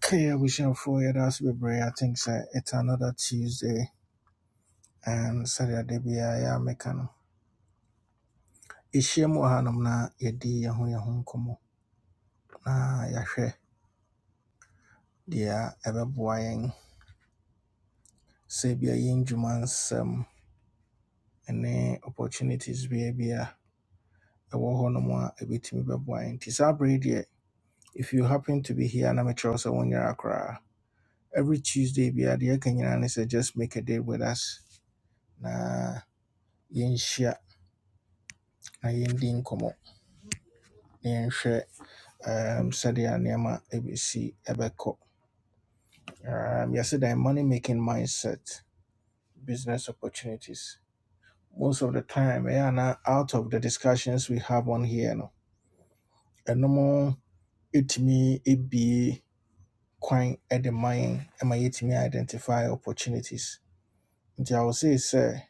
Kaya wishing for you for your that's be brave. I think sir, it's another Tuesday and Saturday be I am mekano. Ishia mu hanum na yedi ya hu ya hun komo na yahwe dia ebe boyen se bia yin jumansem ene opportunities be be. ewo ho no more a ebetimi be boyen. Tisa dear, if you happen to be here na metro so when you're akra. Every Tuesday be a dia kanyana ne say just make a date with us na yinshia na yendin komo. na yin um, sɛdeɛ nneɛma ABC, Ebeko. Um, yesterday money making mindset, business opportunities. Most of the time, ɛyɛ ana out of the discussions we have on here no, and no more. It me it be quite at the mind, am I? It yɛtumi identify opportunities. Nti I will say sir.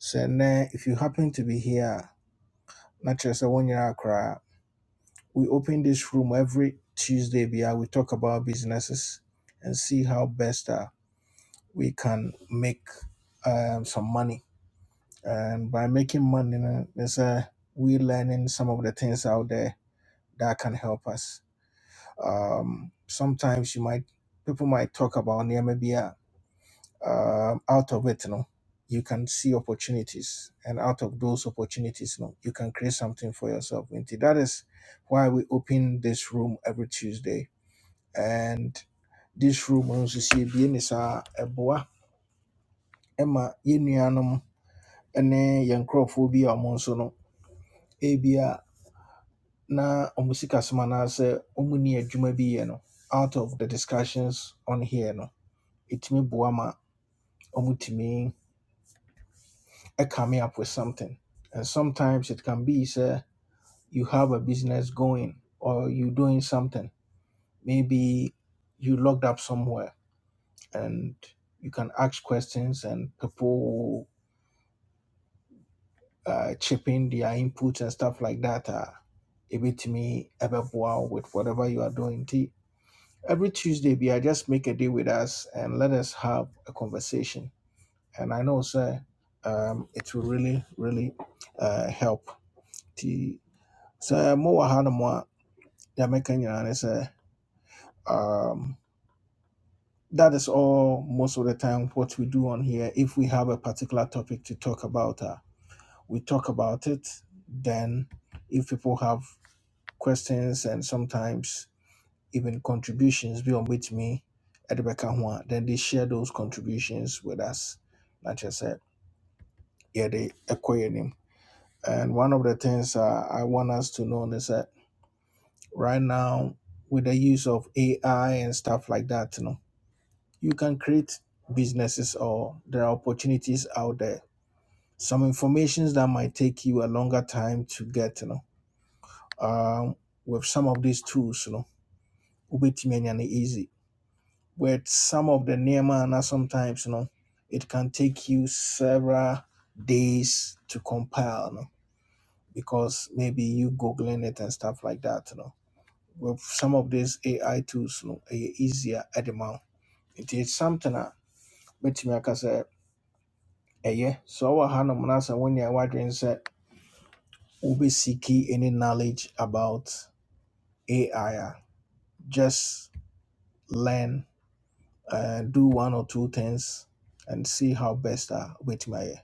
sɛ now if you happen to be here not just a one year nyinaa we open this room every Tuesday biara, we talk about businesses and see how best uh, we can make um, some money. And by making money, you know, there's a we learning some of the things out there that can help us. Um, sometimes you might people might talk about near maybe uh, um, out of it, you know, you can see opportunities, and out of those opportunities, you know, you can create something for yourself. And that is why we open this room every Tuesday, and this room, you see, being is a boa. Emma, ne yɛn nkurɔfoɔ bi a ɔmo nso no ebia na ɔmo sikasɛm anaasɛ ɔmo ni adwuma bi yɛ no out of the discussions on here no ɛtumi boa ma ɔmo tumi come up with something and sometimes it can be sɛ you have a business going or you doing something maybe you locked up somewhere and you can ask questions and people uh, chip in their inputs and stuff like that uh, ebetumi ɛbɛboa wo with whatever you are doing nti every tuesday bi I just make a day with us and let us have a conversation and i know sir um, it will really really uh, help nti sɛ mowɔ hanom a deɛ mɛka nyinaa um, that is all most of the time what we do on here if we have a particular topic to talk about uh, we talk about it then if people have questions and sometimes even contributions beyond with me, at bɛka ho a then they share those contributions with us Like I said, yeah, they yɛn anim and one of the things uh, i want us to know is that right now with the use of ai and stuff like that you know you can create businesses or there are opportunities out there some informations that might take you a longer time to get you know um, with some of these tools you know wobɛtumi anya no easy with some of the nehemiah sometimes you know it can take you several days to compile you know, because maybe you googling it and stuff like that you know with some of these ai tools you know ɛyɛ easier at the moment it is something that bɛtumi aka sɛ ɛyɛ so ɔwɔ ha nom no asɛ wo nea woadwene sɛ obi seeking any knowledge about ai just learn uh, do one or two things and see how best uh, with my eh,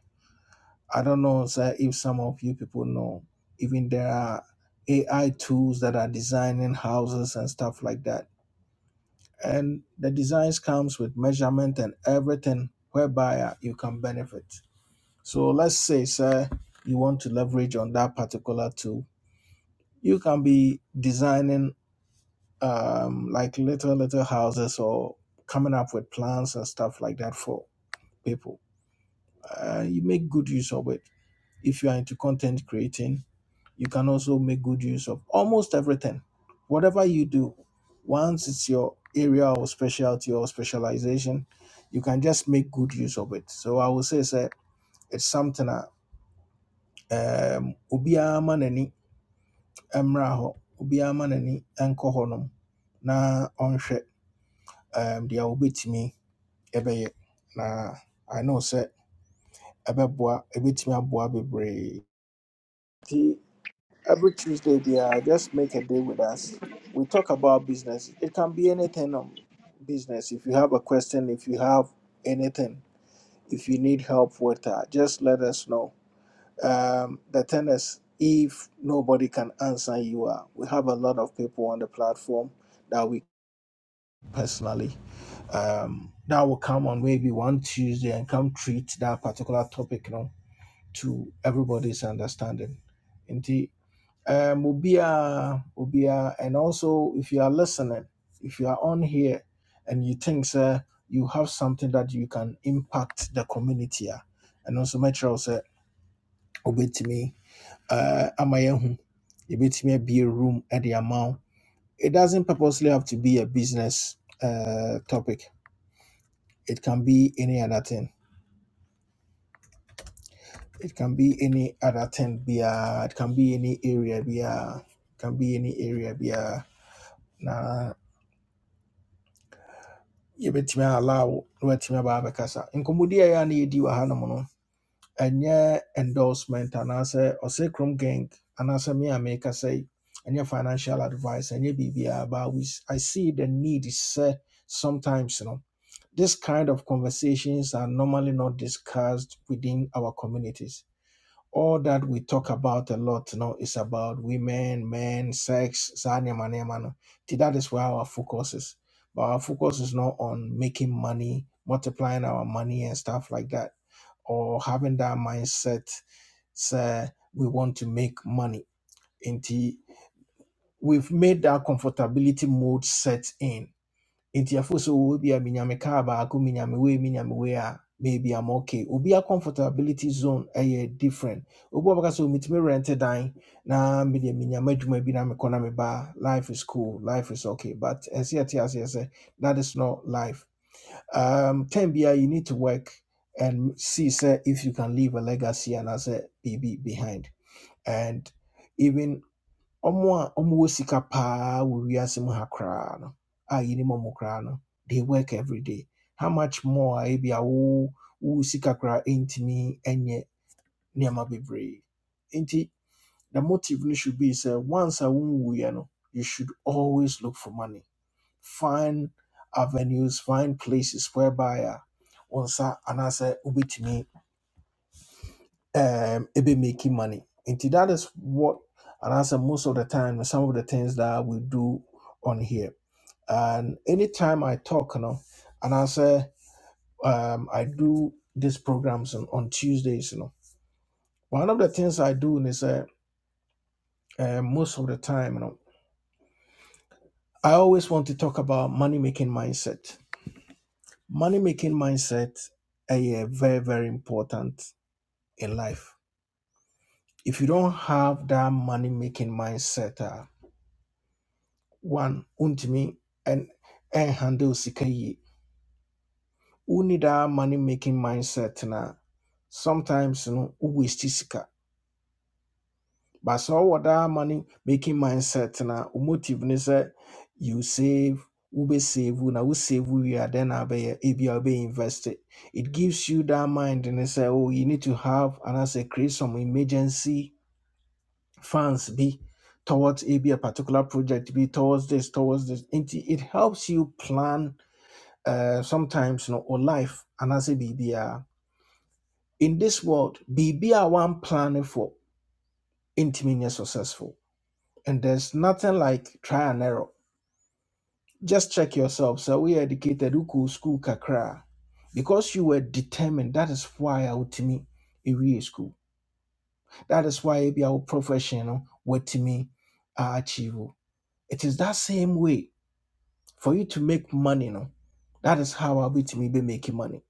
I don't know sir, if some of you people know, even there are AI tools that are designing houses and stuff like that. And the designs comes with measurement and everything whereby uh, you can benefit. So let's say, sir, you want to leverage on that particular tool. You can be designing um, like little, little houses or coming up with plans and stuff like that for people. Uh, you make good use of it if you are into content creating you can also make good use of almost everything. Whatever you do, once it's your area or specialty or specialization, you can just make good use of it. So I would say say it's something that um obiara ma n'ani mmra hɔ, obiara ma n'ani nkɔ hɔnom na ɔnhwɛ um deɛ wobɛtumi ɛbɛyɛ. Na I know sɛ ɛbɛboa ɛbɛtumi aboa bebree. Nti Every Tuesday, be yeah, just make a day with us. We talk about business. It can be anything on business. If you have a question, if you have anything, if you need help with that, just let us know. Um, the thing is, if nobody can answer you, uh, we have a lot of people on the platform that we personally um, that will come on maybe one Tuesday and come treat that particular topic, you know, to everybody's understanding um obia obia and also if you are listening if you are on here and you think sir you have something that you can impact the community ah, and also make sure sir obetimi uh ama yehu obetimi be a room at the amount it doesn't purposely have to be a business uh topic it can be any other thing it can be any other thing be a. it can be any area be a, it can be any area be a. na yɛbɛtumi allow wobɛtumi aba abɛkasa nkɔmmɔdi a ɛyɛ a na yɛdi wɔ hanom no ɛnyɛ endorsement anaasɛ ɔsɛ krom gang anaasɛ me a merekasa yi ɛnyɛ financial advice ɛnyɛ biribiaa but we, s- i see the need sɛ sometimes no this kind of conversations are normally not discussed within our communities all that we talk about a lot now is about women, men, sex, zanema, nema. no. Nti That is where our focus is. But our focus is not on making money, multiplying our money and stuff like that, or having that mindset, say we want to make money. Indeed, we've made that comfortability mode set in nti afo sɛ wɔwɔ bi a minyame kaa baako minyame wei minyame wei a maybe I'm okay. Obi a comfortability zone ɛyɛ different. Obi a bɛka sɛ omitumi rent dan na mede minyame adwuma bi na mekɔ na meba life is cool, life is okay. But ɛsɛ ɛte aseɛ sɛ that is not life. Um, time biara you need to work and see sɛ if you can leave a legacy and I say BB behind and. Even Omo a ɔmo wɔ sika paa wɔ wiase mu ha koraa no a yɛnim ɔmo koraa no they work every day how much more a ebi a wo wo sika koraa ntumi nyɛ nneɛma bebree nti the motive no should be sɛ once a wonwuiɛ no you should always look for money find avenues find places whereby a wo nsa anaasɛ wobɛtumi um be making money. And that is what and answer most of the time some of the things that we do on here. And anytime I talk, you know, and I say um I do these programs on, on Tuesdays, you know. One of the things I do is uh, uh, most of the time, you know, I always want to talk about money making mindset. Money making mindset is very, very important in life. If you don't have that money making mindset, ah, one wontumi and ɛnhandle sika yie you need that money making mindset na sometimes you know we waste sika but so ɔwɔ that money making mindset na wo motive ne say you save we wobɛsave na we wosave we are then abɛyɛ ebia wobɛinvest invested. It gives you that mind ne say oh you need to have and anaasɛ create some emergency funds be towards a be a particular project be towards this towards this nti it helps you plan uh, sometimes no or life and as a BBR. In this world, BBR one planning for intimate successful. And there's nothing like try and error. Just check yourself. So we educated uku school kakra. Because you were determined, that is why I would to me a real school. That is why be our professional what to me I achieve. It is that same way for you to make money no. That is how I'll be to me be making money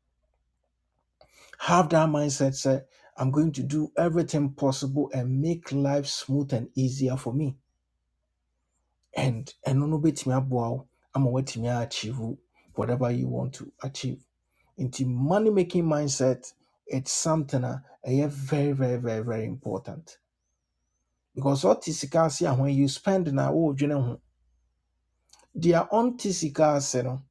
Have that mindset, say, I'm going to do everything possible and make life smooth and easier for me. And and no bit me wow, I'm going to achieve whatever you want to achieve. Into money making mindset, it's something a ɛyɛ very, very, very, very important. Because what is scarce when you spend na oh ho. Deɛ ɔnte sika ase no,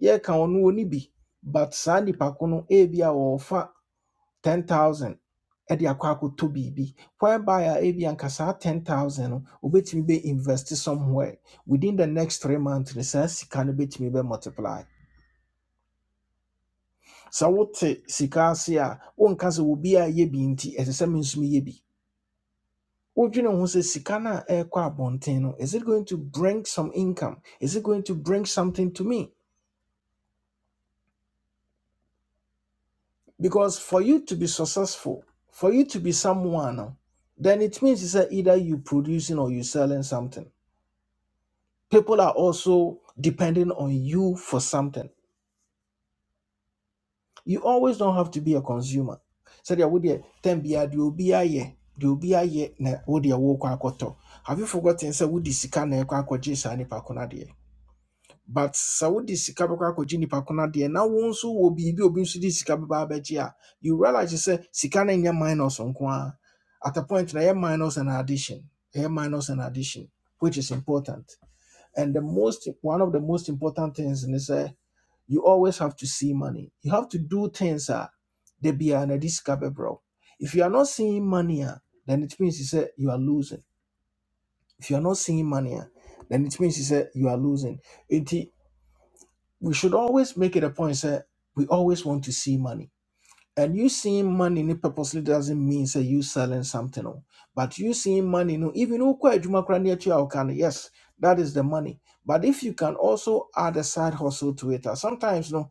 yɛka ɔno ɔnni bi. But saa nnipa ko no, ebia ɔɔfa ten thousand ɛde akɔ akɔtɔ biribi whereby a ebi anka saa ten thousand no obetumi bɛ invest somewhere within the next three months no saa sika no betumi bɛ multiply sɛ wote sika ase a wonka sɛ obi a yɛ bi nti ɛsɛ sɛ me nso meyɛ bi wodwene ho sɛ sika no a ɛrekɔ abɔnten no is it going to bring some income is it going to bring something to me because for you to be successful for you to be someone no, then it means it's either you producing or you selling something People are also depending on you for something. You always don't have to be a consumer. Sɛdeɛ wodeɛ tam biara deɛ obi ayɛ deɛ obi ayɛ na wodeɛ wokɔ akɔtɔ. Have you forgotten Say wode sika na ɛkɔ akɔgye saa nnipa ko no But sɛ wode sika bɛkɔ akɔgye nnipa ko no adeɛ na wo nso wɔ biribi a obi nso de sika bɛba abɛgye a you realize sɛ sika no nyɛ minus nko ara. At a point na ɛyɛ minus and addition. Ɛyɛ minus and addition which is important. And the most one of the most important things ne sɛ you always have to see money. You have to do things that they be an bro. If you are not seeing money, ah, then it means you say you are losing. If you are not seeing money, ah, then it means you say you are losing. It, we should always make it a point say we always want to see money. And you seeing money ni purposely doesn't mean say you selling something. oh. But you seeing money, no, even ukwa yes, that is the money. But if you can also add a side hustle to it, ah, sometimes no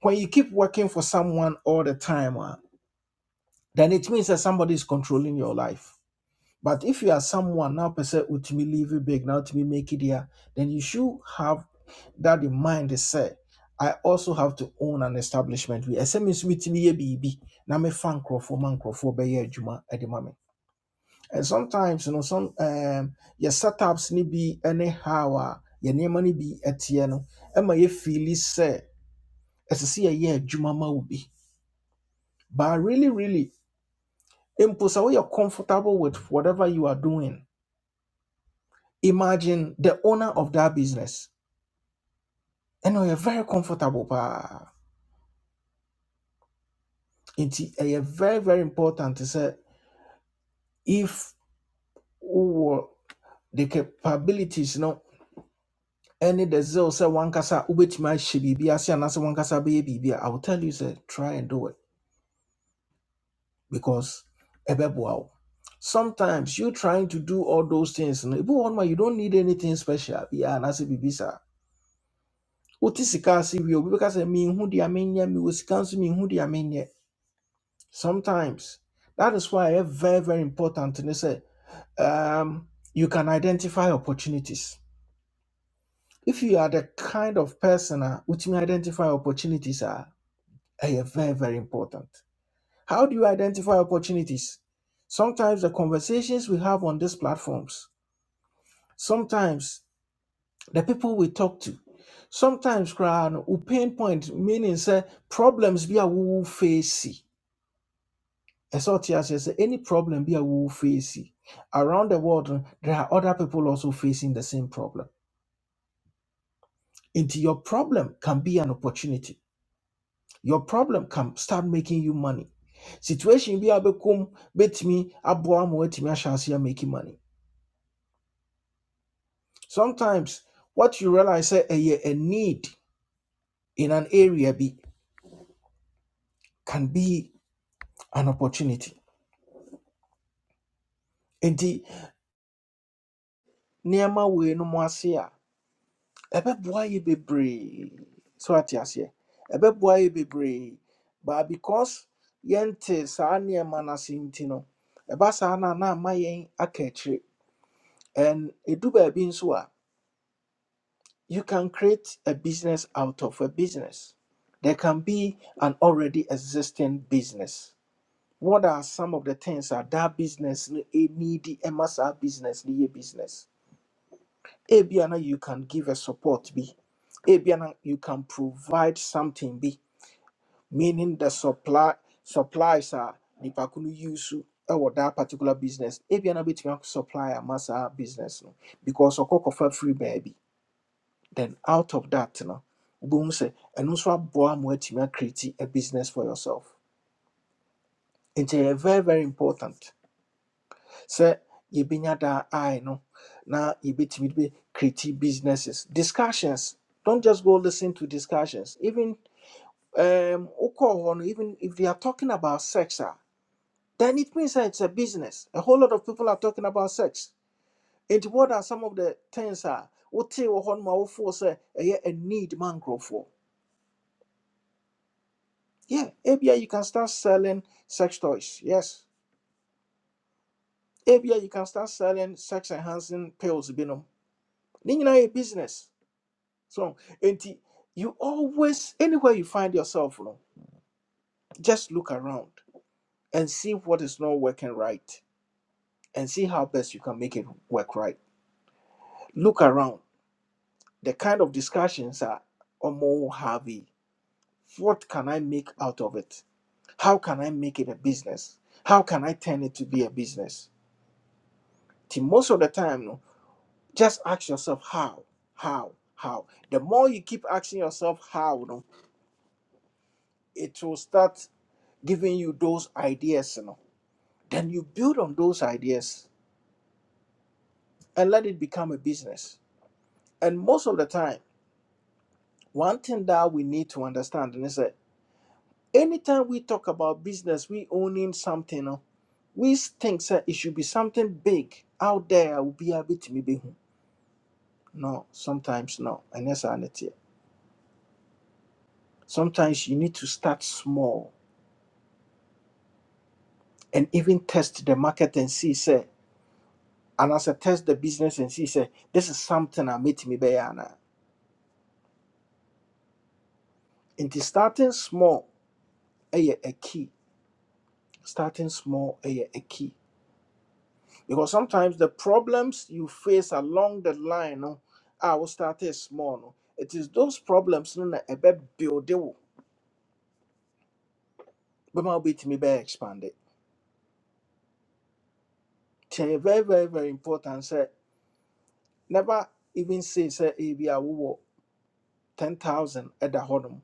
When you keep working for someone all the time, ah, then it means that somebody is controlling your life. But if you are someone now, per se, to me leave it big, now to me make it here, then you should have that in mind. They say, I also have to own an establishment. We SMS with me a BB. Now me fan crop for man crop for be juma at the moment. And sometimes, you know, some um your setups need be anyhow, ah, your name money be at no. Emma ye feel is say, as I see a year juma ma wo But really, really, Imposa, when you're comfortable with whatever you are doing, imagine the owner of that business. And you're very comfortable. pa. It's eh, very, very important to say if wowɔ the capabilities you know, any the zeal say one wankasa wobɛtumi ahyɛ biribi ase anaasɛ wankasa bɛyɛ biribi I will tell you say, try and do it because ɛbɛboa wo sometimes you trying to do all those things no ebi you don't need anything special Yeah, anaasɛ biribi saa wote sika ase wie obi bɛka sɛ menhu deɛ menyɛ mewɔ sika nso menhu deɛ menyɛ sometimes that is why ɛyɛ very very important ne sɛ um, you can identify opportunities if you are the kind of person which wotumi identify opportunities a ɛyɛ very very important how do you identify opportunities sometimes the conversations we have on these platforms sometimes the people we talk to. Sometimes cry no we pinpoint meaning say problems be a woo face. As what you say, any problem be a woo face. Around the world, no, there are other people also facing the same problem. Into your problem can be an opportunity. Your problem can start making you money. Situation be a become bet me aboa mo etimi ahyase making money. Sometimes what you realize say a, a need in an area be can be an opportunity nti nneɛma wei no mu ase a ɛbɛboa yɛ bebree so ate aseɛ ɛbɛboa yɛ bebree but because yɛnte saa nneɛma no ase nti no ɛba saa no na ama yɛn aka akyire and ɛdu baabi nso a you can create a business out of a business there can be an already existing business what are some of the things that that business no ɛnidi ɛma saa business no yɛ business Ebiana, you can give a support B. Ebiana, you can provide something B, meaning the supply supplies are nipakunu yusu or that particular business. Ebiana between supply a massa business no because okokofa free baby. Then out of that no boom say and also boa create a business for yourself. It's eh, very, very important. sɛ yɛbɛnya daa eye no na yɛbɛtumi de be creative businesses discussions don't just go listen to discussions even um wokɔɔ no even if they are talking about sex ah, then it means that it's a business a whole lot of people are talking about sex And what are some of the things a wotee wɔ hɔ no ma wofoɔ sɛ ɛyɛ a need ma nkurɔfoɔ yeah ebia you can start selling sex toys yes ebia you can start selling sex enhancing pills binom ne nyinaa yɛ business So, enti, you always, anywhere you find yourself, no, just look around and see what is not working right and see how best you can make it work right. Look around. The kind of discussions are more heavy. What can I make out of it? How can I make it a business? How can I turn it to be a business? Till most of the time, no, just ask yourself how, how, how. The more you keep asking yourself how, no, it will start giving you those ideas, you know. Then you build on those ideas and let it become a business. And most of the time, one thing that we need to understand and is that anytime we talk about business, we owning something, no, we think that it should be something big out there. will be a bit maybe. hmm. No, sometimes no. And that's an idea. Sometimes you need to start small and even test the market and see, say, and as I test the business and see, say, this is something I meet me by. And starting small, ɛyɛ a key starting small is a key because sometimes the problems you face along the line no I will start started small no it is those problems no na ebe build wo bɛma wobɛtumi be expand it nti very very very important sɛ never even say sɛ ebi a wowɔ 10000 ɛda hɔnom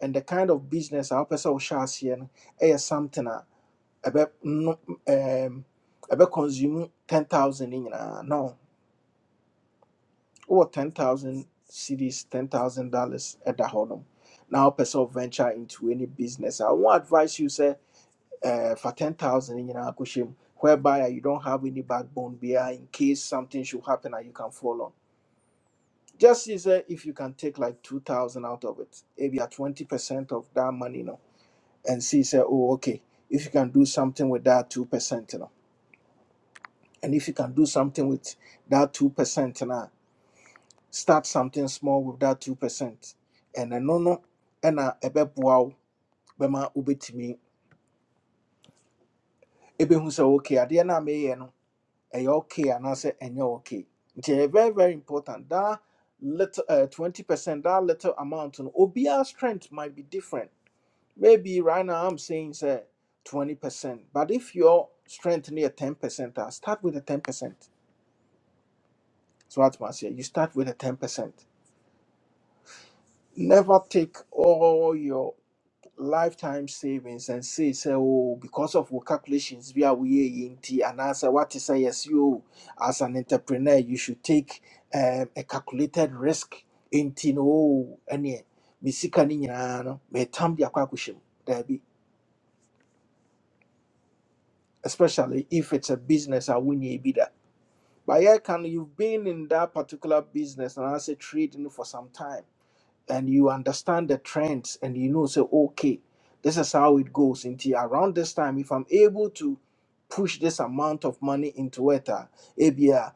and the kind of business our wopɛ sɛ wohyɛ aseɛ no ɛyɛ something a ɛbɛ no um, ɛbɛ consume 10000 no nyinaa no wowɔ ten thousand cities ten thousand dollars at the na Now, person venture into any business I won't advise you say eh, fa ten thousand nyinaa kɔhyɛ mu whereby you don't have any backbone biara in case something should happen and you can fall on just see sɛ if you can take like two thousand out of it maybe ebia twenty percent of that money no and see say, oh okay if you can do something with that two percent no and if you can do something with that two percent you know, start something small with that 2% and ɛno no no and a ɛna ɛbɛboa wo bɛma wobɛtumi who say okay adeɛ no a meyɛ no ɛyɛ okay anaasɛ ɛnyɛ okay It's very very important that little uh, 20% that little amount no obiara strength might be different maybe right now i'm saying say 20% but if your strength near 10% a start with the 10% so what must say you start with the 10% never take all your lifetime savings and say say oh, because of wo calculations we a woyɛ yi nti anaasɛ what is sɛ yɛse o as an entrepreneur you should take um, a calculated risk nti no o ɛneɛ me sika no nyinaa no metam de akɔ akɔhyɛ mu daabi especially if it's a business a wonyɛ bi da but yɛka can you've been in that particular business and anaasɛ trade trading for some time and you understand the trends and you know say okay this is how it goes until around this time if i'm able to push this amount of money into it uh, ABR,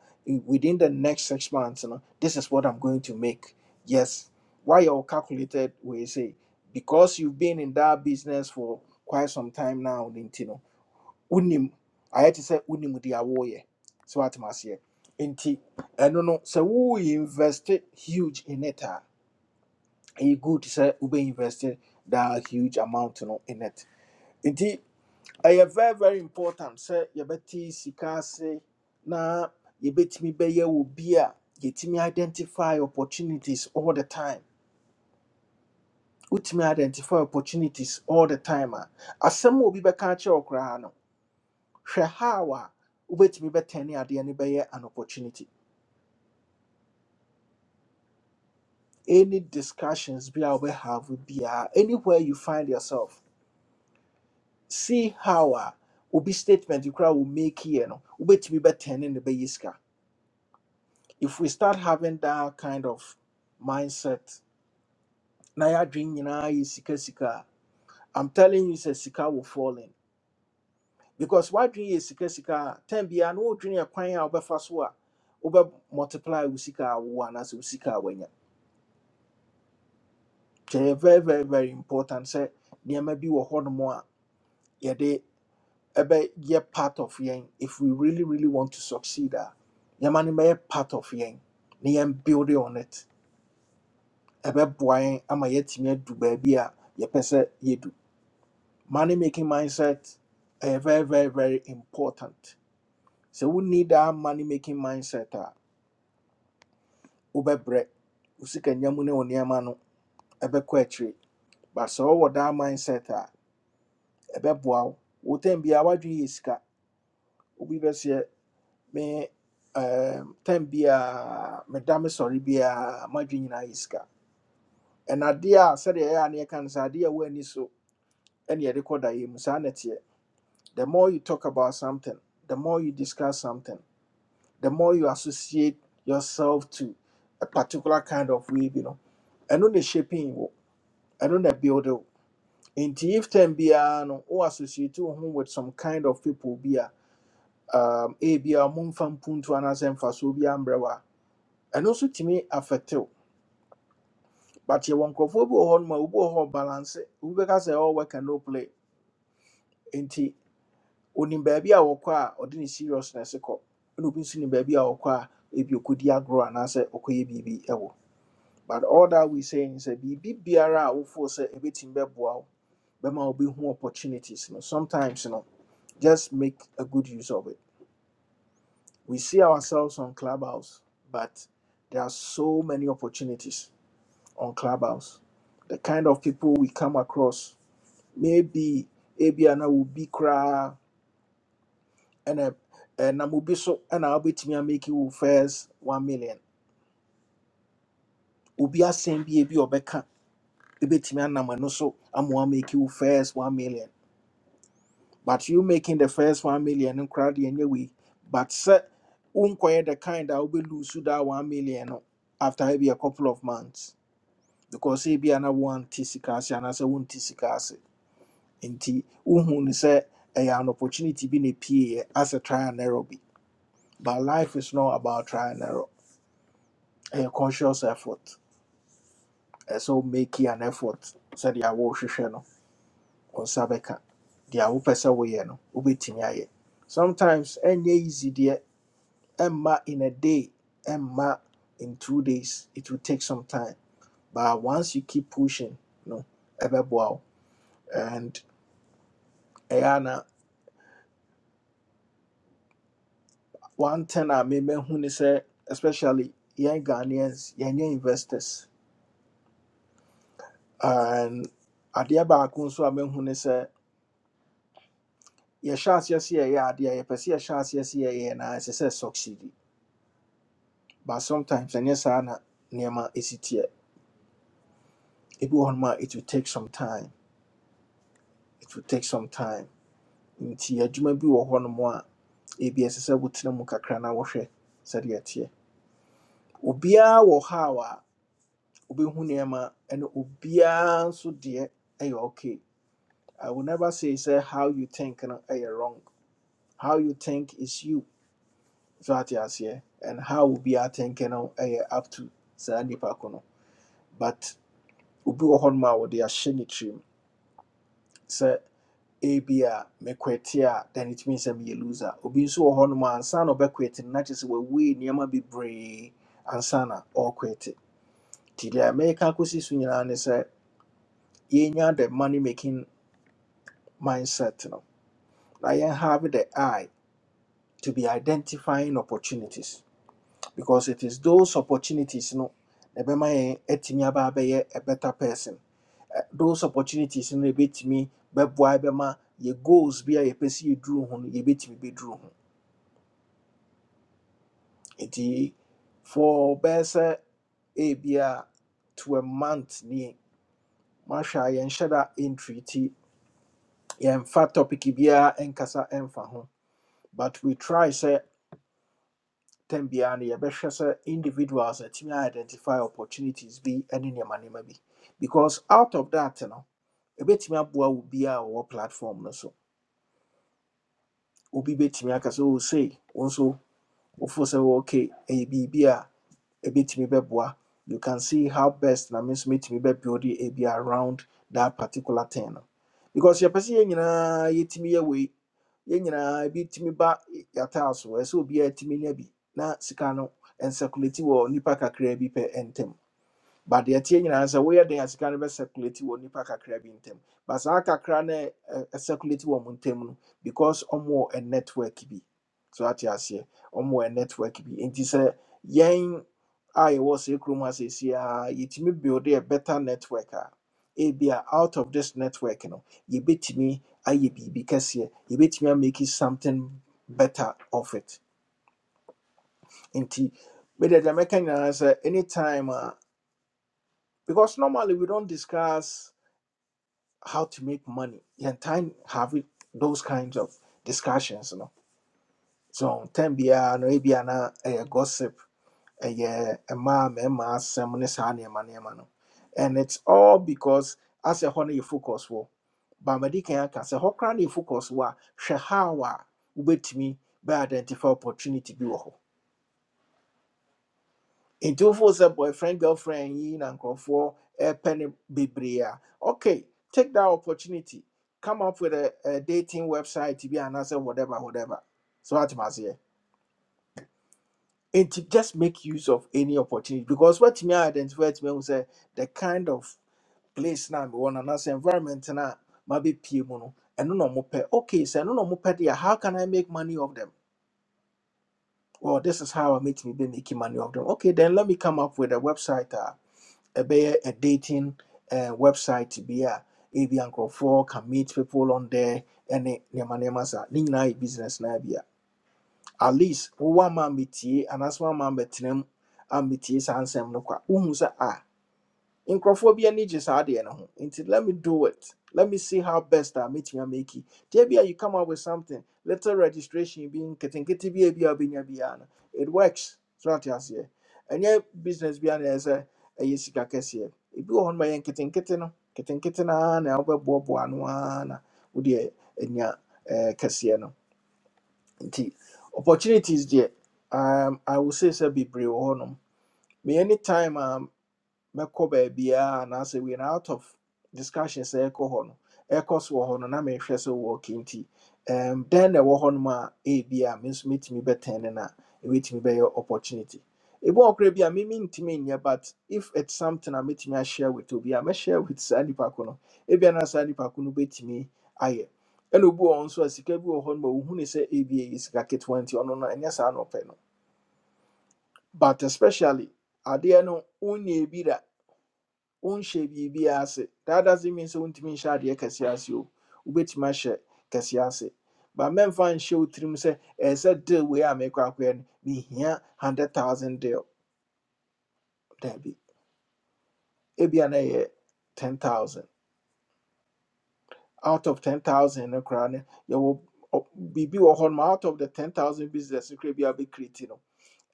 within the next six months you know, this is what i'm going to make yes why you're calculated we say because you've been in that business for quite some time now you know unim i had to say unim the awoye so what must you and i don't know so we invest huge in it uh, ɛyɛ good sɛ wobɛ invest that huge amount no in it nti ɛyɛ very very important sɛ yɛbɛte sika ase na yɛbɛtumi bɛyɛ wɔ bi a yɛtumi identify opportunities all the time wotumi identify opportunities all the time a asɛm a obi bɛka akyerɛ wo koraa no hwɛ how a wobɛtumi bɛtɛne adeɛ no bɛyɛ an opportunity any discussions bi a wobɛhave biara anywhere you find yourself see how a obi statement you crowd will make here no wobɛtumi bɛtɛne ne bɛyɛ sika if we start having that kind of mindset na yɛadwene nyinaa yɛ sika sika a i'm telling you sɛ sika will fall in because woadwene yɛ sika sika a time biara na ya yɛ kwan a wobɛfa so a wobɛ multiply wo sika a wowɔ anaasɛ wo sika a woanya kyɛ very very very important sɛ nneɛma bi wɔ hɔnom a yɛde ɛbɛ yɛ part of yɛn if we really really want to succeed ah, yamani be part of yɛn na yɛn build on it ɛbɛboa yɛn ama yɛatumi adu baabi a yɛpɛ sɛ yɛdu money making mindset ɛyɛ very very very important So we need that money making mindset a wobɛbrɛ wo sika nyamu ne wo nneɛma no ɛbɛkɔ akyire but so wɔwɔ that mindset a ɛbɛboa wo wo tam biaa woadwene yɛ sika obi bɛsɛ me um, time biara meda me sɔre biara m'adwe nyinaa yɛ sika ɛna adeɛ a sɛdeɛ ɛyɛ a ne yɛka no sɛ so ɛne yɛde kɔ daeɛ mu the more you talk about something the more you discuss something the more you associate yourself to a particular kind of way you know. no ɛno na shaping wo ɛno na build wo nti if time biara no wo associate wo ho with some kind of people bi a um, ebia momfa mpuntu anaasɛ mfasoɔ bi ambrɛ wo a, mum fan puntu and as emphasis will be umbrella ɛno nso tumi affect wo but you want bi wɔ hɔ noma obi wɔ hɔ balance obi bɛka sɛ "Oh, work and no play nti onim baabi a wɔkɔ a ɔde ne seriousness kɔ ɛna obi nso nim baabi a wɔkɔ a ebi okɔdi agorɔ anaasɛ ɔkɔyɛ biribi ɛwɔ but all that we saying sɛ biribi biara wo for say a wofoo sɛ ɛbɛtumi bɛboa wo be wobɛhu opportunities no sometimes you know, just make a good use of it we see ourselves on clubhouse but there are so many opportunities on Clubhouse. The kind of people we come across, maybe ebi ana will be cry and a and I'm be so and I'll be to make you first one million. Ubi a same be ebi obeka ebetumi anam ɛno so ama make you first one million. But you making the first one million and crowd anyway. But sɛ wonkɔyɛ the kind that will be lose wobɛlose that one million no after maybe a couple of months because ebi ana wonte sika and anaasɛ wonte sika ase. nti wohu say, sɛ ɛyɛ an opportunity be na ɛpieeɛ as a trial and error bi but life is not about trial and error A conscious effort ɛsɛ wo make it an effort sɛdeɛ the awo hwehwe no wo nsa bɛka deɛ wopɛ sɛ woyɛ no wobɛtumi ayɛ sometimes ɛnyɛ easy deɛ ɛmma in a day ɛmma in two days it will take some time but once you keep pushing no ɛbɛboa wo and ɛyɛ one thing I remember when is say, especially young Ghanaians, young investors, and adeɛ baako nso a mehu ne sɛ yɛhyɛ aseɛ sɛ yɛyɛ adeɛ a yɛpɛ sɛ yɛhyɛ aseɛ sɛ yɛyɛ na ɛsɛ sɛ succeed but sometimes ɛnyɛ saa na nneɛma ɛsi teɛ ebi wɔ hɔnom a it will take some time it will take some time nti adwuma bi wɔ hɔnom a ebi ɛsɛ sɛ wotena mu kakra na wɔhwɛ sɛdeɛ ɛteɛ obiara wɔ haw a wobɛhu nneɛma ɛne obiara nso deɛ ɛyɛ okay I will never say say how you think no ɛyɛ wrong. How you think is you. So ate aseɛ. And how obi a think no ɛyɛ up to saa nipa ko no. But obi wɔ hɔnom a wɔde ahyɛ ne tirim sɛ ebi a mekwete a then it means sɛ a loser. Obi nso wɔ hɔnom a ansa na ɔbɛkwete no na kyerɛ sɛ wawei nneɛma bebree ansa na ɔrekwete. Nti deɛ mɛka akɔsi so nyinaa ne sɛ yɛnya the money making mindset no na yɛn have the eye to be identifying opportunities because it is those opportunities no na ɛbɛma yɛn atumi aba abɛyɛ a better person Ɛ- those opportunities no na ɛbɛtumi bɛboa bɛma yɛ goals bi a yɛpɛ sɛ yɛduru ho no yɛbɛtumi bɛduru ho nti for bɛyɛ sɛ ebia to a month nie mahwɛ a yɛnhyɛ da entry nti yɛmfa topic biara nkasa ɛmfa ho but we try sɛ tam biara no yɛbɛhwɛ sɛ individuals atumi a identify opportunities bi ne nneɛma nneɛma bi because out of that no ɛbɛtumi aboa wo bi a wɔwɔ platform no so obi bɛtumi aka sɛ o sei wo nso wofo sɛ wo okay ɛyɛ biribi a ebetumi bɛboa you can see how best na me nso metumi bɛbuild ebi around that particular thing no because yɛpɛ sɛ yɛn nyinaa yɛtumi yɛ wei yɛn nyinaa ebi tumi ba yɛataa so ɛsɛ sɛ obiara tumi nya bi na sika no ɛnsɛkulati wɔ nipa kakraa bi pɛ but the ɛteɛ nyinaa sɛ woyɛ den a sika circulate bɛcirculate wɔ nnipa kakra bi ntam but saa kakra no circulate wɔ mo ntam no because ɔmowɔ a network bi so ate aseɛ ɔmowɔ a network bi nti sɛ yɛn a yɛwɔ sɛ kurom ha seesei a yɛtumi build a better network a ebia out of this network no yɛbɛtumi ayɛ biribi kɛseɛ yɛbɛtumi amake something better of it nti medeɛ the mɛka nyinaa sɛ anytime ah, because normally we don't discuss how to make money and time have it, those kinds of discussions you know so time bia no ebia na a gossip ɛyɛ mmaa ma asɛm ne saa nneɛma nneɛma no and it's all because as a no you focus wo, bamadi kan aka sɛ hɔ koraa na yɛ focus wa a hwɛ how a wobɛtumi bɛ identify opportunity bi wɔ nti wofo sɛ boyfriend girlfriend yi na nkurɔfoɔ ɛpɛ ne bebree a okay take that opportunity come up with a, a dating website bi anaasɛ whatever whatever so atem aseɛ nti just make use of any opportunity because watumi identify atumi ahu sɛ the kind of place na mewɔ no anaasɛ environment no a mabɛpie mu no ɛno na ɔmopɛ okay sɛ ɛno na ɔmopɛ deɛ a, how can i make money of them well this is how i make me be making money of them okay then let me come up with a website uh, ɛbɛyɛ a dating uh, website bi a ebi a nkurɔfoɔ can meet people on there ɛne nneɛma nneɛma saa ne nyinaa yɛ business na bi a at least wowɔ ama mmetie anaasɛ wama mbɛtena mu ammetie saa nsɛm no kwa wohu sɛ a nkurɔfoɔ bi ani gye saa adeɛ no ho nti let me do it let me see how best i meet you make it there be a you come up with something little registration being nketenkete bi a bi a wobɛnya biara no it works so ate aseɛ Any business bi a na ɛyɛ sɛ ɛyɛ sika kɛseɛ ebi wɔ hɔ no ma yɛ nketenkete no nketenkete no ara na wobɛboaboa ano ara na wodeɛ anya ɛɛ, kɛseɛ no nti opportunities deɛ um, i will say sɛ bebree wɔ hɔ nom me anytime um, mɛkɔ baabiaa say we are out of discussion Say ɛkɔ hɔ no ɛkɔ so wɔ hɔ no na mehwɛ sɛ wɔ okay nti um, dɛn na ɛwɔ hɔ nom a ebi a me nso mɛtumi bɛtɛn ne no a ɛbɛtumi bɛyɛ opportunity ebi wɔ koraa bi a me mentumi nyɛ but if it's something a I ashare with obi a mɛshare with saa nipa no ebi a na saa nipa ko no bɛtumi ayɛ ɛna obi wɔ hɔ nso a sika bi wɔ hɔ nom a wohu ne sɛ ebi ɛyɛ sika ketewa nti no ɛnyɛ saa na ɔpɛ no but especially adeɛ no wonyɛ bi da wonhyɛ biribi ase that doesn't mean sɛ wontumi nhyɛ adeɛ kɛseɛ ase o wobɛtumi ahyɛ but mɛmfa nhyɛ show tirim sɛ ɛɛ sɛ deal we are a mekɔ akɔɛ no mehia 100000 deal daabi ebia na ɛyɛ 10000 out of 10000 no koraa You will, ɔ- biribi wɔ out of the 10000 business you koraa be a wobɛkreti no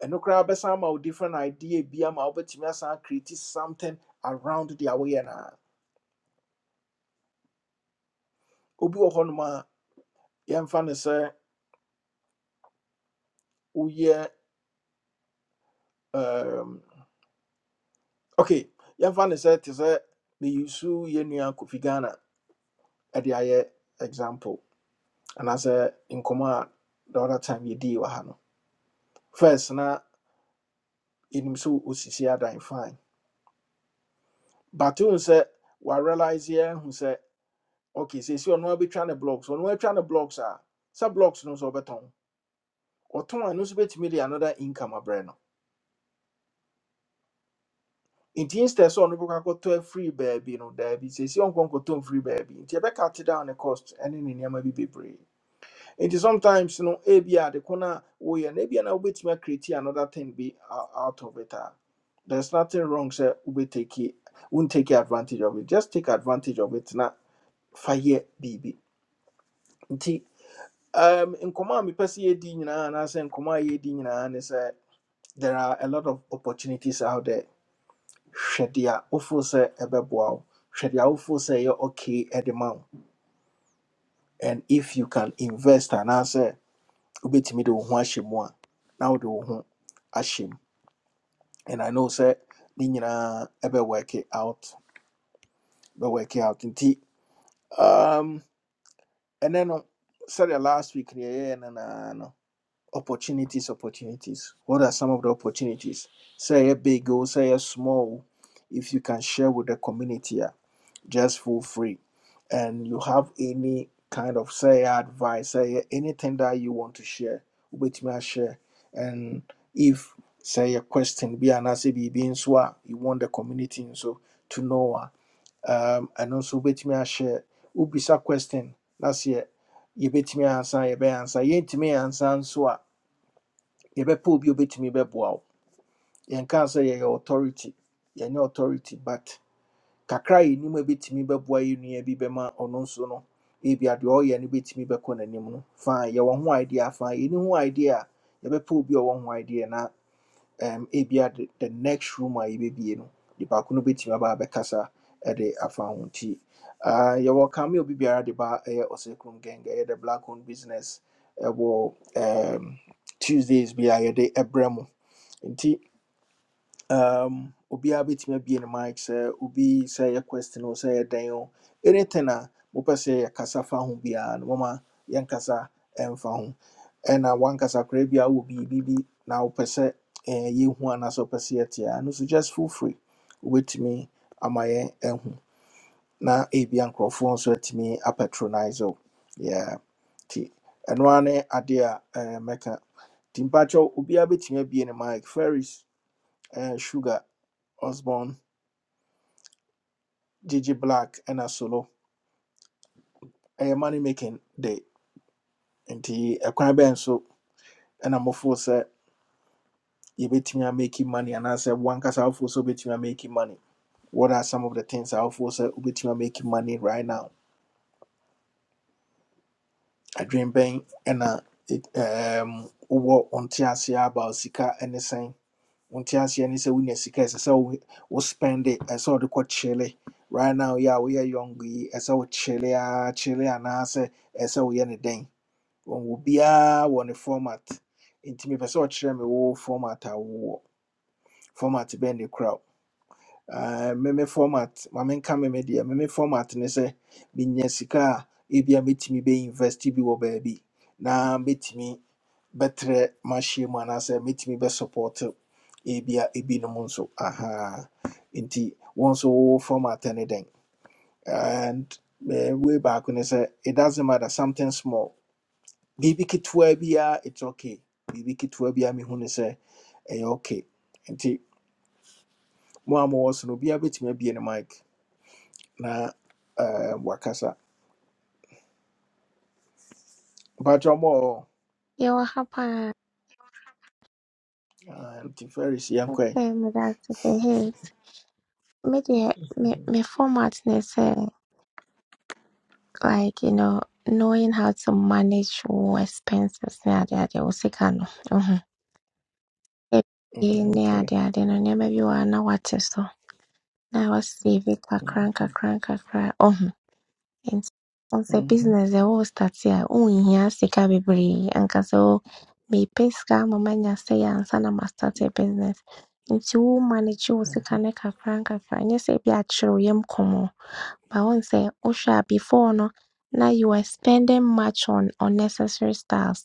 ɛno koraa bɛsan ama different idea Be a wobɛtumi asan create something around deɛ woyɛ no a obi wɔ hɔ nom a yɛmfa no sɛ woyɛ um, okay yɛmfa ne sɛ te sɛ meyisu yɛ kufigana." kofi ghana ɛde ayɛ example anaasɛ nkɔmmɔ a in command the other time you wɔ wahano. first na yɛnim sɛ ɔsisi adan fine but wohu sɛ warealise yɛahu sɛ okay seesi ɔno abɛtwa ne blocks ɔno atwa ne blocks a sɛ blocks no nso ɔbɛtɔn ɔtɔn a no nso bɛtumi de another income abrɛ no nti instead sɛ ɔno bɛkɔ akɔtɔ afiri baabi no daabi seesi ɔnkɔ nkɔtɔ mfiri baabi nti ɛbɛka te down ne cost ɛne ne nneɛma bi bebree nti sometimes no ebi a de ko na woyɛ no ebia na wobɛtumi acreate another thing be o- out of it a there's nothing wrong sir. We take it. sɛ not take advantage of it just take advantage of it na fire baby. biribi nti um, nkɔmmɔ a mepɛ sɛ yɛdi nyinaa In nkɔmmɔ a yɛdi nyinaa ne sɛ there are a lot of opportunities out there hwɛ deɛ a wofoo sɛ ɛbɛboa wo hwɛ okay de ma wo and if you can invest anaasɛ wobɛtumi de wo ho ahyɛ mu a na wode wo ho ahyɛ mu and i know sɛ ne nyinaa ɛbɛwork it out bɛwork it out nti um, ɛnɛ no sɛdeɛ last week ne yɛyɛɛ no naa no opportunities opportunities what are some of the opportunities Say a big o say a small if you can share with the community just for free. And you have any kind of say advice, say anything that you want to share with me, I share. And if say a question be an answer be being so you want the community so to know ah, um and also with me I share ubisa question that's it yɛbɛtumi ansa yɛbɛyɛ ansa yɛntumi ansa nso a yɛbɛpɛ obi a obɛtumi bɛboa wo yɛnka say yɛyɛ authority you're no authority but kakra a yɛnim a ɛbɛtumi bɛboa yɛ nua bi bɛma ɔno nso no ebia deɛ ɔyɛ no bɛtumi bɛkɔ n'anim no fine yɛwɔ ho idea fine yɛni ho idea a yɛbɛpɛ obi a ɔwɔ ho idea na um, ebia the, the next room a yɛbɛbie no nipa ko no bɛtumi aba abɛkasa ɛde afa ho nti ah, yɛwɔ kame obi biara de ba ɛyɛ ɔsɛkurom gang ɛyɛ the black owned business ɛwɔ um, tuesdays bi a yɛde ɛbrɛ mu nti um obiara bɛtumi abie ne mic sɛ obi sɛ yɛ question o sɛ yɛ dan o anything a mopɛ sɛ yɛkasa fa ho biara no moma yɛnkasa ɛmfa ho ɛna wankasa koraa biara wɔ biribi bi na wopɛ sɛ eh, yɛhu anaasɛ wopɛ sɛ yɛte a no so just feel free wobɛtumi ama yɛn ahu na ebia nkurɔfoɔ nso atumi apatronise o yeah nti ɛno ara ne adeɛ a eh, mɛka nti mpakyɛw obiara bɛtumi abie ne mic ferris eh, sugar Osborne, Gigi Black, and a Solo. A money making day. Nti ɛkwan bɛn so And I'ma ɛna mofo sɛ yɛbɛtumi a fool, sir. You bet me I'm making money And I I'll one wankasa wofoɔ sɛ wobɛtumi a making money. What are some of the things I'll a wofoɔ sɛ wobɛtumi a making money right now? I Adwene bɛn ɛna it- um. wowɔ wonte aseɛ about sika ɛne On Wonte aseɛ ne sɛ wonya sika ɛsɛ sɛ wo wo spend it, I saw the kɔ kyele. Right now, yeah, we are young. yi, ɛsɛ sɛ wo kyele And I say, ɛsɛ sɛ woyɛ ne dɛn? wɔwɔ biara wɔ ne format nti mepɛ sɛ ɔkyerɛ me wo format a wowɔ format bɛn ne kora wo. Ah, meme format ma menka meme deɛ meme format ne sɛ menya sika a ebia mɛtumi bɛinvest bi wɔ baabi na mɛtumi bɛtrɛ mahyia mu anaasɛ mɛtumi bɛsupport ebia ebinom nso aha nti wɔn nso wowɔ format ne dɛn and uh, way back when I say, it doesn't matter something small biribi ketewa biara it's okay biribi ketewa biara mehu ne sɛ ɛyɛ okay nti mo a mowɔ so no obiara bɛtumi abie ne mic na eh, wakasa mpatwa mɔ Yɛwɔ ha paa, nti feris yɛnkɔ ɛ okay, meda ase ka hate. Me deɛ, me me format ne sɛ like you know knowing how to manage your expenses ne ade ade wo sika no. Mhm. Ebie Mm, ne okay ade ade no nneɛma bi wɔ ha na wate so na wasave kakra Mhm. nkakra nkakra. Once Mhm. business ɛwɔɔstate a ɔnhia sika bebree ankasa wo meepɛ sika ama manya sɛe ansa na mastart a business ntsi wo manage wo sika Mhm. no kakra nkakra ɛnyɛ sɛ ebi akyere wo yam kɔmɔ but wohu sɛ wohwɛ a before no na you were spending much on unnecessary stars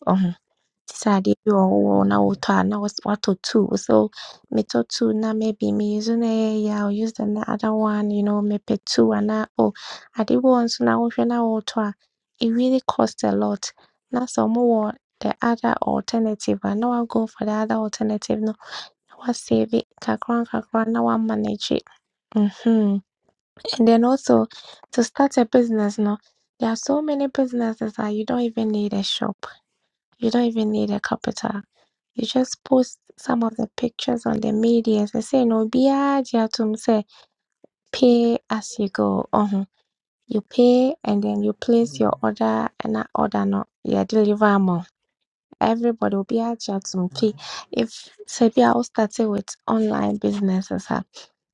decided you all na Mhm. what na was what to two. So me to two na maybe me use na yeah i use the na- other one, you know, me pe two and na oh I did once na what na what it really costs a lot. Now some more the other alternative and now I go for the other alternative no what save it kakran kakran now I manage it. hmm And then also to start a business no there are so many businesses that you don't even need a shop you don't even need a capital. You just post some of the pictures on the media and say no Be to say pay as you go. Uh-huh. You pay and then you place Mhm. your order and that order no yeah deliver more. Everybody will be at your pay. If say I will start it with online businesses ah,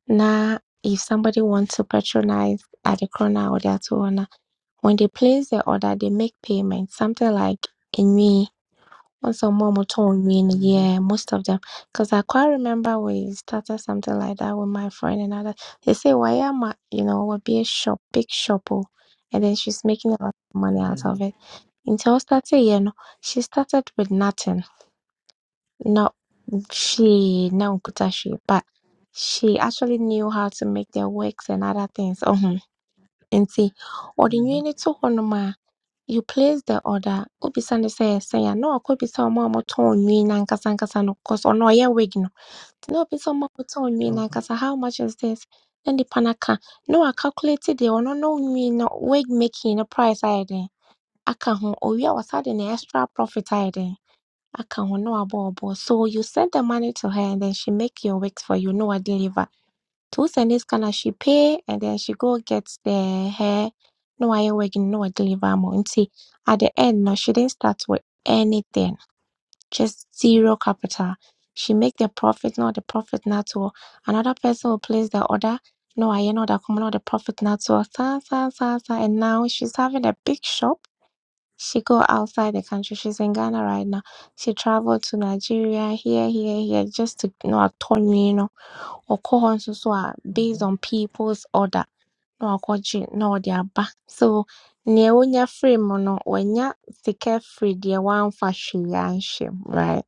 now if somebody wants to patronize at the corner or the other ah, when they place their order they make payment, something like a once or more, told me, and Mhm. yeah, most of them. Because I quite remember we started something like that with my friend and other. They say, why am I, you know, would be a shop, big shop. oh." And then she's making a lot of money out of Mhm. it. Until started, you know, she started with nothing. Not she, no she, but she actually knew how to make their wigs and other things. Oh, hmm. Enti ɔde Mhm. nnwennini too hɔnom a, you place the order. Wobisa no sɛ ɛsɛn a, na wakɔbisa ɔmo a wɔtɔn nnwin no ankasa ankasa no 'cause ɔno ɔyɛ wig no. Nti na obisa ɔmo a wɔtɔn nnwin no ankasa how much is this? Na nnipa no aka. Na wɔacalculate deɛ ɔno ne nnwin no wig making no price ayɛ dɛn aka ho. Owie a, wɔasan de ne extra profit ayɛ dɛn. Aka ho no aboɔboɔ. So you send the money to her and then she make your wigs for you. No, I deliver. Two Sundays can she pay and then she go get the hair. No, I wig no, I deliver more. And see, at the end, no, she didn't start with anything. Just zero capital. She make the profit, not the profit not all. Another person will place the order. No, I know that come not the profit not all. Sa, sa, sa, sa. And now she's having a big shop she go outside the country. She's in Ghana right now. She traveled to Nigeria, here, here, here, just to you know, atone, you know, or call on so so, uh, based Mhm. on people's order. No, I no, they are back. So, near when you're free, mono, when you're secure free, dear one fashion, right?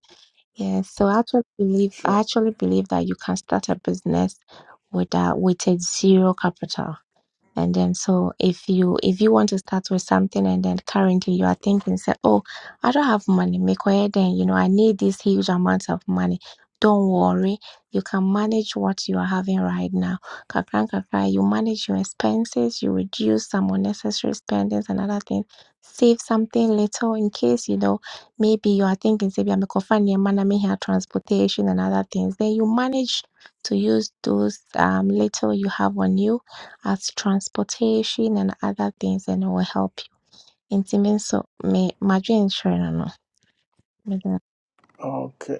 Yeah, so I actually believe, I Sure. actually believe that you can start a business with, uh, with a zero capital. And then so if you if you want to start with something and then currently you are thinking say, Oh, I don't have money, make way then, you know, I need this huge amount of money. Don't worry, you can manage what you are having right now. Kakran kakra, you manage your expenses, you reduce some unnecessary spendings and other things. Save something little in case you know maybe you are thinking say I'm a transportation and other things. Then you manage to use those um little you have on you as transportation and other things, and it will help you. Nti me nso, me madwensere no no. mede- Okay.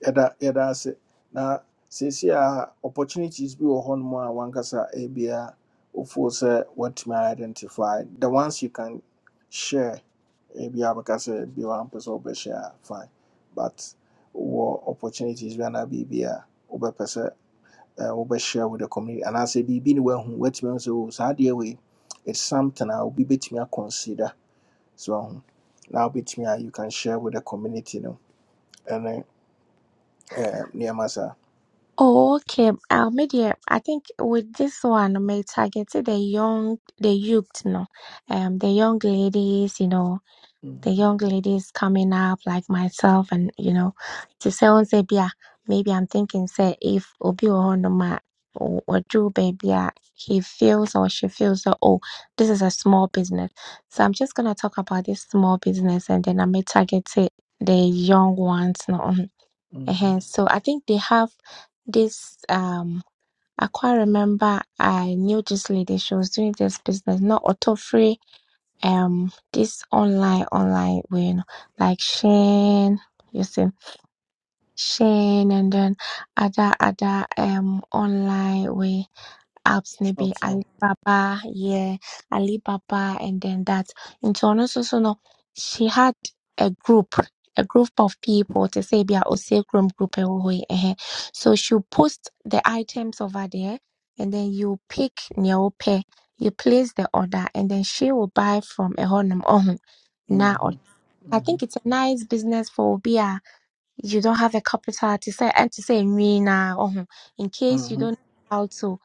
yɛda yɛda ase na seesei a opportunities bi wɔ hɔnom a wankasa ebia wofoo sɛ woatumi identify the ones you can share ebi abɛka sɛ bi wampɛ sɛ wobɛhyɛ a fine but wɔ opportunities bi anaa biribi a wobɛpɛ sɛ eh, wobɛshare with the community anaasɛ biribi ne woahu woatumi ahu sɛ o saa adeɛ wei it's something a obi bɛtumi aconsider so ahu na wobɛtumi a you can share with the community no ɛne eh, nneɛma saa Oh, okay. Uh, me I think with this one, may target the young, the youth, no, um, the young ladies, you know, the Mm-hmm. young ladies coming up like myself and you know to say on say "Bia, maybe i'm thinking say if obi ohonoma or drew baby yeah, he feels or she feels that oh this is a small business so i'm just gonna talk about this small business and then i may target it the young ones no um, eh so i think they have this um I quite remember I knew this lady. She was doing this business, not auto free um this online online way no, like Shane you see Shane and then other other um online way apps, maybe Sharpsino. Alibaba, yeah, Alibaba, and then that. And so, no, so, so, no, she had a group, a group of people to say, be a Osei Chrome group, eh, oh, eh, eh. so she post the items over there, and then you pick your pay, you place the order, and then she will buy from a honum. Oh, now, Mm-hmm. I Mm-hmm. think it's a nice business for Obia you don't have a capital te sɛ ɛnte sɛ nwii naa ɔho in case you Mm-hmm. don't know how to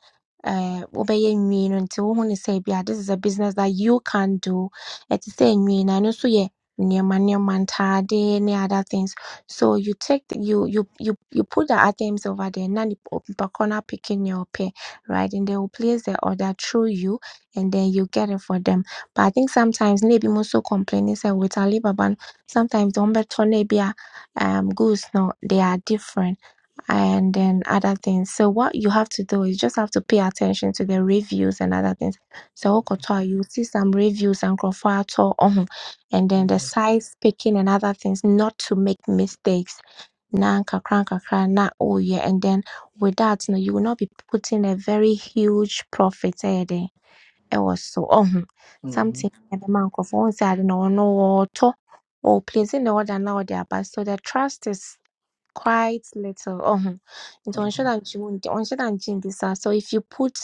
uh, wobɛyɛ nwii no nti wohu ne sɛ ebia this is a business that you can do ɛte sɛ nwii na ɛno nso yɛ nneɛma nneɛma ntaade ne other things so you take the, you you you you put the items over there na nip- nipa korɔ no apeke nea ɔpɛ right and they will place the order through you and then you get it for them but i think sometimes na ebi so complaining say with alibaba no sometimes wɔn bɛtɔ na ebi um, goods. No, they are different, and then other things. So what you have to do is just have to pay attention to the reviews and other things. So Okotoa, you see some reviews and Krofuato, um, and then the Mm-hmm. size picking and other things, not to make mistakes na nkakra nkakra na oh yeah and then with that no you will not be putting a very huge profit eh, there ɛwɔ so. Ɔho Mm-hmm. Mm-hmm. something a ɛbɛma nkorɔfo wohu sɛ ade no ɔno wɔɔtɔ, ɔɔplesi ne order na ɔde aba. So the trust is quite little. Oh, it one Uh-huh. shot and chin, one shot and chin this. ah. So if you put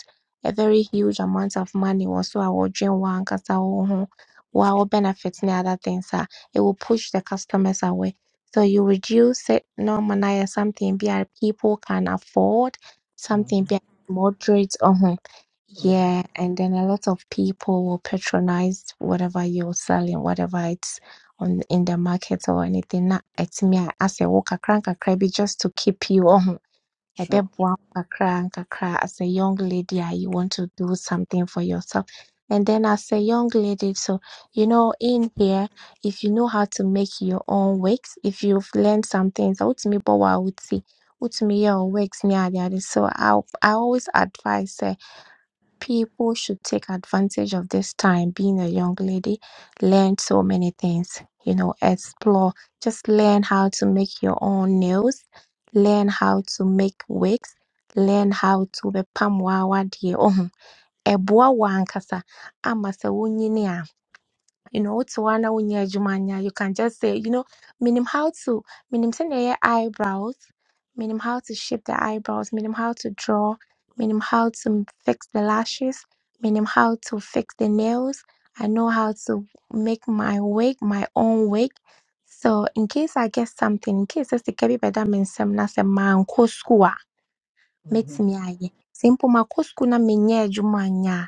a very huge amount of money, or so I will dream one, cause will wow benefits the other things, ah, it will push the customers away. So you reduce it, normalize something be a people can afford, something Mm-hmm. be a moderate. Oh, Mm-hmm. yeah, and then a lot of people will patronize whatever you're selling, whatever it's on in the market or anything na ɛtumi a asɛ wo kakra nkakra bi just to keep you ɔho a Sure. crank kakra nkakra as a young lady a you want to do something for yourself and then as a young lady so you know in here if you know how to make your own wigs if you've learned some things I would wotumi bɔ wɔ a woti would me yeah, your wigs ne adeade so I, I always advise sɛ people should take advantage of this time being a young lady learn so many things you know explore just learn how to make your own nails learn how to make wigs learn how to bɛpam w'awadeɛ ohun ɛboa wo ankasa ama sɛ wonyini you know, to one unya jumanya, you can just say, you know, minim how to minim send eyebrows, minim how to shape the eyebrows, minim how to draw, minim how to fix the lashes, minim how to fix the nails. I know how to make my wig my own wig. So in case I get something, in case it's the baby that means some nasa man school Mm-hmm. mɛtumi ayɛ. Sɛ mpo makɔ school na mennyɛɛ adwuma annyɛ a,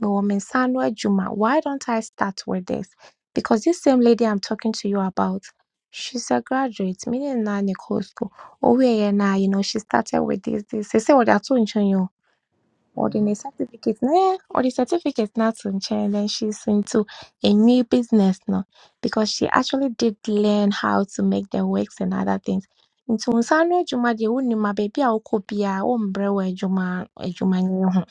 mewɔ me nsa ano adwuma. Why don't I start with this? Because this same lady I'm talking to you about, she's a graduate. Me ne no na na ɛkɔɔ skuul. Owieeɛ na, you know, she started with this, this. Seesei wɔde ato nkyɛn o holding Mm-hmm. a certificate now. Yeah, Or the certificate now to change and then she's into a new business now because she actually did learn how to make the wigs and other things. Nti wo nsa ano adwuma deɛ wonim a baabi a wokɔ biara wombrɛ wɔ adwuma adwumanyɛ ho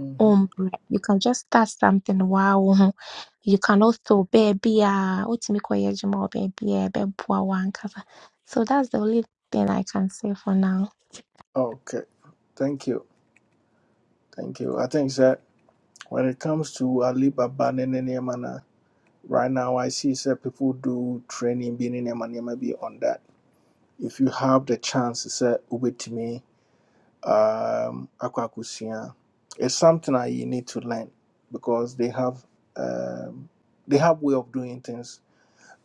Mm-hmm. wombrɛ you can just start something waa wo ho you can also baabi a wotumi kɔyɛ adwuma wɔ baabi a ɛbɛboa wo ankasa so that's the only thing I can say for now. Okay. Thank you. Thank you. I think that when it comes to Alibaba and Nenemana, right now I see that people do training being in Nemanema be on that. If you have the chance, sir, ubetimi. um, Akwakusia. It's something that you need to learn because they have um, they have way of doing things.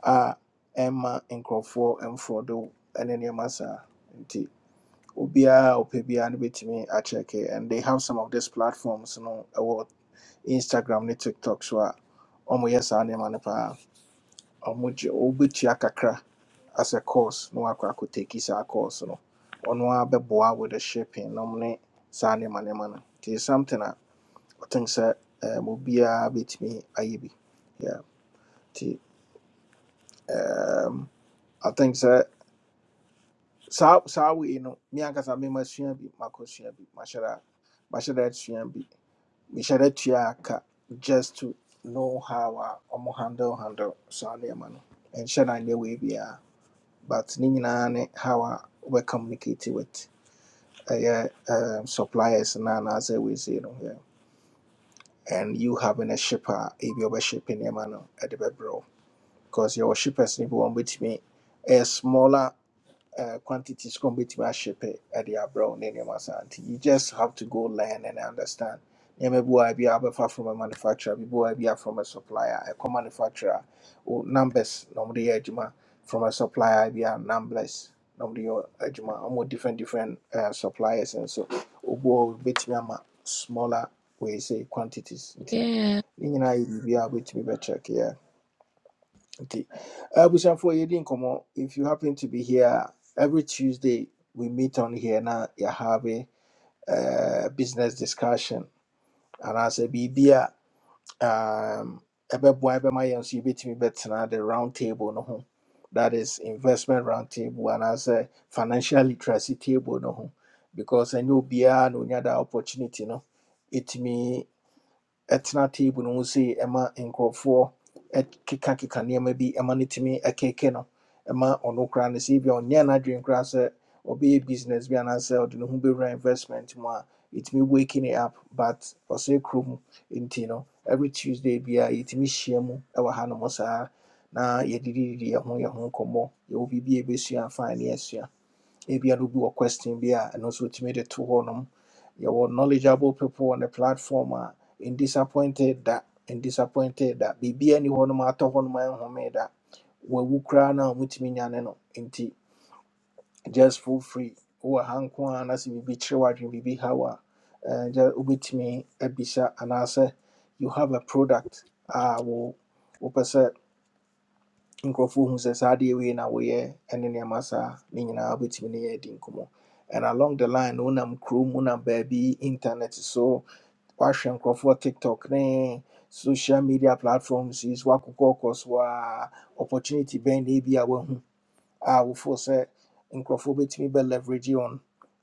Ah, Emma and Crawford and Frodo and then Yamasa and T. Obia or Pebia and Bitimi Acheke and they have some of these platforms, you know, about Instagram, ne TikTok, so Omo yes, I name and a pa. Omo Obitia as a course no, na wakɔ akɔtaki a course no ɔno ara bɛboa with the shipping nom ne saa nneɛma nneɛma no nti it's something I think sɛ um, obiara bɛtumi ayɛ bi yeah. nti um, I think sɛ sa sa we, no me ankasa me masua bi makɔsua bi mahyɛ da mahyɛ bi mehyɛ da tua aka just to know how a ɔmo handle handle saa nneɛma no ɛnhyɛ da nyɛ wei biara but ne nyinaa ne how a wobɛ communicate with ɛyɛ um, suppliers na anaasɛ weesei no yeah. and you having a shipper ebi ɔbɛship nneɛma no ɛde bɛbrɛ wo because yɛwɔ shippers no bi wɔn bɛtumi ɛyɛ smaller uh, quantities kɔ mbɛtumi ahyepe ɛde abrɛ wo ne nneɛma saa nti you just have to go learn and understand nneɛma bi wɔ a from a manufacturer bi wɔ a bi a supplier. a co manufacturer wo numbers na wɔde yɛ from a supplier bi a numbers na wɔde yɛ adwuma wɔn different different uh, suppliers and so wɔ hɔ bɛtumi smaller wei say quantities nti ne nyinaa yɛ biribi a wobɛtumi bɛkyɛkeɛ nti eh, abusuafoɔ yɛdi nkɔmmɔ if you happen to be here every tuesday we meet on here na yɛhave uh, business discussion anaasɛ biribi a um, ɛbɛboa ɛbɛma yɛn nso yɛbɛtumi bɛtena the round table no ho that is investment round table anaasɛ financial literacy table no ho because ɛnyɛ obiara na onya da opportunity no ɛtumi ɛtena table no ho sei ɛma nkurɔfoɔ ɛkekakeka nneɛma bi ɛma no tumi ɛkeke no ɛma ɔno koraa no sɛ ebia ɔnyɛ n'adwene koraa sɛ ɔbɛyɛ business bi anaasɛ ɔde ne ho bɛwura investment mu a ɛtumi waking it up but ɔsɛ kurom nti no every tuesday biara yɛtumi hyia mu ɛwɔ hanom saa na yɛdidididi yɛn ho yɛn ho nkɔmmɔ yɛwɔ biribi a yɛbɛsua fine ne yɛasua ebia no bi wɔ question bi a ɛno nso wɔtumi de to hɔ nom yɛwɔ knowledgeable people on the platform a in disappointed that, in disappointed da biribia ni hɔ nom atɔ hɔ nom ɛnhome da wawu koraa no a womutumi nyane no nti just feel free wowɔ ha nko a na sɛ biribi kyerɛ w'adwene biribi haw a eh, gya- wobɛtumi abisa anaasɛ you have a product a wo wopɛ sɛ nkurɔfoɔ hu sɛ saa adeɛ wei na woyɛ ne nneɛma saa ne nyinaa wobɛtumi ne yɛ adi nkɔmmɔ and along the line no wonam kurom wonam baabi internet so woahwɛ nkurɔfoɔ tiktok ne social media platforms is so woakokɔɔkɔ so a opportunity bɛn na ebi a woahu a wofoɔ sɛ nkurɔfoɔ bɛtumi bɛ leverage on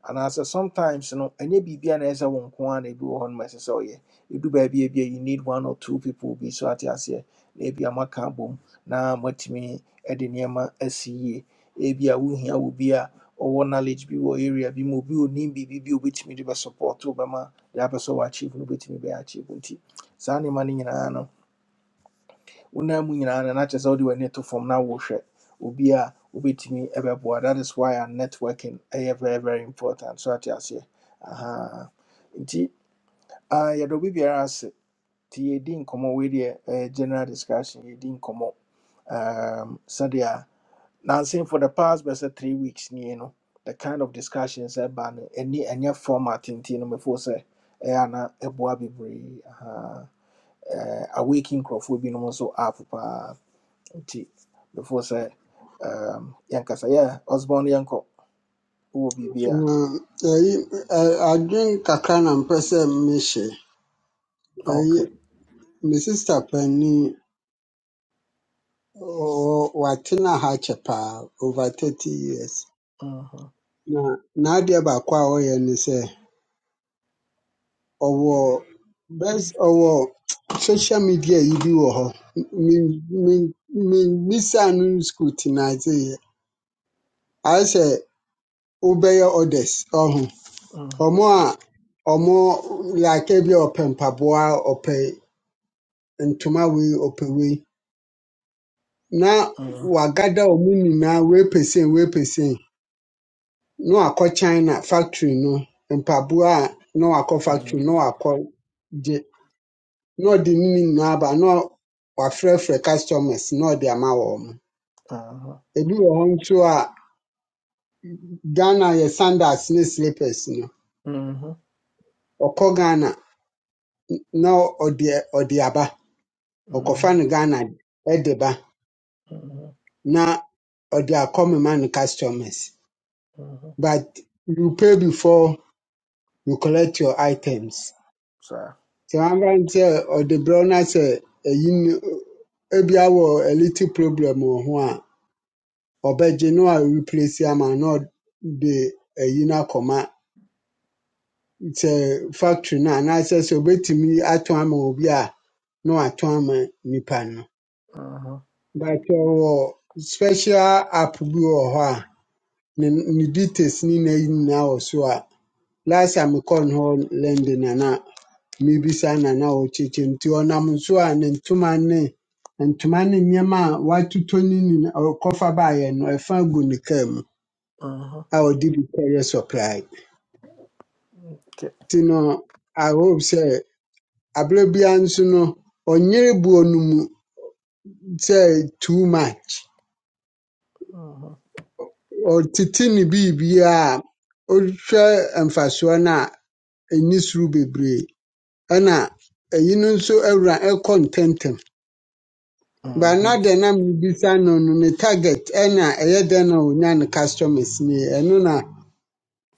And as sometimes no ɛnyɛ biribi a na ɛsɛ sɛ wo nko ara na ebi wɔ hɔ no ma ɛsɛ sɛ ɔyɛ ɛdu baabi a ebia you need one or two people bi so ate aseɛ na ebi moaka abom na moatumi de nneɛma asi yie ebi a wohia wɔ bi a ɔwɔ knowledge bi wɔ area bi mu obi onim biribi bi a obɛtumi de bɛsupport wo bɛma deɛ apɛ sɛ wɔachieve no wobɛtumi bɛyɛ achieve nti saa nneɛma no nyinaa no wonam mu nyinaa no na kyerɛ sɛ wode w'ani to fam na wohwɛ obi a wobɛtumi bɛboa that is why our networking ɛyɛ very very important so ate aseɛ Aha. nti ah, yɛdɔ obi biara ase nti yɛdi nkɔmmɔ wei deɛ ɛyɛ general discussion yɛdi nkɔmmɔ um, sɛdeɛ nansen for the past bɛsɛ three weeks nie no the kind of discussions ɛba no ɛni ɛnyɛ format nti no mefo sɛ ɛyɛ ana ɛboa bebree Aha. Eh, awake nkurɔfoɔ binom nso app paa nti before say, um, yɛnkasa yɛ ɔsbɔn yɛnkɔ wɔ biribi a Mm, Ɛyi, ɛ- adwen kakra na mpɛ sɛ mehyɛ. Ɛyi, ok me sista panin, ɔ- watena ha kyɛ paa, over 30 years. Mhm, Na n'adeɛ baako a ɔyɛ ne sɛ, ɔwɔ bɛs ɔwɔ social media yi bi wɔ hɔ. Me- me- Memmisaa no scrutiniseeɛ. Ayɛ sɛ wobɛyɛ orders, ɔho. mhm, Ɔmo a ɔmo like bi a ɔpɛ mpaboa, ɔpɛ ntoma wei ɔpɛ wei na mhm, wagada wɔn nyinaa wei pɛsɛn wei pɛsɛn na wakɔ China factory no mpaboa a na wakɔ factory no, mhm, na wakɔ gye na ɔde ne nyinaa aba na wafrɛfrɛ customers na ɔde ama wɔn. mhm, Ebi wɔ hɔ nso a Ghana yɛ sandals ne slippers no ɔkɔ Ghana na ɔde ɔde aba ɔkɔfa mhm, mhm, no Ghana ɛde ba mhm, na ɔde akɔmema ne customers mhm. but you pay before. you collect your items. saa Sɛ wɔabrante sɛ ɔde brɛ wo na sɛ ɛyi ne ebi awɔ a little problem wɔ ho a, ɔbɛgye na ɔareplace ama wo na ɔde ayi no akɔma sɛ factory no anaasɛ sɛ obetumi atɔn ama obi a na watɔn ama nipa no. Mhm, But ɔwɔ special app bi wɔ hɔ a ne ne details ne nyinaa nyinaa wɔ so a last time mekɔɔ no hɔ London a na mebisa Nana Ɔkyekyɛ nti ɔnam nso a ne ntoma ne ntoma ne nneɛma a watotɔ ne nyina ɔkɔfa baeɛ no ɛfa gu ne kaa mu mhm, a ɔde bi kɔyɛ supply. ok Nti no I hope sɛ aberɛ biara nso no ɔnyere buo no mu sɛ too much. Mhm, Ɔtete ne biribiara a ɔhwɛ mfasoɔ no a ɛni soro bebree ɛna ɛyi no nso awura ɛkɔ ntɛmntɛm. mhm, Bannade nam rebisa no no ne target ɛna ɛyɛ dɛn na onya ne customers ne ɛno na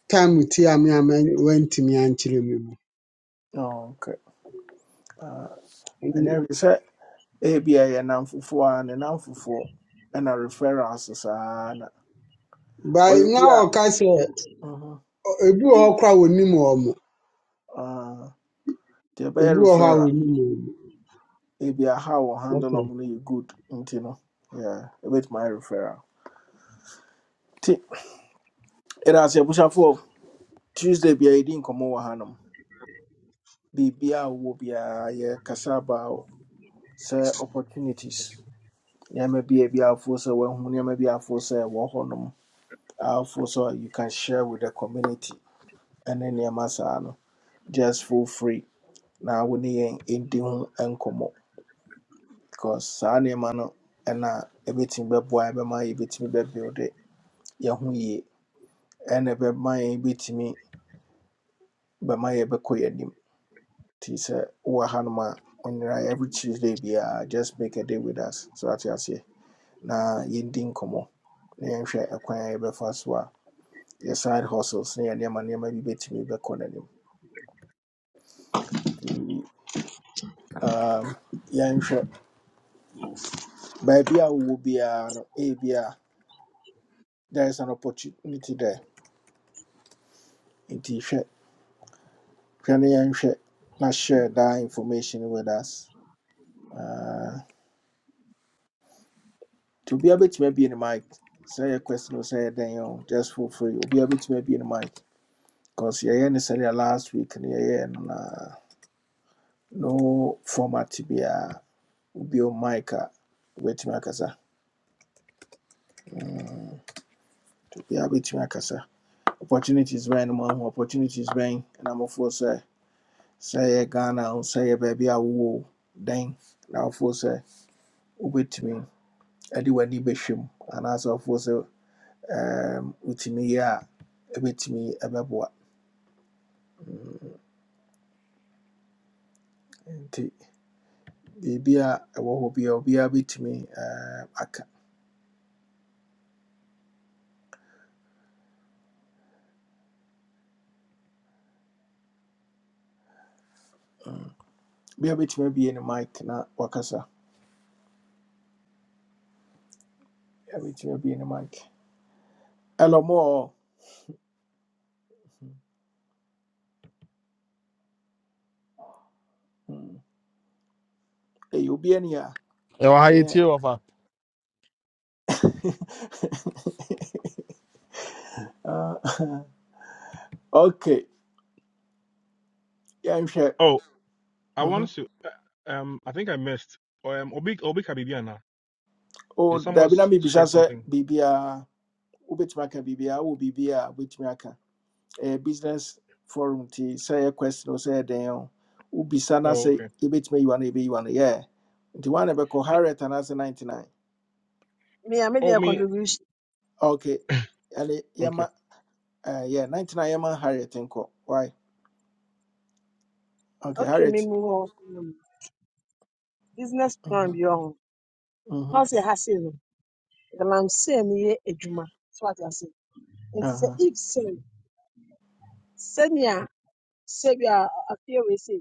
time ti a me a man- wantumi ankyerɛ me mu. ok Uh ɛnyɛ Ɛn- hwee sɛ ebi a yɛ nam fufuo a ne nam fufuo ɛna referrals saa na By ɔyɛ na obi a ɔka sɛ ɔ- Mhm, ebi wɔ hɔ koraa a wonim wɔn mo, ah, deɛ ɛbɛyɛ ebi wɔ hɔ a referral wonim wɔn mo. It Be a how we handle ɔmo Okay. no good you know. yeah ebetumi my referral ti ɛda ase for tuesday Be a yɛdi nkɔmɔ wɔ hanom be be a wɔwɔ biara yɛkasa about sɛ opportunities nneɛma bi a ebi afoɔ sɛ wɔahu nneɛma bi afoɔ sɛ ɛwɔ hɔnom for sɛ you can share with the community and then saa masano just feel free na wo ne yɛn ɛndi ho nkɔmmɔ because saa nneɛma no ɛna ebetumi bɛboa yɛn bɛma yɛbɛtumi bɛbuild yɛn ho yie And ɛbɛma yɛn bɛtumi bɛma yɛbɛkɔ yɛn anim nti sɛ wowɔ hanom every tuesday biara just make a day with us so ate aseɛ na yɛndi nkɔmmɔ na yɛnhwɛ ɛkwan a yɛbɛfa so a yɛ side hustles ne yɛ nneɛma nneɛma bi bɛtumi bɛkɔ n'anim Nti, um, yɛnhwɛ baabi a wowɔ biara no ebia there is an opportunity there nti hwɛ hwɛ ne yɛnhwɛ share that information with us Uh, To be able to maybe in the mic, say a question or say a thing, just for free. We'll be able to maybe in the mic. Because yeah, necessarily last week, and yeah, uh, no format to be a will be on mic. Wetumi akasa, obi a wetumi akasa. Opportunities bɛn no mahu, opportunities bɛn na mofoɔ sɛ Say a Ghana or say a baby. o, sɛ yɛ baabi a wowɔ o, dɛn na wofoɔ sɛ wobɛtumi ɛde w'ani bɛhwɛ mu anaasɛ wofoɔ sɛ ɛɛm, with me, a ɛbɛtumi ɛbɛboa. biribiara a ɛwɔ hɔ biara obiara bɛtumi ɛɛm, aka obiara bɛtumi abue ne mic na wakasa obiara bɛtumi abue ne mic ɛlɔ mo eh Mm. ɛyɛ ni a Yo, how You ɛwɔ ha ɛneɛ yɛtie wɔfa Ah, okay yɛnhwɛ Oh, I Mhm. wanted to. uh, Um, I think I missed. Oh, um, Obi Obi Kabibiana. o Did someone dabi na s- mibisa share sɛ something? biribiara wobɛtumi aka biribiara wɔ biribiara a aka ɛyɛ business forum ti sɛ ɛyɛ question o sɛ ɛyɛ dɛn o wobisa na Oh, sɛ okay. yɛbɛtumi ayiwa no yɛbɛyiwa no yɛ nti wane bɛkɔ No, harriet anaasɛ 99 Me, I made oh, their me. contribution. Okay. Ale Okay. Yama uh yeah, 99 Yama Harriet Inko. Why? Okay, Okay, Harriet. me move on. Mm. Business Mm-hmm. plan be on. Mm-hmm. How say has it? The lam say me a juma. So what I say. And to say Uh-huh. if say senior say we are a few we say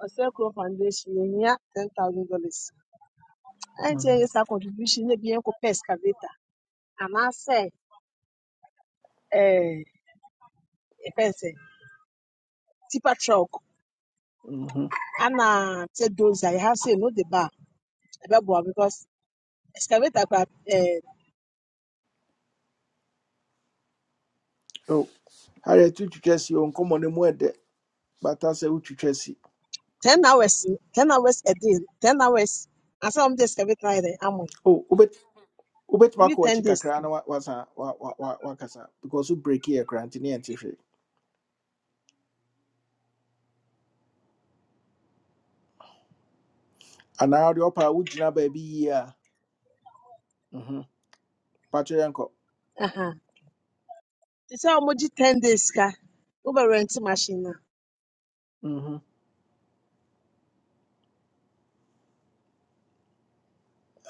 or say crow foundation yeah ten thousand dollars. And say Mm-hmm. yes, our contribution may be uncle excavator. And I say eh, a person tipper truck. Mm-hmm. And uh, say those I have say no the bar. about Because excavator, eh, Oh, Harriet you chess you on common mwede, but I say uchu chessy. 10 hours, 10 hours a day, 10 hours. I saw just every Friday. I'm on. Oh, ubet ubet I'm mako wa 10 chika days. krana wa was wa wa wa wakasa because you break here granting and tiffy. And now the upper ujina baby yeah. Mm-hmm. Patrick uncle. Uh-huh. They say I'm 10 days. Ka. Over rent machine. na. Mm-hmm.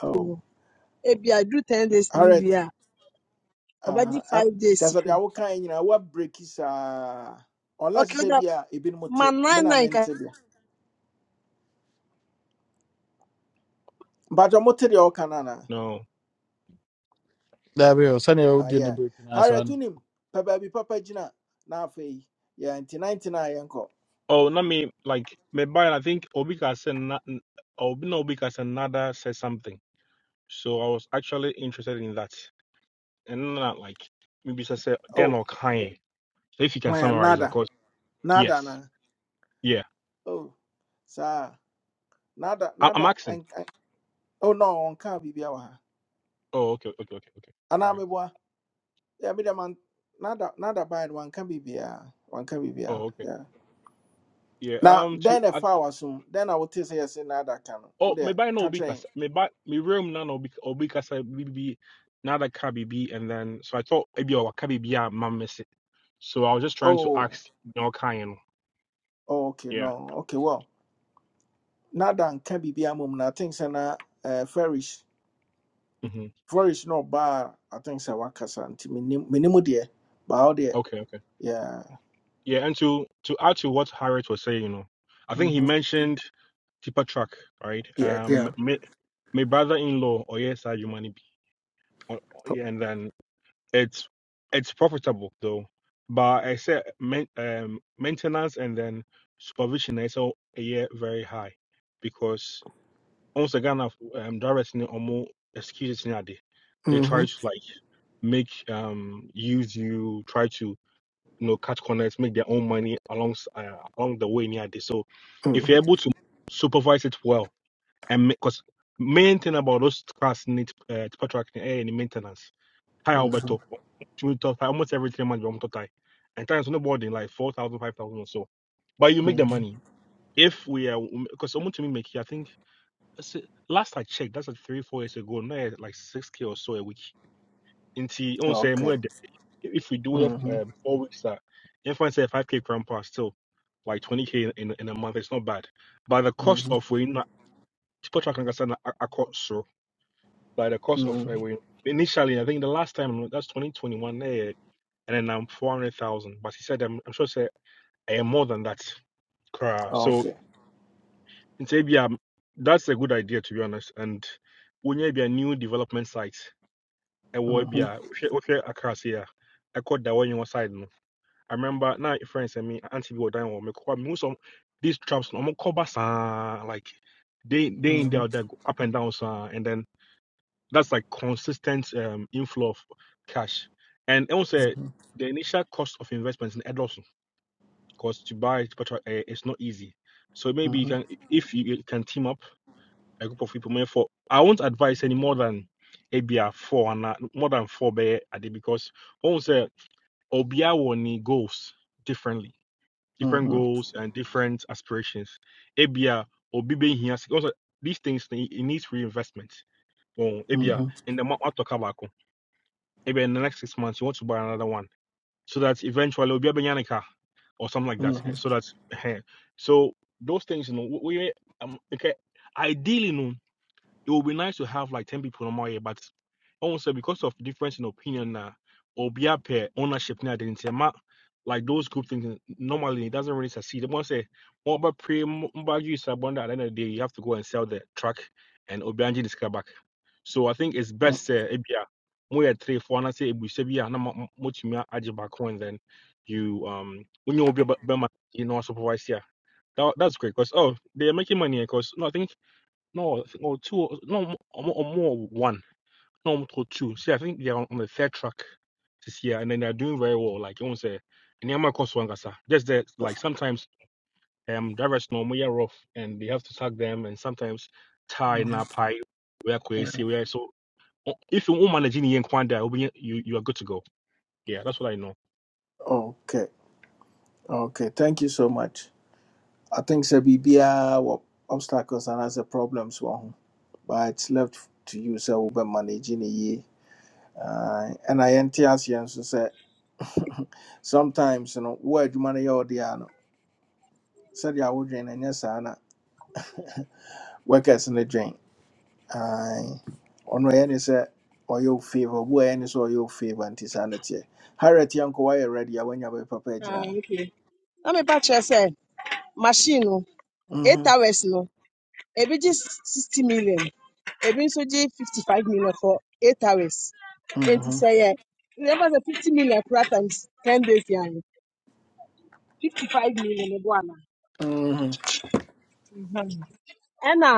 Oh. Ebi I do 10 days new Harriet. year. Uh, Already huh. 5 days. That's sick. what I ɛp- kyerɛ sɛ deɛ woka break is saa unless Okay, you sɛ that bi a ebinom my te me 9 na 9 ka. mente deɛ mpatwɛ mote deɛ woka no anaa No. daabi o sɛnea Ah, wodie no yeah. break no harriet asaa no tunim. pɛ baabi papa gyina na afei yɛ nti 19 a yɛnkɔ Oh, not me. Like me. By I think Obi Kasen. Obi no Obi Kasenada said something. So I was actually interested in that. And not like maybe just say then oh or Kanye. So if you can hwan summarize, that, nada cause nada yes, na yeah. oh saa nada I- I'm nada asking. ɛnk- oh no ɔnka biribia wɔ ha Oh, okay, okay, okay, okay. All anaa right. meboa yeah, me deɛ man- nada nada bae no wanka biribiaa wanka Oh, okay. biribiaa Yeah. Now, Um. To then a foul soon. Then I will tell you, say, now that can. Oh, Would they me buy no catch rain? because kasa. Me buy me room na no because obi kasa bibi na da ka bibi and then so I thought maybe or ka b a man miss it. So I was just trying to Oh, ask you know kind you know. oh, okay, Yeah. no, okay, well, now then can be be a mum. I think, so now, uh, Farish, hmm Farish, no bar. I think, so Wakasa, and minimum, dear, but out there, Okay, okay. yeah, Yeah, and to to add to what Harriet was saying, you know, I think he mm-hmm. mentioned Tipa Truck, right? yeah, yeah, Um, me, my brother-in-law, oh yes, I humanity. It's it's profitable though, but I said main, um, maintenance and then supervision is all a year very high because once again of um, directs ni omo excuses ni ade. They mm-hmm. try to like make um use you try to you know cut corners make their own money along uh, along the way ni ade. So if Mm-hmm. you're able to supervise it well and because main thing about those cars need uh, to contract eh, any maintenance Thai Alberto. Mm-hmm. She will talk Thai almost every three months. We talk Thai, and Thai is on the board like 4,000, 5,000 or so. But you make the Mm-hmm. money if we are because someone to me make I think that's it. last I checked, that's like three four years ago. Now it's like six k or so a week. Into on say more okay, than- if we do it mm-hmm. um, four weeks, that if I say five k grandpa still like twenty k in, in a month, it's not bad. But the cost Mm-hmm. of we not people talking about by the cost of Mm-hmm. uh, we, initially, I think the last time that's 2021 eh, and then I'm 400,000. But he said, I'm, I'm sure say I am more than that. Kra. So okay, in Sabia, that's a good idea to be honest. And when you be a new development site, a will be mm-hmm. a across here. I caught that one your side. No, I remember now, friends and me, Auntie we were down on me. Most of these traps, I'm cover like they they in Mm-hmm. there, they go up and down, sir. and then. That's like consistent um, inflow of cash. And also, the initial cost of investments in Edos, because to buy petrol eh, it's not easy. So Mm-hmm. maybe you can, if you can team up a group of people, maybe for I won't advise any more than ABR four and more than four bear a day because also Obia will need goals differently, different Mm-hmm. goals and different aspirations. ABR or B B here also these things it needs reinvestment. Well, ABR Mm-hmm. in the market to cover maybe in the next six months you want to buy another one so that eventually it'll be a banana car or something like that eh, Mm-hmm. so that's so those things you know we um, okay ideally no it would be nice to have like 10 people no more here, but also because of difference in opinion now, or be up here ownership now didn't say ma like those group things normally it doesn't really succeed. They want to say what about pre you is at the end of the day you have to go and sell the truck and Obianji this car back. So I think it's best uh ebia more three four and I say we say yeah no much me back and then you um when you be you know supervise here. That, that's great because oh they're making money because no I think. No, I think- or two, or- no, m- or more, or more one, no, more two. See, I think they are on, on the third track this year, and then they are doing very well. Like you want to say, and Yama Koswangasa. Just that, like sometimes um drivers normally are rough, and they have to tag them, and sometimes tie na Mm-hmm. pie where crazy. where. so o- if you won't manage in the Kwanda, you you are good to go. Yeah, that's what I know. Okay, okay. Thank you so much. I think sɛ biribiara wɔ obstacles anaasɛ problems wɔ ho but it's left to you sɛ wobɛmanage no yie Aye. ɛna yɛnte aseɛ nso sɛ sometimes no wo adwuma no yɛ ɔde a no sɛdeɛ wodwen no ɛnyɛ saa na workers no dwen Aye. ɔno ɛyɛ ne sɛ ɔyɛ wo favor obi a ɛyɛ ne sɛ ɔyɛ wo favor nti saa no teɛ harriet yɛnkɔ woayɛ ready a woanya bɛpapa Ah, agyinaa okay. Let me patch you say machine no 8 Mhm, hours no. Ebi just 60 million. Ebi nso gye 55 million for 8 hours. Enti mhm, sɛ yɛ remember the 50 million kura times 10 days yɛn. 55 million ɛbɔ ana mhm. ɛna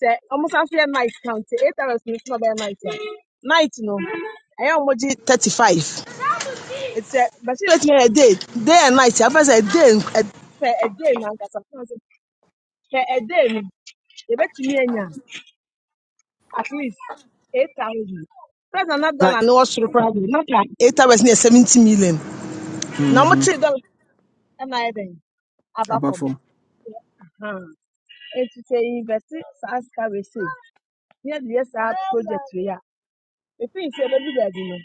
sɛ ɔmo san so yɛ night count eight hours no so na ɔbɛyɛ night a night no ɛyɛ a ɔmo gye 35 Ɛti sɛ bɛsi bɛsi yɛ day day and night afɛ sɛ day nk- ɛ- sɛ day na nkasa sɛ day no yɛbɛtumi anya at least eight thousand president na dollar ne Thank- wɔ soro koraa de na ka eight hours ne yɛ 70 million na Mhm. ɔmo three dollar ɛna ayɛ dɛn aba Apart fam from nti sɛ yɛ invest saa sika wei sei na yɛde yɛ saa project wei a ɛfiri sɛ yɛbɛdu baabi no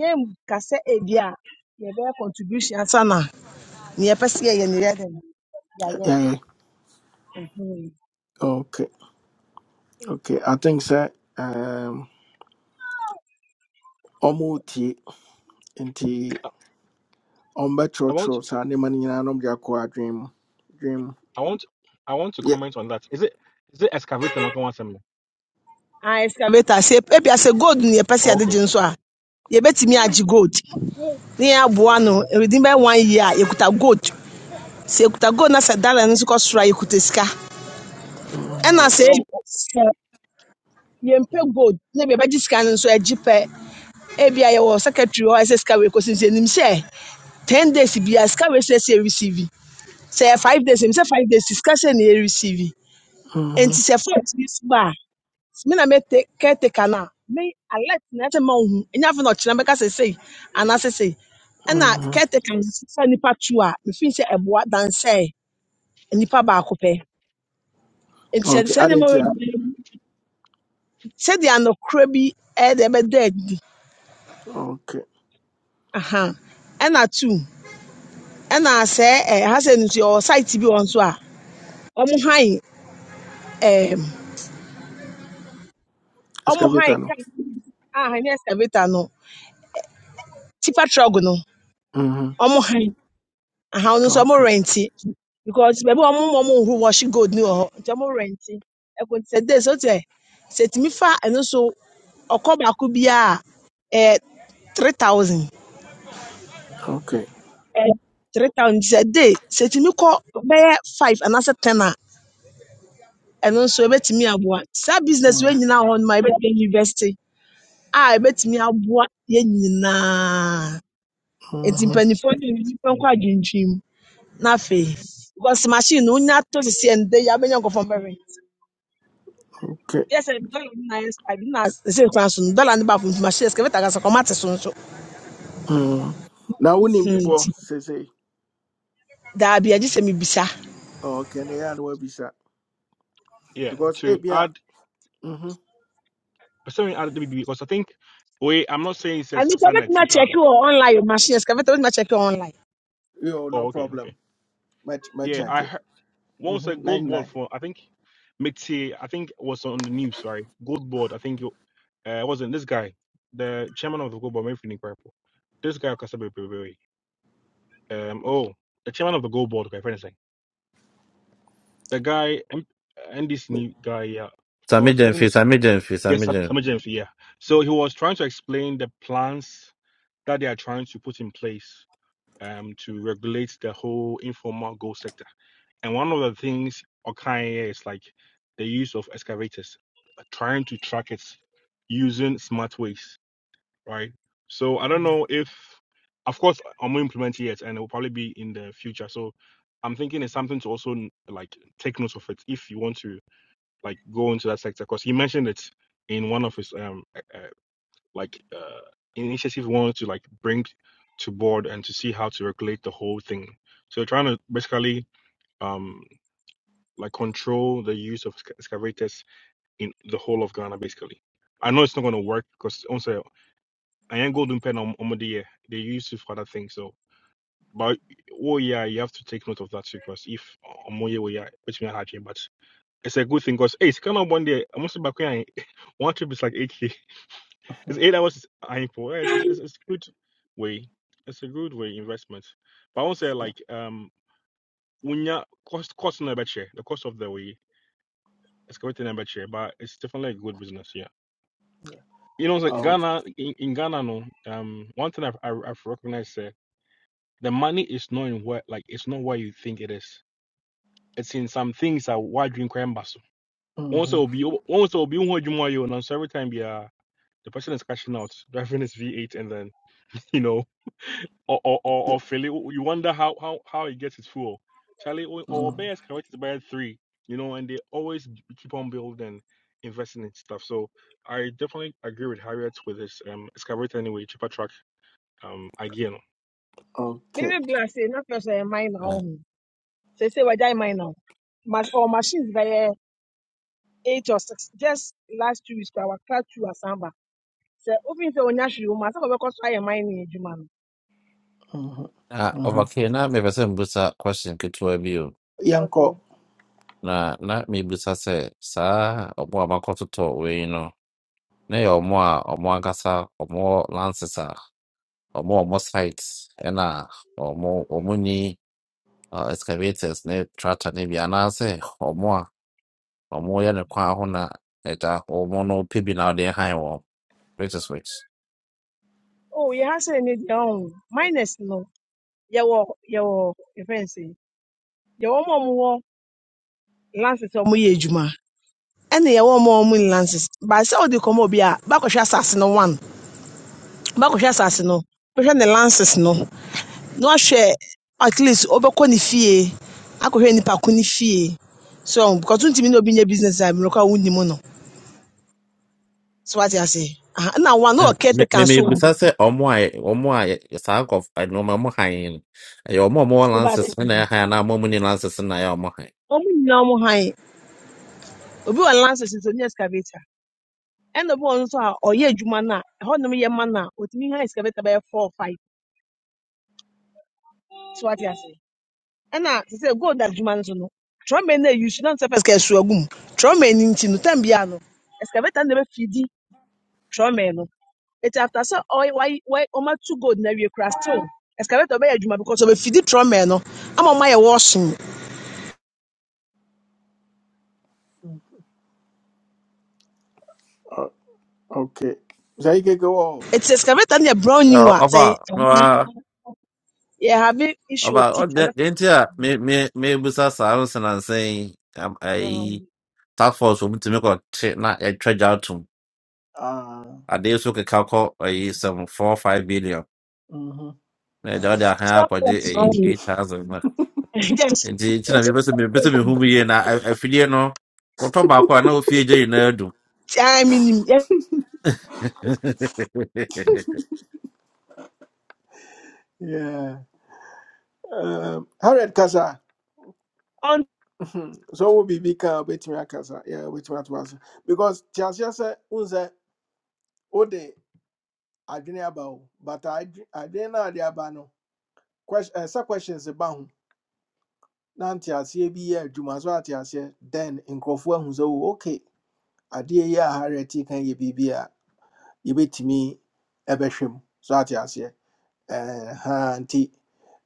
yɛnka sɛ ebi a yɛbɛyɛ contribution ansa na nea yɛpɛ sɛ yɛyɛ no yɛyɛ dɛn yɛayɛ yeah, yeah. Mhm. Okay, okay. I think sir um Omuti nti I, I want, ɔmbɛtwerɛtwerɛ saa nneɛma no mani na ɔmde akɔ adwene mu dwene mu I want, I want to yɛ comment on that. Is it is it excavator? Like one seminar? Ah, excavator sɛ ebia sɛ gold na yɛpɛ sɛ Oh, yɛde okay. gye nso a yɛbɛtumi agye gold na yɛaboa no ɛwɛdi bɛyɛ one year a yɛkuta gold sɛ yɛkuta gold na sɛ dollar no nso kɔ soro a yɛkuta sika Mhm, ɛna Yeah. sɛ So sɛ yɛmpɛ Mhm. gold na ebia yɛbɛgye sika no nso agye pɛ ebia yɛwɔ secretary hɔ a ɛsɛ sika wei kɔsi nti yɛnim sɛ ten days biara sika wei sɛ ɛsɛ ɛreceive sɛ ɛyɛ five days ɛmu sɛ five days sika sɛ na ɛreceive mhm, nti sɛ fault bi so ba a me na me te caretaker na me alert na ɛsɛ ma ohun enya afei na ɔkyerɛ mɛka sɛ sei anaasɛ sei ɛna mhm. caretaker no sisa nipa tu a mefin sɛ ɛboa dansɛ nipa baako pɛ nti ɛde okay sɛ ade nneɛma nti a wei sɛdeɛ anokora bi ɛde ɛbɛda adi okay aha ɛna two ɛna sɛ ɛha sɛ no nso yɛwɔ site bi wɔ nso a wɔn hann ɛɛm. Omo excavator High no kai, ah, hɛn excavator no, tipper truck no, Mhm, ɔmo hann, aha ɔno nso ɔmo okay rɛnte because beebi a ɔmo ma ɔmonhu wɔhye gold no wɔ hɔ nti ɔmo rɛnte. Ɛkò nti sɛ dei sɛ ɔte sɛ etumi fa ɛno nso ɔkɔ baako biara a ɛyɛ three thousand. okay Ɛyɛ three thousand nti sɛ dei sɛ etumi kɔ bɛyɛ five anaasɛ ten a ɛno nso ebetumi aboa. Saa business Mm, wei nyinaa wɔ hɔ no ma ebetumi university a ebetumi aboa yɛn nyinaa. Nti mhm, mpanyinfoɔ no de nnipa nkɔ adwintwam na afei because machine no wonya to sisi ɛndɛ yi abɛnya nkurɔfoɔ mbɛwe. okay Yes, sɛ dollar no na ayɛ sky bi na ɛsɛ kwan so no dollar no baako nti machine excavator kasa kɔma te so nso. Mm. na wonim bi Hmm, yeah, uh, bɔ nti seesei daabi agye sɛ mebisa. okay na ɛyɛ a na woabisa yeah. because To ebia add. mhm, Sorry, RWB, because I think, wait, I'm not saying it Ɛno says nso wobɛtumi sanity, but akyɛke wɔ online o machine excavator wobɛtumi akyɛke wɔ online. yo no oh, okay, okay. problem Yeah, I mɛkyɛke heard what was a gold ball 99 for, I think, Mitzi, I think was on the news, right? Gold board, I think you, uh, wasn't this guy, the chairman of the gold board, maybe Purple. This guy, Kasabe Pepe, um, oh, the chairman of the gold board, okay, for instance. The guy, M- NDC new guy, yeah. Oh, Sami I've forgotten Jenfi, this. Sami Jenfi, Yes, Sami Sam- Jenfi. Samuel James, yeah. So he was trying to explain the plans that they are trying to put in place um, to regulate the whole informal gold sector. And one of the things occurring here is like the use of excavators, uh, trying to track it using smart ways, right? So I don't know if, of course, uh, I'm not implementing yet, and it will probably be in the future. So I'm thinking it's something to also like take note of it if you want to like go into that sector, because he mentioned it in one of his um uh, like uh, initiative we wanted to like bring to board and to see how to regulate the whole thing. So trying to basically um like control the use of exca- excavators in the whole of Ghana basically. I know it's not going to work because also I ain't golden pen on Omodiye. They use it for other things. So, but oh yeah, you have to take note of that too because if Omoye oh yeah, oh, yeah, which may hard but it's a good thing because hey, it's kind of one day. I'm also back when I- one trip is like 8k. Because eight hours are important. It's, it's, it's a good way. It's a good way investment. But I won't say Yeah. like um when you cost cost number share the cost of the way excavating number share, but it's definitely a good business. Yeah, you know, like Oh, Ghana in, in Ghana, no, um, one thing I've I've I've recognized uh, the money is not in where like it's not where you think it is. It's in some things that why drink crime bustle. Once it mhm, will be once it will be one you and so every time yeah, the person is cashing out driving his V8 and then you know. or or or, yeah, or Philly. You wonder how how how he gets his fuel. Charlie or or mhm, Bears can always buy three, you know, and they always keep on building, investing in stuff. So I definitely agree with Harriet with this um excavator anyway, cheaper truck um idea. No? okay. Meme bla se na first ɛyɛ mine na ɔho. Sɛsɛ wagyae mine na ɔho. Mas ɔ machines bɛyɛ eight or six just last two weeks koraa wakra two asamba. Sɛ wofin sɛ onya hwee wɔ mu a sɛ wɔbɛkɔ so ayɛ mine adwuma no. mhm, Ah, mhm. okay, na mepɛ sɛ mbusa question ketewa bi o. Okay. Yanko. Na na mebusa sɛ saa ɔmo a makɔtotɔ wei no, na yɛ ɔmo a ɔmo ankasa ɔmo lances a ɔmo ɔmo sites ɛna ɔmo ɔmo ni uh, excavators ne tractor ne bi anaasɛ ɔmo a ɔmo yɛ ne kwan ho na ɛda ɔmo no pɛ bi na ɔde hann wɔn. Which is which? Oh, yɛ ha sɛ ne deɛ ɔn minus no yɛwɔ yɛwɔ yɛfrɛ no sɛ yɛwɔ ma ɔmowɔ lances a ɔmoyɛ adwuma ɛne yɛwɔ ma ɔmo nni lances but sɛ wode kɔma obi a bakɔhwɛ asase no one bakɔhwɛ asase no bɛhwɛ ne lances no na wahwɛ at least wobɛkɔ ne fie akɔhwɛ nipa ko ne fie so um, because wontumi ne obi nyɛ business a mmerɛ kɔ a wonnim no so wate ase Aha, ɛna one na wɔ caretaker nso wɔ memebisa hɔ. sɛ ɔmo a yɛ- ɔmo a yɛ- saa nkɔf nneɛma ɔmo han yi no ɛyɛ ɔmo a ɔmo wɔ lances Wobɛate. no na ɛhan anaa ɔmo a ɔmo ni lances no na ɛyɛ ɔmo han ɔmo nyinaa ɔmo hann obi wɔ lances nti ɔnyɛ excavator ɛna obi wɔ hɔ nso a ɔyɛ adwuma no a ɛhɔnom yɛ ma no a ɔtumi ha excavator bɛyɛ four or five so wate ase ɛna te sɛ gold adwuma no so no trɔmɛ no ayi so na sɛ pɛsɛ ɛso agu mu trɔmɛ no nti no tam biara no excavator no na bɛfidi trɔmɛ no ɛti after sɛ ɔy- wayi- wayi- ɔma two gold na awie kora still excavator bɛyɛ adwuma because ɔbɛfidi trɔmɛ no ama ɔma yɛ washing Oh, okay. Zaike go. Ah. ɛti excavator no yɛ brown Ɛ, Sa- new a ɔfa sɛ ɔfa yɛ have issue ɔfa with teeth and ɔdɛ nti a me me me bisa saa no senansen yi am- ayi um, task force ɔmo tumi kɔ te na ɛtwa gya atom Ah. adeɛ so keka kɔ ayi sɛm four five billion mhm, na ɛde ɔde ahan stop akɔgye ayi working. eight thousand na yes nti nti na Yes. mebisa mebisa mehu mu yie na a- afidie no wɔtɔ baako a na ofie gye nyinaa I mean, yeah, Yeah. Um, Harriet Kasa. on mhm, So we be big uh waiting Kasa. Yeah, waiting at once. Because Tiasia said Unze Ode Adrian Abao. But I Adrian Adiabano. Question uh, sa questions about him. Nantia C B Juma Zwatia then in Crawford who's okay. adeɛ yi a harriet yi kan yɛ biribi a yɛbɛtumi bɛhwɛ mu so ate aseɛ ɛha nti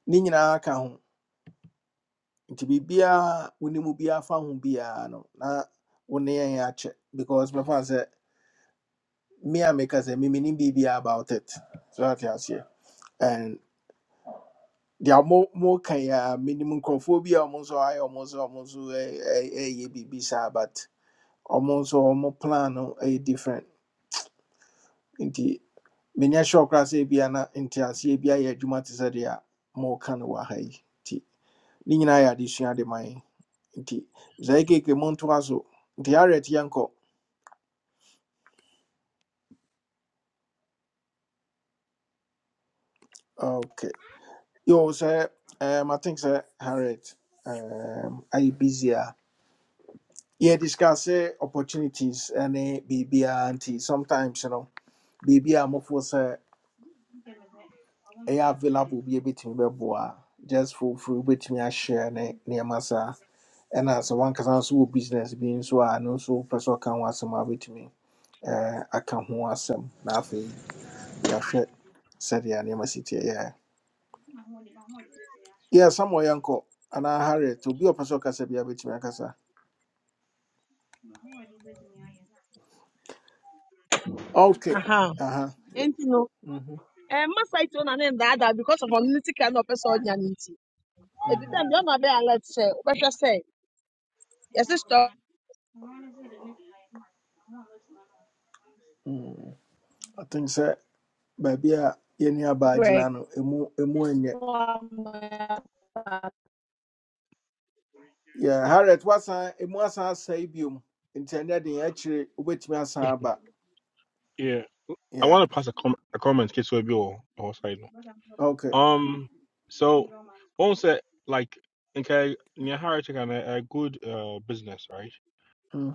ne nyinaa ka ho nti biribiaa wo ne mu biaa fa ho biaa no na wo ne yɛn akyɛ because bɛfa sɛ me a meka sɛ memenim biribiaa about it so ate aseɛ and deɛ mo mo ka yi a menim nkurɔfoɔ bi a ɔmo nso ayɛ ɔmo nso ɔmo nso ɛ- ɛyɛ biribi saa but ɔmo nso ɔmo plan no ɛyɛ different nti menyɛ sure koraa sɛ ebia na nteaseɛ bi ayɛ adwuma te sɛ deɛ a moka no wɔ ha yi nti ne nyinaa yɛ adesua de ma yɛn nti sɛ keke montoa so harriet Yanko. okay yo sɛ um, i think sɛ harriet um, ayɛ busy a yɛ discuss sɛ opportunities eh, ne biribiaa nti sometimes no biribi a mofoɔ sɛ ɛyɛ available bi a ebɛtumi bɛboa a, just foforo wobɛtumi ahyɛ ne nneɛma saa ɛna sɛ wankasa nso wɔ business bi nso a no nso wopɛ sɛ ɔka ho asɛm a wobɛtumi eh, aka ho asɛm na afei yɛahwɛ sɛdeɛ nneɛma si yeah yɛ yɛ samuel yɛnkɔ anaa harriet obi a ɔpɛ sɛ ɔkasa bia bɛtumi akasa ok aha aha yɛ- nti no mhm, ɛma site no na ne that that because of unity. ne sika na ɔpɛ sɛ ɔnya no nti ebi tam mhm, deɛ ɔma bɛyɛ alert sɛ wobɛhwɛ sɛ yɛse stop mhm. i think sɛ baabi a yɛni abaa break gyina no ɛmu ɛmu enye ɔsika yeah harriet wasan ɛmu asan asɛe biom nti ɛnyɛ den akyire wobɛtumi asan aba Yeah, I yeah want to pass a, com- a comment in case will be or or side. No? ok Um, so once that like okay, near Harriet can a, good uh business, right?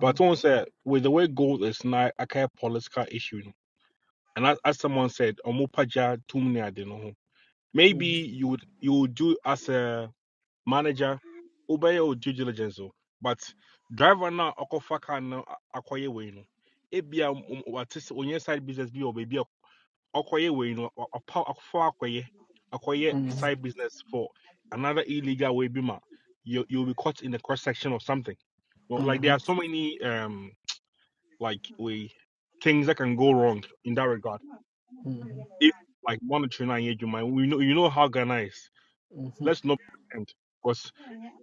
But once that with the way gold is now, a kind of political issue. No? And as, as someone said, Omupaja Tumne Adenoho. Maybe you would you would do as a manager, obey your due diligence. But driver na okofaka na akoye we no. Ebia what is on your side business bi or baby akoye we no apa akofa akoye akoye mhm. side business for another illegal way bima. You you'll be caught in the cross section or something. Well, like there hmm are so many um like we things that can go wrong in that regard hmm if like one trainer Ejuma, we know you know how Ghana is. Let's not pretend because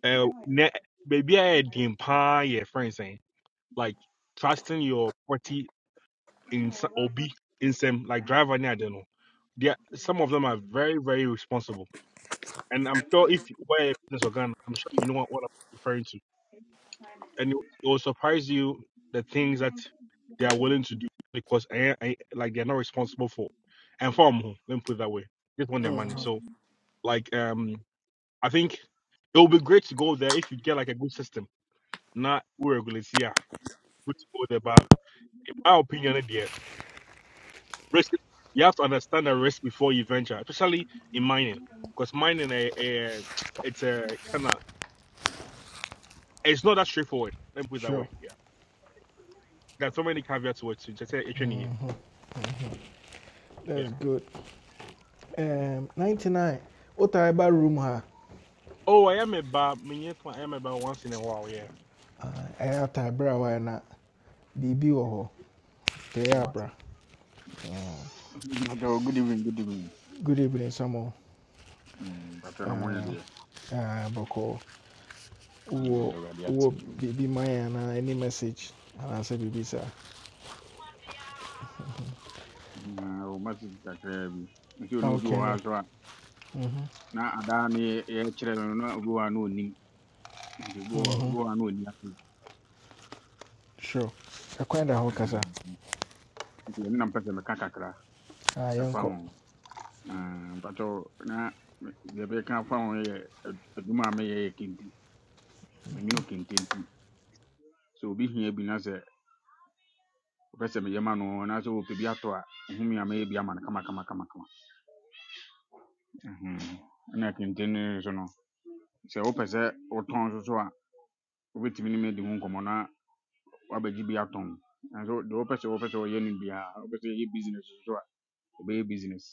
uh, ne- maybe I dimpa your friends saying like trusting your party in sa- obi in some like driver near I don't know. They are- some of them are very very responsible, and I'm sure if you were a business or Ghana, I'm sure you know what, what I'm referring to, and it, it will surprise you the things that they are willing to do because eh, eh, like they're not responsible for, and for them, let me put it that way, just want their money. hmm So Like um, I think it would be great to go there if you get like a good system. Not regularly, yeah, good to go there. But my opinion, there risk. You have to understand the risk before you venture, especially in mining, because mining, eh, eh, it's a kind of it's not that straightforward. Let me put it that Sure, way. Yeah, there's so many caveats to it. too. Just say HNE. Yeah. that's good. Um, 99. What Otaiba room ha. Oh, I am a bar. me, yes, I am a bar once in a while. Yeah, I have to Taibra wana. Bibi oho. Te no matter. Abra, Bato, good evening, good evening. Good evening, Samo. Mm, Bato namuonye Uh, deɛ uh, Boko. Mm, ɔda Uwo, Awurade ase. uwo Bibi Maya na any message. And I say Bibi sa. Na wo message kakra bi. Nti na obi wɔ Okay hɔ ne. a so a Mm-hmm, na adaa ne yɛkyerɛ no na obi wɔ hɔ a na onim. Nti obi wɔ obi mm-hmm. wɔ hɔ a na onim ase. Sure. Akwenda ho Aha. kasa. Nti ɛno na mpɛ sɛ meka kakra Ah, ɛfa yanko. ho. Ah, Bato na bebe kan fahu ye. Eduma me- deɛ bɛka afa ho yɛ ad- adwuma a meyɛ yɛ kente. Menwono kente nti. Sɛ obi hia bi na sɛ wopɛ sɛ meyɛ ma no anaasɛ wɔpɛ bi atɔ a, ohumi a mɛyɛ bi ama no kama kama kama kama. Mhm. Na kente no nso no sɛ wopɛ sɛ wotɔn nso so a wobɛtumi ne me di ho nkɔmmɔ na wabɛgye bi atɔn nanso deɛ wopɛ sɛ wopɛ sɛ wɔyɛ no biara wopɛ sɛ yɛyɛ business nso so a wobɛyɛ business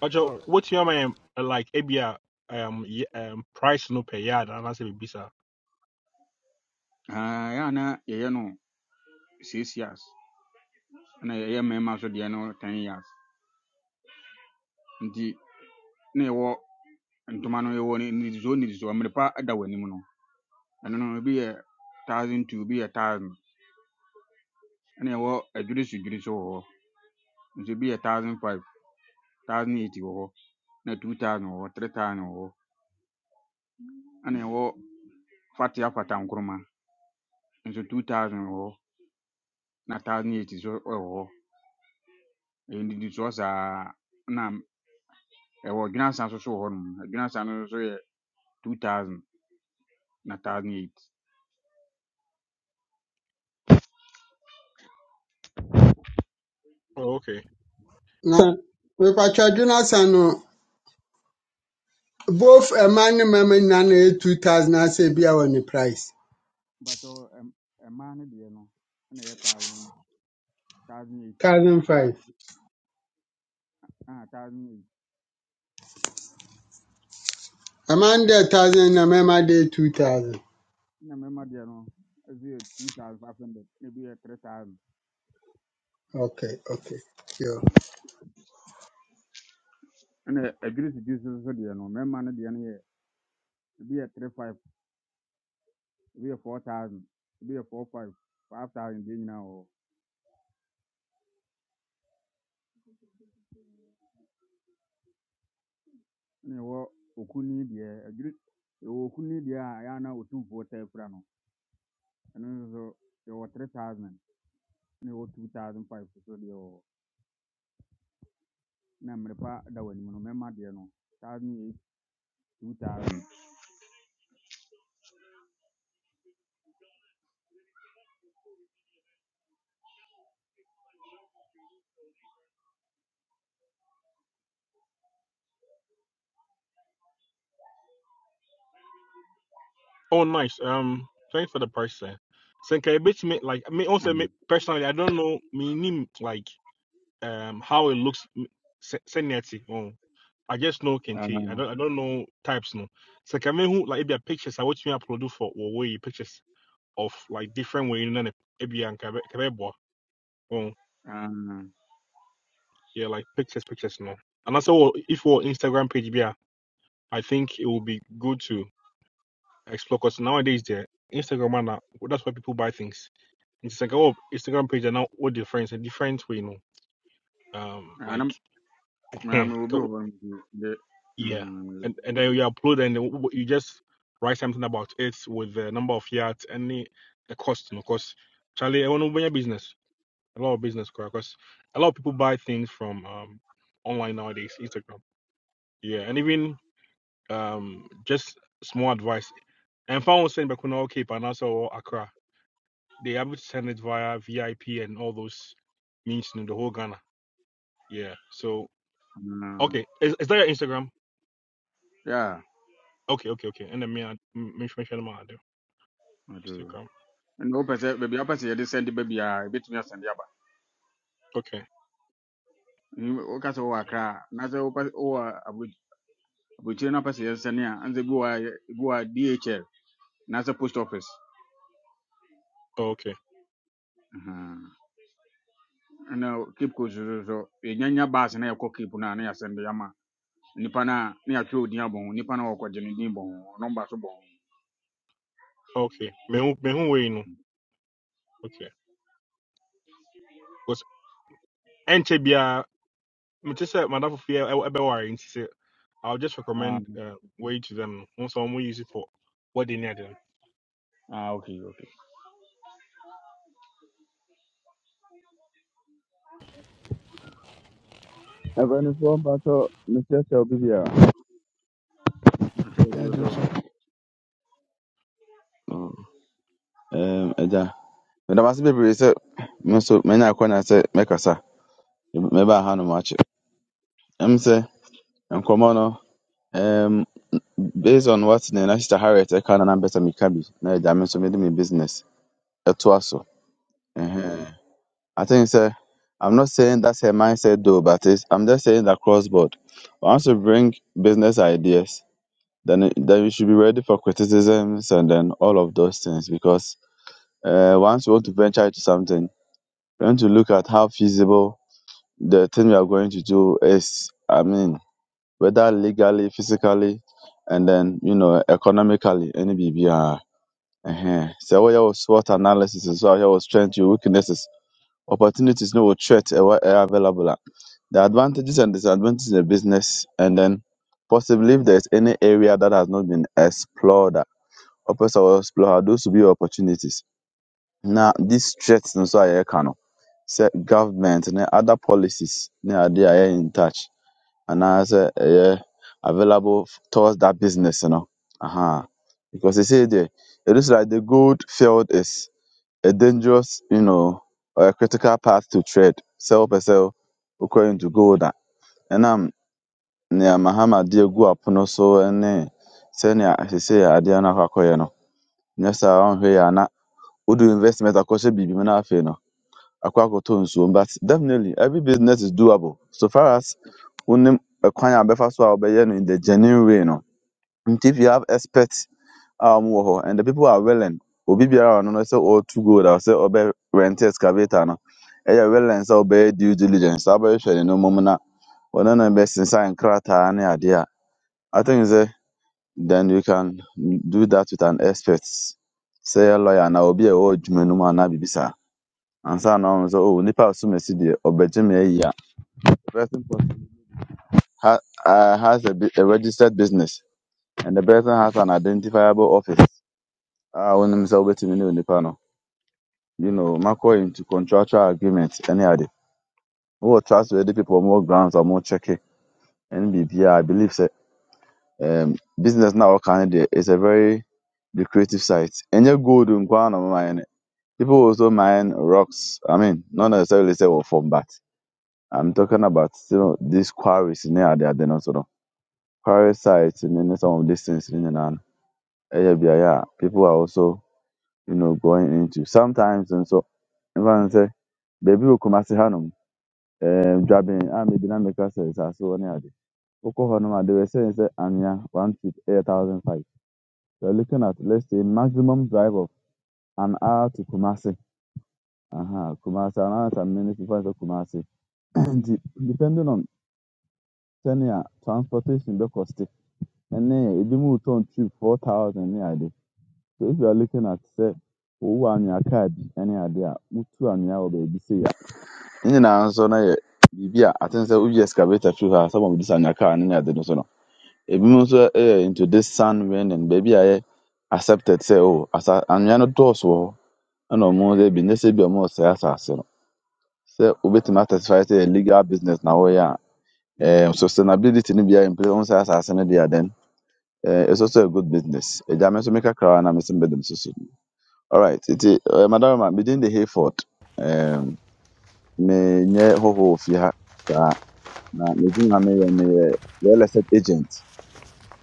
But Joe, Oh, what you am like? A um, ye- um, price no per yard, and I say bisa. Ah, ɛyɛ a na yɛyɛ no six years ɛna yɛyɛ mmarima so deɛ no ten years nti na yɛwɔ ntoma no yɛwɔ ne- nnidisoɔ nnidisoɔ mmere pa da w'anim no ɛno no ebi yɛ thousand two ebi yɛ thousand ɛna yɛwɔ adwiri so dwiri so wɔ hɔ nso ebi yɛ thousand five thousand eighty wɔ hɔ na two thousand wɔ hɔ three thousand wɔ hɔ ɛna yɛwɔ Fatiha Fatankuruma n-su 2000 hɔ na 2008 nso wɔ hɔ ɛyɛ ndidi soɔ saa na ɛwɔ Dwenansa nso so wɔ hɔnom Dwenansa no nso yɛ 2000 na 2008 Oh, okay. Na mepatwa dwena sa no both mmaa ne mmarima nyinaa na ɛyɛ two thousand asɛ bi a wɔ ne price but uh, ɛm- ɛmmaa no deɛ no ɛna ɛyɛ 1000 1008 no thousand five. ah 1008 Mmaa no deɛ thousand na mmarima deɛ two thousand. na mmarima deɛ no ɛso yɛ 2500 na ebi yɛ 3000 Okay, okay. Sure. ɛna adwiri sidi so so deɛ no mmarima no deɛ no yɛ ebi yɛ 35 ebi yɛ 4000 ebi yɛ 45 5000 deɛ nyinaa wɔ hɔ na ɛwɔ okunni deɛ, adwiri ɛwɔ okunni deɛ a ɛyɛ a na otumfoɔ taa fira no, ɛno nso so yɛwɔ 3000 na ɛwɔ 2005 so deɛ wɔ hɔ. Na mmerepa da w'anim no, mmarima deɛ no, 1008, 2000. Oh, nice. Um, thanks for the person. Senka, a bit me like me also me Mhm. personally. I don't know me name like um how it looks. m- se- Oh, I just know Ah, kente. I don't I don't know types no. So, Senka me who like if be pictures. I watch me upload for or way pictures of like different way in an ebi and kabebo. Oh, ah, yeah, like pictures pictures no. And also if your Instagram page be, a, I think it will be good to explore because nowadays the Instagram man, that's where people buy things. It's like oh Instagram page are now all different, a different way, you know. Um, ah, na like na mewɔ bi wɔ hɔ no nti de yeah, mm, and and then you upload and you just write something about it with the number of yards and the, the cost, you know. Cause Charlie, I want to open your business, a lot of business, cause a lot of people buy things from um online nowadays, Instagram. Yeah, and even um just small advice. And if I was saying back when okay, but or Accra, they able to send it via VIP and all those means, you know, the whole Ghana. Yeah. So ah, okay, is is that your Instagram? yeah, Okay, okay, okay. And then me, I me me share my nti Instagram. ɛnna wopɛ sɛ Okay, baabi a wopɛ sɛ yɛde sɛnde ba biara yɛbɛtumi asɛnde aba okay, Mm, woka sɛ wowɔ akra a na sɛ wopɛ wowɔ abukyire no apɛ sɛ yɛsɛne a anze bi wɔ a yɛ- bi wɔ a dhl anaasɛ post office okay, Mhm. ɛna cape coast so so yɛnyanya baase na yɛkɔ cape no a na yɛasɛnde ama nnipa no a na yɛatwerɛ odin abɔ ho nnipa no a wɔkɔgye no din bɔ ho nɔmba so bɔ ho okay. Me who me who wey no. Okay. Because enche bia me just say madam fufu e ebe worry nti say I'll just Ah, recommend uh way to them once someone use it for what they need. ah, okay okay Mpanimfoɔ mpatɔ mekyerɛkyerɛw bi biara. Atwerɛ yeah, odin so just so. Ɛɛm, agya meda mo ase bebree sɛ me nso manya akwannya sɛ mɛkasa mɛbaa hanom akyɛ ɛm sɛ nkɔmmɔ no ɛɛm, based on what ne na sister harriet ɛka no na mpɛ sɛ meka bi na agya me nso mede me business ɛtoa so Ɛhɛn. i think sɛ i'm not saying that's her mindset though but it's, i'm just saying that cross board once you bring business ideas then, it- then you should be ready for criticisms and then all of those things because uh, once you want to venture into something, you want to look at how feasible the thing you are going to do is. I mean, whether legally, physically, and then you know economically, any BBR. Uh-huh. So what your SWOT analysis is what your strength, your weaknesses, opportunities, no threat eh, what are available. a. The advantages and disadvantages in the business, and then possibly if there's any area that has not been explored, a, or person will explore ah, those will be your opportunities na this threat no so a yɛreka no sɛ government ne other policies ne ade a ɛyɛ in touch anaasɛ ɛyɛ available f- towards that business no aha because they say there it is like the gold field is a dangerous you know or a critical path to tread sɛ wopɛ sɛ wokɔ into gold a ɛnam nea mahama de agu apono so ne sɛnea seesei adeɛ no akɔ akɔyɛ no nyɛ saa a ɔnhwɛ yie a na wode wo investment akɔhyɛ biribi mu na afei no Akwakoto nsuo. But definitely every business is doable. So far as wonim ɛkwan a bɛfa so a wɔbɛyɛ no in the genuine way no. Nti if you have experts a wɔwɔ hɔ and the people are willing, obi biara a ɔno no sɛ ɔretu gold a sɛ ɔbɛ rent excavator no, ɛyɛ willing sɛ ɔbɛyɛ due diligence. Saa bɛhwɛ ne nneɛma mu na ɔno na bɛsensan nkrataa ne adeɛ a I think sɛ then you can do that with an expert. Sɛ ɛyɛ lawyer anaa obi a ɛwɔ adwuma no mu anaa biribi saa ansa na ɔno sɛ oh nipa a ɔso mesi deɛ the person pos- ha, uh, has a, bu- a registered business and the person has an identifiable office Ah, a wonim sɛ wobɛtumi ne onipa no you know makɔ into contractual agreement Any other? Who trust wɛde people more grounds a mokyɛke ɛne biribia i believe sɛ um, business now wɔka no deɛ is a very lucrative site ɛnyɛ gold nkoa na mine no. people also mine rocks i mean not necessarily say wɔ fam but I'm talking about still these quarries in there, they are then also quarry sites and then some of these things in and eh, yeah, yeah, yeah, people are also, you know, going into sometimes and so everyone say, baby will come as a hanum, um driving and maybe not make us as well near the Oklahoma, they were saying say Anya one feet eight thousand five. We're looking at let's say maximum drive of an hour to Kumasi. Uh-huh. Kumasi, an hour and many minutes to Kumasi. And depending on senior transportation be cost. and then it will turn to four thousand any idea. So if you are looking at say owu anwea kaa bi any idea, mutu anwea wɔ baabi sɛ ya. Ne nyinaa nso na yɛ biribi a atene We woyi excavator through her. sɛ wɔde this and your car, no ne ade no so no. Ebinom nso yɛ into this sun wind and baby, I yɛ accepted sɛ o asa anwea no dɔɔso wɔ hɔ ɛna ɔmo de bi ne sɛ bi a ɔmo sɛ asase no. Sɛ obetumi atɛsifai sɛ legal business na wɔyɛ a ɛɛ sustainability no bi a in place ɔmo sɛ asase no deɛ Eh, it's also a good business. A German to make a crown and missing bedroom so soon. All right, it is uh, Madam, Ma, within the Hayford, um, me nye ho ho fi ha sa na me din na me yɛ- me yɛ real estate agent.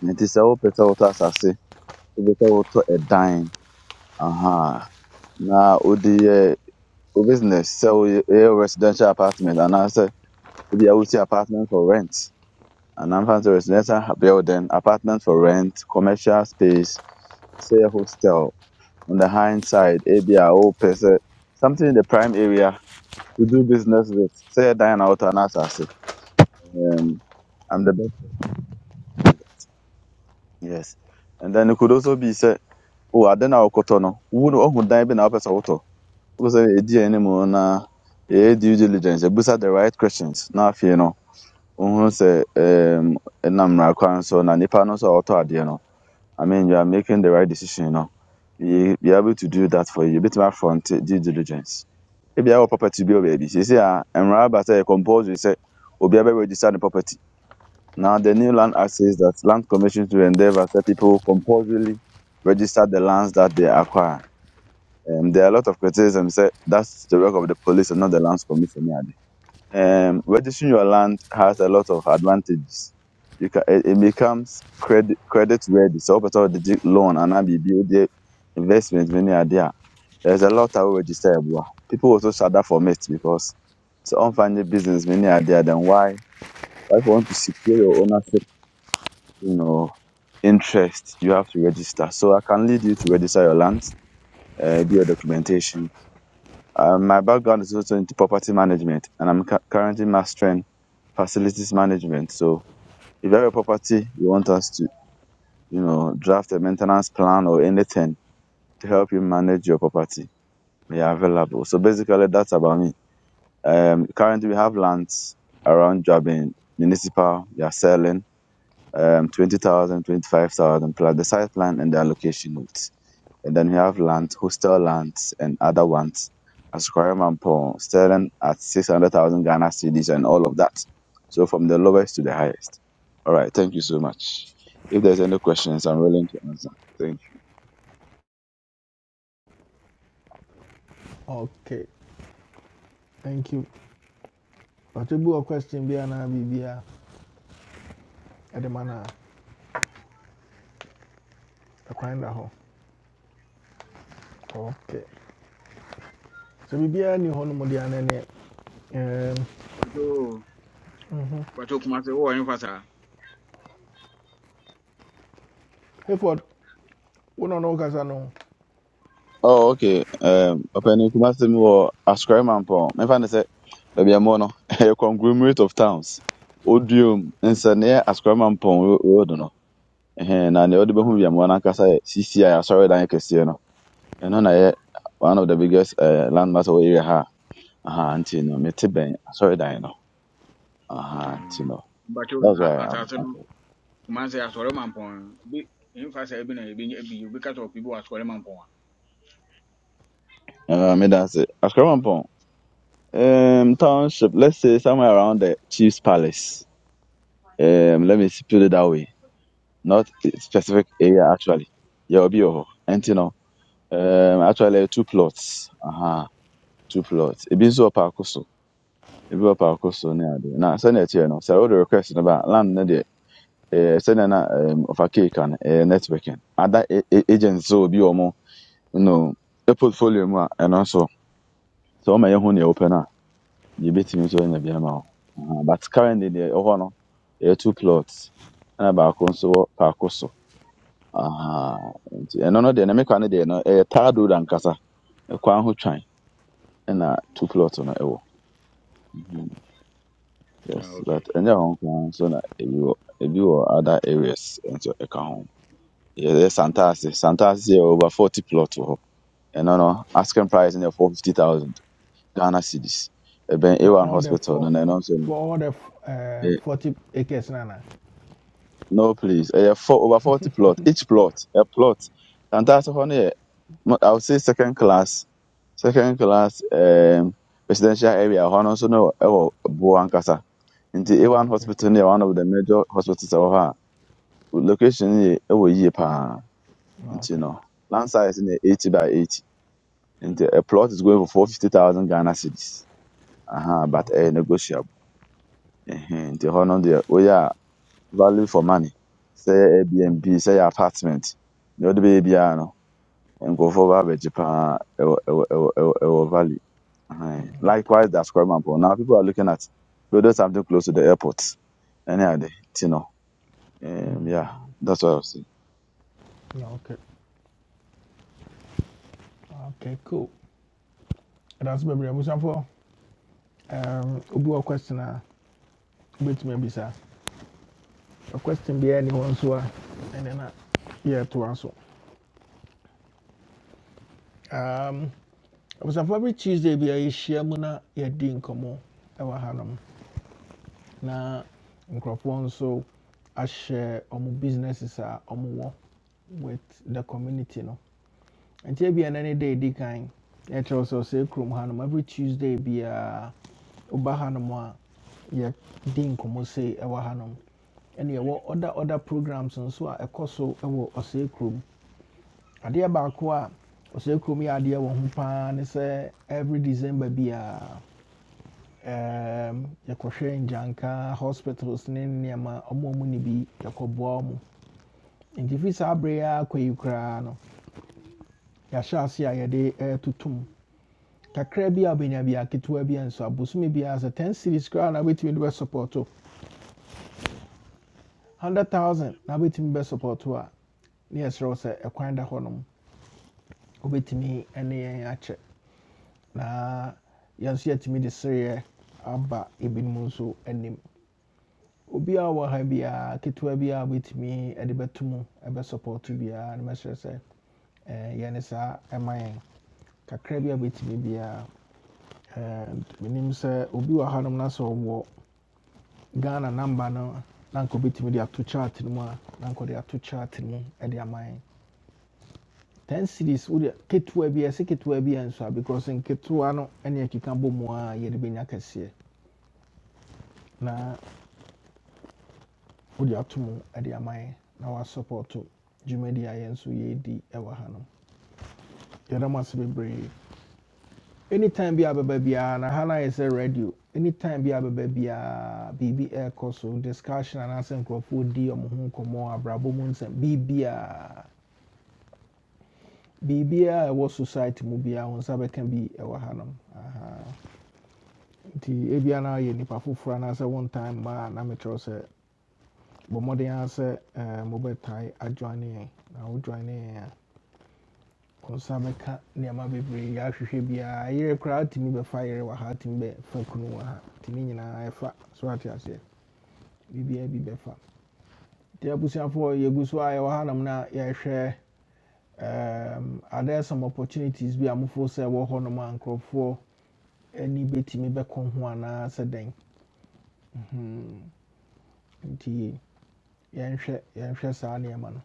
It is a whole person auto assassin, who better auto a dime. Aha, na odi uh, business sell a residential apartment and I say odi apartment for rent. And I'm fancy residential building, apartment for rent, commercial space, say a hostel on the hindsight, ebi a wopɛ sɛ something in the prime area to do business with. Say dan na wotɔ anaasase. Um, I'm the best. Yes. And then it could also be sɛ, oh, ade na wokɔtɔ no, wo no ɔhu dan bi na wopɛ sɛ wotɔ. Wo sɛ ɛdi anim na ɛyɛ due diligence, You ɛbusa the right questions. Now, if you know, wohunu say, um, ɛnam mmara kwan so na nipa no nso a adeɛ no, I mean, you are making the right decision You know, be be able to do that for you. Bit my front due diligence. ebi a ɛwɔ property bi wɔ baabi seesei a mmara aba sɛ ɛyɛ compulsory sɛ obiara bɛ register ne property now the new land act says that land commission to endeavour that people compulsorily register the lands that they acquire um, there are a lot of criticism Say that's the work of the police and not the lands commission Yeah, ade um, registering your land has a lot of advantages you can, it, it becomes credit credit ready So, wopɛ the loan and biribi wode investment bi ne adeɛ there's a lot I will register. Boy. People also shut that for me because it's unfunded business. Many are there. Then why? Why if you want to secure your ownership, you know, interest, you have to register. So I can lead you to register your land, uh, do your documentation. Uh, my background is also into property management, and I'm cu- currently mastering facilities management. So if you have a property, you want us to, you know, draft a maintenance plan or anything to help you manage your property, we are available. So basically, that's about me. Um, currently, we have lands around Jabin Municipal. We are selling um, 20,000, plus the site plan and the allocation notes. And then we have land, hostel lands, and other ones. As Mampong, selling at 600,000 Ghana cedis and all of that. So from the lowest to the highest. All right. Thank you so much. If there's any questions, I'm willing to answer. Thank you. Okay. Thank you. But you a question be an Bibi at the ɛkwan da hɔ okay so biribiara ni hɔ nom deɛ ana neɛ Um. bato mhm. bato kuma sɛ wowɔ ɛmfa saa hayford wo na ɔno wokasa no Oh, okay. Um, ọpẹni Kumasi mi wɔ Asukariman pɔn. Mɛfa ne sɛ baabi a mowɔ no, ɛyɛ conglomerate of towns. Odiom nsɛnniɛ Asukariman pɔn road no. Ɛhɛn, na deɛ ɔde bɛhu baabi a Mhm. mowɔ no ankasa yɛ CCI Asɔredan kɛseɛ no. and na ɛyɛ one of the biggest uh, landmarks over here. ha. Aha, Antino, no, mete bɛn Asɔredan no. Aha, nti Mhm. no. bato That's na why I'm asase no okay. kuma sɛ asɔre ma mpɔn bi ɛmfa saa bi na ebi ebi obi ka sɛ ɔpi bi wɔ asɔre ma mpɔn a Uh, me da ase. Asukariman pɔn. Um, township, let's say somewhere around the Chiefs Palace. Um, let me put it that way. not a specific area actually. Yeah, obi wɔ hɔ. Nti no, um, actually two plots. Aha, two plots. Ebi nso wɔ paako so. Ebi wɔ paako so ne ade. Na sɛnea ɛteɛ no, sɛ wode request no ba a, land no deɛ, eh, sɛnea na um, ɔfa cake ka no, eh, networking. Ada a- a- agents sɛ obi wɔ mo, no, ne portfolio mu a, ɛno nso, sɛ wɔma yɛhu nea wopɛ no a, yɛbɛtumi nso anya bi ama wo. Aha, But currently deɛ ɛwɔ hɔ no, ɛyɛ two plots. Ɛna baako nso wɔ paako so. aha nti ɛno no deɛ ne mekwa no deɛ no ɛyɛ tar road ankasa ɛkwan ho twan ɛna two plot no ɛwɔ Mhm, yes Ah, okay but ok. ɛnyɛ hɔ nkoa nso na ebi wɔ ebi wɔ other areas nso ɛka ho yɛyɛ Hmm. santaase santaase yɛ over forty plot wɔ hɔ ɛno no asking price no yɛ four fifty thousand ghana cedis ɛbɛn a for one all the hospital no four na ɛno nso no for all the uh, ɛ- 40 acres nana. ana no please ɛyɛ four over forty plot each plot a plot santaase hɔ no yɛ Mo- I would say second class, second class um, residential area. Hɔ no nso no ɛwɔ Buo ankasa. Nti Oh, A1 okay hospital no yɛ one of the major hospitals ɛwɔ hɔ a location no yɛ ɛwɔ yie paa. Oh, Nti okay no land size no yɛ 80 by 80. Nti a plot is going for 450,000 Ghana cedis. Aha, but okay ɛyɛ negotiable. Ɛhɛn, Nti hɔ no deɛ woyɛ a value for money. Sɛ yɛ Airbnb, sɛ yɛ apartment, deɛ wode bɛyɛ biara no nkurɔfoɔ bɛ abɛgye paa ɛwɔ ɛwɔ ɛwɔ ɛwɔ ɛwɔ value. Aye. Mm, okay Likewise, the Ascoriman Paul. Now people are looking at building something close to the airport. Any other, you know, um, yeah, Mm, that's what I was saying. na okay okay cool ɛdanso bebree abusuafoɔ ɛɛm, obi wɔ question a wobɛtumi abisa Ɔ question biara ni hɔ nso a ɛne na yɛtoa so and then yeah to answer. Um, abusuafoɔ every tuesday be a yɛhyia mu na yɛdi I ɛwɔ hanom na nkurɔfoɔ nso ahyɛ ɔmo businesses a ɔmo with the community no nti ebi ɛnɛ ne day di kan yɛkyerɛw sɛ ɔsɛ kurom hanom every tuesday biara woba hanom a yɛdi nkɔmmɔ sei ɛwɔ hanom ɛne wo other other programs nso a ɛkɔ so ɛwɔ ɔsɛ kurom ba baako a ɔsɛ kurom yɛ adeɛ wɔ ho paa ne say every december biara um, yɛkɔhwɛ ngyanka hospitals ne nneɛma ɔmo ɔmo ne bi yɛkɔboa ɔmo nti fi saa abere yi ara kɔ yi koraa no yɛahyɛ ase a yɛde ɛɛtotom kakra bi a wobɛnya bi aketewa bi nso abosome biara sɛ 10 series koraa na wobɛtumi de bɛsupporto 100000 na wobɛtumi bɛsupporto a ne yɛserɛ wo sɛ ɛkwan da hɔnom wobɛtumi ne yɛn akyɛ na yɛn nso yɛatumi de sereɛ aba ebinom nso anim obiara wɔ ha biara ketewa biara wɔbɛtumi de bɛto mu support biara no mɛsrɛ sɛ eh, yɛ ne saa ɛma yɛn kakra bi a bɛtumi biara menim sɛ obi wɔ hanom na sɛ ɔwɔ ghana number no na nko obɛtumi de ato chart no mu a na nka ɔde ato chart no mu de ama 10 series wode ketewa bi ɛsɛ ketewa bi a nso because nketewa no ɛne ɛkeka bɔ mu a yɛde bɛnya kɛseɛ na wode ato mu e de ama na wa dwumadi a yɛn nso yɛdi wɔ hanom yɛda mo ase bebree anytime bi a bɛba biara na ha no ayɛ sɛ radio anytime bi a bɛba biara air ɛrekɔ so discussion anaasɛ nkurɔfoɔ di ɔmo ho nkɔmmɔ abrabɔ mu nsɛm biribiaa biribiaa a ɛwɔ society mu biara wo nsa bɛka bi ɛwɔ ha nom Aha. nti ebia no yɛ nnipa foforɔ anaasɛ one time ma a na mekyerɛw sɛ bɔ mmɔden ara sɛ eh, mobɛtae ajoine yɛn na wojoine yɛn a nsa bɛka nneɛma bebree ahwehwɛ biara yere koraa wotumi bɛfa yere wɔ ha wotumi bɛfa kunu wɔ ha nti ne nyinaa ɛfa so ate aseɛ biribiaa bi bɛfa nti abusuafoɔ yɛgu so a yɛwɔ hanom no a yɛhwɛ um, are there some opportunities bi a mofoɔ sɛ ɛwɔ hɔnom a nkurɔfoɔ ani bɛtumi bɛkɔ ho anaa sɛ dɛn Mhm. nti yɛnhwɛ yɛnhwɛ saa nneɛma no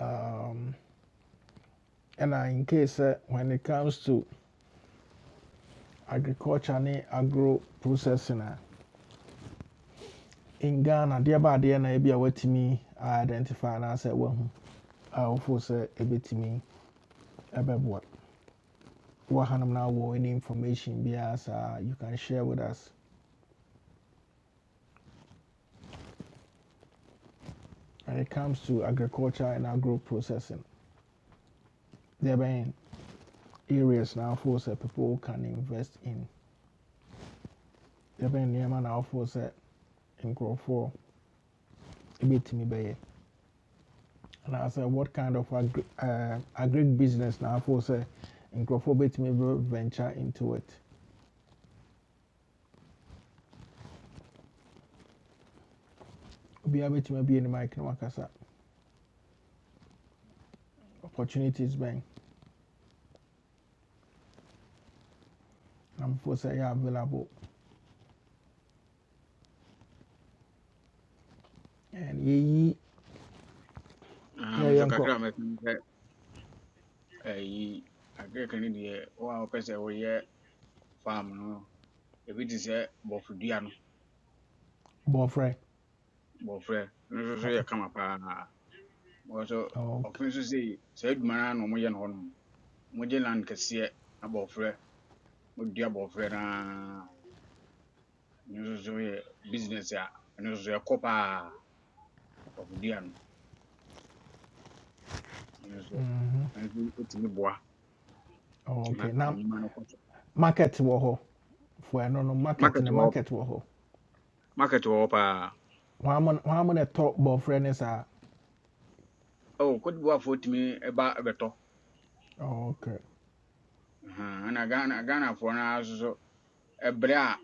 um, ɛna in case when it comes to agriculture ne agro processing in Ghana, deɛ ba adeɛ na ebi a watumi identify And I said, anaasɛ wahu a wofo sɛ ebetumi ɛbɛboa wɔ hanom na wɔ any information biara saa you can share with us when it comes to agriculture and agro processing there are areas now wofo sɛ people can invest in there are in now bɛn nneɛma na wofo Me, nkurɔfoɔ and I said, what kind of agri uh, agric business now na wofo sɛ nkurɔfoɔ betumi bɛ venture into it obiara betumi abue ne in na wakasa opportunities bɛn na mofo sɛ ɛyɛ available and yɛyi Ah, me nso yɛyɛ nkɔ kakra a mɛka ayi agrikani deɛ wɔn a wɔpɛ sɛ wɔyɛ farm no ebi te sɛ bɔfodua no boyfriend. bɔfrɛ no nso so yɛ Oh, kama paa wɔn nso oh, oh, ok ɔfe nso sei saa adwuma no ara na wɔyɛ no hɔ nom wɔgye land kɛseɛ na bɔfrɛ wɔdua bɔfrɛ no ara no nso so yɛ business a ɛno nso so ɛkɔ paa bɔfodua no ɛno nso Mhm. ɛno nso etumi boa Oh, na ok na enyima no kɔ so market wɔ for ɛno no no, market market ne wɔ hɔ market wɔ hɔ market wɔ hɔ paa wɔn amo wɔn amo na ɛtɔ bɔfrɛ ne saa oh, Cote d'Ivoire foɔ tumi ba bɛtɔ Oh, ok ɛna Ghana Ghanafoɔ no ara nso so ɛbrɛ a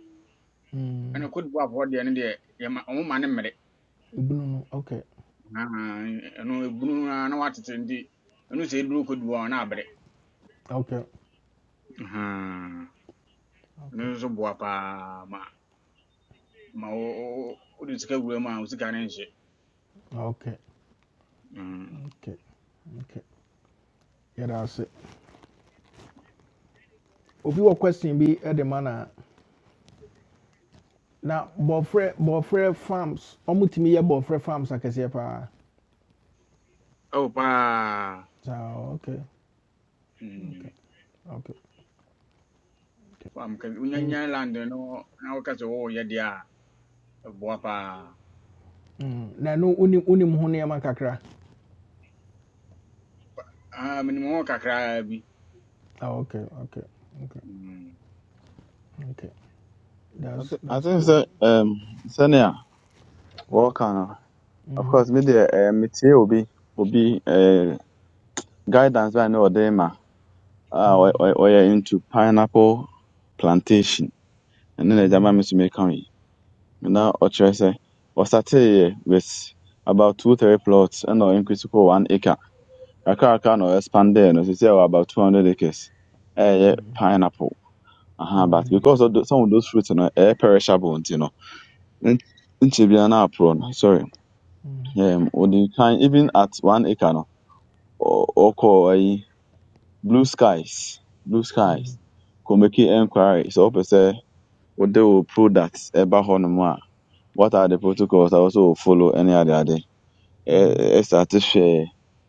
ɛna Mm, Cote d'Ivoirefoɔ deɛ no deɛ yɛma ɔmo ma ne de o mane mmere ebunu no no, ok Ahaa, ɛno ebunu a na watete nti ɛno sɛ eduru Cote d'Ivoire na abere ok Ahaa, ɛno ok nso boa paa ma ma wo wo- wo- wode sika wura mu a wo sika no nhye ok Mm. ok ok yɛda ase obi wɔ question bi ɛde ma na na boyfriend bɔfrɛ farms ɔmo tumi yɛ bɔfrɛ farms akɛseɛ paa ɛwo paa saa ok Okay, Mm. okay, okay. Fam ka- Me- wonyanyan land no na woka sɛ wowɔyɛ deɛ a ɛboa paa mm, Na no unim unim ho nneɛma kakra. Ah, menim ho kakraa bi Ah, okay, okay, okay, mm okay. I, That's th- I that's think cool. so. Um, senior, welcome. Of Of Mm-hmm. course, me the uh, media will be will be uh, guidance by no dema. Ah, Mm-hmm. we we we are into pineapple plantation, and then the German Mr. Mekami. Now, or say, we started here with about two three plots and or increase to one acre. Kakra kakra na expanded. No, so say about about 200 acres. Eh, yeah, Mm-hmm. pineapple. Uh-huh, but Mm-hmm. because of the, some of those fruits, you know, eh, perishable, you know. In, bi na apro no. Sorry. Mm-hmm. Um, or you can even at one acre no. Or call blue skies, blue skies. Could make inquiry. So, open say, what they will products eba hɔ What are the protocols I also will follow any other day. Eh, eh, Mm-hmm. start to share.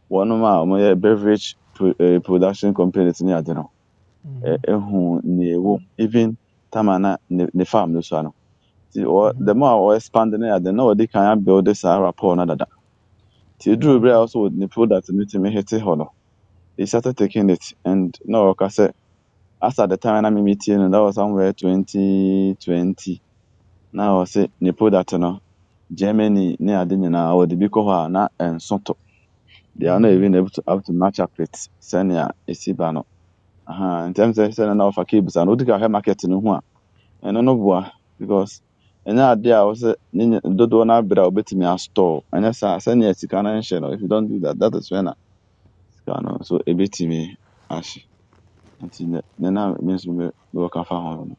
One of my beverage pro, eh, production companies ni ade no. eh, ne wom even Tamana, na ne ne farm no so ano ti ɔ Mm-hmm. the more a ɔ expand ne ade na ɔde kan abuild saa rapport na dada ti Ah, eduru bere Okay. a ɔso ne product no tumi hete hɔ no he started taking it and na ɔka say, as at the time na mimi meeting, no that was somewhere twenty twenty Now I say, ne product no germany ne ade nyinaa ɔde bi kɔ hɔ a na nso to they are not mm even able to have to match up it sɛnea esi ba no aha ntɛm sɛ sɛnea na ɔfa cables ano odi ka market no ho a ɛno no boa because ɛnyɛ ade a wɔsɛ ne nya- dodoɔ no abere a wobɛtumi astɔɔ ɛnyɛ saa sɛnea sika no nhyɛ no if you don't do that that is when a sika no so ɛbɛtumi ahye nti nɛ nɛ na me nso me- mewɔ ka fa ho no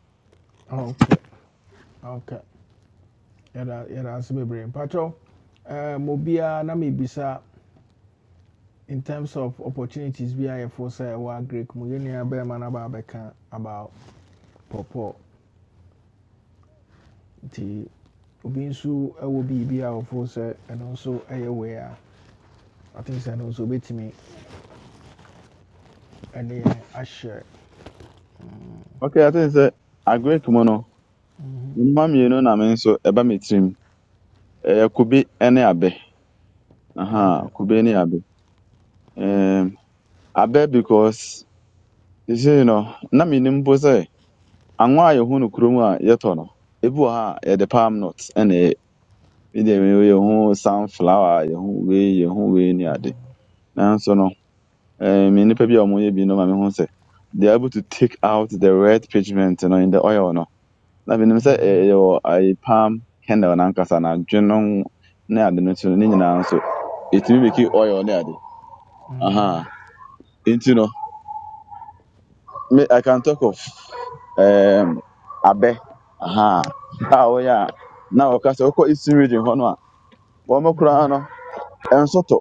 Ah Okay. Okay. Yɛda yɛda ase bebree. Mpatrɔ, ɛɛm obiara na mebisa in terms of opportunities bi a yɛfo sɛ ɛwɔ agrek mu yɛn nua bɛrima no about pɔpɔ. nti obi nso wɔ biribi a ɔfo sɛ ɛno nso yɛ wei a i think sɛ ɛno nso wobɛtumi ne yɛn ahyɛ okay i think sɛ agric mu no nnoma mmienu na me nso ɛba me tirim ɛyɛ kube ne abɛ aha okay kube ne abɛ um, abɛ because you see no na menim mpo sɛ anwa a yɛhu no kurom a yɛtɔ no ebi wɔ ha a yɛde palm nut Bi deɛ meyɛ yɛ hu sunflower, yɛ hu wei, yɛ hu wei ne ade. Nanso no, eh, me nnipa bi a wɔyɛ bi no ma mehu sɛ they are able to take out the red pigment no in the oil no. Na menim sɛ Mhm. eh, ɛyɛ wɔ palm candle nankasa na adwe no ho ne ade no nso no, ne nyinaa nso ɛtumi make it oil ne ade. Mhm. Aha. Nti no, me I can talk of um, abɛ. Aha. A wɔyɛ a na wɔka sɛ wokɔ eastern region hɔ no a wɔn koraa no ɛnsɔtɔ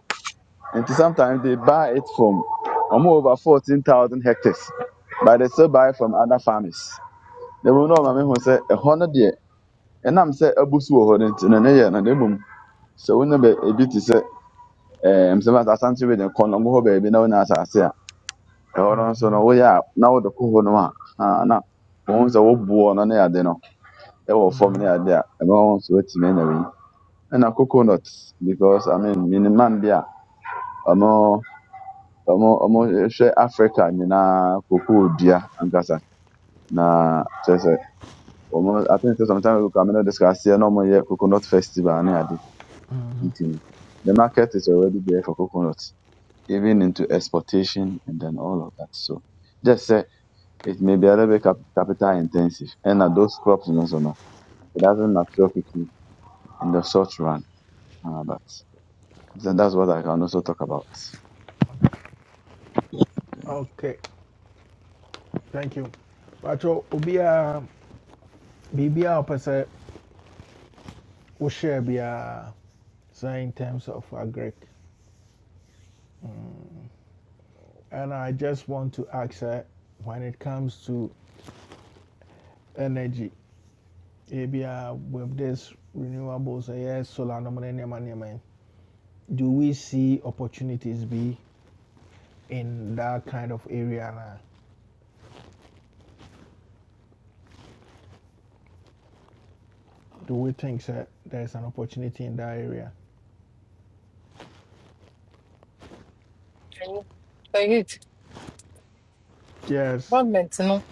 And sometimes they buy it from um, over 14,000 hectares, but they still buy from other farmers. They will know, Mammy, who say, a hundred year, and I'm say, a busu or in an area, and they boom. So we know a bit is a some as a sanity with a condom, who baby, no one as I say, a horn so Mhm. no way out. Now the cool no, ah, now Once a wood born on air, they know, they will form Mhm. near there, and once with me, and a coconut because I mean, miniman beer, or no. Ɔmo ɔmo hwɛ Africa nyinaa cocoa dua ankasa na kyerɛ sɛ ɔmo I think sɛ sometimes we can not discuss here na ɔmo coconut festival ne ade nti no, the market is already there for coconut even into exportation and then all of that so just say it may be a little bit cap capital intensive and ɛna those crops no so no it doesn't mature quickly in the short run uh, but then that's what I can also talk about. okay thank you bakyɛ obiaa biribiaa ɔpɛ sɛ wohyɛɛ in terms of agric and i just want to ask sɛ when it comes to energy ebia with this renewables yes, solar no ne nneɛma nneɛma yi do we see opportunities be in that kind of area? Now? Do we think that there's an opportunity in that area? Said Yes. government you know?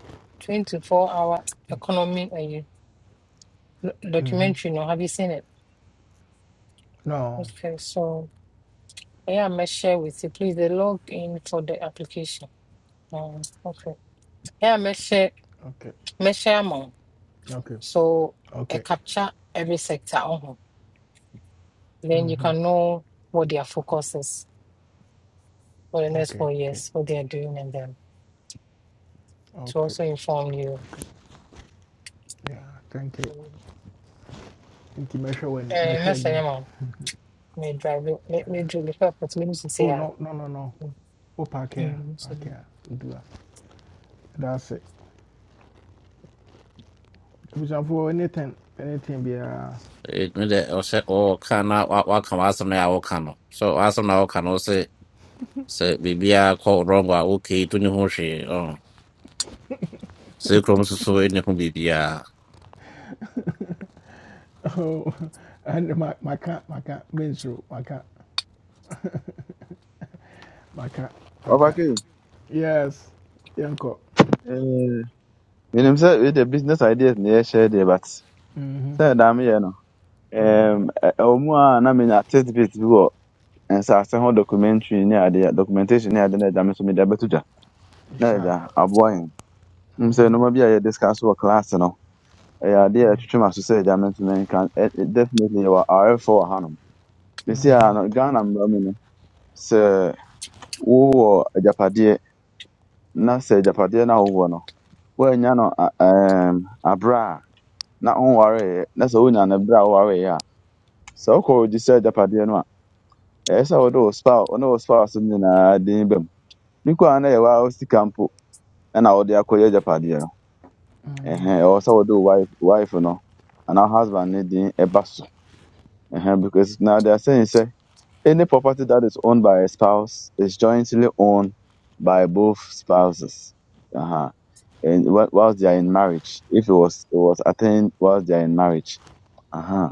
24 hour economy uh, lo- Mm-hmm. documentary no have you seen it No. okay so yeah I'm gonna share with you please the log in for the application um, okay yeah I'm gonna share Okay. I'm gonna share more Okay. so I Okay. capture every sector uh then you can Mm-hmm. know what their focus is for the next Okay. four Okay. years what they are doing and then to Okay. also inform you Yeah. Thank you. um, Nti mehwɛ w'ani uh, next mehwɛ time, yeah, him. may drive may, may drive it, but let me see, Oh yeah. no no no no. Oh park here. Mm, so Park here. Do that. That's it. Abusuafoɔ anything anything be a mede ɔhyɛ ɔka na wa- wa waka w'asɛm na yɛ a woka no so w'asɛm na woka no se se biribiaa kɔ wrong a okay to ne ho hwee ɔn. sei kurom nso so ɛne ho biribiaa Oh, and my my my cat my cat menstrual my cat my cat my cat. Ɔbaki, Yes. Yanko. eh, menim sɛ with the business ideas na yɛhyɛ deɛ but Mm-hmm. sɛ dame yɛ no Mm. Um, ɛ- ɛwɔ mu a na menya test bit bi wɔ nsase ho documentary ne adeɛ documentation ne ade na agya me so mede abɛto dwa na Sir. agya aboa yɛn m sɛ nnoɔma Mm-hmm. bi a yɛdiscuss wɔ class no ɛyɛ adeɛ a ɛtwitwe m'aso sɛ agya me nso menka Ɛ- ɛ- definitely yɛwɔ awɛfoɔ wɔ hanom mesi Mm-hmm. a no ghana mmara mu no sɛ wowɔ agyapadeɛ na sɛ agyapadeɛ no a wowɔ no woannya no a- ɛm, aberɛ a na wonwareeɛ na sɛ wonya no berɛ a wowareeɛ a sɛ wokɔ regye sɛ agyapadeɛ no a ɛsɛ sɛ wode wo spouse ne wo spouse no nyinaa din ba mu ne kora na yɛwɔ a wosika mpo ɛna wode akɔyɛ agyapadeɛ no Mm-hmm. ɛhɛ ɛwɔ sɛ wode wo wife wife no anaa husband ne din ɛba so ɛhɛ because now they are saying sɛ any property that is owned by a spouse is jointly owned by both spouses uh-huh. and whi- whilst they are in marriage if it was it was attained whilst they are in marriage uh-huh.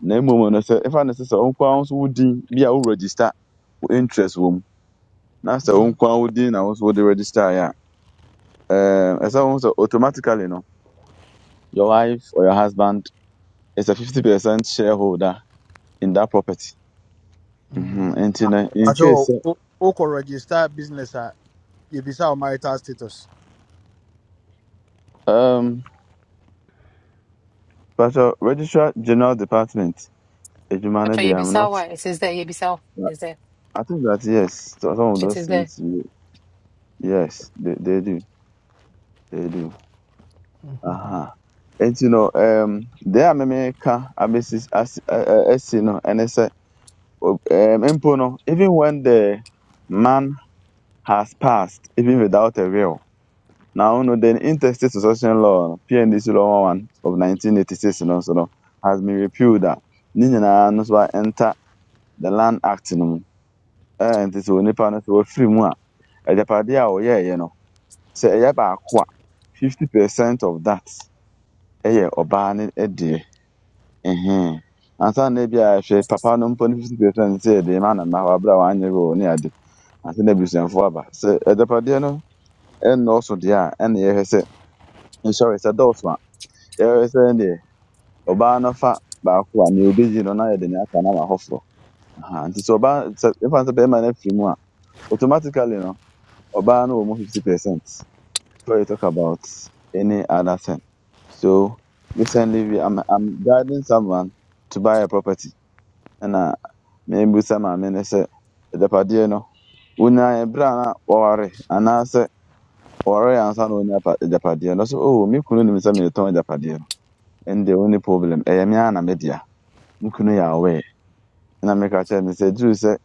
na mmom no sɛ ɛfa ne sɛ sɛ wo nkoa wo nso wo din bi a wo register wo interest wɔ mu na sɛ wo nkwa wo din na wo nso wode register a um, ɛsɛ wo sɛ automatically no your wife or your husband is a 50% shareholder in that property Mhm. Mm-hmm. nti no in Pacho, case sɛ wo- wokɔ register business at you yɛbisa wo marital status. um, pastor registrar general department adwuma no After deɛ i'm Yebisa, not why it is there? Yebisa is there? i think that yes so- some of It those is there. things you- yes they, they do they do Uh huh. And you know, um, deɛ a memeka abɛsi asi ɛ- as you know, and it's, o- um, mpo no even when the man has passed even without a will. Now, no, the interstate succession law, PNDC law 1 of 1986, no, so no, has been repealed. a, Ne nyinaa no so a enter the Land Act no mu. Eh, nti sɛ onipa no sɛ wafiri mu a, agyapadeɛ a ɔyɛeɛ no, sɛ ɛyɛ baako a, 50% of that ɛyɛ ɔbaa ne deɛ. Ɛhɛn. Ansa na ebi a hwɛ papa no mpo ne 50% sɛ yɛde ma nana hɔ a, abere a wanyɛ will ne ade. Ansa na abusuafoɔ aba. Sɛ agyapadeɛ no ɛnnɔɔso deɛ a ɛna yɛhwɛ sɛ nsɔre sɛ dɔɔso a yɛhwɛ sɛ deɛ ɔbaa no fa baako a nea obedi no na yɛde nea aka no ama hɔforɔ Aha, nti sɛ ɔbaa sɛ yɛfa no sɛ bɛrima no afiri mu a automatically no ɔbaa no wɔ mu fifty percent before you talk about any other thing so recently we I'm, I'm guiding someone to buy a property ɛna mebusa maame no sɛ adapadeɛ no wonyaa ɛberɛ a na wɔware anaasɛ ɔre answer na onya apa- agyapadeɛ no so oh me kunu nim sɛ meretɔn agyapadeɛ no and the only problem ɛyɛ me ara na medea me kunu yɛ aware na meka kyerɛ no sɛ duru sɛ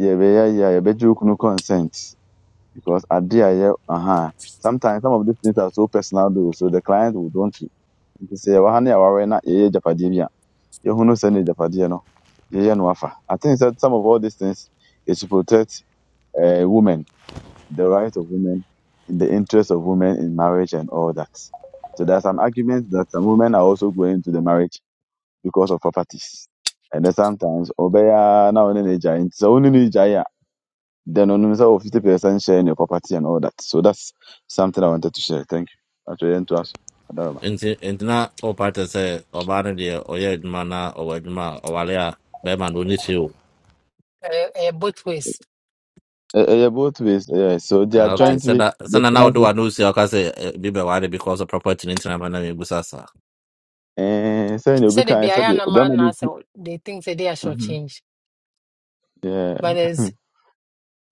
yɛbɛyɛ yie a yɛbɛgye wo kunu consent because ade a ɛyɛ aha sometimes some of these things are so personal though so the client would want to nti sɛ yɛwɔ ha na yɛwɔ aware na yɛyɛ agyapadeɛ bi a yɛhunu sɛ ne agyapadeɛ no yɛyɛ no afa i think that some of all these things is to protect uh, women the right of women, in the interest of women in marriage and all that. So there's an argument that some women are also going to the marriage because of properties. And then sometimes obeya na only ni jai, nti sɛ wo ne no then only so fifty percent share in your property and all that. So that's something I wanted to share. Thank you. Actually, and to us. Adarama. nti nti na wopate sɛ ɔbaa no deɛ ɔyɛ adwuma na ɔwɔ adwuma a ɔware a bɛrima no ɔni kyerɛ o Uh, uh, both ways, Eh, eh, yeah, both ways. Yeah. So they are Ah, ok but jointly sɛda the sɛda na wode spouses. w'ano osi a woka sɛ eh, bi bɛware because of property no ntina ma na mebusa saa Eh, sɛ nea obi say kae sɛ the deɛ, na man no na so they think that they are short Mhm. change. But Yeah. there's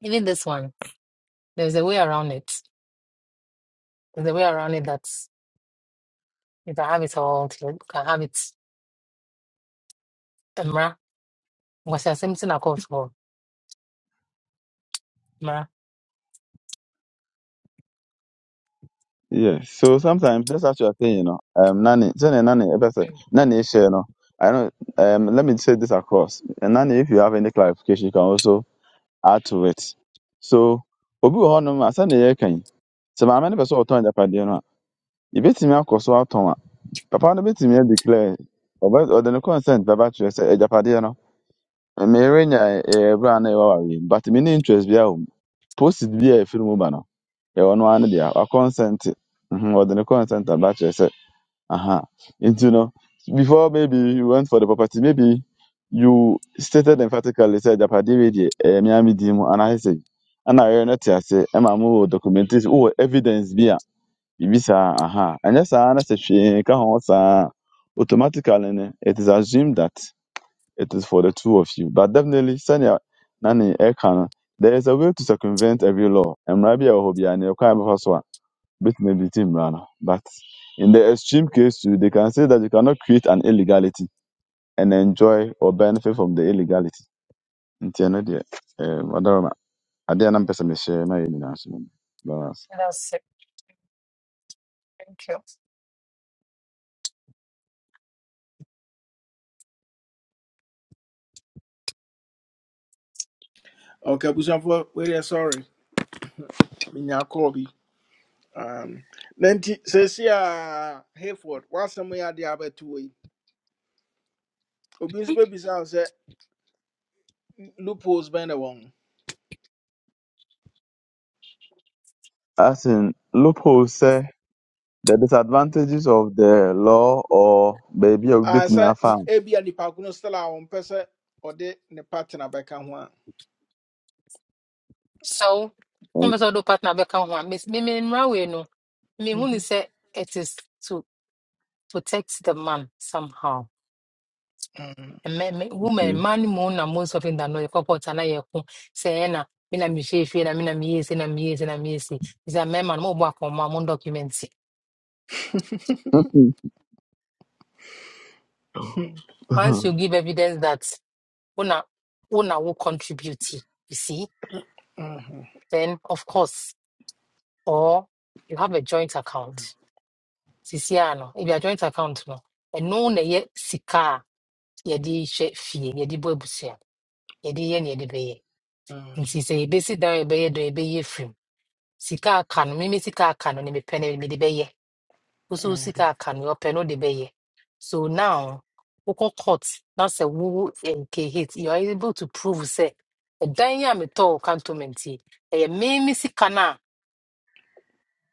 even this one. There's a way around it. There's a way around it that you can have it all. You can have it. Mra, was the same thing I called for. Mra. Yeah, so sometimes that's actually a thing, you know. Um, nanny, Jenny, nanny, eh, that's it. Mm, nanny, share, you know. I know. Um, let me say this across. And nanny, if you have any clarification, you can also add to it. So, obi wɔ hɔnom a sani yɛ kan. Sɛ maame no pɛ sɛ ɔtɔn japadeɛ no a, ebetumi akɔ so atɔn a, papa no betumi declare. Ɔbɛ ɔde ne consent bɛba kyerɛ sɛ ɛjapadeɛ no. Mmeri nya ɛberɛ a na yɛwɔ awaryɛ but me ne interest biara wɔ mu post bi a ɛfiri mu ba no ɛwɔ no ara ne dea wakɔnsɛnt Mhm, ɔde ne consent aba kyerɛ sɛ aha nti no before maybe you went for the property maybe you stated emphatically sɛ agyapadeɛ wei deɛ ɛyɛ me ara me din mu anaasɛ sɛ ɛna yɛn no te ase ɛma mowɔ documentation wowɔ evidence bi a biribi saa aha ɛnyɛ saa na sɛ hwee nka ho saa a, automatically no it is assumed that it is for the two of you. But definitely, sɛnea na ne no, there is a way to circumvent every law. And bi a ɛwɔ hɔ biara, nea ɛkwan bɛfa so a, wobɛtumi abiti mmara no. But in the extreme case too, they can say that you cannot create an illegality and enjoy or benefit from the illegality. Nti ɛno deɛ, eh, Adaroma, adeɛ a na mpɛ sɛ mehyɛ na yɛ nyinaa so no. Balance. That's it. Thank you. Okay, Busanfo, we are sorry. Minya Kobi. Um, Nanti, Cecia Hayford, what's some way are the other two way? Obin's baby sounds a loopholes bend along. As in, loopholes, sɛ the disadvantages of the law or baabi a I wobɛtumi said, afa. Abia the Pacuno Stella on Pesa or de ne partner back and one. So, I'm also do partner back on one. Miss Mimi Mra, we know. Me, who Mhm, is it is to protect the man somehow. mhm, me- me- woman man mu na most of them that know the corporate and I say na me na me she na me na me yes na me yes na me yes is a man mo work on my own documents Okay. once you give evidence that una una will contribute you see mhm, then of course or you have a joint account sisi ano if your joint account no and no na ɛyɛ sika a yɛde hwɛ fie yɛde bɔ abusua ye, yɛ ne yɛde bɛyɛ mhm, nti sɛ yɛbɛsi dan a yɛbɛyɛ dɔ yɛbɛyɛ firim sika aka no meme sika aka no ne mi no mede bɛyɛ wo so wo sika mhm. aka no deɛ ɔpɛ no wode bɛyɛ so now wokɔ court na sɛ wowo nkehit you are able to prove sɛ ɛdan yi a metɔɔ wo cantonment yi ɛyɛ meme sika na a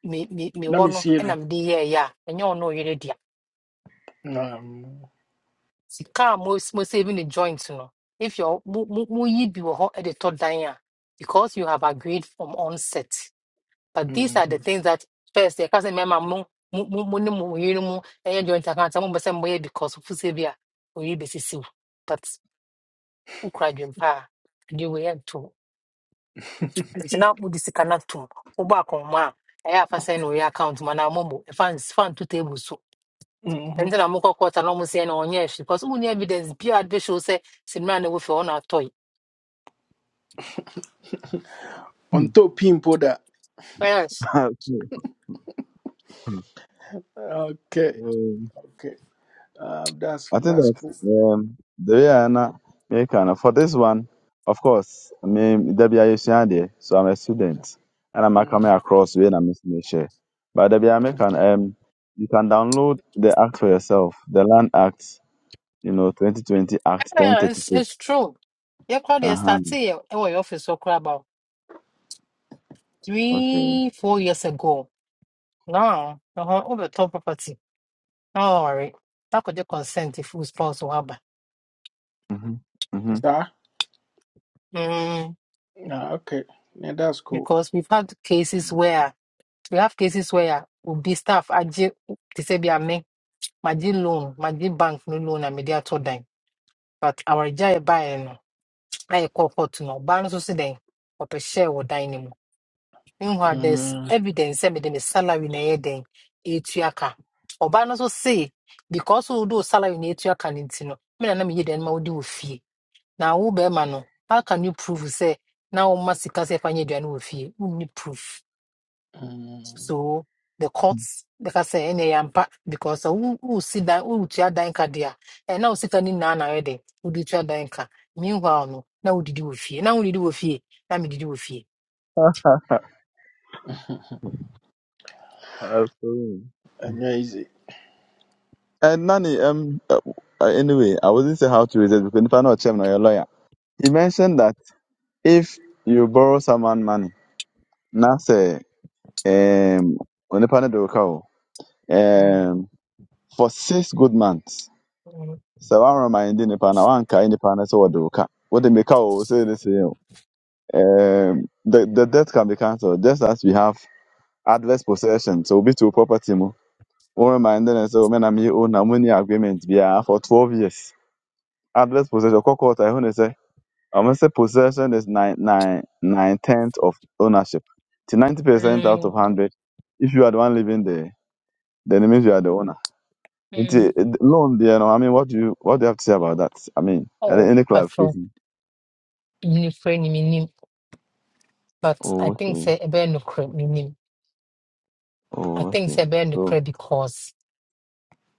me- me- Let mewɔ me no see. it. ɛna mede ya. a ɛnyɛ ɔno ɔyere dea Um, sika mo mo mosɛbi the joints no if yɛ- mo- mo- moyi bi wo ho hɔ de tɔ dan a because you have agreed from onset But these mhm. are the things that first the cousin member mo mo mo mo ne mo yiri mo ɛyɛ joint account mo bɛ sɛ mo yɛ because fufu se bi a oyi bɛ but ukura dwem pa a ɛdi wo yɛ nto nti na mo di sika na to mo bɔ akɔnma a ɛyɛ afa sɛ na oyɛ account ma na mo mo e fan fan two table so hmm ɛnti na mo kɔ kɔta na mo sɛ na ɔnyɛ ɛfi because mo ni evidence bi a bɛ show Say sinimá na wofi hɔ na atɔ On top pimple that. yes Ah, Okay. Okay. Um, Okay. Uh, that's I think that's that cool. um, the way I na make kind of for this one, of course, me there be a there, so I'm a student and I'm coming Mm-hmm. across when I'm missing share. But there be I can um, you can download the act for yourself, the Land Act, you know, 2020 Act yeah, it's 1036. it's true yɛ kura Uh deɛ huh. start yɛ ɛwɔ office wɔ kura about Okay. three four years ago No, no, ọhọ top property. No worry. That could just consent if we spouse or haba. Mhm. Mhm. Sir? Mm. Ah, okay. Yeah, that's cool. Because we've had cases where we have cases where will be staff aje to say be a ame magye loan magye bank no loan a mede to dan but our a ɛbaeɛ no I call for no ɔbaa no nso so dɛn ɔpɛ hyɛɛ wɔ dan no mu meanwhile there's Mm-hmm. evidence sɛ mede me then the salary na ɛyɛ Then ɛtua ka ɔbaa no nso se because we do salary na ɛtua ka no nti no mena na meyɛ dɛn no ma wode wɔ fie Now who bear mano? how can you prove sɛ na must sika sɛ ɛfa and aduane wɔ Who need proof so the courts bɛka sɛ ɛnɛ yɛ ampa because sɛ wo- wosi dan woretua dan ka de a ɛna wo sika no nyinaa na ayɛ dɛ wode tua dan ka meanwhile no na wodidi wɔ fie na wodidi wɔ fie na medidi wɔ fie Okay. Amazing. And Nani, um, uh, uh, anyway, I wasn't say how to resist because if I know a chairman or a lawyer, he mentioned that. if you borrow someone money na say um onipa no de wo ka Mm, um for six good months mm, sɛ woaremind nnipa na woankae nnipa no sɛ wɔde wo ka wode meka o sɛ ne sɛ um the, the debt can be cancelled just as we have adverse possession so obi to wo property mu woremind no sɛ o me na meyɛ o na monni agreement biara for twelve years adverse possession court kɔkɔɔta say? I'm gonna say possession is nine nine nine tenths of ownership. To ninety percent out mm, of hundred, if you are the one living there, then it means you are the owner. mm. Nti, eh, Loan there, no. I mean, what do you what do you have to say about that? I mean, eh, Oh, any patrol clarification? menifrɛ ni menim but i Oh, think okay. say a bear no nokorɛ menim i Oh, think okay. say a bear no So nokorɛ because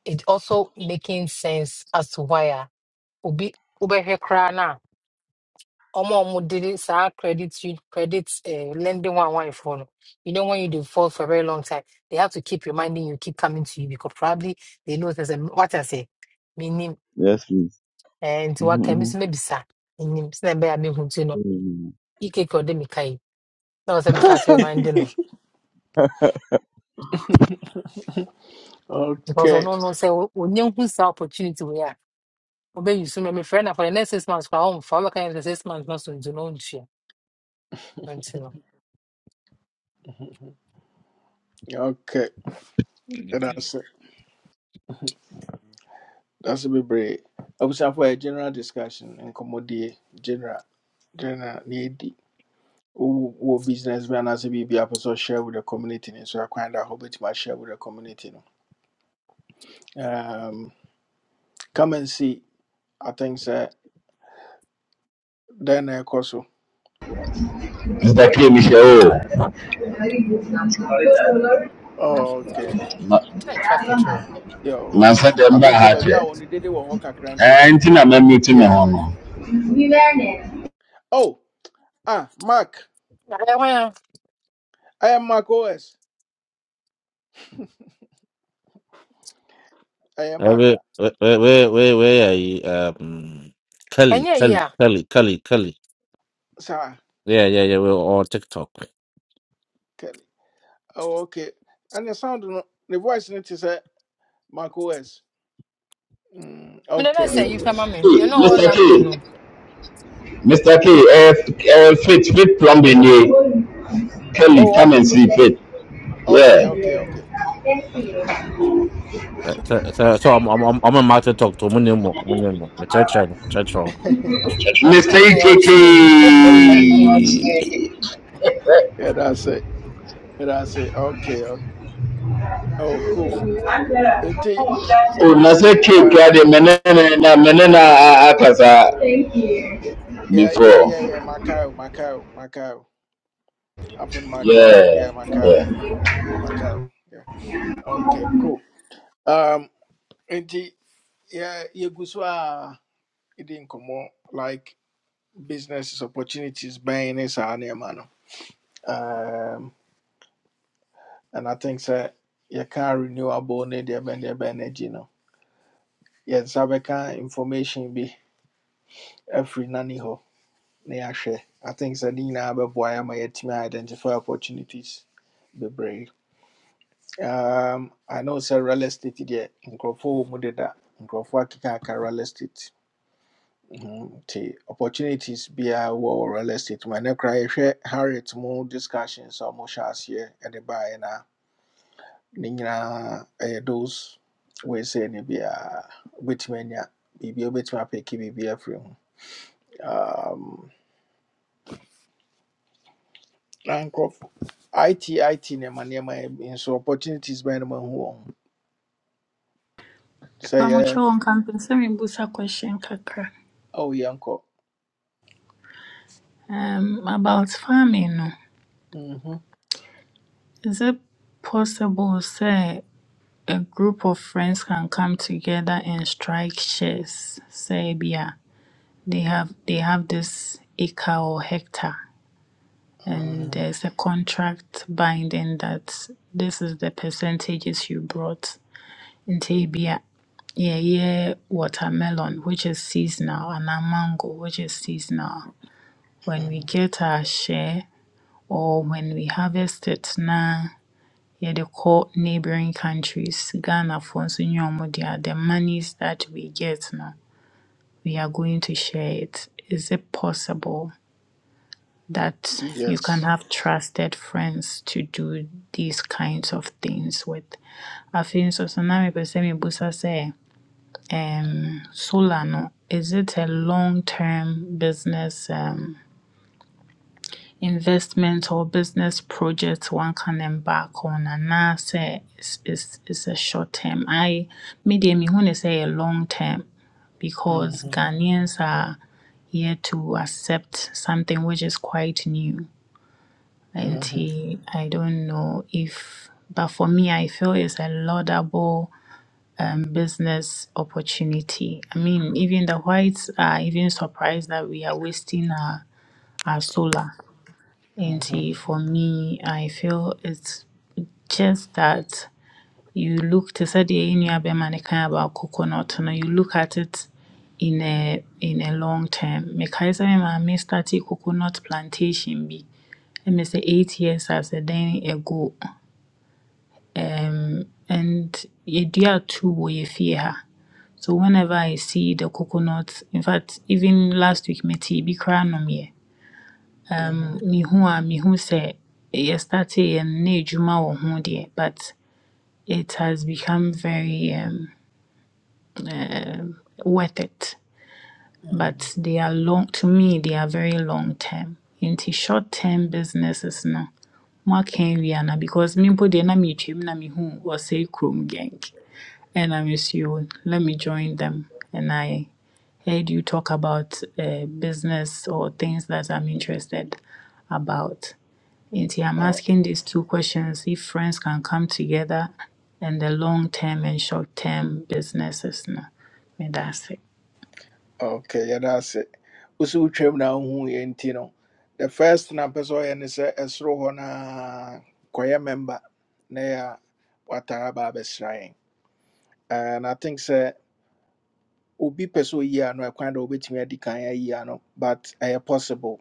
it also making sense as to why a obi wobɛhwɛ koraa no a ɔma ɔmo de de saa credit u- credit uh, lending one one for no you know when you default for a very long time they have to keep reminding you keep coming to you because probably they know there's a what I say meaning yes, please. and what can Mm-hmm. miss maybe sir nim. sɛ ɛbɛyɛ a mehu ti no Um, ike kɔ de mika yi na ɔsɛ me start reminding no because Okay. ɔno no sɛ o- onye hu saa opportunity wei a obɛyi so no mefrɛ na for the next six months koraa ɔmfa wobɛka yɛ sɛ six months na so nti no ɔntua nti no Okay. That's it. That's a bit brave. I was for a general discussion and commodity general general need. Wo business man as a BB episode share with the community, and so I kind of hope it might share with the community. no. Um, come and see. I think so. Then I ɛkɔ so ntakiɛ Mm. mi hyɛ o Oh, okay ma- nkyɛn traffic ni yo mansa I dɛm baa think so, ha baabi kyɛ a wɔn dede wɔ with kakra nti ɛɛ nti na mɛmuti me ho yeah no oh ah Mark ɛyɛ hwan a I am Mark OS ɛyɛ Eh, Mark we- a we- we- we- we- weyɛ um, kelly ɛnyɛ yi kelly a kelly kelly kelly saa Yeah, yeah, yeah. We're all TikTok. Kelly oh okay ɛne sound no the voice no te sɛ Mark OS mm, mede na okay sɛ yi kama me Ee, deɛ na ɔwɔ mr k london no mr k ɛɛ F- ɛɛ fit fit plumbing ye kelly oh come and see fit o- okay yeah okay okay okay Uh, So, Oh. so, so I'm, I'm, I'm I'm on my TikTok too. Many more, many more. The church, one, church. one. mr yɛ ekk ɔkyerɛ bi Eh, yeah that's it yeah that's it okay, okay. oh cool nti o na sɛ cake uh, a deɛ mɛne ne na mɛne na a- aka saa yeah yeah before yeah yeah Macau Macau Macau I'm from Macau. yeah Yeah, Macau. yeah. Macau. Yeah. Okay, cool. Um, and the, yeah, you go so ah, it didn't come on like businesses opportunities buying is our name, man. Um, and I think sir, you can renewable need the bend the energy no. Yes, I can information be every nanny ho. na yɛahwɛ. I think Sadina Ababoy, my team identify opportunities. Be Um, I know sɛ real estate deɛ nkurɔfoɔ wɔ mu deda nkurɔfoɔ akekaaka real estate Mhm. nti opportunities biara wɔ wɔ real estate mu ɛnɛ koraa yɛhwɛ harriet more discussions a wɔhyɛ aseɛ ɛde baeɛ no a ne nyinaa ɛyɛ those weisei no biara wobɛtumi anya biribia wobɛtumi apɛki biribi afiri free, Um, na nkurɔfo it it nneɛma nneɛma in so opportunities bɛn no mahu wɔ ho sɛ yɛ Pamucho Nkampensemi Busa question Kaká? oh yɛnkɔ Um about farming no. Mhm. Is it possible say a group of friends can come together and strike shares? Say yeah, they have they have this acre or hectare and mhm. there's a contract binding that this is the percentages you brought into Bia. Yeah, yeah, watermelon, which is seasonal, and a mango, which is seasonal. When we Mhm. get our share, or when we harvest it na yɛde kɔ neighboring countries. Ghanafoɔ nso nyɛ ɔmo dea. The monies that we get no, we are going to share it. Is it possible that you can Yes. have trusted friends to do these kinds of things with? Afei nso so na mepɛ sɛ mebusa sɛ um, solar no, is it a long-term business um, investment or business project one can embark on anaasɛ it's, it's, it's a short term I medium me want to say a long term because Mm-hmm. Ghanaians are yet to accept something which is quite new Mm-hmm. nti I don't know if but for me I feel it's a laudable um, business opportunity I mean even the whites are even surprised that we are wasting our, our solar and Mm-hmm. see, for me, I feel it's just that you look to say the nuabɛma ne kan about coconut no, you look at it in a in a long term. Mekae sɛ me maame started coconut plantation bi ɛmɛ sɛ eight years as a day ago. Um, and yɛdua two wɔ yɛ fie ha. So whenever I see the coconut, in fact, even last week, me tea bi koraa nomyɛ. Mm-hmm. mehu a mehu sɛ yɛstarteeɛ no na edwuma wɔ ho deɛ but it has become very um, worth it Mm-hmm. but they are long to me they are very long term nti short term businesses no moaka awie ana because me mpo deɛ na metwam na mehu ɔsɛe kurom gang and I'm just, you. Let me join them. And I heard you talk about uh, business or things that I'm interested about. Inti, I'm Oh, asking these two questions if friends can come together and the long term and short term businesses. No, me that's it. okay, yeah, that's it. Usu wotwam na wohu yɛ nti no. The first thing a mpɛ sɛ ɔyɛ ne sɛ ɛsoro hɔ na kɔyɛ member na yɛ watara ba abɛsra yɛn. And I think sɛ obi pɛ sɛ oyi ano ɛkwan dɛ obetumi adi kan ayi ano but ɛyɛ possible.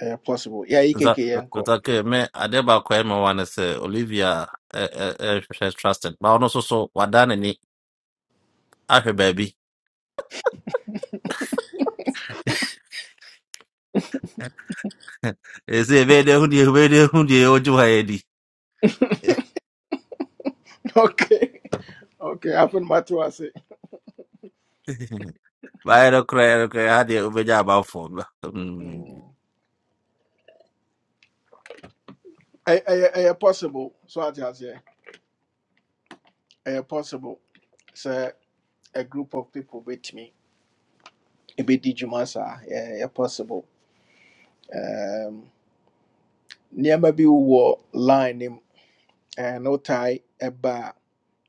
Ɛyɛ possible. Yɛayi That keke yɛn kɔ. that okay, me I adeba kwa me wana say Olivia eh eh eh she's trusted. But I ono so so wadane ni her baby. Is it very who the very who the oju haedi. Okay. Okay, afen mato ase. Ba ero kra ero kra ha de obeja about phone. Mm. Mm. Ɛy- Ɛyɛ ɛyɛ possible. So ate aseɛ. ɛyɛ possible sɛ a group of people bɛtumi ɛbɛdi dwuma saa ɛyɛ ɛyɛ possible um, nneɛma bi wɔ line no mu ɛɛ na wotae ɛba a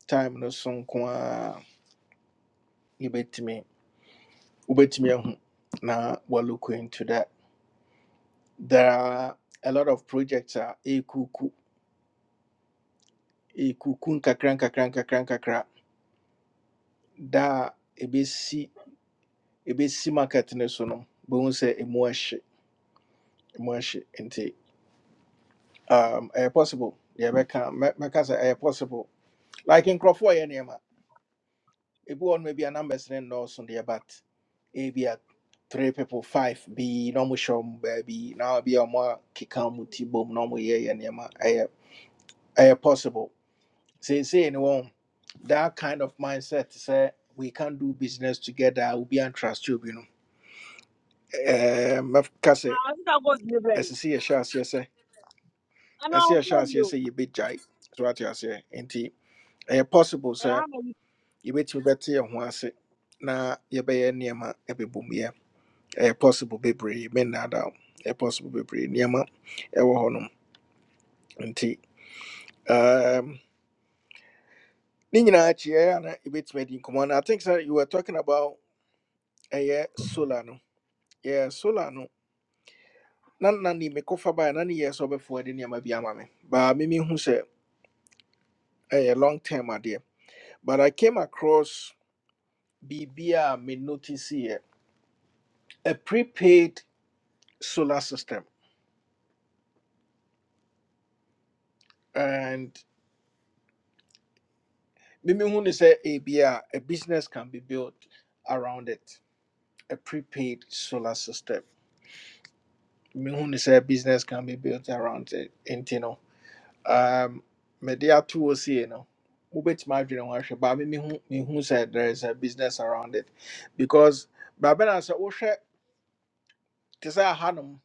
time no so nko a yɛbɛtumi wobɛtumi ahu na we're looking into that there are a lot of projects a ɛɛkuku ɛɛkuku nkakra nkakra nkakra nkakra da a ɛbɛsi ɛbɛsi market no so no bohu sɛ ɛmu ahye ɛmu ahye nti um ɛyɛ possible deɛ bɛka mɛ- mɛka sɛ ɛyɛ possible like nkurɔfoɔ yɛ nneɛma ebi wɔ no maybe a numbers ne nnɔɔso deɛ but ebi a three people five bi na ɔmo hyɛ ɔmo baabi na bi a ɔmo akeka ɔmo ti bom na ɔmo yɛ yɛ nneɛma ɛyɛ ɛyɛ possible seesei ne wɔn that kind of mindset sɛ we can do business together a obi and trust you bi no ɛɛ mɛka sɛ gold ne brɛ me ɛsisi yɛhyɛ aseɛ sɛ ana ɛsi ɔfɔ yɛhyɛ aseɛ bio sɛ yɛbɛgyae so ate aseɛ nti ɛyɛ possible sɛ. You yɛbɛtumi bɛte yɛn ho ase na yɛbɛyɛ nneɛma ɛbɛbom yɛ A possible bebree mennaadaa wo. A possible baby. bebree nneɛma ɛwɔ hɔnom nti um, ne nyinaa akyiɛ a na yɛbɛtumi adi nkɔmmɔ no i think sɛ you were talking about a solar no yeah solar no na na ne mekɔfa baeɛ na ne yɛ sɛ ɔbɛfoɔ de nneɛma bi ama me baa memehu sɛ ɛyɛ long term idea. but i came across BBR. a me notice yɛ a prepaid solar system and. Mimi Hun is a ABR, a business can be built around it. A prepaid solar system. Mimi Hun is a business can be built around it. And you know, um media two OC, you know. Wobɛtumi adwene ho ahwɛ but me mehu mehu sɛ there is a business around it because baabi na sɛ wohwɛ te sɛ ahanom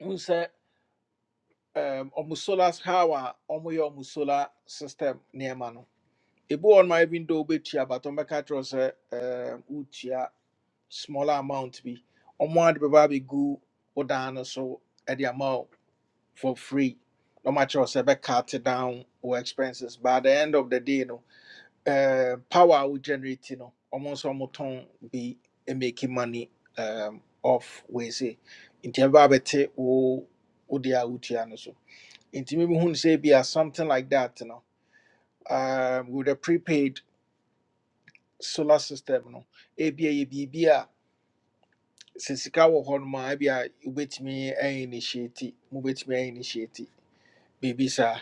wohu sɛ um, ɔmo solar how a ɔmoyɛ ɔmo solar system nneɛma no ebi wɔ hɔ nom a even though wobɛtua but ɔmbɛka kyerɛw sɛ um, wotua smaller amount bi ɔmo ade bɛba abɛgu wo dan no so ɛde the amount for free na ɔmo akyerɛ wo sɛ bɛcut down or expenses but at the end of the day no eh, power we generate no ɔmo nso ɔmo tɔn be making money um, off wei se nti ɛbɛba abɛte wo o deɛ a wotua no so nti mebi hu say be ebia something like that no um, with a prepaid solar system no ebia yɛ biribi sɛ sika wɔ hɔ nom a ebia wobɛtumi ainitiate mobɛtumi ainitiate biribi saa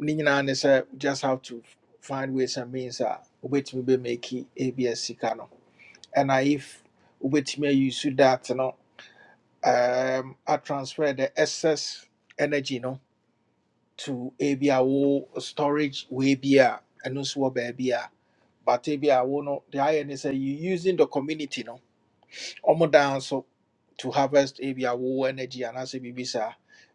ne nyinaa ne sɛ just have to find ways and means a wobɛtumi bɛmaki ebia sika no And if wobɛtumi use that no um, a transfer the excess energy no to ebia wo storage wei bi a ɛno nso wɔ baabi a but ebia wo no the ayɛ ne you using the community no Omo dan so to harvest ebia wo wowɔ energy anaasɛ biribi saa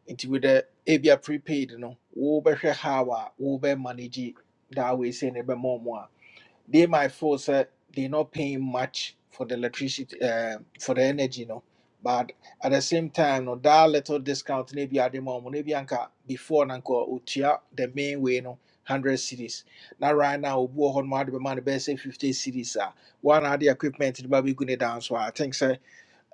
nti with the ebia a prepaid no wobɛhwɛ how a wobɛ manage that way say ne bɛma ɔmo a they might feel sɛ they not paying much for the electricity um, for the energy no but at the same time no that little discount na bi the ma ɔmo na anka before na utia the main way no hundred cities now right now obi wɔ hɔ no ma ade bɛma no fifty cities ah one of the equipment no ba bɛgu ne dan so I think sɛ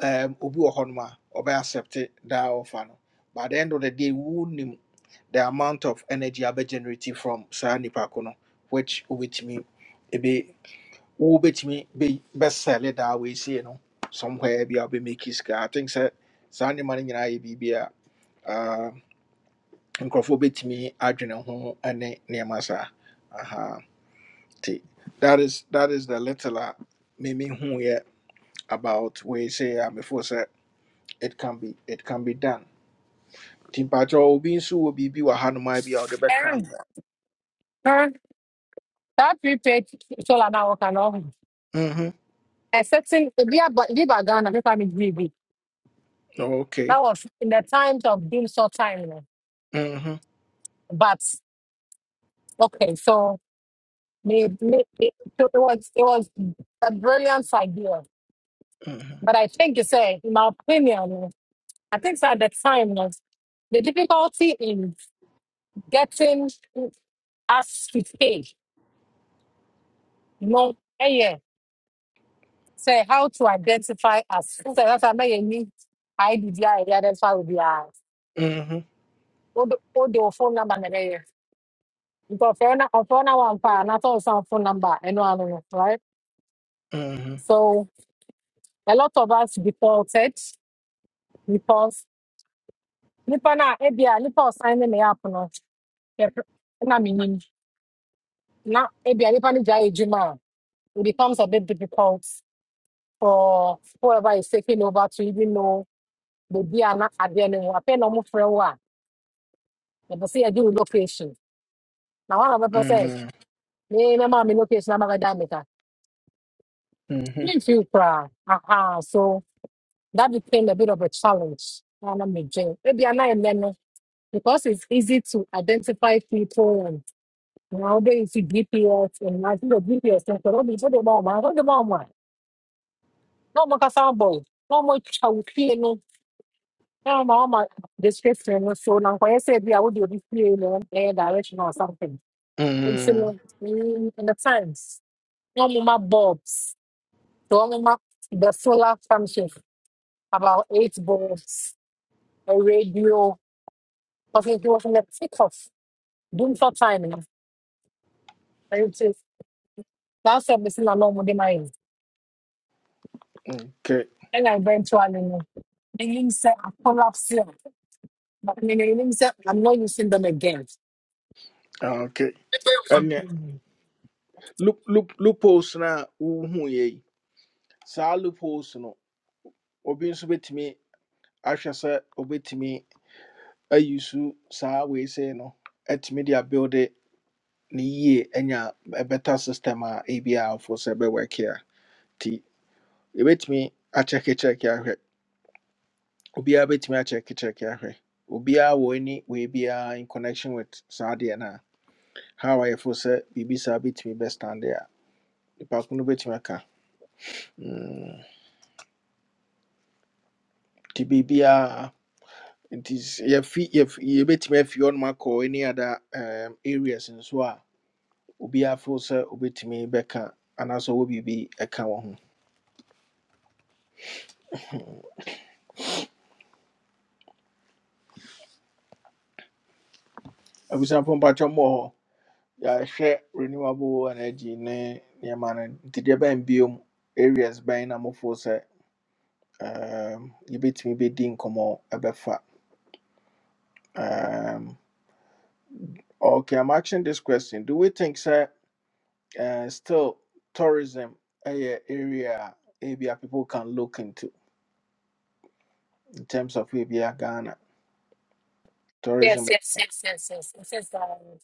um, obi wɔ hɔnom a ɔbɛ accept daa ɔfa no but at the end of the day wonim the amount of energy abɛ generate from saa nipa ko no which wobɛtumi ebe wobɛtumi bɛ That way, say, no somewhere bi a wobɛmake it sika i think sɛ saa nneɛma no nyinaa yɛ biribi a ah, nkurɔfoɔ bɛtumi adwene ho ne nneɛma saa aha nti that is that is the little a meme hu yɛ about weesie a before, say it can be it can be done Timpacho mpakyɛ obi nso wɔ biribi wɔ hanom a bi a ɔde bɛka Ɛn, ho ɛn, saa prepaid solar na wɔka no ɔho Mhm. ɛsɛtin ebi aba ebi ba ghana pepa me gye bi okay that was in the times of doomsday time no Mhm, but okay so me me it, it was it was a brilliant idea mhm, but i think you say in my opinion no, i think so at the time no, the difficulty in getting as to pay no ɛyɛ sɛ how to identify as So that's ɛsɛ mɛyɛ ni id bi a yɛde identify wo biara mhm, o de o de o phone number na ɛyɛ nti ɔfɛɛ na ɔfɛɛ na wa mpa a n'asɛ ɔsan phone number a, ɛno ano no I don't know, right mhm, so a lot of us defaulted because nipa na ebi a nipa a ɔsan ne ne app no eh, pr- na mi na ebi a nipa no gya yɛ it becomes a bit difficult for whoever is taking over to even know. baabi a na adeɛ no wɔ afei na ɔmofrɛ wo a yɛpɛ sɛ yɛgye wo location Now wɔn a wɔbɛpɛ sɛ mhm, me mɛma me location ama bɛda me ka mhm, memfi wo koraa aha so that became a bit of a challenge na na megye ebi ana ɛnɛ no because it's easy to identify people and na wode nsi gps and I think the gps no sɛ wode wode ma ɔma wode ma ɔma a na ɔmo kasa abɔ wo na ɔmo twa wo fie no more, ɔma ɔma description no so na nkɔyɛ sɛ bi a wode this fie no ɛyɛ direction or something nti mhm. no mm, in the times na ɔmo ma bulbs so ɔmo ma the solar function about eight bulbs a radio because it was in the thick of doom for time no ɛnti saa service na na ɔmo de ma yɛ okay ɛna eventually no enim sɛ I collapse yɛ but mean enim sɛ i'm not using them again. okay ɛnɛ Mhm. loop loop loopholes na a wohu yɛ yi saa loopholes no obi nso bɛtumi ahwɛ sɛ obɛtumi ayi so saa wei sei no atumi de abuilde ne yie anya a better system a ebi a afo sɛ ɛbɛwɔke a nti yɛbɛtumi akyɛkekyɛke ahwɛ obiara bɛtumi akyɛkekyɛke ahwɛ obiara wɔ any wei biara in connection with saa adeɛ no a how ayɛfo sɛ biribi saa bɛtumi bɛstande a nipa ko no bɛtumi aka Mm, nti biribiara nti s- yɛfi yɛf- yɛbɛtumi afi hɔnom akɔ any other um, areas nso a obiara fo sɛ obɛtumi beka. Anaso ɔwɔ biribi ɛka wɔ ho abusuafo mpatwɔ mmɔ hɔ yɛahwɛ renewable energy ne nneɛma no nti deɛ bɛn biom areas bɛn na mofoɔ sɛ um, you bet me yɛbɛtumi bɛdi nkɔmmɔ ɛbɛfa um, okay i'm asking this question do we think sir uh, still tourism a area a B A people can look into in terms of ebia ghana yes tourism yes yes yes yes yes yes um,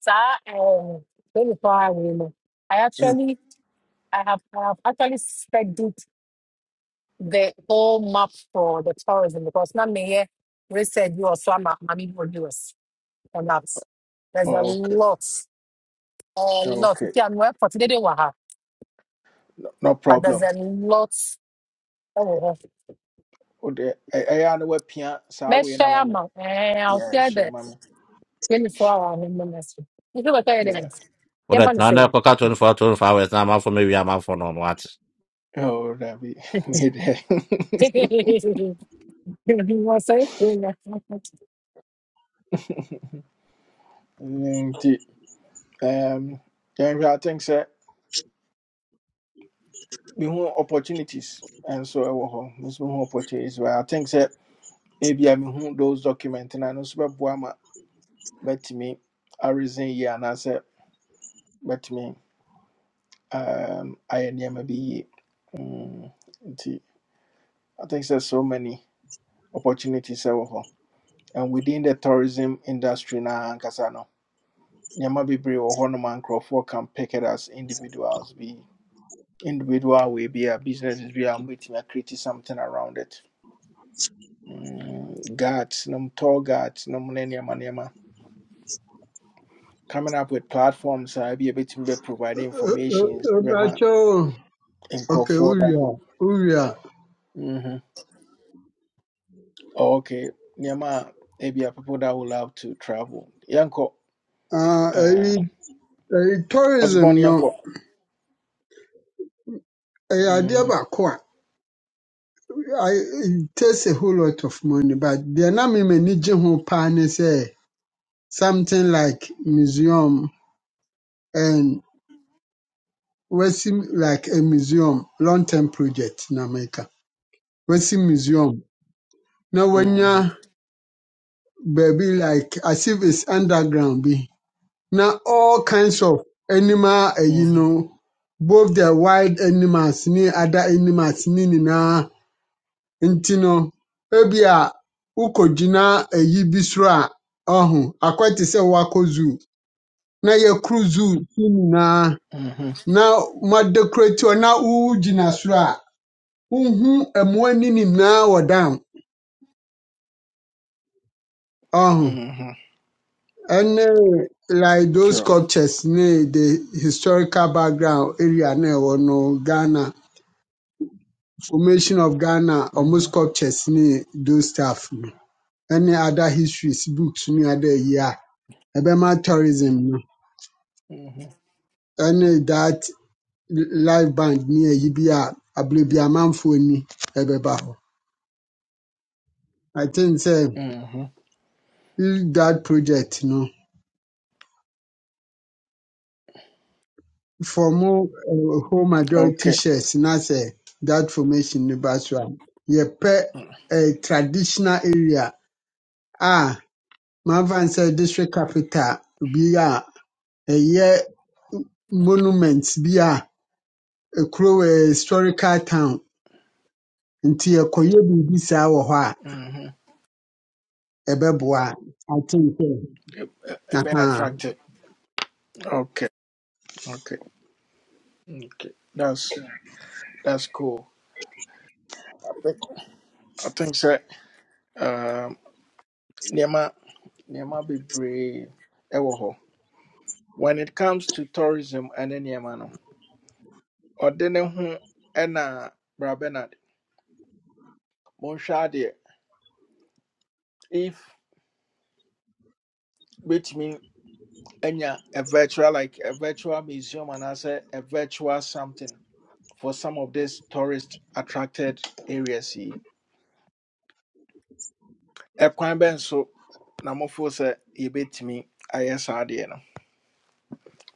saa ɛɛ twenty four hour no i Mm. actually. I have, I have actually spent it the whole map for the tourism because now may research you also am mami us on that. There's a okay lot, a lot. You okay can work for today, waha, no but there's problem a lot. Oh, oh, oh. wode ɛ- ɛyɛ a na wapia saa let's wei no ma share me ma. Eh, I'll yeah share hyɛ the ma me 24 hour ministry. You know what I yeah mean? well, Can't that find now say. I got 24, 25 hours. Now I'm out for maybe I'm out for no what. oh dabi me dɛ You want to say? nti um, yɛnhwɛ i think sɛ mehu opportunities nso ɛwɔ hɔ nso mehu opportunities but i think sɛ ebi a mehu those document na no nso bɛboa ma bɛtumi arisen yie anaasɛ bɛtumi um, ayɛ nneɛma bi yie Mm, nti i think sɛ so many opportunities ɛwɔ hɔ and within the tourism industry na ankasa no nneɛma bebree wɔ hɔ noma nkurɔfoɔ can pick it as individuals be individual way be a businesses bi a wɔbɛtumi acreate something around it mm, guards, num tour guards, num ne nneɛma nneɛma. Coming up with platforms I be a ebi to bɛ provide Ɔ- ɔ- information ɔ- bɛma Ɔbɛkyɛw. Okay, nkurɔfoɔ da. wowie a wowie a Mhm. Oh, okay, nneɛma a ebi a people that would love to travel. Yɛnkɔ, ah, ɛyi um, ɛyi tourism Osborn no yɛnkɔ. ɛyɛ adeɛ Mhm. baako a I- it takes a whole lot of money but deɛ na me m'ani gye ho paa ne sɛ something like museum and wɔasi m- like a museum long term project na meka wɔasi museum na wɔanya Mhm. baabi like as if it's underground bi Now all kinds of animal, eh, you Mhm. know, both the wild animals ne other animals ne nyinaa nti no ebi a wokɔgyina ayi bi soro a ɔho akɔ te sɛ woakɔ zoo na yɛkoro zoo so nyinaa Mhm. na moadekorati hɔ na wogyina soro a wohu mmoa no nyinaa wɔ dam ɔho Mhm. ɛne like those True. sculptures ne the historical background area na ɛwɔ no ghana Formation of Ghana, ɔmo Mhm. sculptures ne those stuff no, ɛne other histories, books ne other ayi a, ɛbɛma tourism no, Mhm. ɛne that live band ne ayi bi a abere bi amanfoɔ ni ɛbɛba hɔ. I think sɛ Mhm. if that project no, for mo eh, whole majority Okay. shares na sɛ that formation ne ba so a, yɛpɛ a traditional area a manfa n sɛ district capital bi a ɛyɛ monument bi a kuro ɛɛ historical town nti yɛkɔyɛ biribi saa wɔ hɔ a Mm-hmm. ɛbɛboa I think sɛ It, ahaa attractive. Okay. Okay. Okay. That's that's cool. I think sɛ um, nneɛma nneɛma bebree ɛwɔ hɔ. When it comes to tourism ɛne nneɛma no, ɔde ne ho ɛna Bra Bernard. Monhwɛ adeɛ. If betumi anya a virtual like a virtual museum and anaasɛ a virtual something for some of these tourist attracted areas yi. Ɛkwan bɛn so na mofo sɛ yɛbɛtumi ayɛ saa adeɛ no.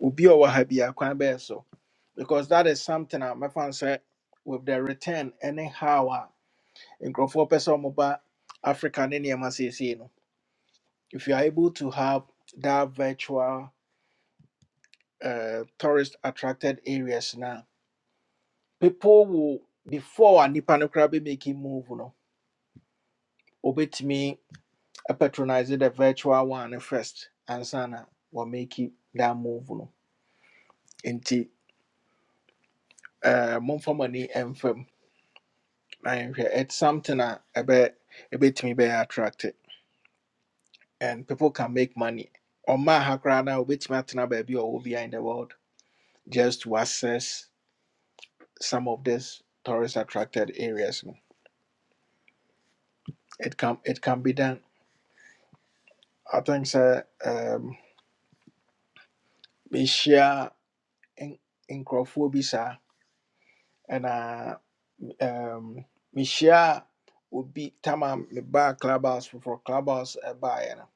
obi a ɔwɔ ha biara kwan so because that is something I'm. My mɛfa said, with the return anyhow, how a nkurɔfoɔ pɛ sɛ African africa ne no if you are able to have that virtual uh, tourist attracted areas now, people will before a nnipa no koraa bɛmaki move no obey me patronize the virtual one first. no first ansa na wɔmaki that move no nti uh, momfa mo I it's something a bit a bit me be attracted and people can make money Or my koraa no a wobɛtumi atena baabi a ɔwɔ biara in the world just to access some of these tourist attracted areas no it can it can be done i think sir, um, mehyia in nkurɔfoɔ bi saa ɛna um, Mishia would be tama mebaa clubhouse foforɔ clubhouse ɛbaeɛ no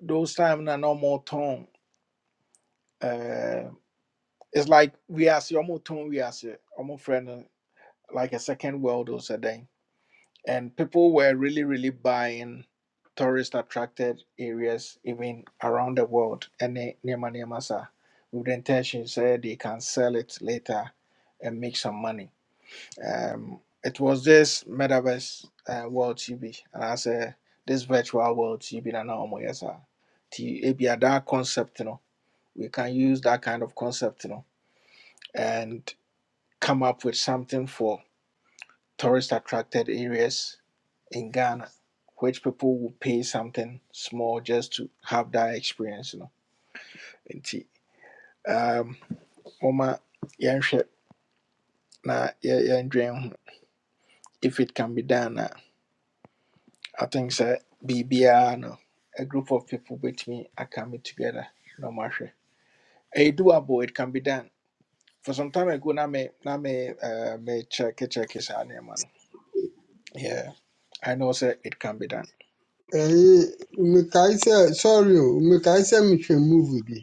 those time na na ɔmɔtɔn it's like we wiase ɔmo tɔn wiase ɔmo frɛ no like a second world or something and people were really really buying tourist attracted areas even around the world and nneɛma nneɛma saa with the intention say they can sell it later and make some money um, it was this metaverse uh, world tv and i said this virtual world tv na na ɔmo yɛ saa ti ebi that concept you know, we can use that kind of concept you know, and come up with something for tourist attracted areas in Ghana, which people will pay something small just to have that experience, you know. indeed. um, Oma, yɛnhwɛ na yɛ- yɛndwen if it can be done, uh, I think sɛ BBR no, a group of people between are coming together, no matter. It's doable, it can be done. For some time ago, na me, na me, uh, me check, check, is Yeah, I know, sir, it can be done. ɛyi mekae sɛ sorry o mekae sɛ mehwɛ movie bi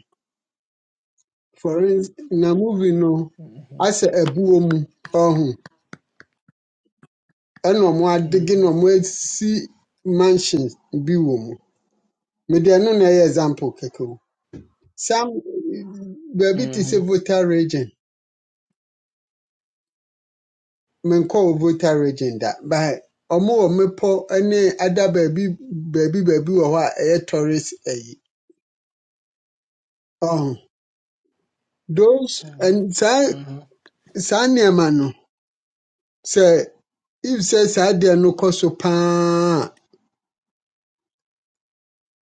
for ins- na movie no Mm-hmm. asɛ ɛbuo mu ɔho ɛna ɔmo adege Mm-hmm. na ɔmo asi mansion bi wɔ mu mede ɛno na ɛyɛ example kɛkɛ o sam baabi te Mm-hmm. sɛ voter region menkɔɔ voter region da but ɔmo wɔ mmepɔ ne ada baabi baabi baabi wɔ hɔ a ɛyɛ tourist ayi. Ɔho those ɛn Mm-hmm. saa Mm-hmm. saa nneɛma no sɛ if sɛ saa deɛ no kɔ so paa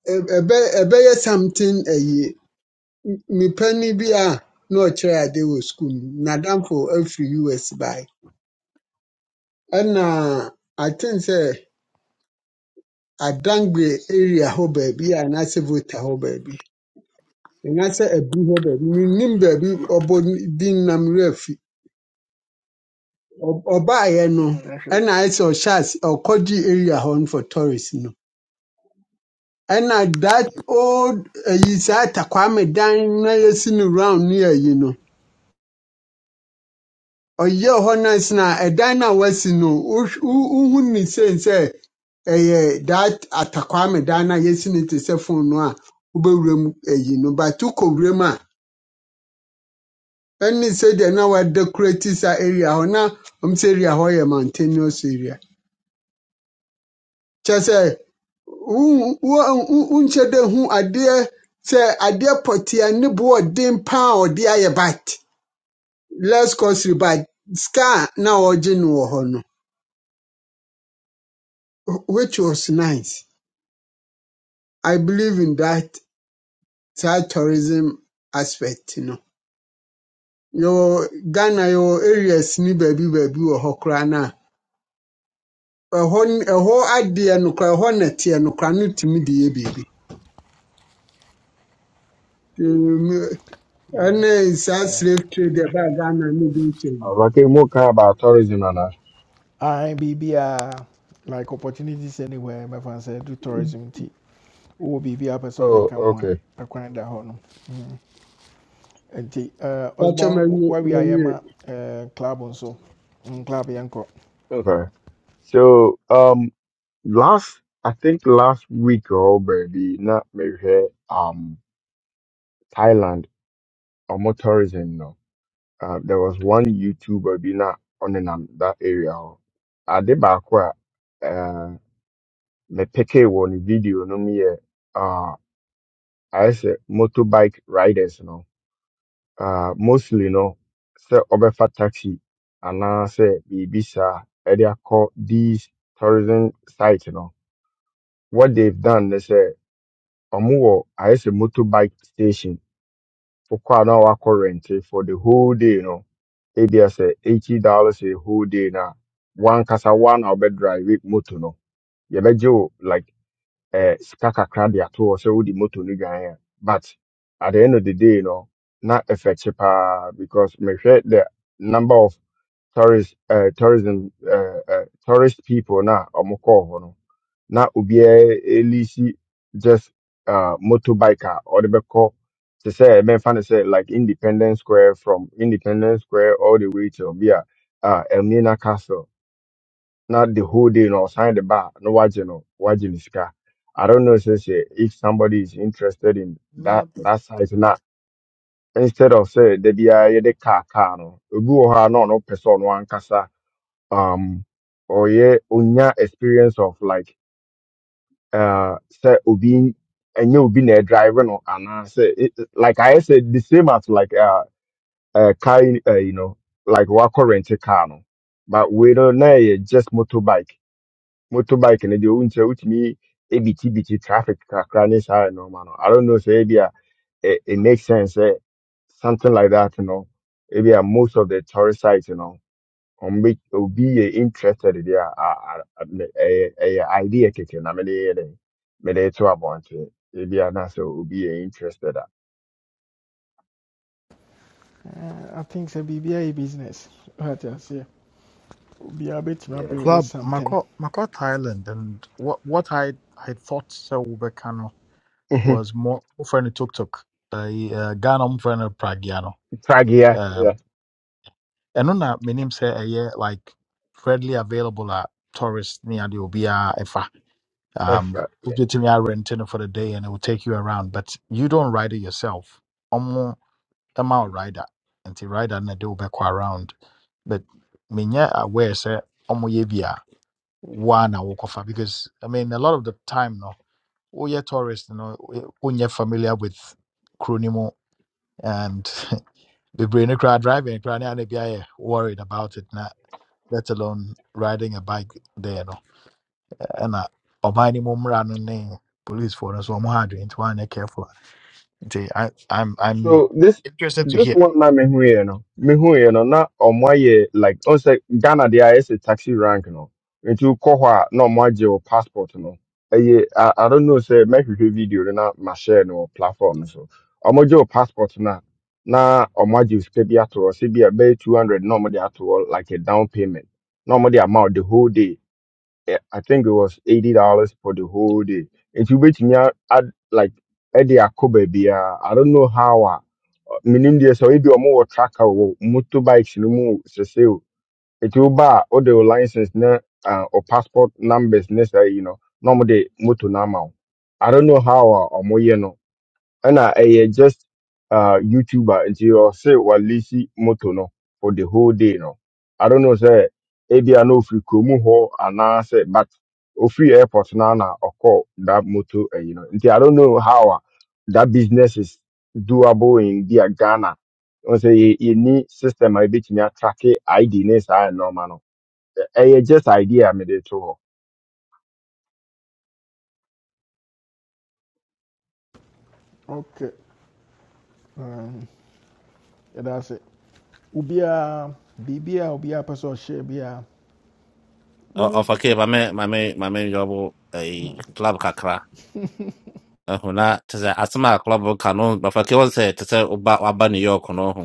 a, ɛ- ɛbɛ ɛbɛyɛ something ayi. Mipani bi a na ɔkyerɛ ade wɔ school mu n'adamfo afiri US bae ɛna I think sɛ Adangbe area hɔ baabi a n'asɛ voter hɔ baabi. ɛnyɛ sɛ aduru hɔ baabi mennim baabi ɔbɔ bi obo din nam werɛ afi Ɔ- ɔbaeɛ no Mm, That's it. ɛna ayɛ sɛ ɔhyɛ ase ɔkɔgye area hɔ no for tourist no ɛna that old ayi saa takwame dan na yɛsi no round ne ayi no ɔyɛ hɔ no ase na ɛdan no a wasi no wohw- wo- wohu ne sen sɛ ɛyɛ that atakwame dan no a yɛsi no te sɛ fon no a wobɛwura mu ayi no but wokɔ wura mu a ne sɛdeɛ na wɔadekorati saa area hɔ na ɔm sɛ area hɔ yɛ mountainous area kyerɛ sɛ wo- wo- wo- wonkyɛ dɛ hu adeɛ sɛ adeɛ pɔtea ne boɔden paa a ɔde ayɛ bat les cosry bat scar na ɔgye no wɔ hɔ no wh- which was nice i believe in that saa tourism aspect no yɛwɔ ghana yɛwɔ areas ne baabi baabi wɔ hɔ koraa no a ɛhɔ n- ɛhɔ adeɛ nokora ɛhɔ na teɛ nokora no tumi de yɛ biribi Mm, Yeah, ɛne saa yeah. slave trade ɛbaa ghana ne bi nkyɛn Uh, yi Rocky, more care about tourism and that. I B B I like opportunities anywhere. My friend said do tourism tea. Oh, BBI person they Oh, can one. okay. Akwan da hɔ no. Mm. uh, kwakyɛ Osborn mawie where we are yeah, mawie ma uh, club on so Mm, club yanko. Okay. So, um, last, I think last week or maybe not maybe here, um, Thailand, or more tourism, no. Uh, there was one YouTuber, be not on in nam- that area. hɔ. Ade baako a, uh, me peke wɔ ne video no mu yɛ, uh, I say motorbike riders, no. uh, mostly no sɛ ɔbɛfa taxi anaasɛ biribi saa ɛde akɔ these tourism sites no what they've done ne sɛ ɔmo wɔ ayɛ sɛ motorbike station wokɔ a na wakɔ rente for the whole day no ebi sɛ eighty dollars a whole day na wankasa one a ɔbɛdrive moto no yɛbɛgye wo like eh, sika kakra de ato hɔ sɛ wode moto no dwan a but at the end of the day no na effect paa because mehwɛ the number of tourist uh, tourism uh, uh, tourist people na ɔmo kɔɔ hɔ no na obiara elisi just uh, motorbike a ɔde bɛkɔ te sɛ ɛbɛmfa no sɛ like independence square from independence square all the way to bi a uh, elmina castle not the whole day, you know, sign the bar, no watching, no watching the sky. I don't know, say, say, if somebody is interested in No, that, but that size, not instead of say, the BIA, the car, car, no, go or no, no person, no one casa, um, or yeah, unya experience of like, uh, say, ubi, and you be a driver, no, and I say, it, like I said, the same as like, uh, uh, car, uh, you know, like, what current car, no, but we don't know, yeah, just motorbike motorbike no deɛ wohu sɛ wotumi ebitibiti traffic kakra ne saa nneɛma no i don't know sɛ ebi it, it makes sense sɛ something like that you know. a most of the tourist sites no ɔmo bɛ obi yɛ interested deɛ a a- a- me- ɛyɛ ɛyɛ idea keke na mede yɛ dɛ mede to abɔnten ebi a na sɛ obi yɛ interested a Uh, I think say BBI business. Right yes yeah. Obia betumi yeah. build this club something. makɔ makɔ thailand and what, what i i thought sɛ wobɛka no Mhm. was more wofrɛ tuk toktok ɛyi, eh, ghana mfrɛ no pragea no tag here yeah. Um, ɛno na menim sɛ ɛyɛ like readily available at tourist near the Obia ɛfa F, um uh, yeah. Obviously, I arente it for the day and it will take you around but you don't ride it yourself Omo, ɔmo ɛma wo rider nti rider no na de wobɛkɔ around but menyɛ aware sɛ omo yɛ bi a woa na wokɔfa because i mean a lot of the time no woyɛ tourist no you wonyɛ familiar with kuro no and the no koraa driving koraa ne ana worried about it na let alone riding a bike there no ɛna ɔman no mu mmra no ne policefoɔ no so ɔmo ha adwene nti wɔanyɛ careful nti I- I'm I'm So this interested to this hear. one na mehu yɛ no mehu yɛ no na ɔmo ayɛ like ɔn say Ghana there is a taxi rank no into wokɔ hɔ a na ɔmo agye wo passport no ɛyɛ I, I don't know say make mɛhwehwɛ video no na ma share no wɔ platform no so ɔmo gye wo passport na na ɔmo agye wo sika bi ato hɔ sɛ bi a bɛyɛ two hundred na ɔmo de ato hɔ like a down payment na ɔmo de ama the whole day Eh, I think it was eighty dollars for the whole day nti wobɛtumi a- like ɛde akɔ baabiara I don't know how uh, menim deɛ sɛ ebi ɔmo wɔ track wɔ motorbikes no mu sese o eti wo ba a wode wo license ne uh, o passport numbers ne saa yi no na ɔmo de moto no ama wo i don't know how a ɔmo yɛ no ɛna ɛyɛ just uh, youtuber nti ɔse walisi moto no for the whole day no i don't know sɛ ebia na ofiri kurom hɔ anaasɛ but ofiri airport na na ɔkɔ that moto ɛyi no nti i don't know how a that business is doable in bia ghana wọn sɛ yɛ yɛni system a ebetumi atrake id ne saa nneɛma no ɛyɛ just idea a mede to Okay. Um, yeah, that's it. Obia BBI obia person share bia. Ɔ- ɔfakee ma me ma me ma me yɔbo ɛyi club kakra ɛho na te sɛ asɛm a club ka no ɔfakee wɔn sɛ te sɛ woba waba new york or no ho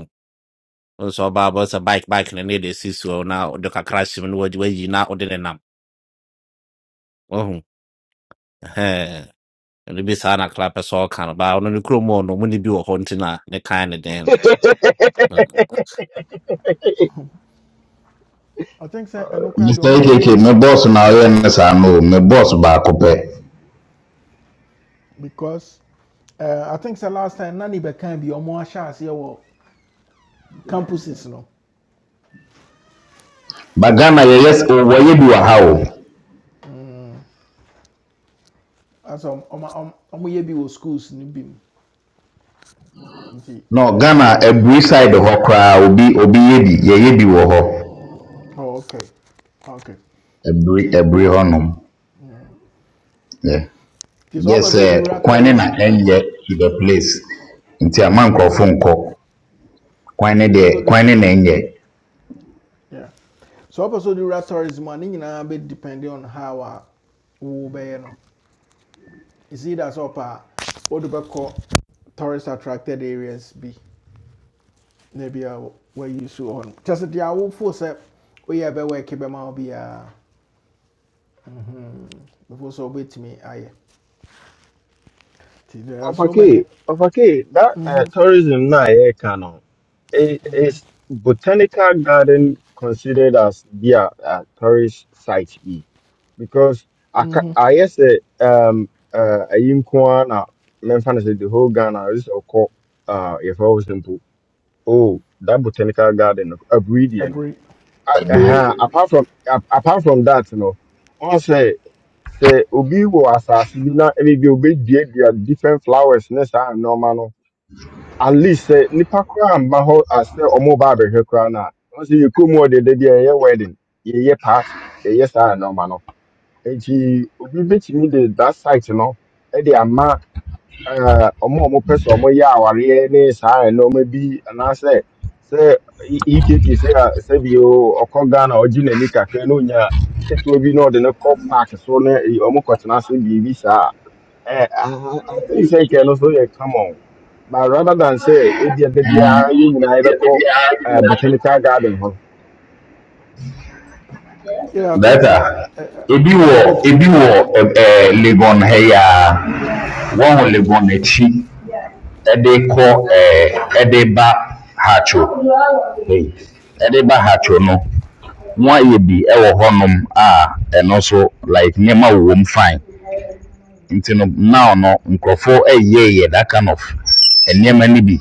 wɔn sɛ ɔba bike bike ne ne de si soɔ na ɔde kakra hyɛ mu na wɔde wayi na ɔde ne nam ɔho ɛhɛn ɛno bi saa na club pɛ sɛ ɔka no baa ɔno no mu ne bi wɔ hɔ nti na ne kan ne den hɔ I think sɛ ɛno koraa deɛ mr ɔmoyɛ ekk bio me boss na ɔyɛ ne saa no o me boss baako pɛ because uh, I think sɛ last time Nani ne bɛkan bi ɔmo ahyɛ aseɛ wɔ campuses no bagana yɛyɛ s- wɔyɛ bi wɔ ha o. asɛ ɔmo ɔmo- ɔmoyɛ bi wɔ schools ni bi nti na ghana aburi side hɔ koraa obi obi yɛ bi yɛyɛ bi wɔ hɔ oh, okay okay aburi nti ɛyɛ aburi doable hɔnom yɛ nti sɛ gye ɔpɛ sɛ sɛ kwan ne na tourism a ɛnyɛ to the place nti yeah ama nkurɔfo nkɔ kwan ne ɔpɛ deɛ sɛ kwan ne na ɛnyɛ yeah so ɔpɛ sɛ ɔde wura tourism a ne nyinaa bɛ on how we wɔbɛyɛ no is either sɛ ɔpɛ a wɔde bɛkɔ tourist attracted areas bi na bia wayi so hɔ no kyɛ sɛ deɛ awofo sɛ woyɛ bɛwɔ ɛke bɛma wo biaa before sɛ wobɛtumi me. nti there are Of so many okay, okay. That uh, tourism na here can uh, it is botanical garden considered as be a, tourist site be because I ca- I yes um uh in Kwana mention say the whole Ghana is oko uh if I simple oh that botanical garden a breed every. aburi uh, apart from a- apart from that you know I say say, obi wọ asase bi na ebi bi obi dua dua different flowers ne saa normal, no at least sɛ nipa koraa mma hɔ asɛ ɔmo ba abɛhwɛ koraa na wọn sɛ yɛ kɔn mu hɔ dede bi a yɛyɛ wedding yɛyɛ party yɛyɛ saa nneɛma no nti obi betumi de that site no ɛde ama eh, ɔmo a ɔmo pɛ ya ɔmo yɛ awareɛ ne saa no me bi anaasɛ se E- ekk sɛ a se bi o, ɔkɔ na ɔgye n'ani kakra na onya ketewa bi na ɔde no kɔ park so na e- ɔmo kɔtena ase biribi saa a, eh, I I- think sɛ nkɛ no so yɛ common but rather than sɛ ebia da ɛɛ biara yɛn nyinaa yɛbɛkɔ eh, botanical garden hɔ yeah i think so. data sɛ eh, eh, ebi wɔ deɛ bɛtumi ebi ayɛ wɔ ɛb- ɛɛ legon ha yi ara wɔn wɔ legon akyi ɛde kɔ ɛɛ ɛde ba hatcho ɛyi, ɛde ba hatcho no. wɔayɛ bi wɔ hɔnom a ɛno nso like nneɛma wowɔ mu fine nti no now no nkurɔfoɔ reyɛyɛ that kind of nneɛma no bi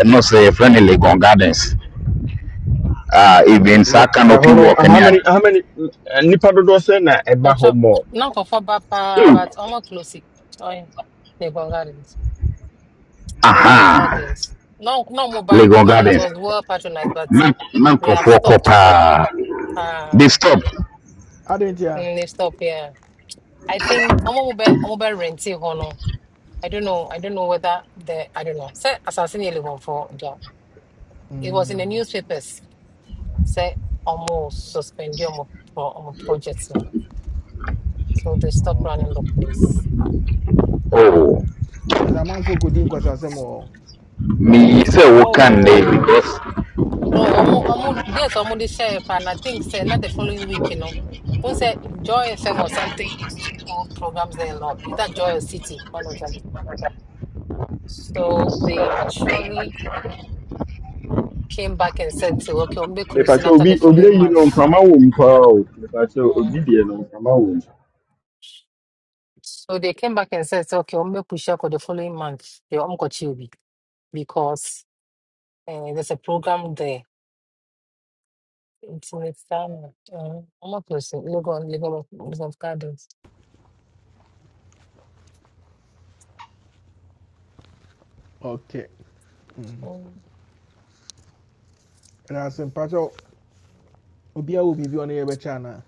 ɛno sɛ yɛfrɛ no legon gardens a even na saa canopy ɛhɔ no walk how ne ade many how many eh, nnipa dodoɔ sɛ na eba hɔ more? Not for but Ew! almost close. Oh, yeah. Legon aha Gardens. No, no, Muba. legon No, it gardens was well patronized, but na na they have nkurɔfoɔ kɔ stopped. paa Um, they stop mm, they've stopped. Yeah, I think Omo Muba Omo Renti Hono. I don't know. I don't know whether the I don't know. Say assassin Legon for the. It was in the newspapers. Say Omo suspend Omo for Omo projects now. So they stopped Okay. running the place. oh As a man, okay ɛsɛ amanfoɔ kɔdi nkwasasɛm wɔ Mm. more? meyi sɛ woka nnɛ yi Oh. because Oh, ọmọ ọmọ dates ọmọ dey share and I think say not the following week, you know. One say Joy FM or something used to hold programs there a lot. Is that Joy or City? One of them. So they actually came back and said, so, okay, we'll be closing mepakyɛ after the obi obi following ayi no month. mframa wo mu paa o mepakyɛ obi Um, deɛ no mframa wɔ so they came back and said, so, okay, we'll make push up for the following month. The Omkochiobi because uh, there's a program there. It's in its time. Um, I'm not closing. Logo on Lagos of Gardens. okay And Um, As ɛnase mpakyɛ obiaa wɔ biribi a ɔne Channel. anaa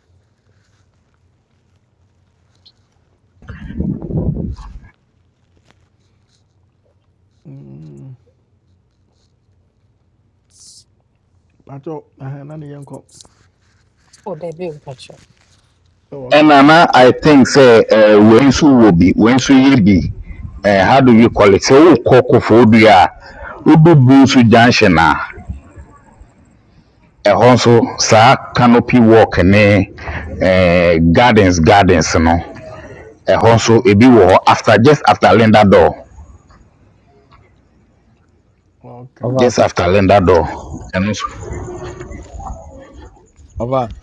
Mm, mpakyɛ ɛhɛn, na ne yɛnkɔ oh, they'll be in touch. Oh, okay ɛna na i think sɛ eh, wei nso wɔ bi wei nso yɛ bi Eh, how do you call it sɛ wokɔ kofoɔ dua a wodu nso junction a ɛhɔ nso saa canopy walk ne eh, gardens gardens no ɛhɔ nso ebi wɔ hɔ after just after linda door okay ɔba just after linda door ɛno nso ɔba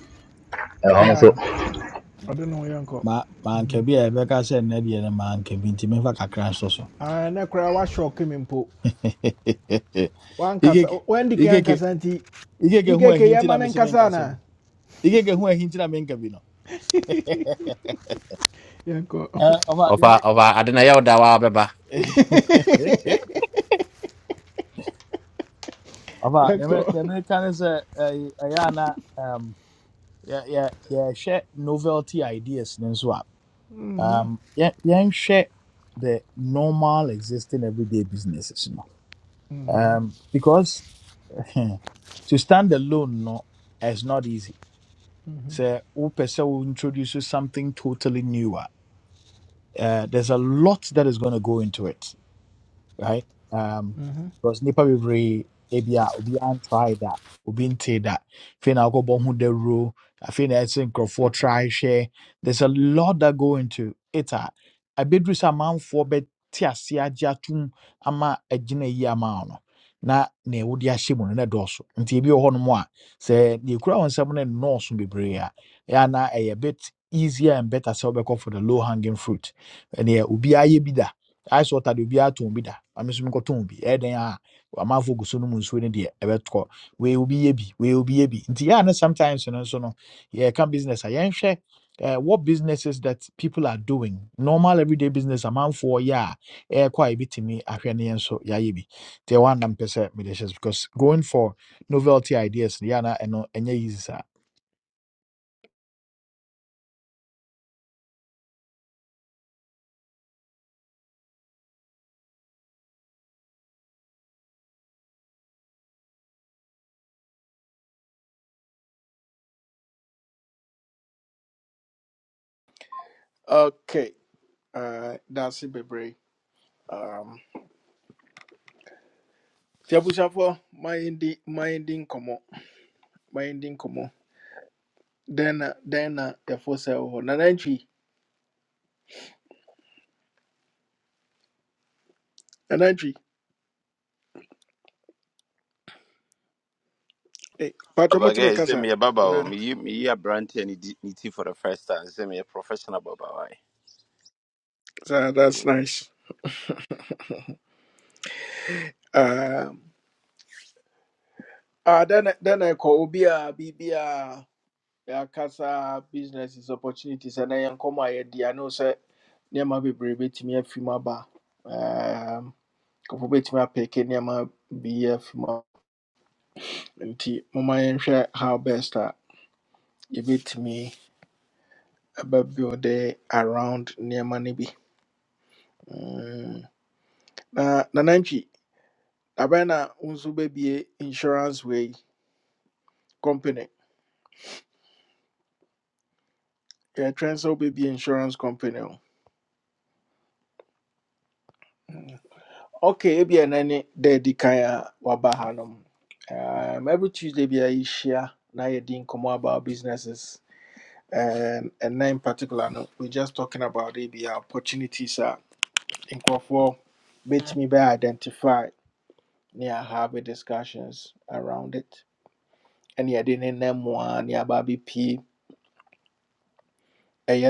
ɛhɔ nso yeah ɔde ne ho yɛnkɔ ma Mhm. manka bi a yɛbɛka sɛ nnɛ deɛ no manka bi nti memfa kakra nso so Ah, na koraa woahyɔke me mpo wankasa Igeke, wandi ka Igeke. ankasa nti ikeke ho ikk ahi nti yɛma na no mese nkasa menkasɛ bi anaa ikeke ho ahi nti na menka bi no yɛnkɔ Eh, ɔba deɛ ɔfa me- ɔfa ade na yɛwo da wa bɛba ɔba deɛ yɛnkɔ me- deɛ mereka ne sɛ ɛy- ɛyɛ ana Yeah, yeah, yeah. Share novelty ideas ne nso a um, yɛ- yɛnhwɛ the normal existing everyday businesses no um, because to stand alone no is not easy So, who person wo introduce you something totally new Ah, uh, there's a lot that is going to go into it right? Um, because nipa bebree ebi a obi an try that, obi nte that. Afei na akɔ the ho dawuro. Afei na ɛsɛ nkurɔfoɔ try share. There's a lot that go into it a abeduru sɛ amanfoɔ bɛ te ase agye atum ama agyina yi ama wo no. Na na ɛwo de ahyɛ mu no na dɔɔso. Nti ebi wɔ hɔnom a sɛ deɛ ekura wɔn nsam no nnɔɔso bebree a ɛyɛ a na ɛyɛ a bit easier and better sɛ wobɛkɔ for the low hanging fruit. Ɛneɛ obi ayɛ bi da ice water de obiara tɔn bi da maame nso mekɔ tɔn bi ɛyɛ den a amanfo gu so no mu nsuo no deɛ ɛbɛtɔ We obi yɛ bi We obi yɛ bi nti yɛa no sometimes no so no yɛka business a yɛnhwɛ Uh, what businesses that people are doing normal everyday business amanfoɔ yɛ a ɛɛkɔ a yɛbɛtumi ahwɛ ne yɛn nso yɛayɛ bi nti ɛwɔ anam pɛ sɛ mede hyɛ so because going for novelty ideas no yɛa na ɛno ɛnyɛ easy saa Okay. Uh, that's it, baby. Um, Tiabusafo, minding, minding, komo, minding, komo. Then, uh, then, uh, the first cell, nananchi, nananchi. Hey, Patromoti Abage, sɛ Mekasa. meyɛ baba o Nah, meyi meyi aberante a ne di- ne ti for the first time sɛ meyɛ professional baba wae so that's Eh, nice. Um, ah, then, then I call Obia, Bibia. yɛakasa businesses opportunities and I am ɛnɛ yɛnkɔmmɔ a yɛdi ano sɛ nneɛma bebree bɛtumi afi mu aba Ɛɛm, nkurɔfoɔ bɛtumi apɛke nneɛma bi afi mu aba nti momma yɛnhwɛ how best a yɛbɛtumi ɛbɛbuilde around nneɛma no bi Mm. na nanantwi abɛn na wo nso wobɛbie insurance wei company yɛtwɛn sɛ wobɛbie insurance company Okay, ebi na ne daddy kan a Um, every Tuesday bi a yɛhyia na yɛdi nkɔmmɔ about businesses. and and na in particular no, we're just talking about ebi a opportunities a nkurɔfoɔ bɛtumi bɛ identify ne a have a discussions around it. Ɛne yɛde ne nam mu a ne aba bɛpie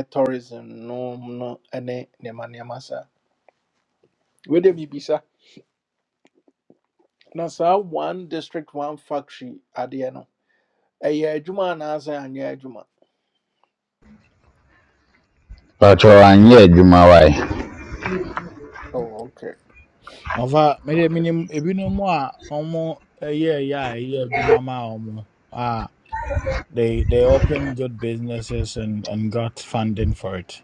tourism no mu no ene ne nneɛma nneɛma saa. Wei de biribisa. Na saa one district one factory adeɛ no. ɛyɛ adwuma anaasɛ anyɛ adwuma patro anyɛ adwuma wae oh okay ɔfa mede okay menim ebinom a ɔmo ɛyɛ ɛyɛ a ɛyɛ adwuma ma omo Ah. They they opened good businesses and, and got funding for it.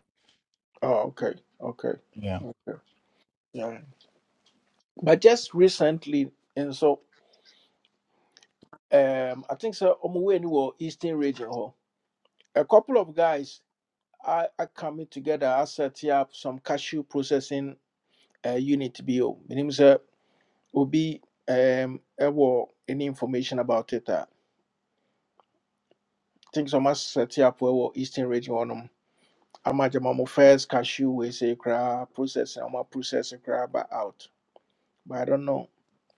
oh okay okay Yeah. okay yeah. but just recently and so um i think so ɔmo wei ni wɔ eastern region hɔ a couple of guys are, are coming together I set up some cashew processing uh, unit bi o menim sɛ obi um ɛwɔ any information about it a i think so ɔmo Set up for eastern region amagye mo first cashew we say koraa process na ɔma process koraa ba out but i don't know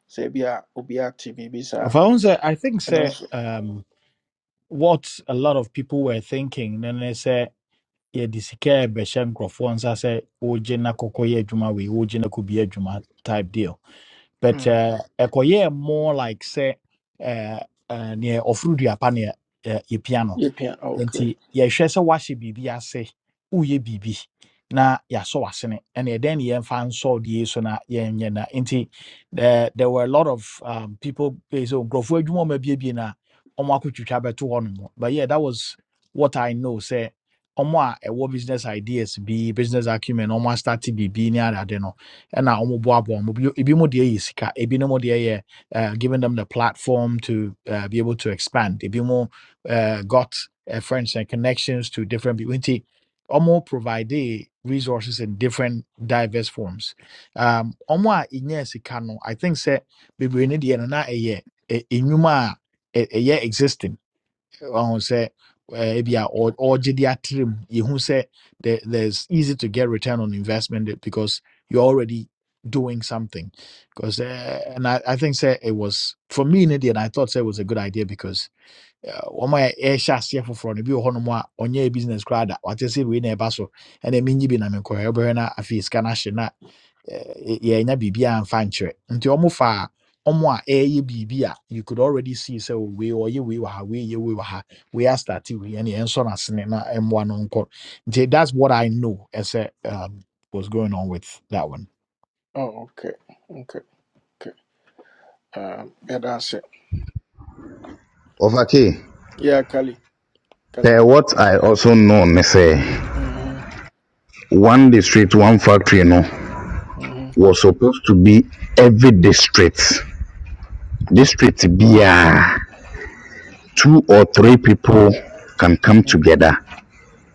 sɛ bi a obi ate biribi Of saa our own, sir, I think ɛno say nso um what a lot of people were thinking, then they say yeah, the sika beshem crofons I say ojina kokoye juma we ojina could be a juma type deal. But mm, uh ekoye more like say uh uh near offroad yapania uh, piano. yɛpia ah, okay nti yɛhwɛ sɛ wahyɛ biribi ase woyɛ biribi na yɛasɔ w'asene ɛne ɛdɛn ne yɛmfa nsɔ deɛ so na yɛnyɛ na nti there, there were a lot of um, people eh, so nkurɔfoɔ adwuma ɔma biebie no a ɔmo akɔtwitwa bɛto hɔ nom but yeah that was what i know sɛ ɔmo a ɛwɔ business ideas bi business acumen ɔmo astarte biribi ne adade no ɛna ɔmo boaboa mo ebi mu deɛ yɛ sika ebi no mu deɛ yɛ uh, giving them the platform to uh, be able to expand ebi mu uh, got uh, friends and connections to different people. Nti, Omo provide resources in different diverse forms. Um, Omo a inye sika no, I think say bebree ne deɛ no na ɛyɛ ɛ- ɛnwuma a ɛ- existing. Ɔho say, eh, ebi Mm. a ɔ- ɔgye de atrem. Yehu sɛ there- there's easy to get return on investment because you're already doing something because uh, and I, I think say it was for me in India and I thought say it was a good idea because wɔn a ɛhyɛ aseɛ foforɔ no bi wɔ hɔnom a ɔnyɛ business koraa da wate sɛ wei na ɛba so ɛna ɛmi nyi bi na mi nkɔyɛ ɔbɛhwɛ na afei sika no ahye na yɛnya biribiaa mfa nkyerɛ nti ɔmo fa a ɔmo a ɛyɛ biribi a you could already see sɛ oh, wei ɔyɛ wei wɔ ha wei yɛ wei wɔ ha wei astarte wei ɛne ɛnsɔ n'asene na ɛmmoa no nkɔ nti that's what i know ɛsɛ um, was going on with that one oh, okay okay okay um, ɛda ase ɔfakee yeah kali Per kasa what I also know, ne say Mhm, one district, one factory, no. mhm, was supposed to be every district district biaa two or three people can come mhm, together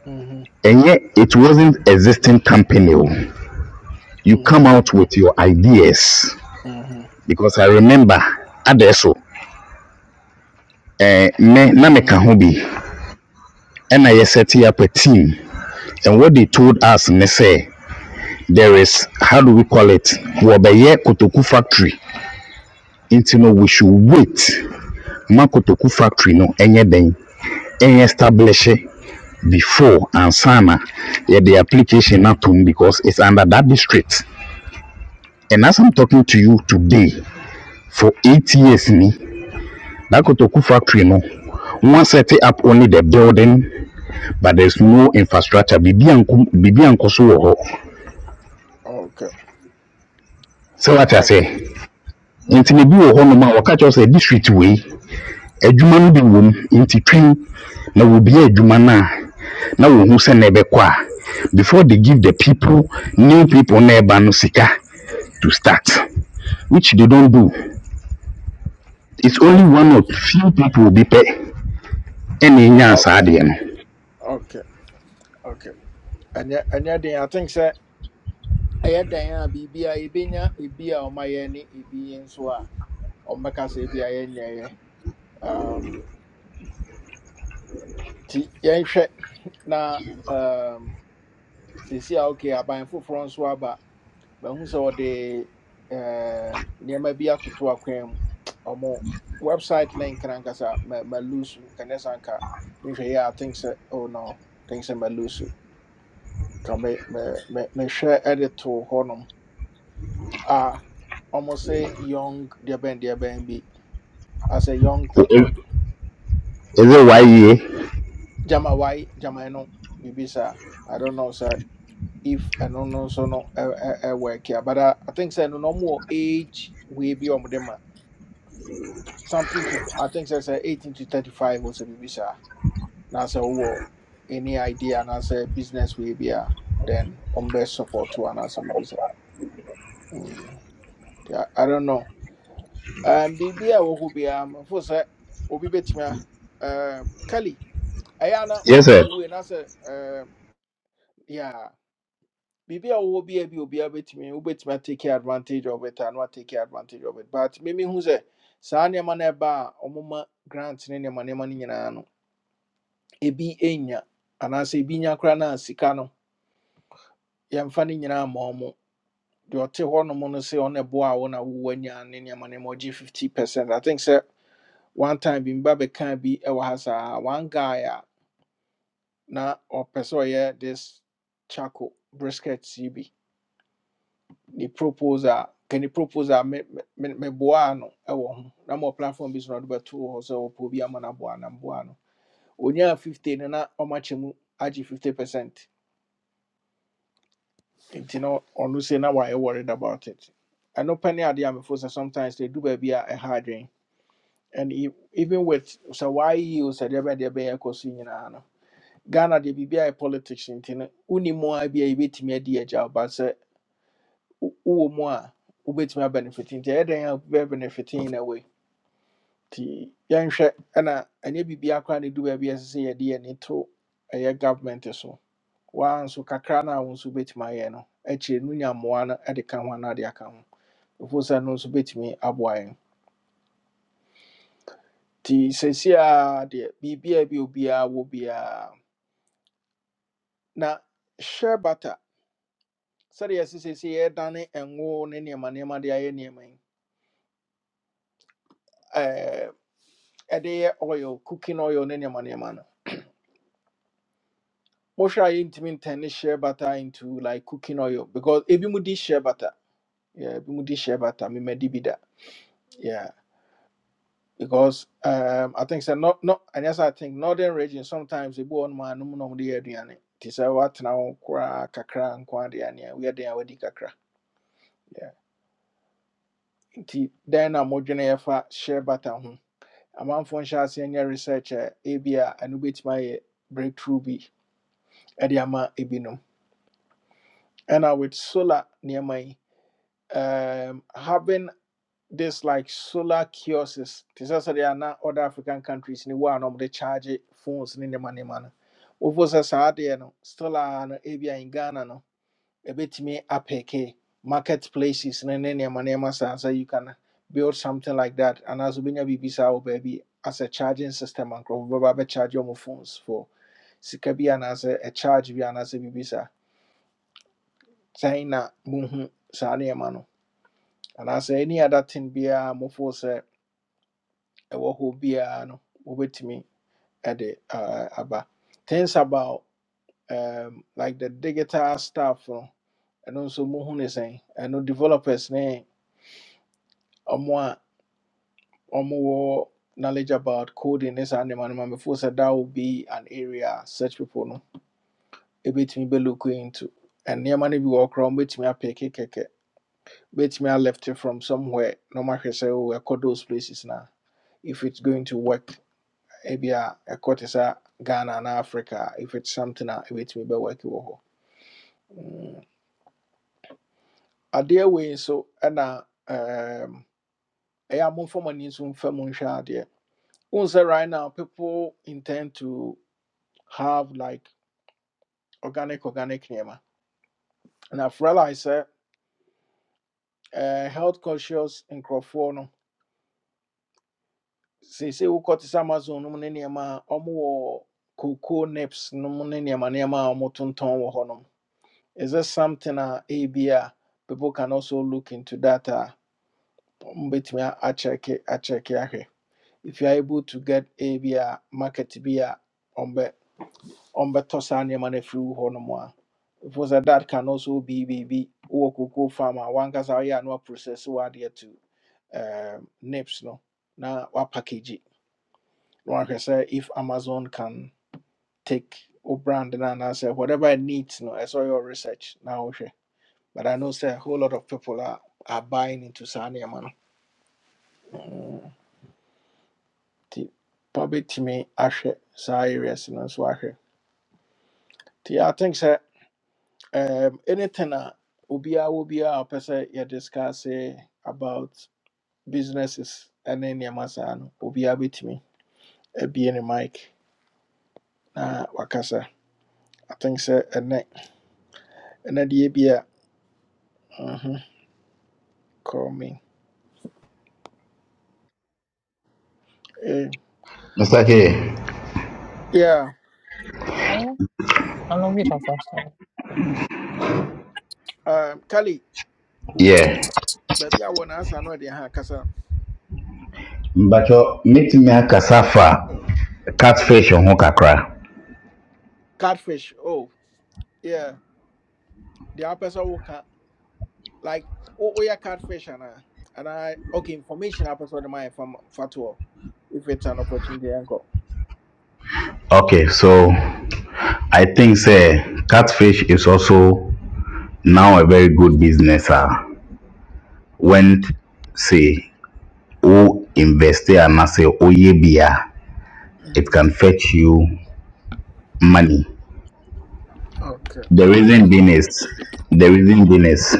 mhm, and yet it wasn't existing company o you come mhm, out with your ideas mhm, because i remember adesso eh, me na mhm. meka ho bi ɛna yɛ set up a team and what they told us ne sɛ there is how do we call it wɔbɛyɛ kotoku factory nti no we should wait ma kotoku factory no ɛnyɛ den ɛnyɛ establish it. before ansa na yɛde application atom because it's under that district and as i'm talking to you today for eight years ni that kotoku factory no wọn set up only the building but there's no infrastructure biribi anko biribi anko so wɔ hɔ okay sɛ wate ase okay nti na ebi okay wɔ hɔnom a wɔka kyerɛ sɛ district wei adwuma no bi wɔ mu nti twɛn na wɔbea adwuma no a na wɔhu sɛ na ɛbɛkɔ a before they give the people new people na ɛba no sika to start. which they don't do. It's only okay one of few people will be pay any Oh, nyans adian. okay okay ɛnyɛ ɛnyɛ den i think sɛ ɛyɛ dan a biribia yɛbɛnya ebi a ɔmayɛ ne ebi nso a ɔmbɛka sɛ ebi a yɛnyɛeɛ um, nti yɛnhwɛ na um, seesi a okay aban foforɔ nso aba mahu sɛ ɔde um, nneɛma bi atoto akwan mu ɔmo website link no ankasa ma- malusu nkɛnɛ sɛ anka mehwɛ yɛ a I think sɛ oh no I think sɛ malusu ka me- me- me- mehwɛ ɛde too hɔnom a ɔmo sɛ young deɛ bɛn deɛ bɛn bi as a young people. Is it why Jamawai, no, Bibisa. I don't know, sir. If I don't know, so no, I work here. But I, I think, sir, no more age we be on them. Something to, I think, sir, sir, 18 to 35 was a Bibisa. Now, sir, who any idea, and I say business we be a, then on best support to an as Bibisa. Mm. Yeah, I don't know. Um, Bibia, who be, um, for, sir, Obi bet me. um, Kali. Ayana, Yes, what do sir. we, and I say, um, yeah. Bibi a wo bi a bi obiara bɛtumi wobɛtumi take advantage of it a na watake advantage of it but mimi hu sɛ saa nneɛma no ɛba a ɔmoma grant ne nneɛma nneɛma no nyinaa no ebi nya anaasɛ ebi nya koraa na sika no yɛmfa no nyinaa ma ɔmo deɛ ɔte hɔnom no sɛ ɔno ɛboa a wo na wowɔ anya ne nneɛma nneɛma ɔgye 50 percent i think sɛ one time bi meba bɛkaa bi ɛwɔ ha saa one guy a na ɔpɛ sɛ ɔyɛ this charcoal brisket yi bi ne propose a can you propose a me me me boa no ɛwɔ ho na mo platform bi so na ɔde bɛto hɔ sɛ ɔpɛ obi ama no aboa na mboa no onyaa fifty no na ɔmakyɛ mu agye fifty percent nti na ɔno se na wayɛ worried about it ɛno pɛ ne adeɛ a mefo sɛ sometimes they do baabi a ɛha adwen and e- even with sɛ waayie o sɛ deɛ bɛn deɛ bɛyɛ ɛkɔ so nyinaa no ghana deɛ biribi ayɛ politics nti no wonim mu a bi a yɛbɛtumi adi agya wo, but sɛ wo- wowɔ mu a wobɛtumi abenefit nti ɛyɛ dɛn a wobɛbenefit in a way? Ti yɛnhwɛ ɛna ɛnyɛ biribiara koraa ne du baabi a ɛsɛ sɛ yɛde yɛni to ɛyɛ government so waa nso kakra no a wo nso bɛtumi ayɛ no akyire no nya mmoa no de ka ho anaa de aka ho ɛfo sɛ no nso bɛtumi aboa yɛn nti seesei a deɛ biribiaa bi a obiara wɔ biara na hyɛ bata sɛdeɛ ɛsɛ seesei yɛdane ngo ne nneɛma nneɛma de ayɛ nneɛma yi ɛɛ, ɛde yɛ oil cooking oil ne nneɛma nneɛma no Most I intimi ntɛn share butter into like cooking oil because ebi mu di share butter. Yeah, ebi mu di share butter. Me me di bi Yeah, because um I think so not not and yes I think northern region sometimes ebi on ma no no di aduane. Ti sɛ watena wo kora kakra nko ade ane a we adan a wadi kakra. Yeah. Nti dan na modwene yɛfa share butter ho. Amanfo nhyɛ ase nyɛ research a ebi a ɛno bɛtumi ayɛ breakthrough bi ɛde ama ebinom. Ɛna with solar nneɛma my um, having this like solar kiosks This te sɛ are na other african countries in the world na ɔmode charge phones ne nema nema no wofo the saa no solar no ebia in ghana no A bit me apeke marketplaces. ne nneɛma nneɛma saa sɛ you can build something like that And as we biribi saa wɔ baabi as a charging system a nkurɔfo bɛba bɛcharge ɔmo phones for sika bi and as a charge bi anaasɛ biribi saa sɛn na mohu saa nneɛma And as any other thing biara mofo sɛ ɛwɔ hɔ biara no wɔbɛtumi ɛde uh, aba things about um, like the digital stuff no ɛno nso mohu ne sɛn ɛno developers ne ɔmo a ɔmowɔ knowledge about coding ne saa nneɛma no ma mefo sɛ that will be an area a such people no ebetumi be look into and nneɛma no bi wɔ hɔ koraa wɔbɛtumi apɛke kɛkɛ bɛtumi left it from somewhere na ɔmahwɛ sɛ oh, ɛkɔ those places na if it's going to work ebia ɛkɔ te sɛ ghana and africa if it's something a ɛbɛtumi bɛwɔki wɔ hɔ Mm, adeɛ wei nso ɛna um, ɛyɛ a momfa mo ani nso mfa mu nhwɛ adeɛ wohu right now people intend to have like organic organic nneɛma and i've realized sɛ eh, health conscious nkurɔfoɔ no seesei wokɔ te sɛ amazon nom ne nneɛma a ɔmowɔ cocoa nips nom ne nneɛma nneɛma a ɔmotontɔn wɔ hɔ Is there something uh, ebi a people can also look into that? Uh, mbetumi akyɛke akyɛke ahwɛ if you are able to get ebi a market bi a ɔmbɛ ɔmbɛtɔ saa nneɛma no afiri wo hɔ nom a if was that that can also be be, biribi wowɔ cocoa farm a wankasa woyɛ a na waprocess wadeɛ to um, nips no na wa package it. na wahwɛ sɛ if amazon can take wo brand no anaasɛ whatever it needs no I saw your research na wohwɛ But I know say a whole lot of people are, are buying into saa man. no. Mm, Nti probably timi ahwɛ saa areas no nso ahwɛ. I think sir, um, anything a obiara wɔ biara a discuss eh, about businesses ɛne nneɛma saa no obiara bɛtumi abie ne mic na wakasa. I think sir, ɛnɛ ɛnɛ deɛ bi a mhm, call me. Eh, Mr. K. Yeah, I'm a bit of um, Kali, we, Yeah. baabi a wɔ n'asa no ɔde ha kasa But your meeting me a kasafa catfish on kakra. catfish. Oh. Yeah, the person who can like oh oh yeah catfish and I and I okay information I person my from fatwa if it's an opportunity angle. Okay, so I think say catfish is also now a very good business. Uh, when say o invest and say oye bia, it can Mm-hmm. fetch you money Okay. The reason being is, the reason being is,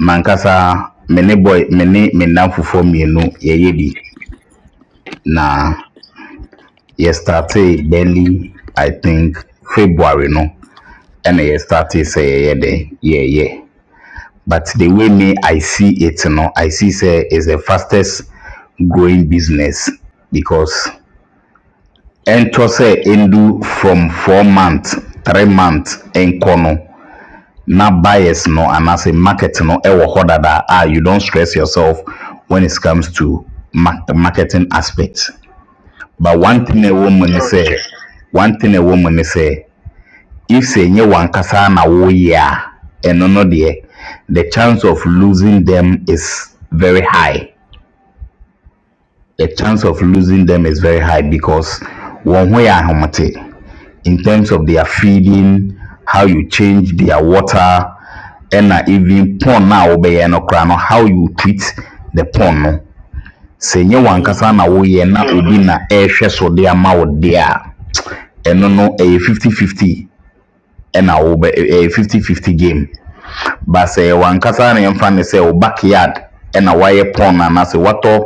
mankasa me ne boy me ne me nan fufuo mmienu yɛyɛ bi na yɛstartee barely I think February no ɛna yɛstartee sɛ yɛyɛ de yɛyɛ but the way me I see it no I see sɛ is the fastest growing business because ɛntɔ sɛ ɛndu from four months three months ɛnkɔ no na bias no and anaasɛ market no ɛwɔ hoda dada ah. you don't stress yourself when it comes to ma- marketing aspect but one thing a Okay. woman say, one thing a woman say, if sɛ ɛnyɛ wankasa na woyɛ ya, ɛno no deɛ the chance of losing them is very high the chance of losing them is very high because wɔn ho yɛ ahomete in terms of their feeding, how you change their water, ɛna even pond na wobɛyɛ no koraa no how you treat the pond no sɛ nyɛ wankasa Mm-hmm. na woyɛ na obi na ɛrehwɛ so de ama wo deɛ a ɛno no ɛyɛ 50 50 ɛna wobɛ ɛyɛ 50 50 game basɛ wankasa ne mfa ne sɛ wo backyard ɛna woayɛ pond anaasɛ woatɔ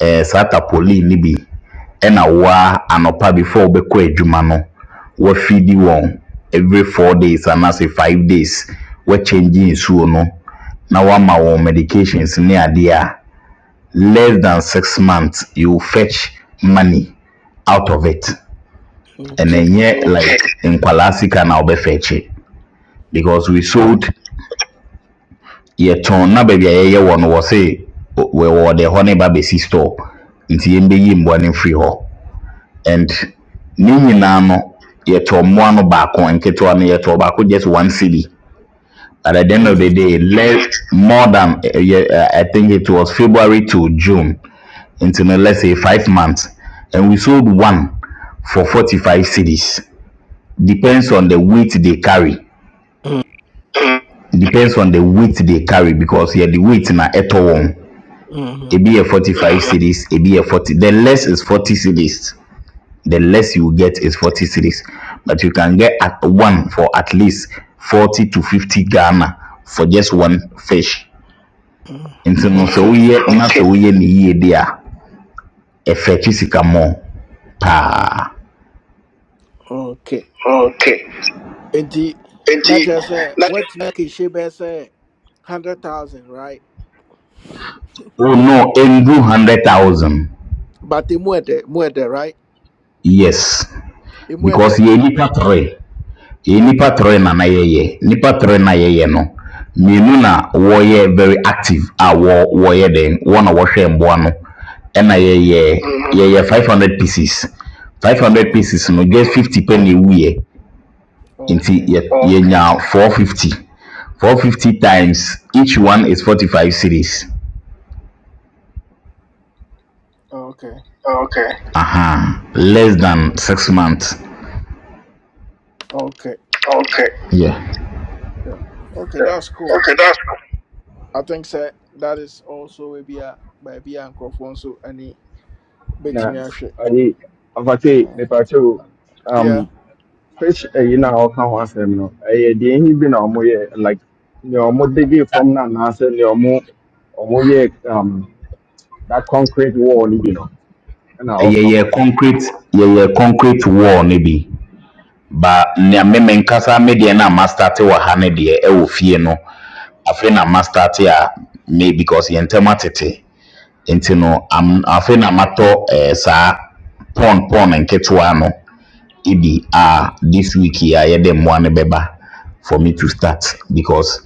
eh, saa tapoli ne bi ɛna woa anɔpa before wobɛkɔ adwuma no woafidi wɔn every four days and anaasɛ five days we woakyɛngye nsuo no na woama wɔn medications ne adeɛ a less than six months you fetch money out of it and Okay. then ɛnyɛ like nkwalaa sika na wobɛfɛkye because we sold yɛtɔn na baabi a yɛyɛ wɔ no wɔse wɔde hɔ ne ba bɛsi store nti yɛmbɛyi mmoa no mfiri hɔ and ne nyinaa no yɛtɔn mmoa no baako nketewa no yɛtɔn baako just one cedi at the end of the Mm-hmm. day less more than eh, eh, yeah, eh, i think it was february to june nti no let's say five months and we sold one for 45 cities. Depends on the weight they carry. Depends on the weight they carry because yeah, the weight na ɛtɔ wɔn. Mm-hmm. ebi yɛ forty five cedis ebi yɛ forty the less is forty cedis the less you get is forty cedis but you can get at one for at least forty to fifty ghana for just one fish nti Mm-hmm. no sɛ Okay. woyɛ na sɛ woyɛ ne yie de a ɛfɛtwi sika mɔ paa Okay. And the not just say what you make she be say hundred thousand right, oh no ɛngu hundred thousand but the more the more the right yes the more because the yɛ nipa three Yɛyɛ nnipa okay. tɔrɔɔe na na yɛreyɛ. Nnipa tɔrɔɔe na yɛreyɛ no, mmienu na wɔyɛ very active a wɔ wɔreyɛ dɛn, wɔn a wɔhwɛ mmoa no, ɛna Mm-hmm. yɛyɛ yɛyɛ five hundred pieces. Five hundred Mm-hmm. pieces no, just fifty pɛ na ɛwuiɛ. Nti Okay. yɛ yɛnyaa four fifty. Four fifty times each one is forty five cedis. Okay. Aha, less than six months. Okay. Yeah. Yeah. Okay, that's cool. I think sir, that is also a bia by bia and Crawford so any bet me na ayi afate Uh, mepakyɛ o yeah. um fish ayi no a ɔka ho asɛm no ɛyɛ deɛ ɛhi bi na ɔmoyɛ like nea ɔmo dege fam no anaasɛ nea ɔmo ɔmo yɛ um that concrete wall no bi no ɛna ɔka ho Yɛyɛ asɛm concrete yɛyɛ concrete wall no bi. ba nea me me nkasa me deɛ na ma start wɔ ha ne deɛ ɛwɔ fie no afei na ma start a me because yɛn ntɛm atete nti no Okay. am afei na matɔ ɛɛ saa pɔn pɔn nketewa no ebi a this week yi a yɛde mmoa no bɛba for me to start because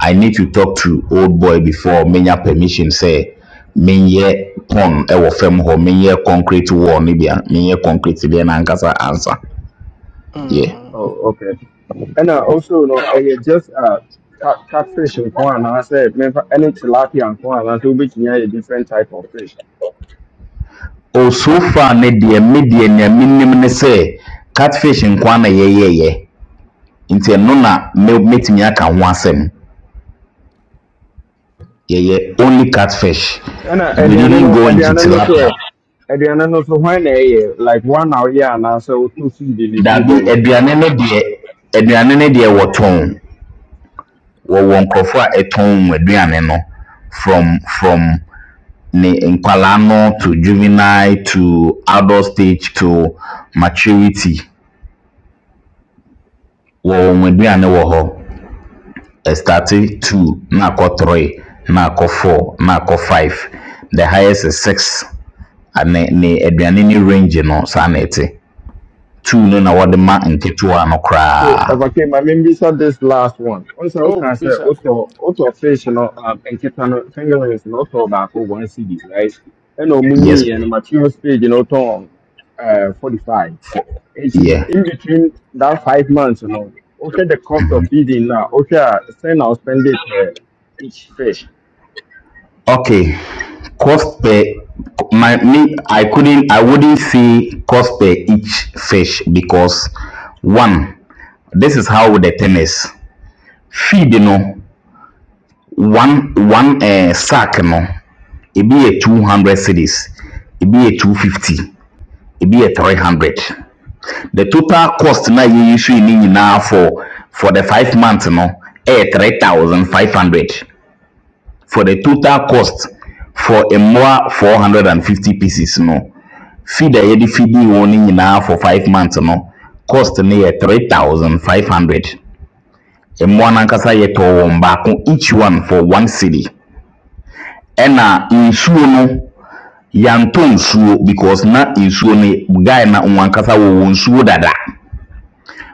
i need to talk to old boy before menya permission sɛ menyɛ pɔn ɛwɔ fam hɔ menyɛ concrete wall no bi a menyɛ concrete deɛ no ankasa ansa yeah. Mm. Oh, okay. And uh, also, no, uh, yeah, just uh, cat, Only catfish and you. corn, and I said, any tilapia and corn, and so we can a different type of fish. o so far ne deɛ me deɛ nea menim ne sɛ catfish nkoa na yɛyɛyɛ nti ɛno na me- metumi aka ho asɛm yɛyɛ only catfish ɛna we aduane didn't no go into aduane no so tilapia ɛ aduane no so hwan na ɛyɛ like one hour yɛ anaasɛ wotɔ seed ne firi daabi baabi so aduane tɔ no deɛ aduane no deɛ wɔtɔn wɔwɔ nkurɔfoɔ a ɛtɔn wɔn aduane no from from ne nkwalaa no to juvenile to adult stage to maturity wɔwɔ wɔn aduane wɔ hɔ I started two, na akɔ three, na akɔ four, na akɔ five. The highest is six. Ne ne aduane ne range no saa na ɛte. Two no na wɔde okay ma nketewa no so koraa. ɔbake ma membisa this last one ɔn sɛ Oh, wokaa sɛ Bisa. wotɔ wotɔ fish no um, nketa no fingerlings no wotɔ baako one cd right ɛna ɔmu nyiiɛ no Yes. money and material stage you know, wotɔn uh, 45 Four. nti in Yeah. in between that five months you know. wohwɛ the cost of feeding na wohwɛ say sɛn na wospend it uh, each fish Okay. Cost per my me I couldn't I wouldn't say cost per each fish because one this is how the thing is. Feed no one one uh, sack no ebi yɛ two hundred cedis ebi yɛ two fifty ebi yɛ three hundred the total cost na yɛyi so yi ne nyinaa for for the five months no ɛyɛ three thousand five hundred for the total cost for mmoa four hundred and fifty pieces no feed a yɛde feeding wɔn ne nyinaa for five months no cost ne yɛ three thousand five hundred mmoa no ankasa yɛtɔɔ wɔn baako each one for one cedi ɛna nsuo no. yɛantɔ nsuo because na nsuo no guy na wɔn ankasa wɔwɔ nsuo dada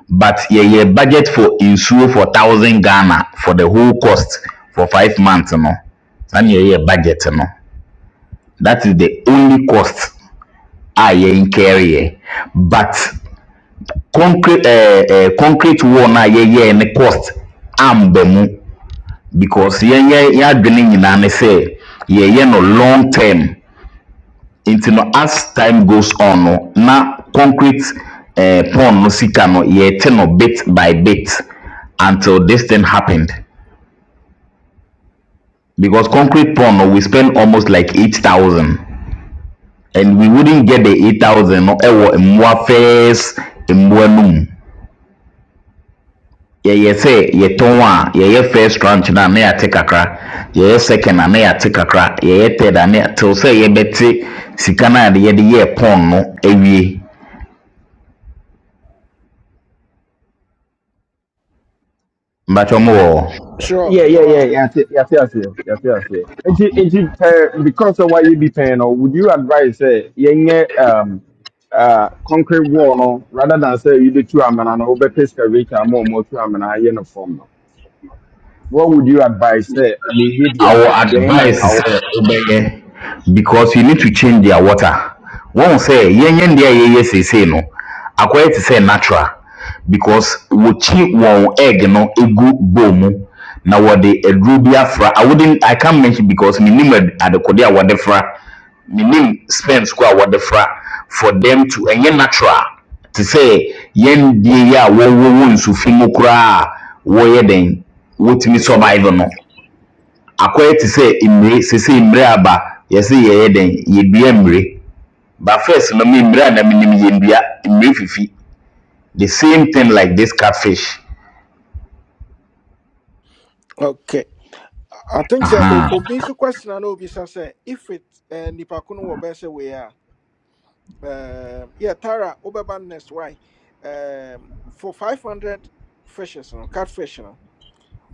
but yɛyɛ budget for nsuo for thousand ghana for the whole cost for five months no saa na yɛyɛ budget no that is the only cost a yɛn carryɛ but concrete ɛɛ ɛɛ concrete wall na yɛyɛ ne cost amba mu because yɛn yɛn yɛn adwene nyinaa ne sɛ yɛyɛ no long term. nti no as time goes on no na concrete eh, pond no sika no yɛte no bit by bit until this thing happened because concrete pond no we spend almost like eight thousand and we wouldn't get the eight thousand no ɛwɔ mmoa first mmoa no mu yɛyɛ sɛ yɛtɔn a yɛyɛ first tranche no a na yɛate kakra yɛyɛ second a na yɛate kakra yɛyɛ third a na yɛ- till sɛ yɛbɛte sika no a yɛde yɛɛ pond no awie mbatwɛ mo wɔ hɔ Sure, Yeah, you yeah, yeah, are. yeah, yeah, yeah, yeah, yeah, yeah, yeah. yeah. And you, and you pay, because of what you be paying, or would you advise say, yeah, yeah, um, uh, concrete wall, no, rather than say you do two amena, no, over pescavator, more, more two amena, you know, form, no. What would you advise say, me, yeah, I will gain and advise cow? sɛ wobɛyɛ because you need to change their water. Wɔn sɛ yɛnyɛ deɛ a yɛyɛ seesei no akɔyɛ te sɛ natural because wɔkyi wɔn egg no egu bowl mu na wɔde aduro bi afra. I wouldn't I can't mention because minim ad- adekode a wɔde fra minim spends ko a wɔde fra for them to ɛnyɛ natural te sɛ yɛn deɛ yi a wɔwɔ wɔ nsu fi mu koraa a wɔyɛ den wɔtumi I'm a survive survivor. no akɔyɛ te sɛ mmire seesei mmire aba yɛse yɛyɛ dɛn yɛdua mmire but first no me mmire a na menim yɛndua mmire fifi the same thing like this catfish Okay. I I think sir o- aha uh-huh. Obi so question I know Bisa say if it uh, nipa kuno wɔ bɛsɛ Um, yeah, Tara, Oberban next. Why? Um, for 500 fishes, no, know, catfish, no. know,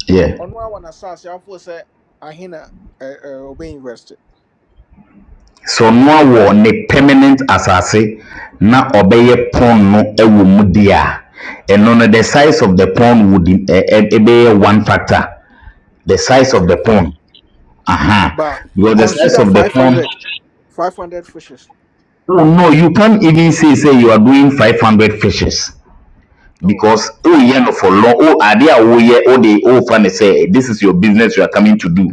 yeah on one one assassin, I was a ahina obey invested. so noa wɔ ne permanent asase na ɔbɛyɛ pond no ɛwɔ mu deɛ a ɛno no the size of the pond would in- ɛ ɛ ɛbɛyɛ one factor the size of Okay, the pond aha uh-huh. but because the size consider of the five pond hundred, 500 fishes. oh no you can't even say say you are doing five hundred fishes Oh, because okay, oh yeah no for long oh ade a woyɛ oh de oh fa ne sɛ this is your business you are coming to do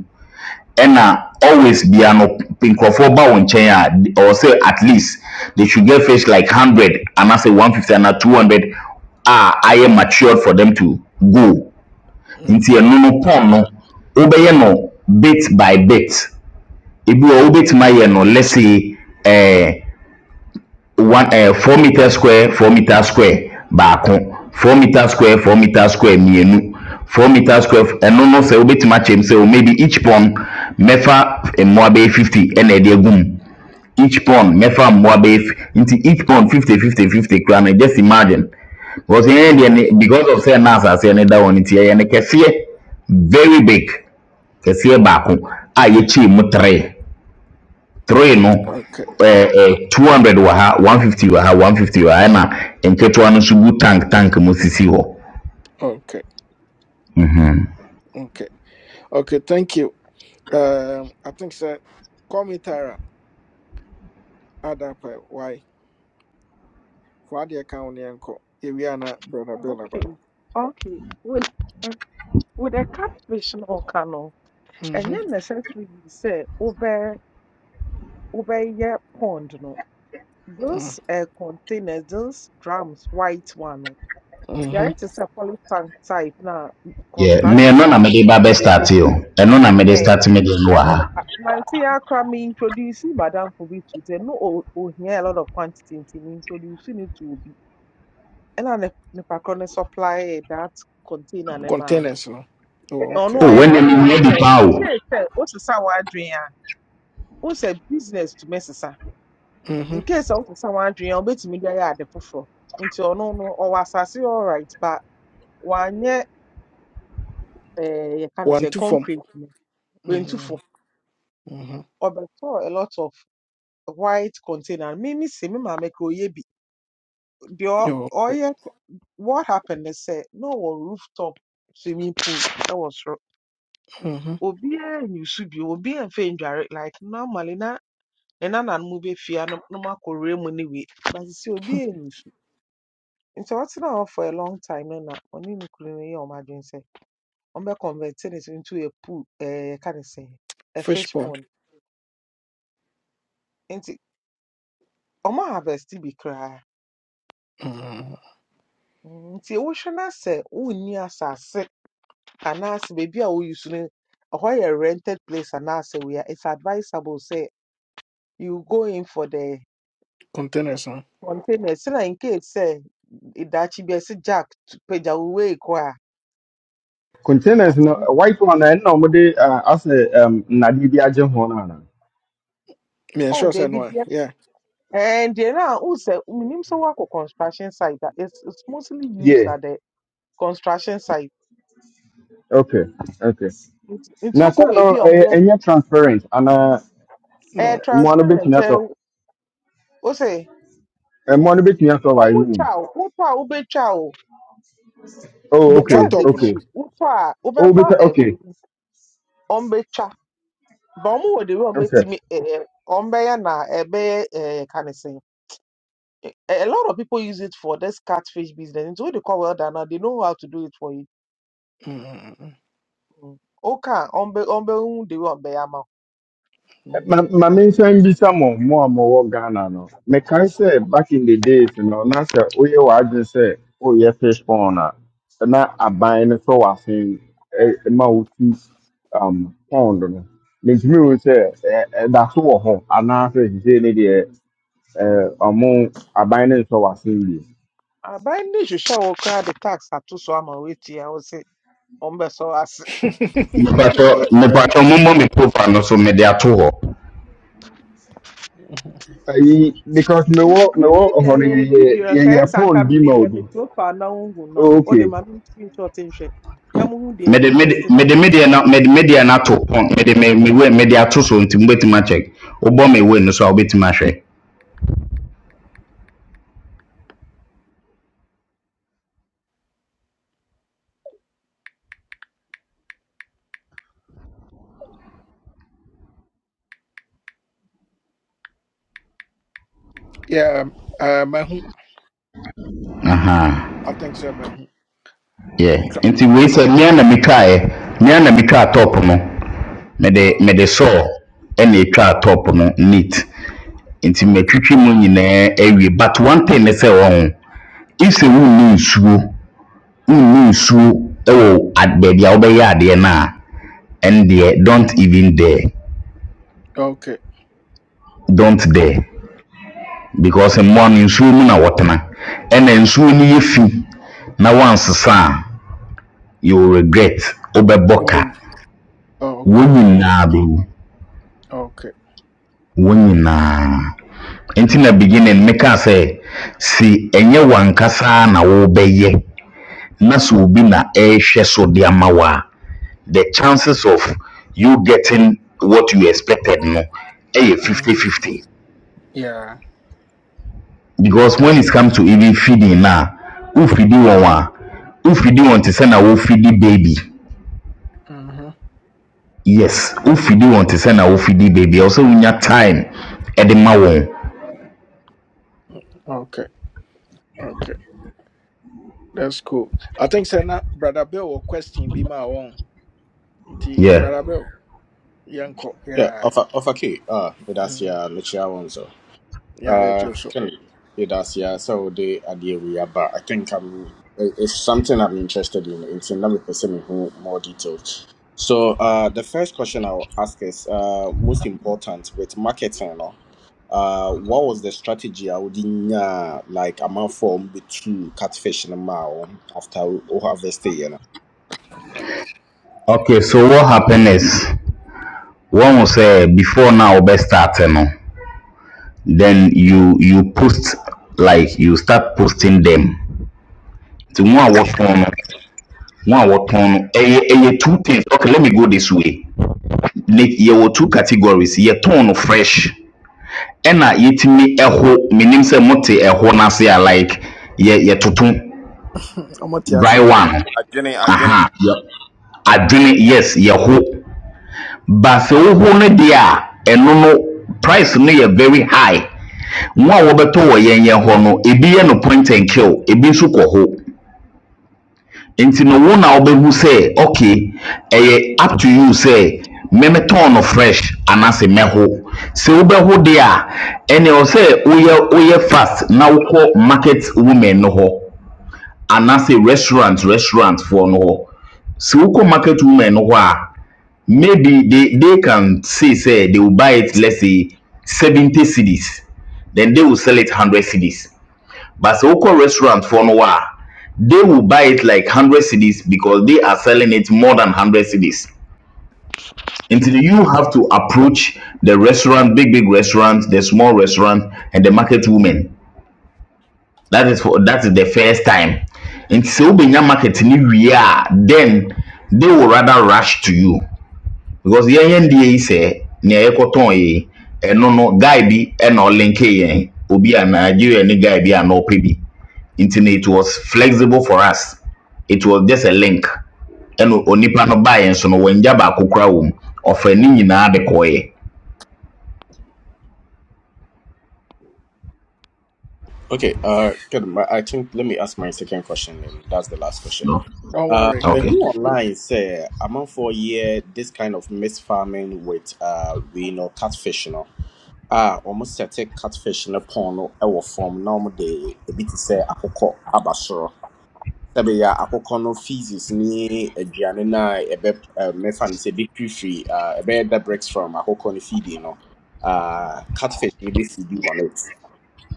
ɛna always bia no nkurɔfoɔ ba wɔn nkyɛn a ɔwɔ sɛ at least they should get fish like one hundred anaasɛ one fifty ana two hundred a ayɛ matured for them to go nti okay, ɛno no pɔn no wobɛyɛ no bit by bit ebi wɔ wobɛtumi ayɛ no let's say ɛɛ. Eh, one ɛɛ four meter square four meter square baako four meter square four meter square mmienu four meter square f- ɛno no sɛ wobɛtumi akyɛm sɛ o maybe each pond mɛfa mmoa bɛyɛ fifty ɛna ɛde agu mu each pond mɛfa mmoa bɛyɛ f- nti each pond fifty fifty fifty koraa no just imagine because yɛn deɛ Mm. ne because of sɛ na asase ne da hɔ no nti yɛyɛ ne kɛseɛ very big kɛseɛ baako a yɛkyɛɛ mu tere three no okay, eh, eh, 200 wɔ ha 150 wɔ ha 150 wɔ ha ɛna nketewa no nso gu tank tank mu sisi hɔ okay, okay, okay. Thank you. Um, I think sir, call me Tara. Add up. uh, Why? Fa adeɛ count? wo ne yɛnkɔ. Yɛwie a na brother Oh, Bill aba. okay. Okay. With eh, with a catfish no cano, and Mhm, then necessarily say over over your pond no. mm, Those uh, containers, those drums, white one. no, They mhm. are to say poly tank type now yɛ construction mmienu for na mede ba bɛ you. start o ɛno na mede Hey, start mede no and wɔ no, ha my tia me introducing Madame Kobe to say no, oh, oh, here a lot of quantity in introducing it to be. And I ne ne pakro ne supply that container ne man. Containers no. Oh, ɔno okay. o ɔyɛ wɔne mi n'adwene nyɛ di sɛ paa o nkei sɛ wosesa w'adwene a wosɛ business tumi sesa Mhm. nkei sɛ i w'adwene a wobɛtumi de ayɛ ade foforɔ Into ɔno no no, or ɔwɔ asase alright but wanyɛ eh, you can One say to form. concrete we no wentu Mhm. fam Mhm. ɔbɛtɔɔ a lot of white container Me, se me maame kura oyɛ bi The ɔ- Oh, okay. what happened They sɛ no ɔwɔ rooftop swimming pool That ɛwɔ soro Mhm. obiara nni su bio obiara mfɛ ndware like normally na nna na no mu bɛfie a no no mu akɔwura mu ne wei but sɛ obi ɛnni so nti ɔtena hɔ for a long time no na ɔne ne kunu no yɛ ɔmo adwene sɛ ɔmbɛconvert ne so into a pool ɛɛ yɛka ne sɛ a Fish fish pond. pond nti ɔmo harvest bi koraa Mhm. Mm, nti wohwɛ na sɛ wonni asase anaasɛ baabi a woyi so no ɛhɔ yɛ rented place anaasɛ we are, it's advisable Say you go in for the Containers no. container So in case sɛ daakye bi a ɛsɛ jack pagya wo wei kɔ a Containers, at no, the a white one, and no, but they, uh, I say, um, Nadia Jehonana. Me Oh, sure they say no. be there. Yeah. And there now who say minim say work construction site that it's it's mostly used Yeah. at the construction site. Okay, okay. Nti Now, so, wokɔ no, baabi a ɔmo uh, yɛ and you're transparent, and, uh, ɛyɛ No. more a transparent bit, ɛ o say And Money no bɛtumi asɔ wayo ɔmo wom twa o wotɔ a wobɛtwa o oh Butcher okay that's the top no. okay issue wotɔ a oh bɛka wobɛmba okay ɛwɛ ɔmo bɛtwa but ɔmo wɔ the way ɔmo okay bɛtumi ɛɛ ɔmo bɛyɛ na ɛbɛyɛ ɛɛ kanisɛn. A a lot of people use it for this catfish business. Nti wo de kɔ welder now they know how to do it for you. Mhm. Mm. Okay, on be on be on the way on be Mhm. My my main nsan bisa mo mo a mowɔ ghana no mekae sɛ back in the days you no na sɛ woyɛ w'adwene sɛ woyɛ fish pond And now I buy it, so I think a na aban no sɔ w'asen ɛ- ma wotu um, pond no mentumi wo sɛ ɛ- ɛda so wɔ hɔ anaasɛ sisei ne eh, ɛ, ɔmo aban no nsɔ w'asen bio aba nhwehwɛ a wɔkora de tax ato so ama wɔatia wo se ɔmbɛsɔ wo ase mepatɔ mepatɔ mommɔ me profile no so mede ato hɔ because me mewɔ me meme no deɛ ne yɛyɛ video nka yɛ yɛyɛ sɛ anka pond bi mede ma yɛ me obi profile na wohu nam no wode Okay. ma me screenshot nhwɛ na mohu deɛ mede mede yɛharveste mede nanke medeɛ na mede medeɛ na ato pɔn mede me dey me we mede ato so nti mobɛtumi akyɛ wobɔ me we no so a wobɛtumi ahwɛ Yeah, um, uh, mahu. aha I think so, mahu. yɛ nti wei sɛ mmea na metwaeɛ mmea na metwaa top no mede Uh, mede sɔɔ ɛna etwaa top no neat nti okay, matwitwi mu nyinaa awie but one thing ne sɛ wɔ ho nsɛ wonni nsuo wonni nsuo ɛwɔ ad- baabi a wobɛyɛ adeɛ no a ɛn deɛ don't even dare okay. don't dare because mmoa no nsuo mu na wɔtena ɛna nsuo no yɛ fi na wansesa a you will regret wobɛbɔ ka Umbe. Oh, wɔn okay, nyinaa bɛwu okay, wɔn okay. nyinaa Enti na beginning meka sɛ si ɛnyɛ wankasa na wobɛyɛ na sɛ obi na ɛrehwɛ so de ama the chances of you getting what you expected no eh fifty Mm-hmm. fifty Yeah. because when it comes to even feeding na wofidi wɔn a wofidi wɔn te sɛ na wofidi baby Mm-hmm. yes wofidi want to send a wofidi baby also sɛ wonya time at the wɔn Okay. Okay. That's cool. I think sɛ na brother Bill will question bi ma wɔn nti yeah brother Bill yanko. Yeah, Yeah. ofa ofa ke ah Mm. idasia lucia wonso. Yeah, yɛgye Uh wo can idasia so de adie we aba. I think I'm it- it's something I'm interested in. It's in me person me who more details. So uh the first question I'll ask is uh most important with marketing no. Uh what was the strategy I would in like amount form with two catfish in a mile after we harvest it, you know? okay so what happened is. wɔhu sɛ before now ɔbɛ start no then you you post like you start posting them nti mu a wɔtɔn no mu a wɔtɔn no ɛyɛ ɛyɛ two things okay let me go this way ne yɛwɔ two categories yɛtɔn no fresh ɛna yɛtumi ɛho menim sɛ mote ɛho no ase a whole nasia like yɛ yɛtoto I'm not dry aseɛ one adwene adwene aha yɛ adwene yes yɛho ba sɛ woho no deɛ a ɛno no price no yɛ very high Wɔn a wɔbɛtɔ wɔ yɛn yɛn hɔ no ebi yɛ no point and kill ebi nso kɔ hɔ nti no wo na wobɛhu sɛ okay ɛyɛ up to you sɛ mɛmɛtɔn no fresh anaasɛ mɛho sɛ wobɛho deɛ a ɛnea ɛwɔ sɛ woyɛ woyɛ fast na wokɔ market women no hɔ anaasɛ restaurant restaurant foɔ no hɔ sɛ wokɔ market women no hɔ a maybe they they can say sɛ they will buy it let's say seventy cedis then they will sell it one hundred cedis But Soko restaurant for Noah, they will buy it like 100 cities because they are selling it more than 100 cities. Until you have to approach the restaurant, big, big restaurant, the small restaurant, and the market woman. That is for that is the first time. And so when your market ni we are, then they will rather rush to you. Because the NDA say, near Ekoton, and no, no, guy be, and no link, obi a Nigeria, any guy be, and no baby. nti no it was flexible for us it was just a link And onipa no baeɛ nso no wanya baako kora wɔ mu ɔfa de kɔɔeɛ Okay, uh, good. My, I think let me ask my second question, and that's the last question. no Don't Uh, worry. the okay who online say among for year this kind of mixed farming with uh we know catfish, you know. Ah, almost set a catfish in a pond no ɛwɔ form normal day a bit say akoko abasoro. Sabe ya akoko no feces ni aduane na ebe uh, mefa ne say big free free uh ebe that breaks from akoko no feeding know. Uh, catfish ni be feeding on it.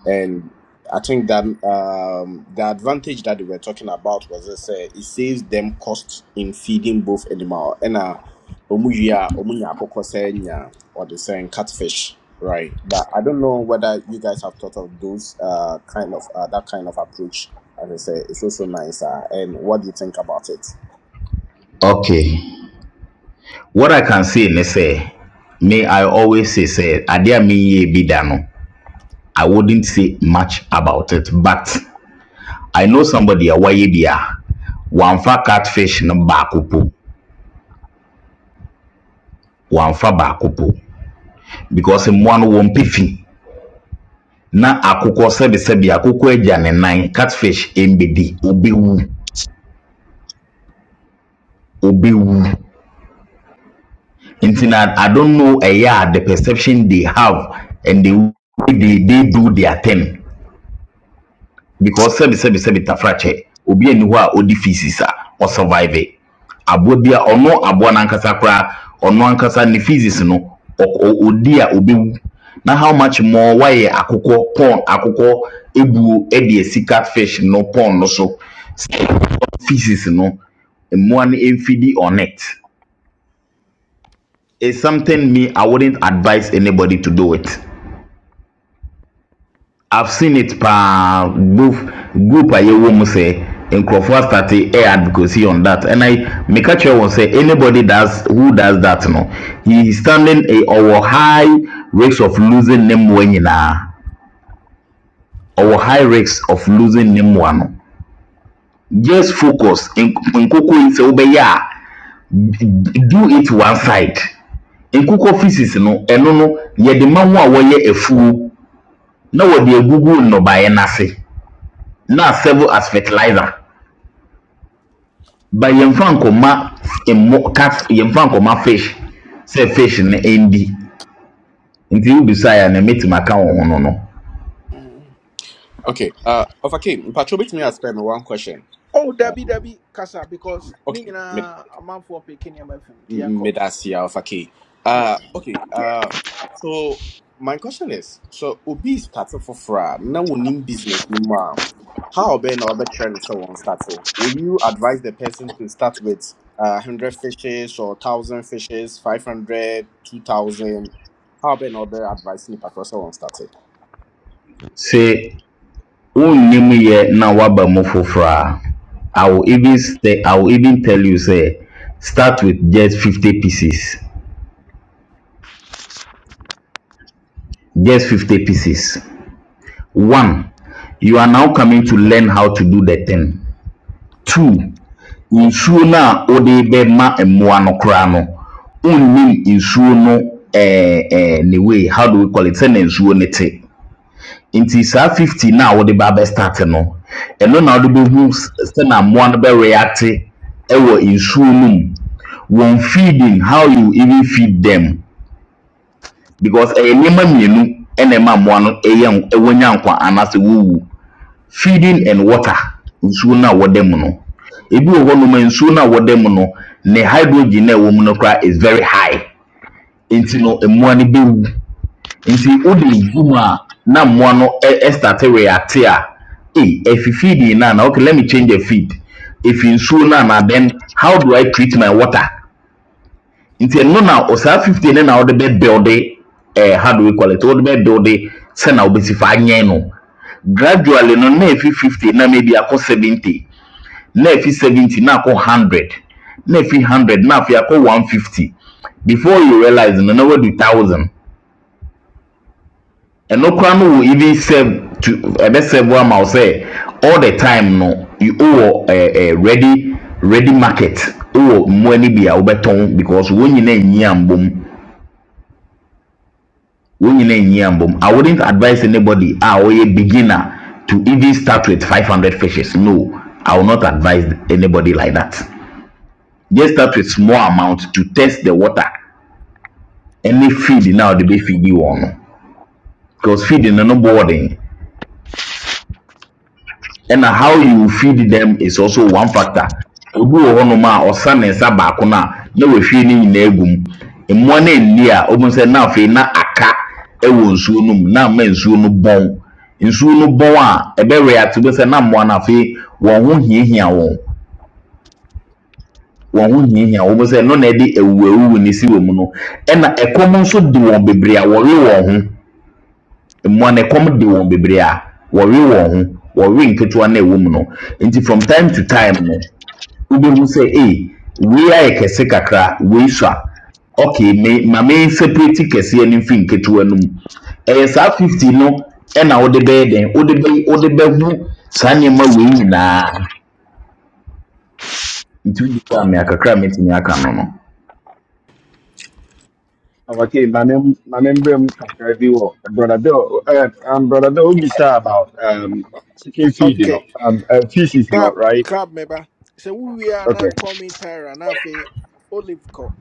And I think that um, the advantage that they were talking about was this, uh, it saves them costs in feeding both animal and uh, omuya omunya pokosenya or the same catfish, right? But I don't know whether you guys have thought of those uh, kind of uh, that kind of approach. As I say, it's also nice. Uh, and what do you think about it? okay what i can say let's say. May i always say say? Adia a menyɛ bi no i wouldn't say much about it but i know somebody a wayɛ bi a catfish no baako po wamfa baako po because in one won't wɔmpɛ fi na akwụkwọ sɛbesɛbe akwụkwọ agya ne nan catfish embedi obewu obewu nti na i don't know ɛyɛ a yeah the perception they have and the way they they do their thing because sɛbesɛbe sɛbe tafrakyɛ obi ani hɔ a ɔdi feces a ɔsurvive aboa bi a ɔno aboa n'ankasa koraa ɔno ankasa ne feces no ɔ- ɔ- ɔdi a obewu na how much more wayɛ akokɔ pɔn akokɔ ebuo ɛde esi catfish no pɔn no so. feces no mmoa no mfidi on it is something me I wouldn't advise anybody to do it. I've seen it paa group group a yɛwɔ mu sɛ nkurɔfoɔ asate air advocacy on that and I meka kyerɛ wɔn sɛ anybody does who does that no he is standing a ɔwɔ high risk of losing ne mmoa nyinaa ɔwɔ high risk of losing ne mmoa no just focus nk- nkoko yi sɛ wobɛyɛ a d- d- do it one side nkukɔ physics no ɛno no yɛde ma wɔn a wɔyɛ afuo na wɔde agugu nnɔbaeɛ no ase na se na serve as fertilizer ba yɛmfa nkɔma mmo cat yɛmfa nkɔma fish sɛ fish no ɛndi nti wobisa a na mɛtumi aka wo ho no no Mm. Okay, uh, of okay, Patrobit me ask me one question. Oh, Debbie, Debbie, Kasa, because Okay, Nina, a man for picking him up from Tianco. Medasi Alpha K. Uh, Yeah. okay. Uh, so my question is: So Obi is starting for fra now. We need business no more. How about now? About trying so starting. Will you advise the person to start with uh, hundred fishes or thousand fishes, 500, 2,000? How about now? About advice ni patrosa on starting. sɛ wonnim yɛ na woaba mu foforɔ a I will even say, I will even tell you say start with just 50 pieces just 50 pieces one you are now coming to learn how to do the thing Two, nsuo no a wode bɛma mmoa no koraa no, wonnim nsuo no ɛɛ ɛɛ ne way, how do we call it, sɛnea nsuo no te. Nti saa 50 no a wode ba abɛstart no, ɛno na wode bɛhu s- sɛnea mmoa no bɛreacte ɛwɔ nsuo no mu. Wɔn feeding, how you even feed them because ɛyɛ nneɛma mmienu ɛna ɛma mmoa no ɛyɛ nk- ɛwɔnya nkwa anaasɛ wɔwu feeding and water nsuo no a wɔda mu no ebi wɔ hɔnom a nsuo no a wɔda mu no ne hydrogen no a ɛwɔ mu no koraa is very high nti no mmoa no bɛwu nti wode gu mu a na mmoa no ɛ- ɛstarte reate a ei ɛfi feeding no a na okay let me change the feed ɛfi nsuo no a na then how do i treat my water nti ɛno na ɔsaa 50 no na wode bɛbuilde eh, hardware quality wode bɛbuilde sɛ na wobɛsi fa anyɛn no gradually no na ɛfi 50 na maybe akɔ 70 na efi seventy na akɔ hundred na efi hundred na afei akɔ one fifty before you realize no na wadu thousand ɛno koraa no crime will even serve to ɛbɛ serve wo ama wo sɛ all the time no you wɔ ɛɛ ɛɛ ready ready market wɔ mmoa no bi a wobɛtɔn because wɔn nyinaa nyi ambom wɔn nyinaa nyi ambom i wouldnt advise anybody a ɔyɛ beginner to even start with five hundred fishes no i will not advise anybody like that. just start with small amount to test the water ɛne feed na ɔde bɛ feed wɔn no because feed no no boarding ɛna how you feed them is also one factor obi wɔ hɔnom a ɔsa ne nsa baako no a na wahwie ne nyinaa gu mu mmoa no nni a wɔn sɛ na afei na aka wɔ nsuo no mu na ama nsuo no bɔn nsuo no bɔn a ɛbɛwea te bɛ sɛ na mmoa no afei wɔn ho hiahia wɔn wɔn ho hiahia wɔn sɛ no na ɛde awuawuo ne si wɔn no ɛna ɛkɔm nso de wɔn bebree a wɔwe wɔn ho mmoa no ɛkɔm de wɔn bebree a wɔwe wɔn ho wɔwe nketewa no a ɛwɔ mu no nti from time to time no wobɛhu sɛ ei wei ayɛ kɛse kakra wei so a Keseka cra, we shall. okay me ma me separate kɛseɛ no mfiri nketewa no mu ɛyɛ saa 50 no ɛna wode bɛyɛ den wode bɛ wode bɛhu saa nneɛma wei nyinaa nti wodi kɔ a crammet in your canon. Okay, my name my name, Brother Bill uh, um brother Bill be sure about um chicken feed, you know. Okay. Um uh, fishes, you know, Club, right? club member. So we are not Okay. coming Tyra, not fe Olive Co.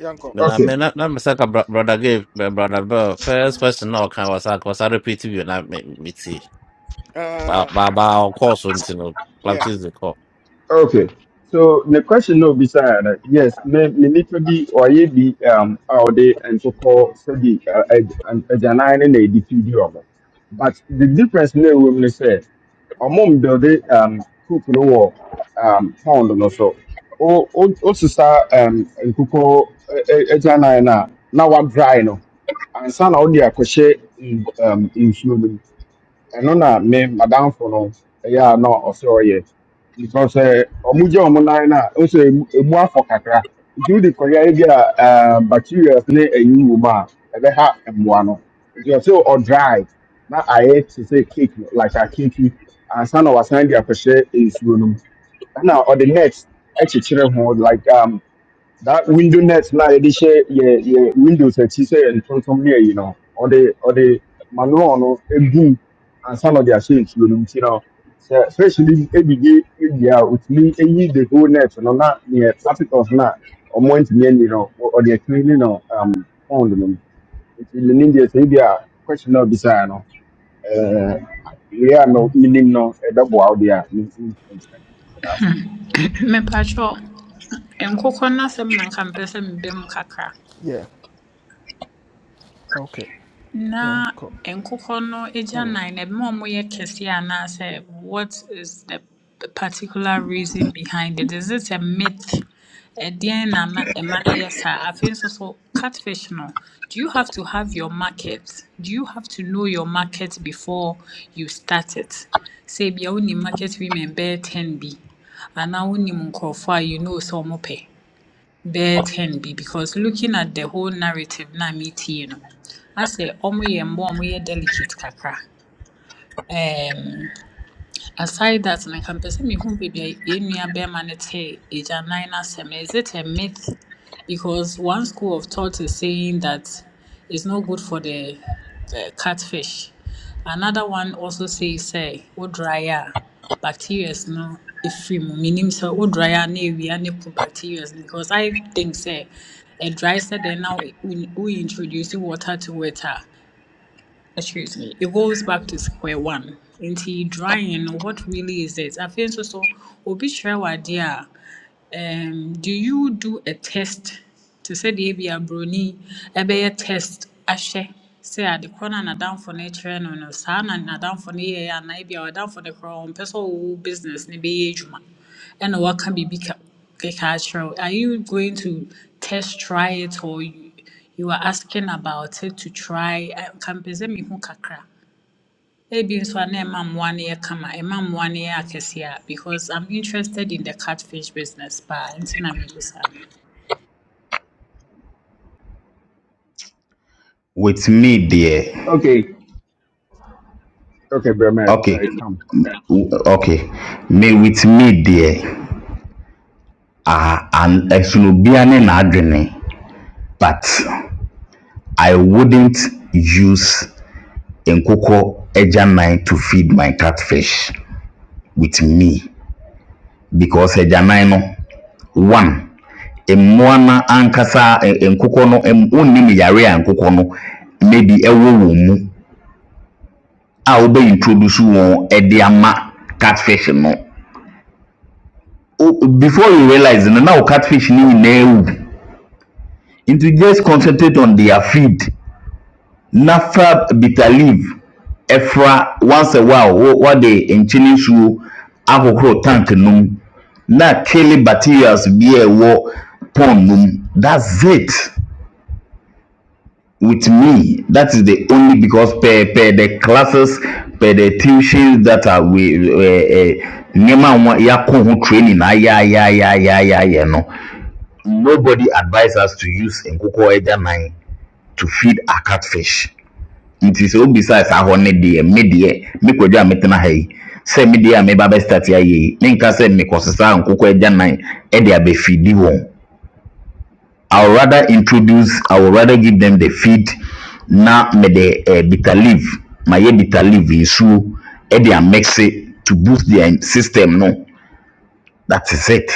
Yanko. na me Okay. na na me sɛ brother gave brother bell first person na ɔka wasa wasa repeat bi na me me tie. ba Uh, ba ba call so nti no yeah. baptism kɔ Okay. So the question no beside that. Yes, me me need to be bi ɔyɛ bi um out there and so ɔde nkokɔ sɛbi agyanan ne and edi fi of it, But the difference na ewu mu ne sɛ ɔmo um coop no wɔ um pound no so. O o o sisa um nkokɔ agyanan na na wa dry no. Ansa na ɔde akɔhyɛ mm, um nsuo no mu ɛno na me madamfo no ɛyɛ a na ɔsɛ ɔyɛ because sɛ ɔmo gye ɔmo nan no a ɔsɛ emu emu afɔ kakra nti wode kɔyɛ bi a eh, bacteria ne ayi wɔ mu a ɛbɛha mmoa no nti ɔsɛ ɔdry na ayɛ te sɛ cake no, like a cake yi, ansa na wasan de akɔhyɛ nsuo no mu ɛna ɔde net akyekyere ho like um, that window net na yɛde hyɛ yɛ yɛ windows akyi sɛ yɛ ntontom ne ayi no ɔde ɔde manual no egu ansa na ɔde ahyɛ nsuo no mu. nti no sɛ fresh bi edidi ewie a otumi eyi the whole net no na neɛ particles na ɔmo ntumi ani no ɔ- ɔde akiri ne no um pond no mu nti ne ne deɛ sɛ ebi a question na ɔbisaa no ɛɛ wei a no minim no ɛbɛboa wo deɛ a ne ne ntumi ntumi ntumi. mepatwɔ nkokɔ no na nka mpɛ sɛ mebɛ kakra Yeah. ok Na Yanko. nkokɔ no agyanan oh. no, ɛma wɔyɛ kɛseɛ anaasɛ what is the the particular reason behind it? Is it a myth? Ɛdeɛn na ma ɛma no yɛ saa? Afei nso so, catfish no, do you have to have your market? Do you have to know your market before you start it? Sɛ ebia wonim market women bɛyɛ 10 bi anaa wonim nkurɔfoɔ a you know sɛ wɔpɛ bɛyɛ ten bi because looking at the whole narrative na metie no, na sɛ ɔmo yɛ mmoa a ɔmo yɛ delicate kakra. um, Aside that no nka mpɛ sɛ mehu baabi a yɛn nua bɛrima no tee agyanan no asɛm no. Is it a myth? Because one school of thought is saying that it's not good for the uh, catfish. Another one also says sɛ wo dry a bacterias no ɛfiri mu. Menim sɛ wo dry a na awia ne po bacterias no because I think sɛ ɛdry sɛ dɛn na wo wo introduce water to it excuse me it goes back to square one nti drawing no what really is it I feel so so. obi kyerɛ wo a um, do you do a test to say the deɛ Bruni? a broni ɛbɛyɛ test ahwɛ sɛ ade korɔ na n'adamfo no kyerɛ no no saa na n'adamfo no yɛɛ anaa ebi a ɔdamfo no korɔ ɔmpɛ sɛ ɔwɔ business no bɛyɛ adwuma ɛna waka biribi ka keka akyerɛ are you going to test try it or you, you are asking about it to try Can present me who kakra Ebi nso a na ɛma mmoa no yɛ kama, ɛma mmoa no yɛ akɛseɛ a because I'm interested in the catfish business paa nti na mebisa no. With me akakra a mɛtumi aka no no wɔatumi deɛ okay okay brɛ mɛ okay ɛɛ come. w- okay me with me there uh, and ɛsono ne n'adwene but i wouldn't use nkokɔ agyanan to feed my catfish with me because agyanan no one mmoa no ankasa ɛ- ɛ- nkokɔ no ɛm- wonnim yare a nkokɔ no maybe ɛwɔ wɔn mu a wobɛ introduce wɔn ɛde ama catfish no Wo- before you realize no na wo catfish no nyinaa wu nti just concentrate on their feed na fa bitter leaf ɛfra once a while wo- wɔde nkyene nsuo ahohoro tank no mu na kele bacterials bi a ɛwɔ pond no mu that's it with me that is the only because per per the classes per the tuitions that are we ɛɛ ɛ nneɛma a wɔn- yɛakɔ ho training na ayɛayɛayɛayɛayɛ no nobody advise us to use nkokɔ agyanan to feed our catfish. nti sɛ obisa saa hɔ ne deɛ me deɛ me kwadwo a metena ha yi sɛ me deɛ a meba bɛstarte ayɛ yi menka sɛ mekɔsesa nkokɔ agya nan de abɛfidi wɔn i will rather introduce i will rather give them the feed na mede eh, bitter leaf mayɛ bitter leaf nsuo de amexe to boost their system no that is it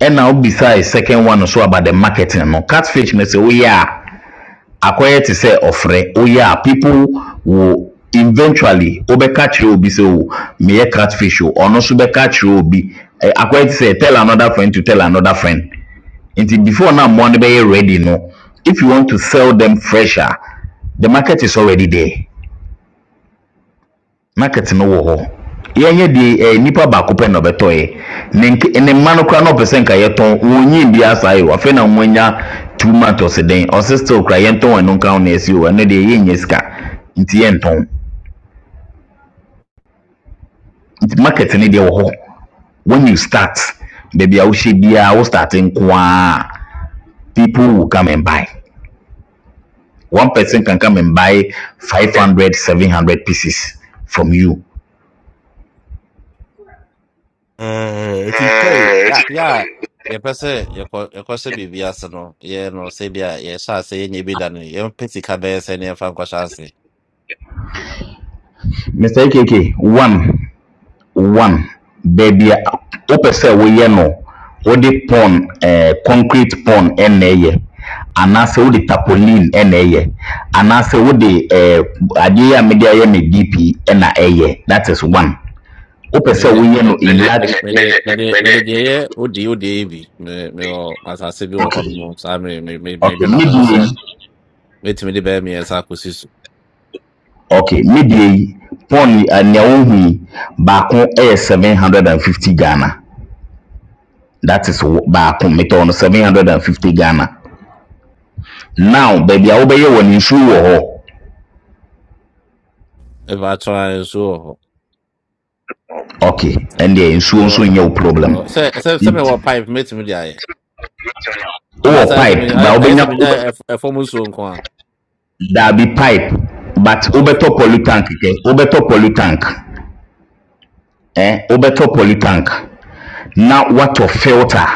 ɛna obisa second one nso about the marketing no catfish no sɛ woyɛ a akɔyɛ te sɛ ɔfrɛ woyɛ a people will eventually wobɛka kyerɛ obi sɛ o meyɛ catfish o ɔno nso bɛka kyerɛ obi Eh, akɔyɛ te sɛ tell another friend to tell another friend nti before na mmoa no bɛyɛ ready no if you want to sell them fresher the market is already there market no wɔ hɔ yɛnyɛ deɛ ɛɛ nipa baako pɛ na ɔbɛtɔɛ ne nk ne mma no kora na ɔpɛ sɛ nka yɛtɔn wɔn nyi bi asa yi afei na wɔn anya two months ɔsi den ɔsi still kora yɛntɔn wɔn no nka wɔn ɛsi o ɛno deɛ yɛnyɛ sika nti yɛntɔn nti market ne deɛ wɔ hɔ when you start baabi a wohyɛ biara wo start nko ara people will come and buy one Okay. person can come and buy five hundred seven hundred pieces from you Eh, nti kare yɛ yɛ a yɛpɛ sɛ yɛkɔ yɛkɔhyɛ biribi ase no yɛ no sɛ bi a yɛhyɛ ase yɛnyɛ bi da no yɛmpɛ sika bɛyɛ sɛ ne yɛmfa nkɔhyɛ ase mr akk one. One, baabi a wopɛ sɛ woyɛ no wode pond ɛɛ concrete pond na ɛyɛ anaasɛ wode tarpaulin na ɛyɛ anaasɛ wode ɛɛ adeɛ a mede ayɛ me DP na ɛyɛ that is one. Wopɛ sɛ mede woyɛ me- no de in large me- mede mede de deɛ ɛyɛ odie odie yi bi Me- mewɔ asase bi wɔ hɔ okay nom saa me- me- me- okay meredwene ne ho sɛ deɛ yi mɛtumi de bɛyɛ mmiɛnsa akɔsi so okay ne deɛ yi pond yi, eh, nea wohu yi baako yɛ seven hundred and fifty Ghana that is wo- baako metɔɔ no seven hundred and fifty Ghana. Now baabi a wobɛyɛ wɔ no nsuo wɔ hɔ. ɛfa atoa nso wɔ hɔ okay ɛndeɛ nsuo nso nyɛ wo problem Mewɔ- se sɛ sɛ N- Me mewɔ pipe mɛtumi de yeah, yeah. And as wowɔ I said, pipe I ba I wobɛnya wob- said, I form so on. daabi pipe but wobɛtɔ Okay. polytank kɛ wobɛtɔ polytank eh? wobɛtɔ polytank na woatɔ filter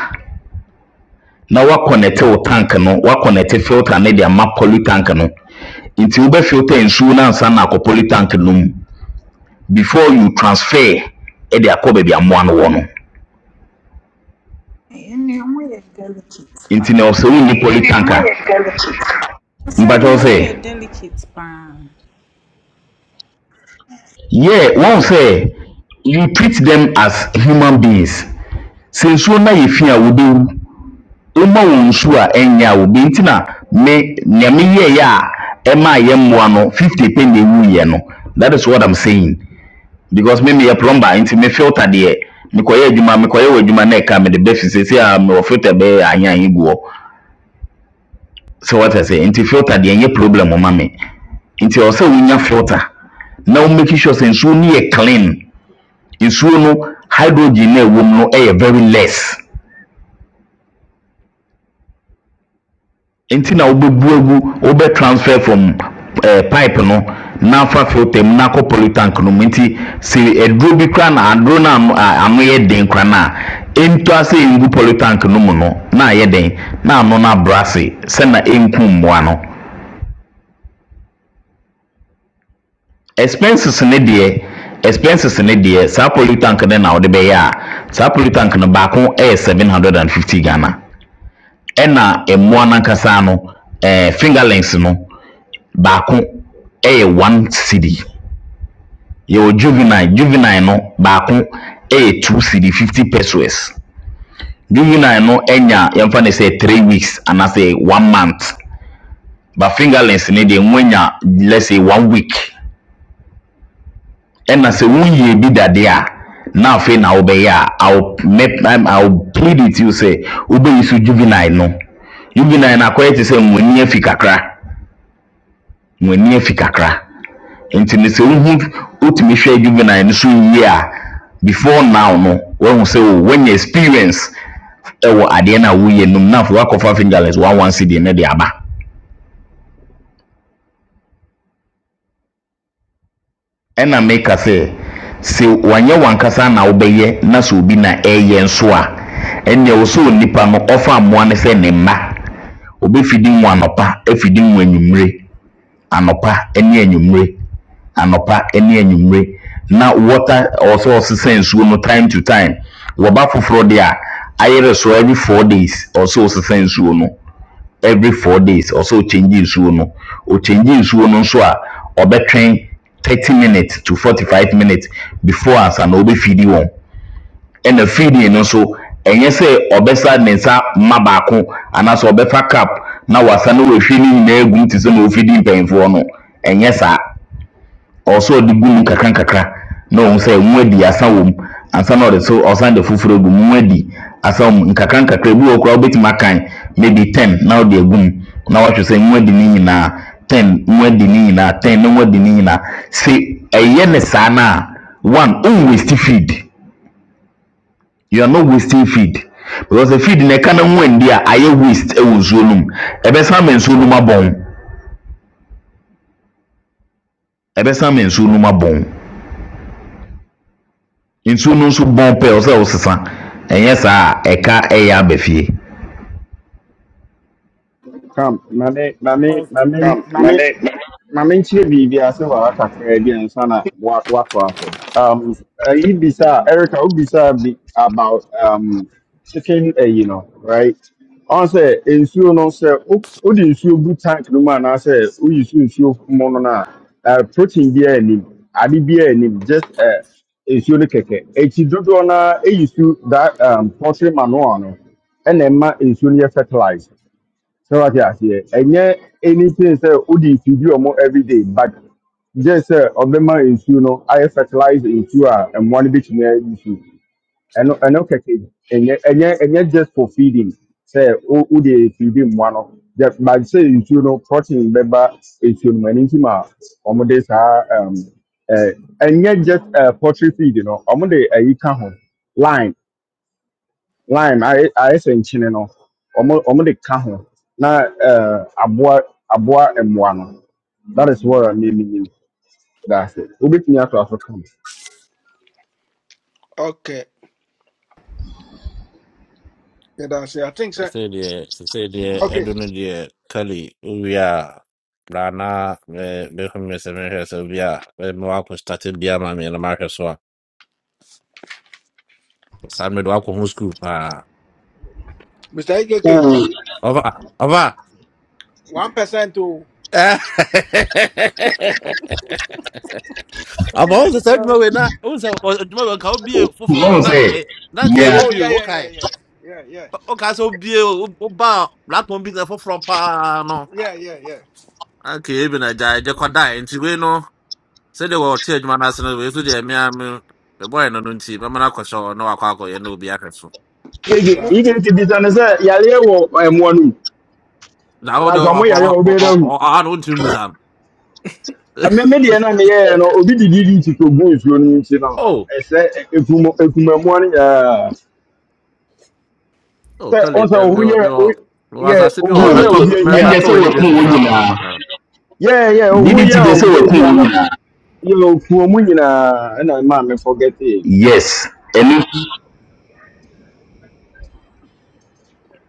na woakɔnɛte wo tank no woakɔnɛte filter ne de ama polytank no nti wobɛfilter nsuo no ansa na akɔ polytank no mu before you transfer ɛde akɔ baabi amoa no wɔ no Ɛyɛ nneɛma yɛ delicate nti na paa. ɔsɛ wonni polytank a Sɛ mpatwɛ wo nneɛma sɛ yɛ delicate paa. Here wɔn sɛ you treat them as human beings. Sɛ nsuo no ayɛ fi a wobɛwu. Woma wɔn nsuo a ɛnyɛ a wobɛwu nti na me nea meyɛeɛ a ɛmaa yɛn mmoa no 50 pɛ na ɛwuiɛ no. That is what I'm saying. Because me meyɛ plumber nti me filter deɛ mekɔyɛ adwuma mekɔyɛ wɔ adwuma na ɛka mede bɛfi seesei a mewɔ filter bɛyɛ anyanyi guɔ. Sɛ wɔte aseɛ nti filter deɛ ɛnyɛ problem o ma me. Nti ɛwɔ sɛ wonya filter na wo make sure sɛ nsuo no yɛ clean nsuo no hydrogen na ɛwɔ mu no yɛ very less nti na wobɛbu agu wobɛ transfer from eh, pipe no na afa filter mu na akɔ polytank no mu nti sɛ aduro bi kora na aduro no a ano- a ano yɛ den kora no a ɛntu ase ngu polytank no mu no na ayɛ den na ano no abrɛ ase sɛna ɛnku mmoa no expenses ne deɛ expenses ne deɛ saa polytank no na wode bɛyɛ a saa polytank no baako yɛ 750 ghana ɛna ɛmmoa no ankasa no eh, fingerlings no baako yɛ one cd yɛwɔ juvenile juvenile no baako yɛ two cd fifty pesos juvenile no nya yɛmfa ne sɛ three weeks anaasɛ one month ba fingerlings ne deɛ mo anya let's say one week ɛna sɛ wonyie bi dadeɛ a na afei na wobɛyɛ a I'll make- I'm- i'll plead with you sɛ wobɛyi so juvenile no juvenile no akɔyɛ te sɛ nwani afi kakra nwani afi kakra nti no sɛ wohu wotumi hwɛ juvenile no so yie a before now no wahu sɛ o wanya experience ɛwɔ adeɛ no a woyɛ no mu na afei woakɔfa fingerless woawanse deɛ no de aba ɛna meka sɛ sɛ wanyɛ wankasa na wobɛyɛ na sɛ obi na ɛyɛ nso a ɛnneɛ wo sɛ onipa no ɔfa mmoa no sɛ ne mma obɛfidi mu anɔpa afidi mu anwummere anɔpa ne anwummere anɔpa ne anwummere na water ɔsɛ ɔsesa nsuo no time to time wɔba foforɔ deɛ a ayere so every four days ɔsɛ ɔsesa nsuo no every four days ɔsɛ ɔkyɛngye nsuo no ɔkyɛngye nsuo no nso a ɔbɛtwɛn thirty minutes to forty five minutes before ansa na ɔbɛfidi wɔn ɛna feeding no nso ɛnyɛ sɛ ɔbɛsa ne nsa ma baako anaasɛ ɔbɛfa cup na wasa no wehwe ni na wahwie ne nyinaa egum te sɛ na ofidi mpanyinfoɔ no ɛnyɛ saa. ɔwɔ sɛ ɔde gu mu kakra nkakra na ɔhu sɛ mu adi asa wɔ mu ansa na ɔde so ɔsan de foforɔ agu mu mu adi asa wɔ mu nkakra nkakra ebi wɔ koraa wobɛtumi akan maybe ten na ɔde agu mu na wahwɛ sɛ mu adi ne nyinaa ten mu adi ne nyinaa ten na mu adi ne nyinaa sɛ ɛyɛ ne saa no a one on waste feed you are not wasting feed because the feed na ɛka na ho andi a ayɛ waste ɛwɔ nsuo no mu ɛbɛsan ama nsuo no mu abɔn ɛbɛsan ama nsuo no mu abɔn. nsuo no nso bɔn pɛɛ ɔsɛ ɔsesa ɛnyɛ saa a ɛka ɛyɛ aba fie Come, na ne na ne na ne na ne ma menkyerɛ biribi ase Um, ayi bisa Erica wobisa bi about um chicken uh, You know, right? Ɔn sɛ nsuo no sɛ wo- wode nsuo gu tank no mu anaasɛ woyi so nsuo mu no no uh, protein biara anim, ade biara anim, just uh, nsuo no kɛkɛ. Eti dodoɔ no ara ɛyi su that um, poultry manure no ɛna ɛma nsuo no fertilized. So what you say? ɛnyɛ anything sɛ feed mfidi ɔmo everyday but gye sɛ ɔbɛma nsuo no I fertilize nsuo a mmoa no bɛtumi ayi so ɛno Star. ɛno kɛkɛ ɛnyɛ ɛnyɛ ɛnyɛ just for feeding sɛ wo- wode feedi mmoa no just but sɛ nsuo no protein member nsuo no mu ɛno nti ma ɔmode saa um, eh, ɛnyɛ just uh, poultry feed no ɔmode ayi ka ho line lime ayɛ ayɛ sɛ nkyene no ɔmo ɔmo de ka ho na ɛɛ aboa aboa mmoa no that is what i mean mean that's it obetumi ato aso ka ho. Okay. Yeah, that's it. I think so. Say the say the Okay. Edun the Kali Uya Rana Behum Seven Sevilla Mwako started Biama in America so San Medwako Home School. Ah, Mr. AKK, over, over. 1% to. I'm all the same hello way now. Also, tomorrow can be a full wɔn from sɛ Nanke. nea Nanke, Oh, yeah, you yeah, yeah, okay. yeah. Yeah, yeah. Okay, so be a Black one be the full from Pano. Yeah, yeah, yeah. Okay, even a jai je kwada nti we no se de wo tie adwuma na se no we so de me the boy no no nti be mana kwasho no akwa akọ ye no obi ahweso. It's Gege fine. yike ti bisa ne sɛ meka yareɛ wɔ mmoa no mu Na wo de like o ɔmo yareɛ wɔ ɔbɛyɛ dɛ o hu o a no nti musam. ɛmɛ me deɛ na meyɛɛ no obi didi di ti ko gu nsuo no mu nti no Oh, ɛsɛ ɛ- ekum ekum mmoa no nyinaa oh sɛ kale ɔn sɛ me me ohun me yɛ o o me was yɛ ase bi o ɔwɔ ohun yɛ meto so obi ehi ɛnna a meto sɛ we ni bi wɔkum so wɔn sa mo nyinaa akwa kan. yeah yɛ didi ohun ti yɛ dɛ sɛ obi wɔkum wɔn ehi nyinaa yo fuo mu nyinaa ɛna ɛma me forget it yes ɛno nso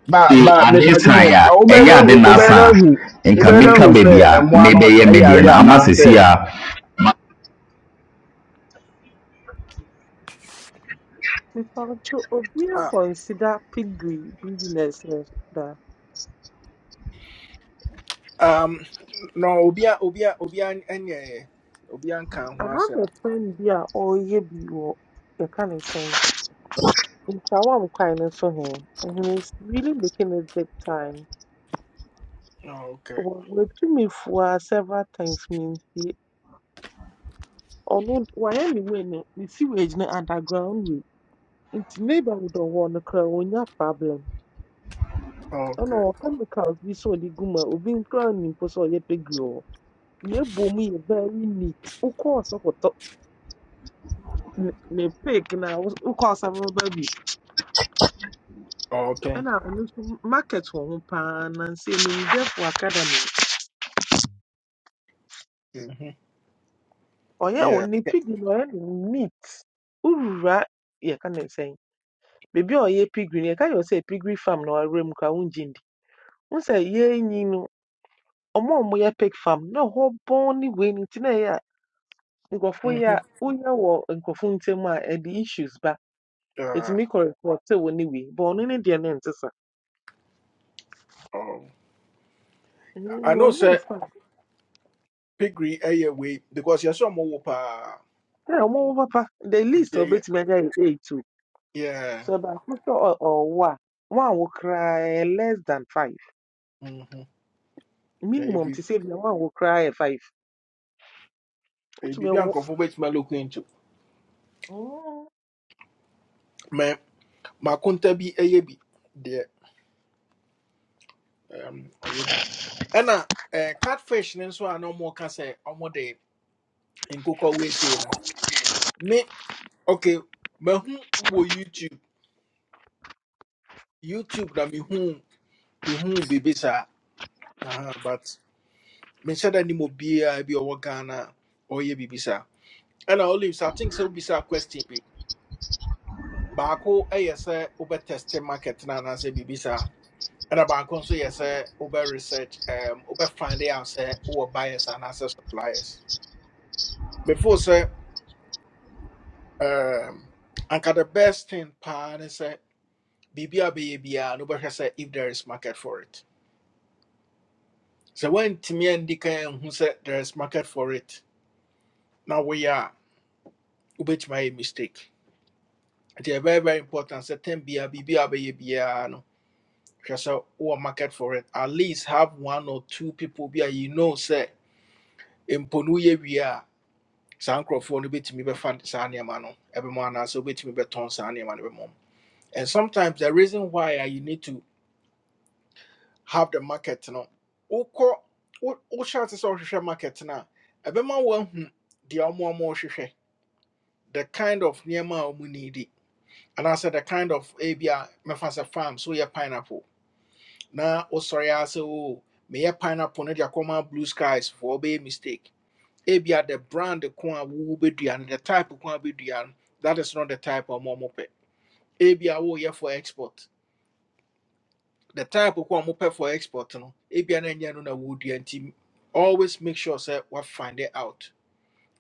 ba de ba ade nsan mepatwo a ɛnyɛ Obeda, ade hu wobɛda naasan hu a nka wobɛda metwa hu sɛ baabi a ɛmmoa no mebɛyɛ me deɛ ɛyare no ama anaasɛ sisi a mepawkyɛ obia Uh, consider pigry business ne so da um, no, Obia, Obia, Obia, any yeah, yeah. Obia can't I want have them. a friend bi a ɔreyɛ bi wɔ yɛka ne sɛn ntawa nkwae no so he and he is really making it big time Oh, okay. wɔ- wɔatu me fua several times me nti ɔno d- wayɛ ne wei no ne sewage no underground wei nti neighborhood a ɔwɔ no koraa wɔnya problem ɛna Okay. ɔwɔ chemicals bi sɛ ɔde gu mu a obi nkoraa nnim mpo sɛ ɔyɛ pɛgiri wɔ hɔ na ebom yɛ very neat wokɔɔ sɛ kɔtɔ ne ne pig na wo- wokɔɔ sɛ bɛba bi Okay. ɛna ɔno nso m- market wɔ ho paa nansa nimdefo academy Mm-hmm. ɔyɛ Yeah. wɔ ne pig no ɔyɛ no neat wowura yɛka ne sɛn Baby a ɔyɛ piggy, no, yɛka yɛ sɛ piggery farm na ɔwɔ mu koraa a wongye nndi. Wohu sɛ yɛn nyi no, ɔmo a ɔmoyɛ pig farm na hɔ bɔn ne wei no nti na ɛyɛ a nkurɔfo Mm-hmm. yɛ a woyɛ wɔ nkurɔfo ntam a ɛde issues ba. Uh, Ɛtumi kɔ report wo ne wei but ɔno ne deɛ no nte saa. oh. I Mm, know, wɔnhwɛ ne sir, farm. Pigry, a way, because you're so more. pa. Na ɔmo wo papa, the least a Yeah. ɔbɛtumi is yɛ two. Yeah. So, baako sɛ ɔ- ɔwɔ a, one will cry less than five. Mm-hmm. Minimum Baby, to save bia one will cry koraa yɛ five. baby, be Wotumi wo. uncomfortable with my look into. Mm. makonta bi ɛyɛ bi deɛ um ɔyɛ bi ɛna eh, catfish ne nso a na ɔmoka sɛ ɔmode nkokɔ weesie no me okay mahu wɔ youtube youtube na mehu mehu biribi sa. Aha, but menhyɛ da ni obiaa bi a ɔwɔ ghana a ɔyɛ biribi saa ɛna olives i think sɛ wobisa question bi baako ɛyɛ sɛ wobɛtɛste market na anaasɛ biribi saa ɛna baako nso yɛ sɛ wobɛ research um, wobɛ find out se wowɔ buyers anaasɛ suppliers before say, um, anka the best thing paa ne sɛ biribia bɛyɛ biaa no wobɛhwɛ say if there is market for it sɛ woantumi andi kan anhu sɛ there is market for it na woyɛ a wobɛtumi ayɛ mistake It's very very important sɛ tam biaa biribia bɛyɛ biaa no hwɛ sɛ wowɔ market for it at least have one or two people be a you know sɛ mpo no woyɛ wie a saa nkurɔfoɔ no bɛtumi bɛfa saa nneɛma no ɛbɛma anaasɛ wobɛtumi bɛtɔn saa nneɛma no bɛmɔ and sometimes the reason why ah, you need to have the market no wokɔ wo wohyɛ ase sɛ wohwehwɛ market no a ɛbɛma woahu deɛ ɔmo ɔmo hwehwɛ the kind of nneɛma need ɔmo needi anaasɛ the kind of ebi a mɛfa farm so woyɛ pineapple na wosɔre ara sɛ o meyɛ pineapple no de common blue skies for ɔbɛyɛ mistake ebia the brand ko a wowo bɛdua no the type ko a bɛdua no that is not the type a ɔmo ɔmo pɛ ebia woyɛ for export the type of one prepare for export no ebia na nya no na wodua nti always make sure say we find it out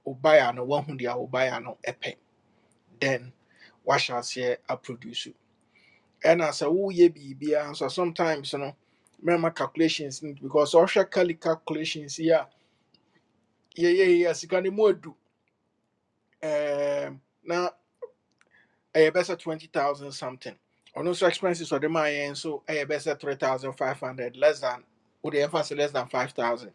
o buy no one hu dia o buy no epe then what shall say a produce and as a who ye Be so sometimes no remember calculations because official calculations yeah yeah yeah yeah sika ni mo adu um na ɛyɛ bɛ sɛ 20000 something ɔno nso expenses or the yɛn nso ɛyɛ bɛ better 3500 less than Would ɛmfa sɛ less than 5000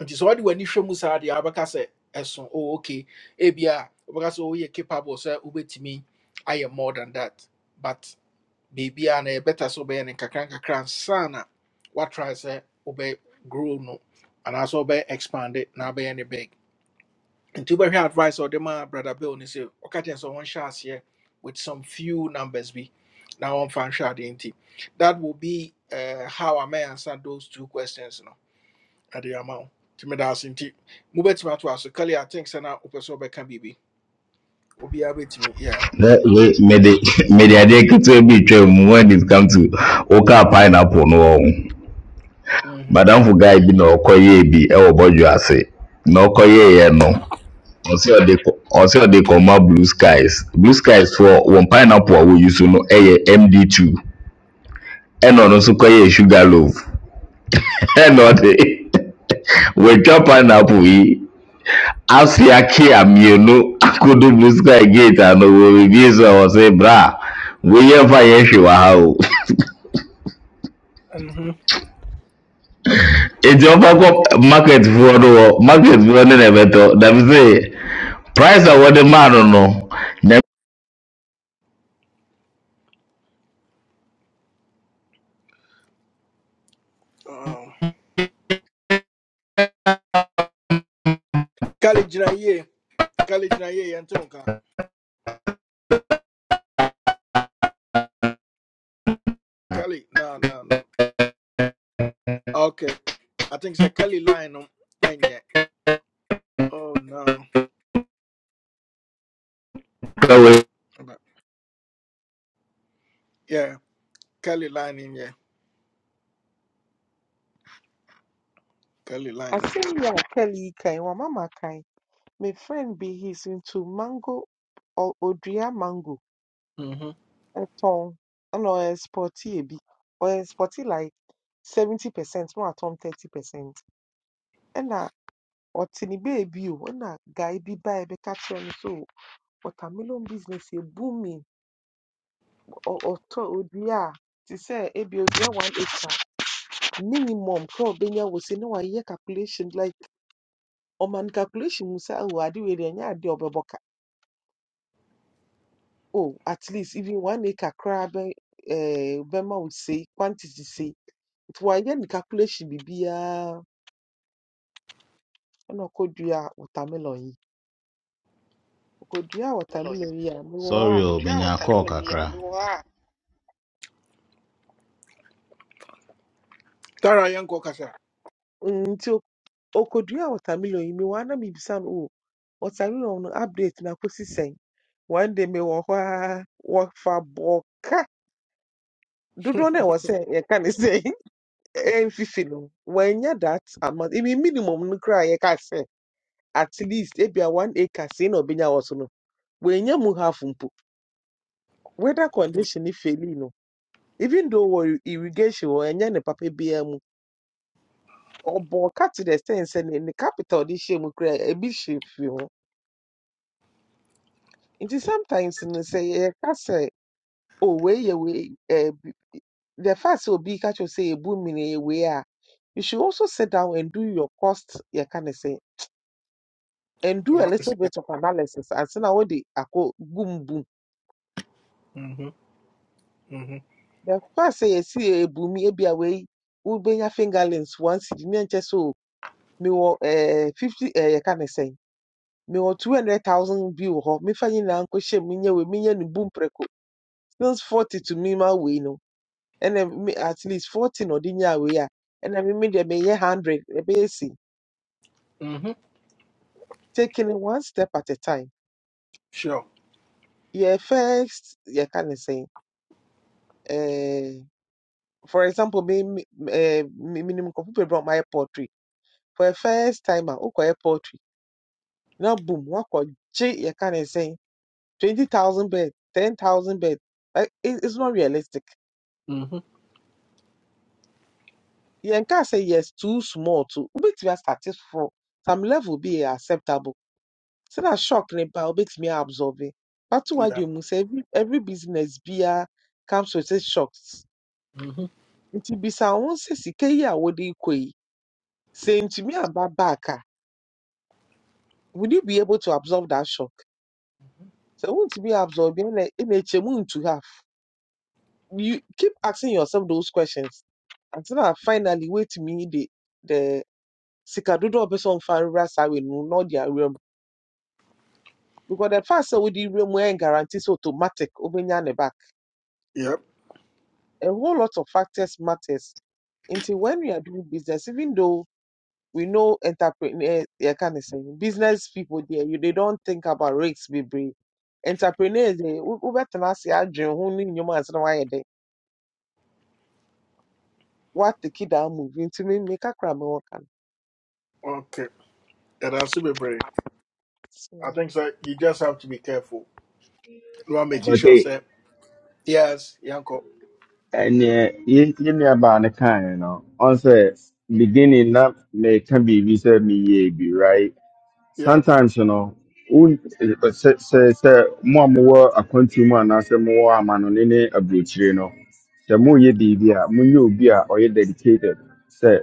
nti sɛ wode w'ani hwɛ mu saa deɛ a, sɛ ɛso oh, ok ebia wobɛka sɛ oh, woyɛ capable sɛ wobɛtumi ayɛ more than that but biribiaa na yɛbɛta sɛ wobɛyɛ ne nkakra nkakra nsa na woatrae sɛ wobɛ grow no anaasɛ wobɛ expand it na wobɛyɛ ne big nti wobɛhwɛ advice a ɔde ma brother bill ne sɛ ɔka kyerɛ sɛ wɔnhyɛ aseɛ with some few numbers bi na wɔmfa nhwɛ adeɛ nti that will be uh, how I may answer those two questions no ade ama wo nti meda ase nti mobɛtumi ato aso kale i think sɛ na wopɛ sɛ wobɛka biribi obiaa bɛtumi yɛ na we mede mede adeɛ ketewa bi twa mu when it come to wokaa pineapple no wɔ ho madamfo guy bi na ɔkɔyɛɛ bi ɛwɔ bɔdwo ase na ɔkɔyɛeɛ no Ɔse ɔde rekɔma blue skies. Blue skiesfoɔ wɔn pineapple we use to know a wɔyi so no yɛ MD2 ɛna ɔno nso kɔyɛɛ Sugarloaf ɛna ɔde watwa pineapple yi ase akea mmienu akɔdu blue sky gate ano wɔrebebue so a ɔse bra wei yɛmfa yɛn hwee wɔ ha o. Enti ɔmfa kɔ marketfoɔ no hɔ marketfoɔ ne na ɛbɛtɔ dam sɛ price a wɔde maa no no na kale gyina yie kale gyina yie yɛnte wo nka kale na na na okay i think sa kale line um ɛnyɛ oh no ɛka wei Aba- yeah kale line in nyɛ kale I line no say, yeah, Kelly Kai, kan, wama m'akan. My friend be he's into mango, or Odria mango, Mhm. ɔtɔn a sporty spɔti Or a sporty like seventy percent na watɔn thirty percent. Ɛna ɔte ne beebi o, ɛna guy be ba ɛbɛka kyerɛ no so watermelon business yɛ booming. Or Ɔtɔ Odria, a say sɛ ebi odua one acre minimum kora Benya was se na wayɛ calculation like Or man calculation Musa, sɛ oh ade wei deɛ ɛnyɛ a ɔbɛbɔ oh, at least even one acre crab, uh, Bema would say, quantity say, it was any calculation be be a no kodria watermelon yi. Okodria watermelon yi a me Sorry, wa oh, menya call kakra. tara yɛnkɔ kasa nti okodria watermelon yi me wa na me bisa no oh, watermelon no update na kosi sɛn. One day me wɔ hɔ a wɔfa bɔka. Dodoɔ no a ɛwɔ sɛ yɛka ne sɛ ɛmfifi no wanya that amount. Ebi minimum no koraa a yɛka sɛ at least ebia one acre sei na ɔbɛnya wɔ so no wenye mu half mpo weather condition ni feli no even though wɔ irrigation wɔ ɛnyɛ ne papa biara mu ɔbɔ ka to the extent sɛ ne ne capital de hyɛ mu koraa ebi hyɛ fie ho nti sometimes no sɛ yɛka sɛ oh we, yɛ wei eh, the fact sɛ obi ka kyerɛ sɛ yɛbu mmiri yɛ wei a you should also sit down and do your cost yɛka ne sɛ and do a Ama bɛsi little ka. bit of analysis And ansa na wode akɔ bum bum Mhm, mhm, the fact sɛ yɛsi yɛ si ebu mi ebi a wei wobɛnya fingerlings once di ne nkyɛ sɛ o Me wo eh fifty ɛɛ yɛka ne sɛn mewɔ two hundred thousand bi wɔ hɔ mefa nyinaa nkɔhyɛ mu nyɛ wei menyɛ no bu mprɛko since forty to me ma we no and me at least forty na ɔde nyaa wei a ɛna me me deɛ meyɛ hundred ɛbɛyɛ si mhm. taking it one step at a time sure yɛ first yɛka ne say. Eh for example me me ɛɛ me minimum nkɔfo pe brought my poetry for a first time a wokɔyɛ poetry na boom wa woakɔgye yɛka ne say. 20,000 bed, 10,000 bed. Like, it, it's not realistic. Mhm. Yeah, and can say yes, too small to which we are satisfied. Some level be acceptable. So that shock nipa makes me absorb it. But to what yeah you must say, every every business be a comes with its shocks. Mhm. Nti bisa won se sika yi a wode kɔ yi, sɛ ntumi aba back a, will you be able to absorb that shock? So won't be absorbing in a chamun to have. you keep asking yourself those questions until I finally wait me the the sikadodo person fan rasa we no not their realm because the fact that we the realm we ain't guarantees automatic obenya ne back yep a whole lot of factors matters until when we are doing business even though we know entrepreneurs, yeah can of say business people there you they don't think about risks baby entrepreneurs they over to us yeah dream who need your man so why they what the kid are moving to me make a crime work okay ɛda ase bebree I think so. You just have to be careful. You want making ɔbɛke sure, say, yes, Yanko. ɛneɛ ye ye nuabaa no kae no ɔn sɛ beginning na meka biribi sɛ meyɛɛ bi right Yeah. sometimes you know wo sɛ sɛ sɛ more more a mowɔ akwantu mu anaasɛ mowɔ amanɔne ne aburokyire no sɛ moyɛ biribi a more you obi a ɔyɛ dedicated sɛ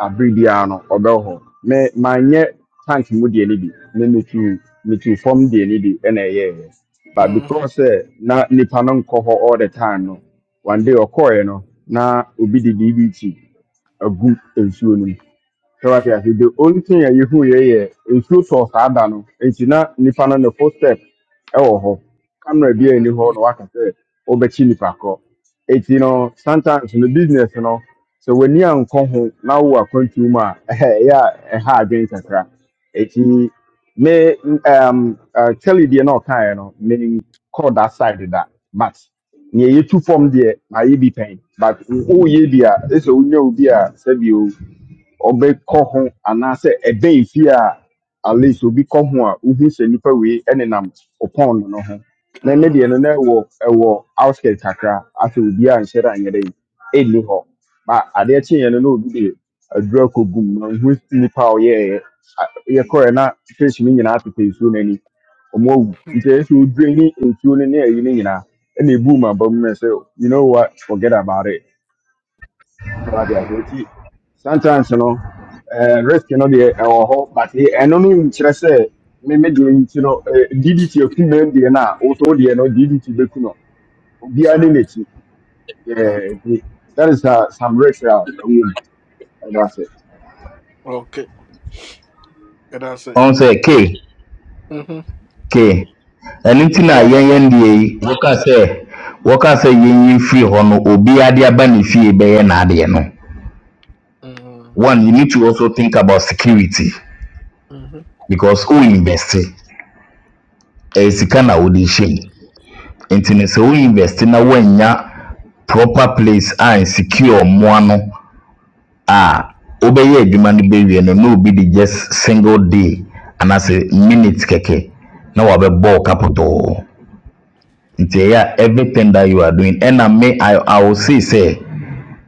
abere biara no ɔbɛwɔ hɔ me manyɛ tank mu deɛ no bi ne metu metu fam deɛ no bi ɛna ɛyɛeɛ but because Mm-hmm. sɛ na nipa no nkɔ hɔ all the time no one day ɔkɔeɛ no na obi de biribi ti agu nsuo no mu so what you the only thing you who yeah nsuo sọ saa da no nti na nipa no ne full step ɛwɔ hɔ camera bi a ɛni Mm-hmm. hɔ na waka sɛ ɔbɛkyi nipa korɔ you know sometimes in the business no sɛ w'ani ankɔ ho na wo akwantu mu a ɛhɛ ɛyɛ a ɛha adwene kakra eti me um, uh, kelly deɛ na ɔkaeɛ no me kɔ that side of that, but near you yɛtu fam there na ye be pain, but woyɛ be? a ɛsɛ sɛ wonya obi a sɛbi ɔbɛkɔ ho anaasɛ ɛbɛn fie a at least obi kɔ ho a wohu sɛ nipa wei ɛnenam ɔpɔn no no ho na ne deɛ Mm-hmm. no na ɛwɔ ɛwɔ outskirt kakra afei obi a nhyɛ da nyɛ dɛ ɛnni hɔ ba adeɛ kyeeɛ no na obi de adura kɔgum na ohu nipa a ɔyɛɛ yɛkɔɛ na fish no nyinaa tetɛ nsuo no ani ɔmo awu nti ɛyɛ sɛ odwiri ne nsuo no ne ayi no nyinaa ɛna ebu mu aba mu na ɛsɛ you know what forget about it that's what I think. See, Sometimes, you know, uh, risk, you know, the or hope, but the anonym, should I say, maybe the, you know, uh, DDT of female DNA, also the, you know, DDT, Bekuno, Sir, Bianimity. sir. Yeah, the- that is uh, some risk, uh, we, that's it. Okay. And that's it. onse k Mm-hmm. k ɛno nti na Yeah, yɛnyɛ Kasa. ndeɛ yi wɔka sɛ wɔka sɛ yɛnyi mfiri hɔ no obiara de aba ne fie bɛyɛ n'adeɛ no Mm-hmm. one you need to also think about security Mm-hmm. because wo invest ɛyɛ sika na wode hyɛ mu nti no sɛ wo invest na woannya proper place a nsecure mmoa no a wobɛyɛ adwuma no bɛwie no na obi de just single day anaasɛ minute kɛkɛ na wabɛbɔ wo kapotɔɔ nti ɛyɛ a everything that you are doing ɛna me i i will say sɛ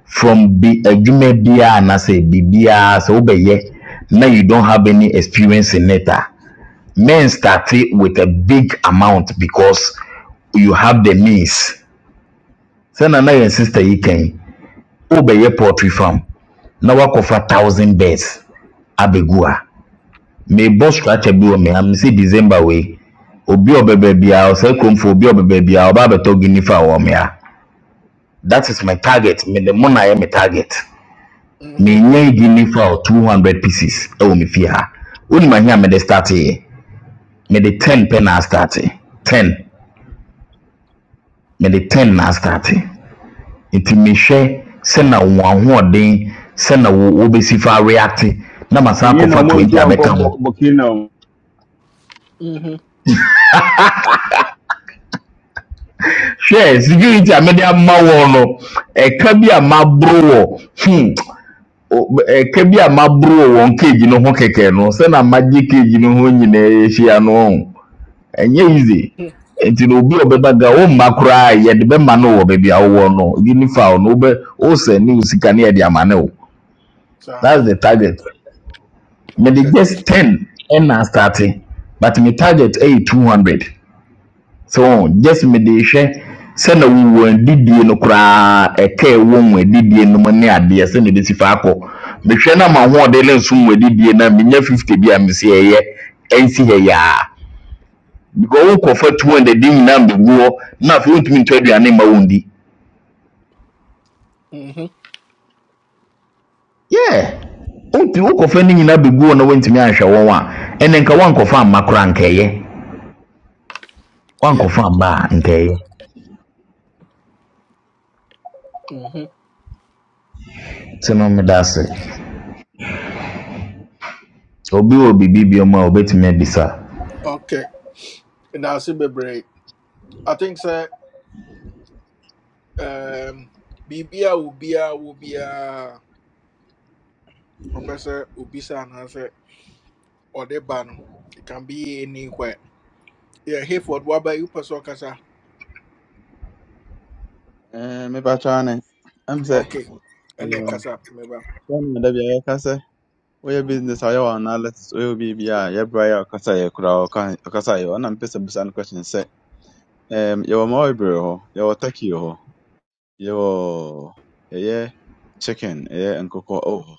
from bi adwuma biara anaasɛ biribiara sɛ wobɛyɛ na say bibia so obeye. Now you don't have any experience in it a men start it with a big amount because you have the means sɛna na yɛn sister yi kan yi, wobɛyɛ poultry farm na woakɔfa thousand birds abɛgu a merebɔ structure bi wɔ me ha mesɛ december wei obi a ɔbɛba biara ɔsɛ kuromfoɔ obi a ɔbɛba biara ɔba abɛtɔ guinea fowl wɔ me ha that is my target me ne mo na yɛ me target me Mm-hmm. nya edi ne fa two hundred pieces ɛwɔ me fie ha onim ahi a me de start yɛ me de ten pɛ na start ten me de ten na start nti me hwɛ sɛ na wɔn ahoɔden sɛ na wo wo besi fa react na ma san You know, akɔfa more and twenty abɛka ho Combo Bokino. Mm-hmm. hwɛ security a mede ama wɔn no ɛka bi a maboro wɔ hmm o- b- ɛka bi a maboro wɔ wɔn cage no ho kɛkɛ no sɛ na magye cage no ho nyinaa ahyia no ɔn. ɛnyɛ easy nti na obi a ɔbɛba ga womma koraa yɛde bɛma no wɔ baabi a wowɔ no ebi ni fa wo no wobɛ wosɛ ne wo sika ne yɛde ama ne wo Sir. that's the target mede Okay. just ten ɛna starte but me target ɛyɛ two hundred so just mede hwɛ sɛna wowɔ adidie no koraa ɛka ɛwɔ mu adidie no mu ne adeɛ sɛna ɛbɛsi fa akɔ mehwɛ na ma hoɔden ne nso mu adidie no a menya fifty bi a mesi ɛyɛ ɛnsi ha yaa because wo nkurɔfoɔ atu wɔn dɛ de nyinaa mbɛgu hɔ na afei wontumi ntɔ aduane mma wɔn di Mm-hmm. yeah wontu wo nkurɔfoɔ no nyinaa bɛgu hɔ na wontumi anhwɛ wɔn a ɛnɛ nka woankɔfa amma koraa nkɛyɛ Yep. woankɔfa amma a nkɛyɛ Mm-hmm. nti no meda ase obi wɔ biribi bio mu a wobɛtumi abisa Okay. And that's it, baby. I think, sir, um, Bibia will be a, will be a, professor will be, sir, and I say, or the ban. It can be anywhere. Yeah, Hayford, what about you, Pastor Kasa? Eh me pa and I'm say Okay, and yeah, um, Kasa, remember. when that be I can say. Oye business ayɛ wɔ analysis oye obi bi a yɛbra yɛ ɔkasa yɛ kura ɔka ɔkasa yɛ ɔnam pɛ no question sɛ Um, yɛwɔ Marlboro hɔ, yɛwɔ turkey wɔ hɔ, yɛwɔ ɛyɛ chicken, ɛyɛ nkokɔ ɛwɔ hɔ,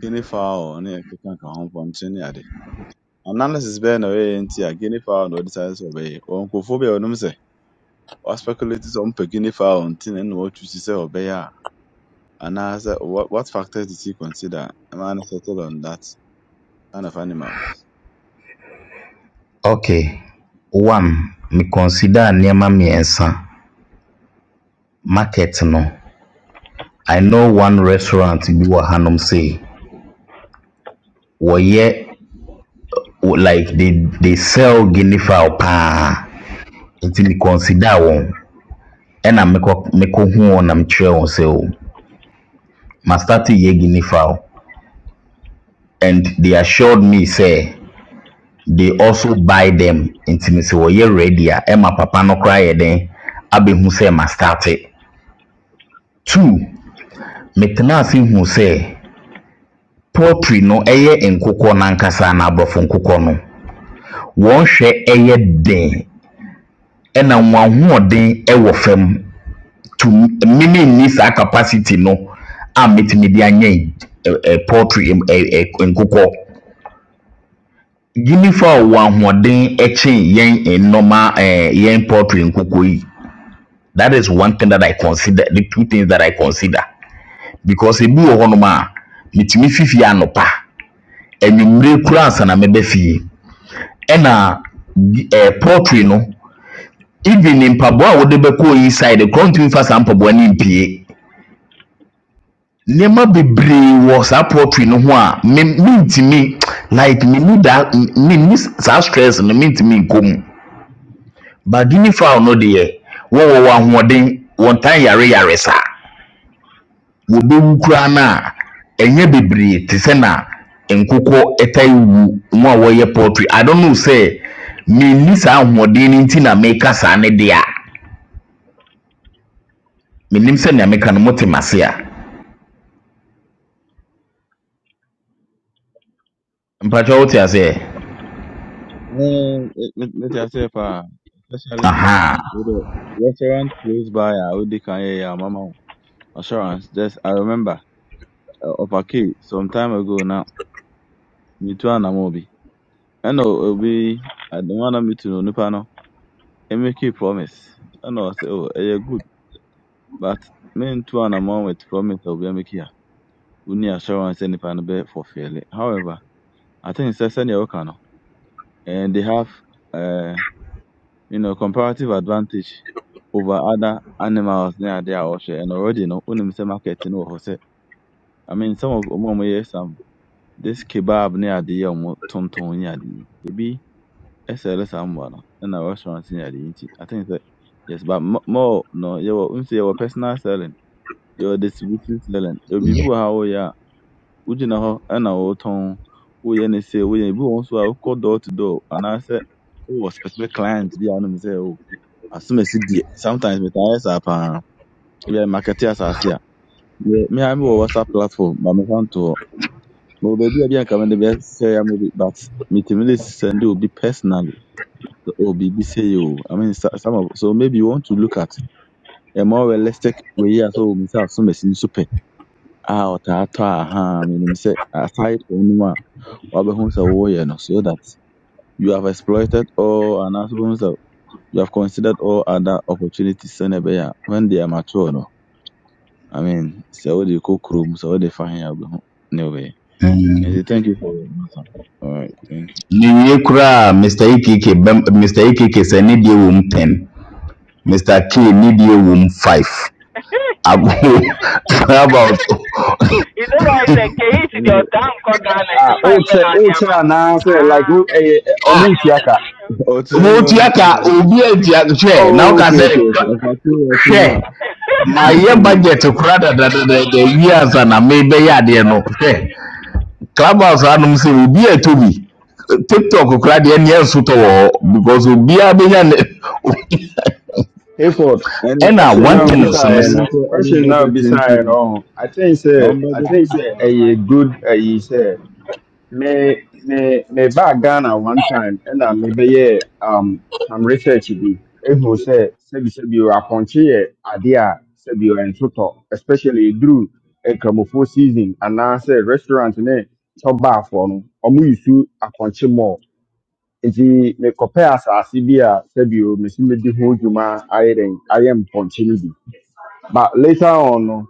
guinea fowl ne ɛkeka ka ho mpɔnkye ne ade. Analysis bɛyɛ na ɔyɛɛ nti a guinea fowl na ɔde sáré sɛ ɔbɛyɛ. Ɔwɔ nkurɔfoɔ bi a wɔnom sɛ wɔaspekulate sɛ wɔmpɛ guinea fowl nti na ɛna wɔatwisi sɛ ɔbɛyɛ a anaasɛ what, what factors did he consider ma no settle on that kind of animal? okay one me consider nneɛma mmiɛnsa market no i know one restaurant bi wɔ hanom sɛ wɔyɛ like they they sell guinea fowl paa nti me consider wɔn ɛna mekɔ mekɔhuu wɔn na mekyerɛɛ wɔn sɛ o mastarte yɛ guinea fowl and they assured me sɛ they also buy them nti me sɛ wɔyɛ ready a ɛma papa no koraa yɛ den abɛhu sɛ mastarte two metenaa ase huu sɛ poultry no ɛyɛ nkokɔ no ankasa na aborɔfo nkokɔ no wɔn hwɛ ɛyɛ den ɛna wɔn ahoɔden ɛwɔ fam to mmemme nni saa capacity no a metumi de anyɛ eh, eh, poultry eh, eh, nkokɔ Guinea fowl wɔ ahoɔden kyɛn yɛn normal eh, yɛn poultry nkoko yi. That is one thing that I consider, the two things that I consider. Because ebi wɔ hɔnom a, metumi fi fie anɔpa, anwummerɛ koraa ansa na mɛba fie. Ɛna gui- eh, poultry no, even mpaboa a wɔde bɛkɔ oyi side koraa wontumi mfa saa mpaboa no mpue. Nneɛma bebree wɔ saa poultry no ho a me mentumi like menni that menni saa stress no mentumi nkɔ mu. badini fowl no deɛ wɔwɔ wɔn ahoɔden wɔn tan yare yare saa wɔbɛwu koraa no a ɛnyɛ bebree te sɛ na nkokɔ ɛtae wu mu a wɔyɛ poultry i don't know sɛ menni saa ahoɔden no nti na meka saa ne deɛ a menim sɛ nea meka no mote mase a mpatwa wote aseɛ Mm, me- me- Mete aseɛ paa, especially aha with the restaurant close by a wodi kan yɛyɛ a mama assurance. Just I remember uh, of a key some time ago now. Me too and Amobi. I know it'll be I don't wanna meet you no panel. I make you promise. I know I say oh eh, yeah good. But me too and Amon with promise of be make here. We need assurance any panel be for fairly. However, I think it's a senior worker now. And they have uh you know comparative advantage over other animals near their ocean and already you know only marketing or I mean some of them yes This kebab ni adịghị ọmụ tụm tụm ni adịghị. Ebi ɛsɛlɛ saa mbala ɛna restaurant ni adịghị nti I think sɛ yes but mo more no yɛwɔ nsi yɛwɔ personal selling yɛwɔ distribution selling yɛwɔ biribi yɛ wɔ ha a woyɛ a wogyina hɔ ɛna wotɔn woyɛ ne sɛ woyɛ ebi wɔ hɔ nso a wokɔ door to door anaasɛ wowɔ specific client bi a wonim sɛ o asom asi deɛ sometimes metaa yɛ saa paa ebi a market asase a me me ara mewɔ whatsapp platform ma mefa ntoɔ. Ma baabi a bi anka mede bɛsɛe ama bi but metumi de send obi personally or biribi sei o. I mean so- some of so maybe you want to look at a more realistic way a say obi sɛ asomasi nso pɛ a ɔtaa tɔ a ha menim say aside from no mu a wabɛhu sɛ woyɛ no so that you have exploited all anaasɛ wohu sɛ you have considered all other opportunities sɛnea ɛbɛyɛ a when they are mature no I mean sɛ wode kɔ kurom what they find, he a wobɛhu ne And Mm. say thank you for your answer. All right, thank ne wie koraa mr ekeke bɛm mr ekeke sɛ ne deɛ wɔ mu 10 mr k ne deɛ wɔ mu 5 about you know why the case in you. your damn called Ghana and you Ah, find old friend chair, out old there, man. chair, now, say, like, oh, Ah. eh, eh, Omuchiaka. Otu m na ọmụ motiaka obi atia hwɛ na Oh, woka okay, sɛ okay, "Ka- okay. ọkọchị ọchị nwa hwɛ mayɛ Hmm. budget kora dadadada wie ansa na mebɛyɛ adeɛ no hwɛ clubhouse anom sɛ obi atɔ bi tiktok kora deɛ neɛ nsotɔ wɔ hɔ because obiaa bɛnya ne A4. ẹni ɛna Question one ẹni now thing ọkọ nso ne beside ọmụ sɛ no. nke ọmụ Question now bọjetị ntị beside no. I think say ọmụ I think bọjetị say a good a you say me me me back Ghana one time and I maybe yeah um some research be if you say say be say be you are punchy idea say be you are especially through a cramofo season and now say restaurant ne chop bar for no omu yusu apunchy more nti mekɔpɛ asase bi a sɛbio mesi medi ho dwuma ayɛ dɛn ayɛ mpɔnkye no bi but later on no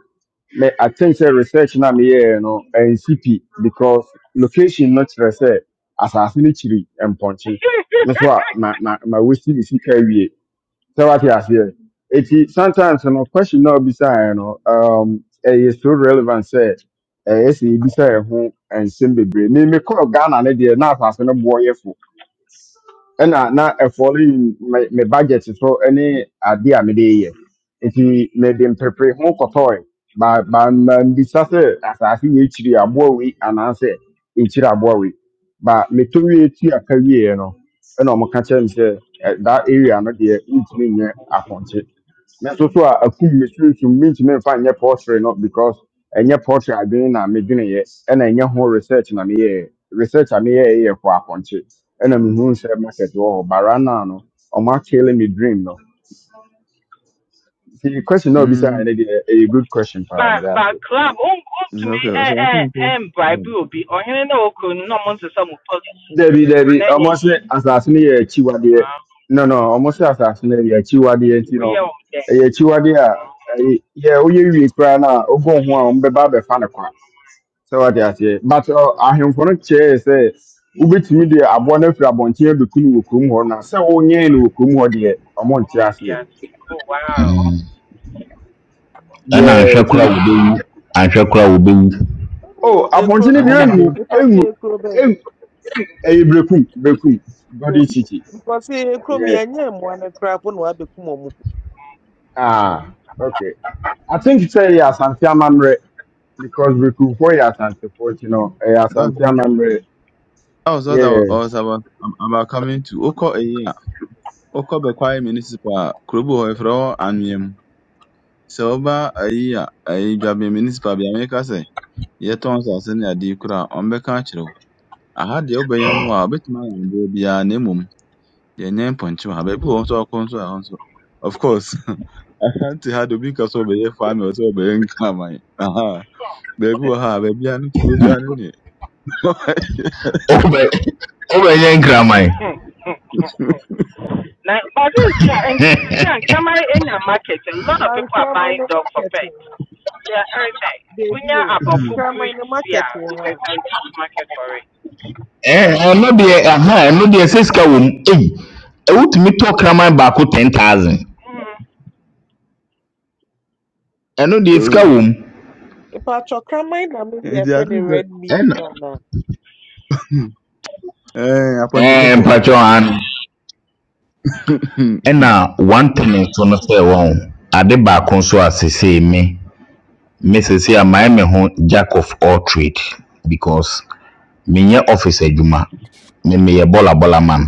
me i think sɛ research na meyɛɛ no ɛnsi pi because location no kyerɛ sɛ asase no kyiri mpɔnkye me so a ma ma ma wosi me sika awie sɛ wate aseɛ eti sometimes no question na obisaeɛ no um, ɛyɛ so relevant sɛ ɛyɛ sɛ ebisa ɛho nsɛm bebree me mekɔɔ ghana ne deɛ na asase no boɔ yɛ fo ɛna na ɛfɔli me me budget so ɛne ade a mede yɛ nti mede mpepere ho kɔtɔɔe ba ba ma mbisa sɛ asase wei kyiri aboa wei anaasɛ nkyiri aboa wei ba meto wie tu aka wieɛ no ɛna ɔmo ka kyerɛ me sɛ ɛ, that area no deɛ ntumi nyɛ apɔnkye nanso so a akum me sunsun mintumi nfa nyɛ poultry no because ɛnyɛ poultry adwene na medweneyɛ ɛna ɛnyɛ ho research na meyɛ research a meyɛɛ yɛ kɔ akɔnkye ɛna mehu sɛ market wɔ hɔ bara naa no ɔmo akele me dream no The question na obisaa Mm. ɛne deɛ ɛyɛ good question paa but meda ase but club um um to me okay eh so i eh think so eh bribe yeah. will be on him no okay no months or some police dabi and dabi then yeah ɔmo yeah sɛ asase no yɛ akyiwadeɛ Wow. no no ɔmo sɛ asase no yɛ akyiwadeɛ nti we no are on then ɛyɛ akyiwadeɛ a ɛyɛ yɛ woyɛ wie koraa no a wobɔ ho a ɔmo bɛba abɛfa no kwa sɛ wate aseɛ but ɔ, ahemfo no kyerɛɛ sɛ wobɛtumi de aboa no afiri abɔnten abɛku no wɔ kurom hɔ na sɛ wonyɛe no wɔ kurom hɔ deɛ ɔmo nte on aseɛ oh wow ɛna yɛɛ anhwɛ nti kora wobɛwu anhwɛ kora wobɛwu o ekuro abɔnten no i bɛn deɛ no think so ɛnwu nipa twe ɛnwu ekuro bɛn ɛnwu ɛyɛ berekum berekum golden beeku city because ekuro mi yɛ ɛnyɛ mmoa no koraa po na wabɛkum ɔmo ah okay i think sɛ ɛyɛ asante amammerɛ because berekumfoɔ yɛ asantefoɔ nti no ɛyɛ that's asante it amammerɛ that was what i wa- I was about am- about coming to ọkọ eyi a ọkọ bẹkwai municipal Krubu hoifro and yem. So ba a kurobu hɔ efrɛ hɔ anwea mu sɛ ɔba eyi a eyi municipal bi ameka sɛ yɛtɔn nsase ne ade a ɔmbɛka akyerɛ wo aha deɛ wobɛyɛ nwo a wobɛtumi ayɛ adeɛ biara na mmom yɛnyɛ mpɔnkye wɔ ha. Baabi wɔ hɔ nso a ɔkɔ nso a ɛhɔ nso, of course, asante ha de obi ka sɛ ɔbɛyɛ farming ɔsɛ ɔbɛyɛ nkraman. Aha, baabi wɔ ha a baabi a ne kuro biara ne neɛ. Wobɛ- wobɛnyɛ nkraman now but this year and this year come in the market a lot na of people are nkraman buying no dog for market wɔ pets hɔ they are everything when beebi you o are about food nkraman no breeds here. market wɔ hɔ a there's a huge market for it Ee, ɛno deɛ aha ɛno deɛ sɛ sika wɔ mu ei ɛwotumi tɔ kraman baako ten thousand Mhm. ɛno deɛ sika wɔ mu nipa atwa kraman na mi yɛ Nti fɛ ate no sɛ red meat ɛna na na. ɛɛ apɔnkye ɛɛ kɔkɔɔ. mpatsɔ ano ɛna one ten so no sɛ wɔn ade baako nso a sesei me me sesei a mayɛ me ho jack of all trade because menyɛ office adwuma me meyɛ bɔlabɔla man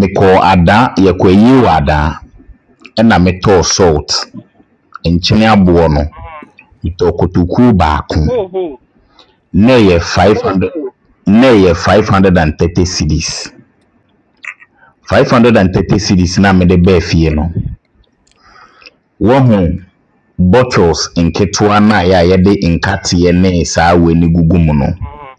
mekɔɔ adaa yɛkɔ ayie wɔ adaa ɛna metɔɔ salt nkyene aboɔ no metɔɔ kotokuo baako Oh, who? ne yɛ five hundred ne yɛ five hundred and thirty cedis five hundred and thirty cedis na mede baa fie no wɔhu bottles nketewa no a yɛ a yɛde nkateɛ ne saa wei ne gugu mu no Mhm.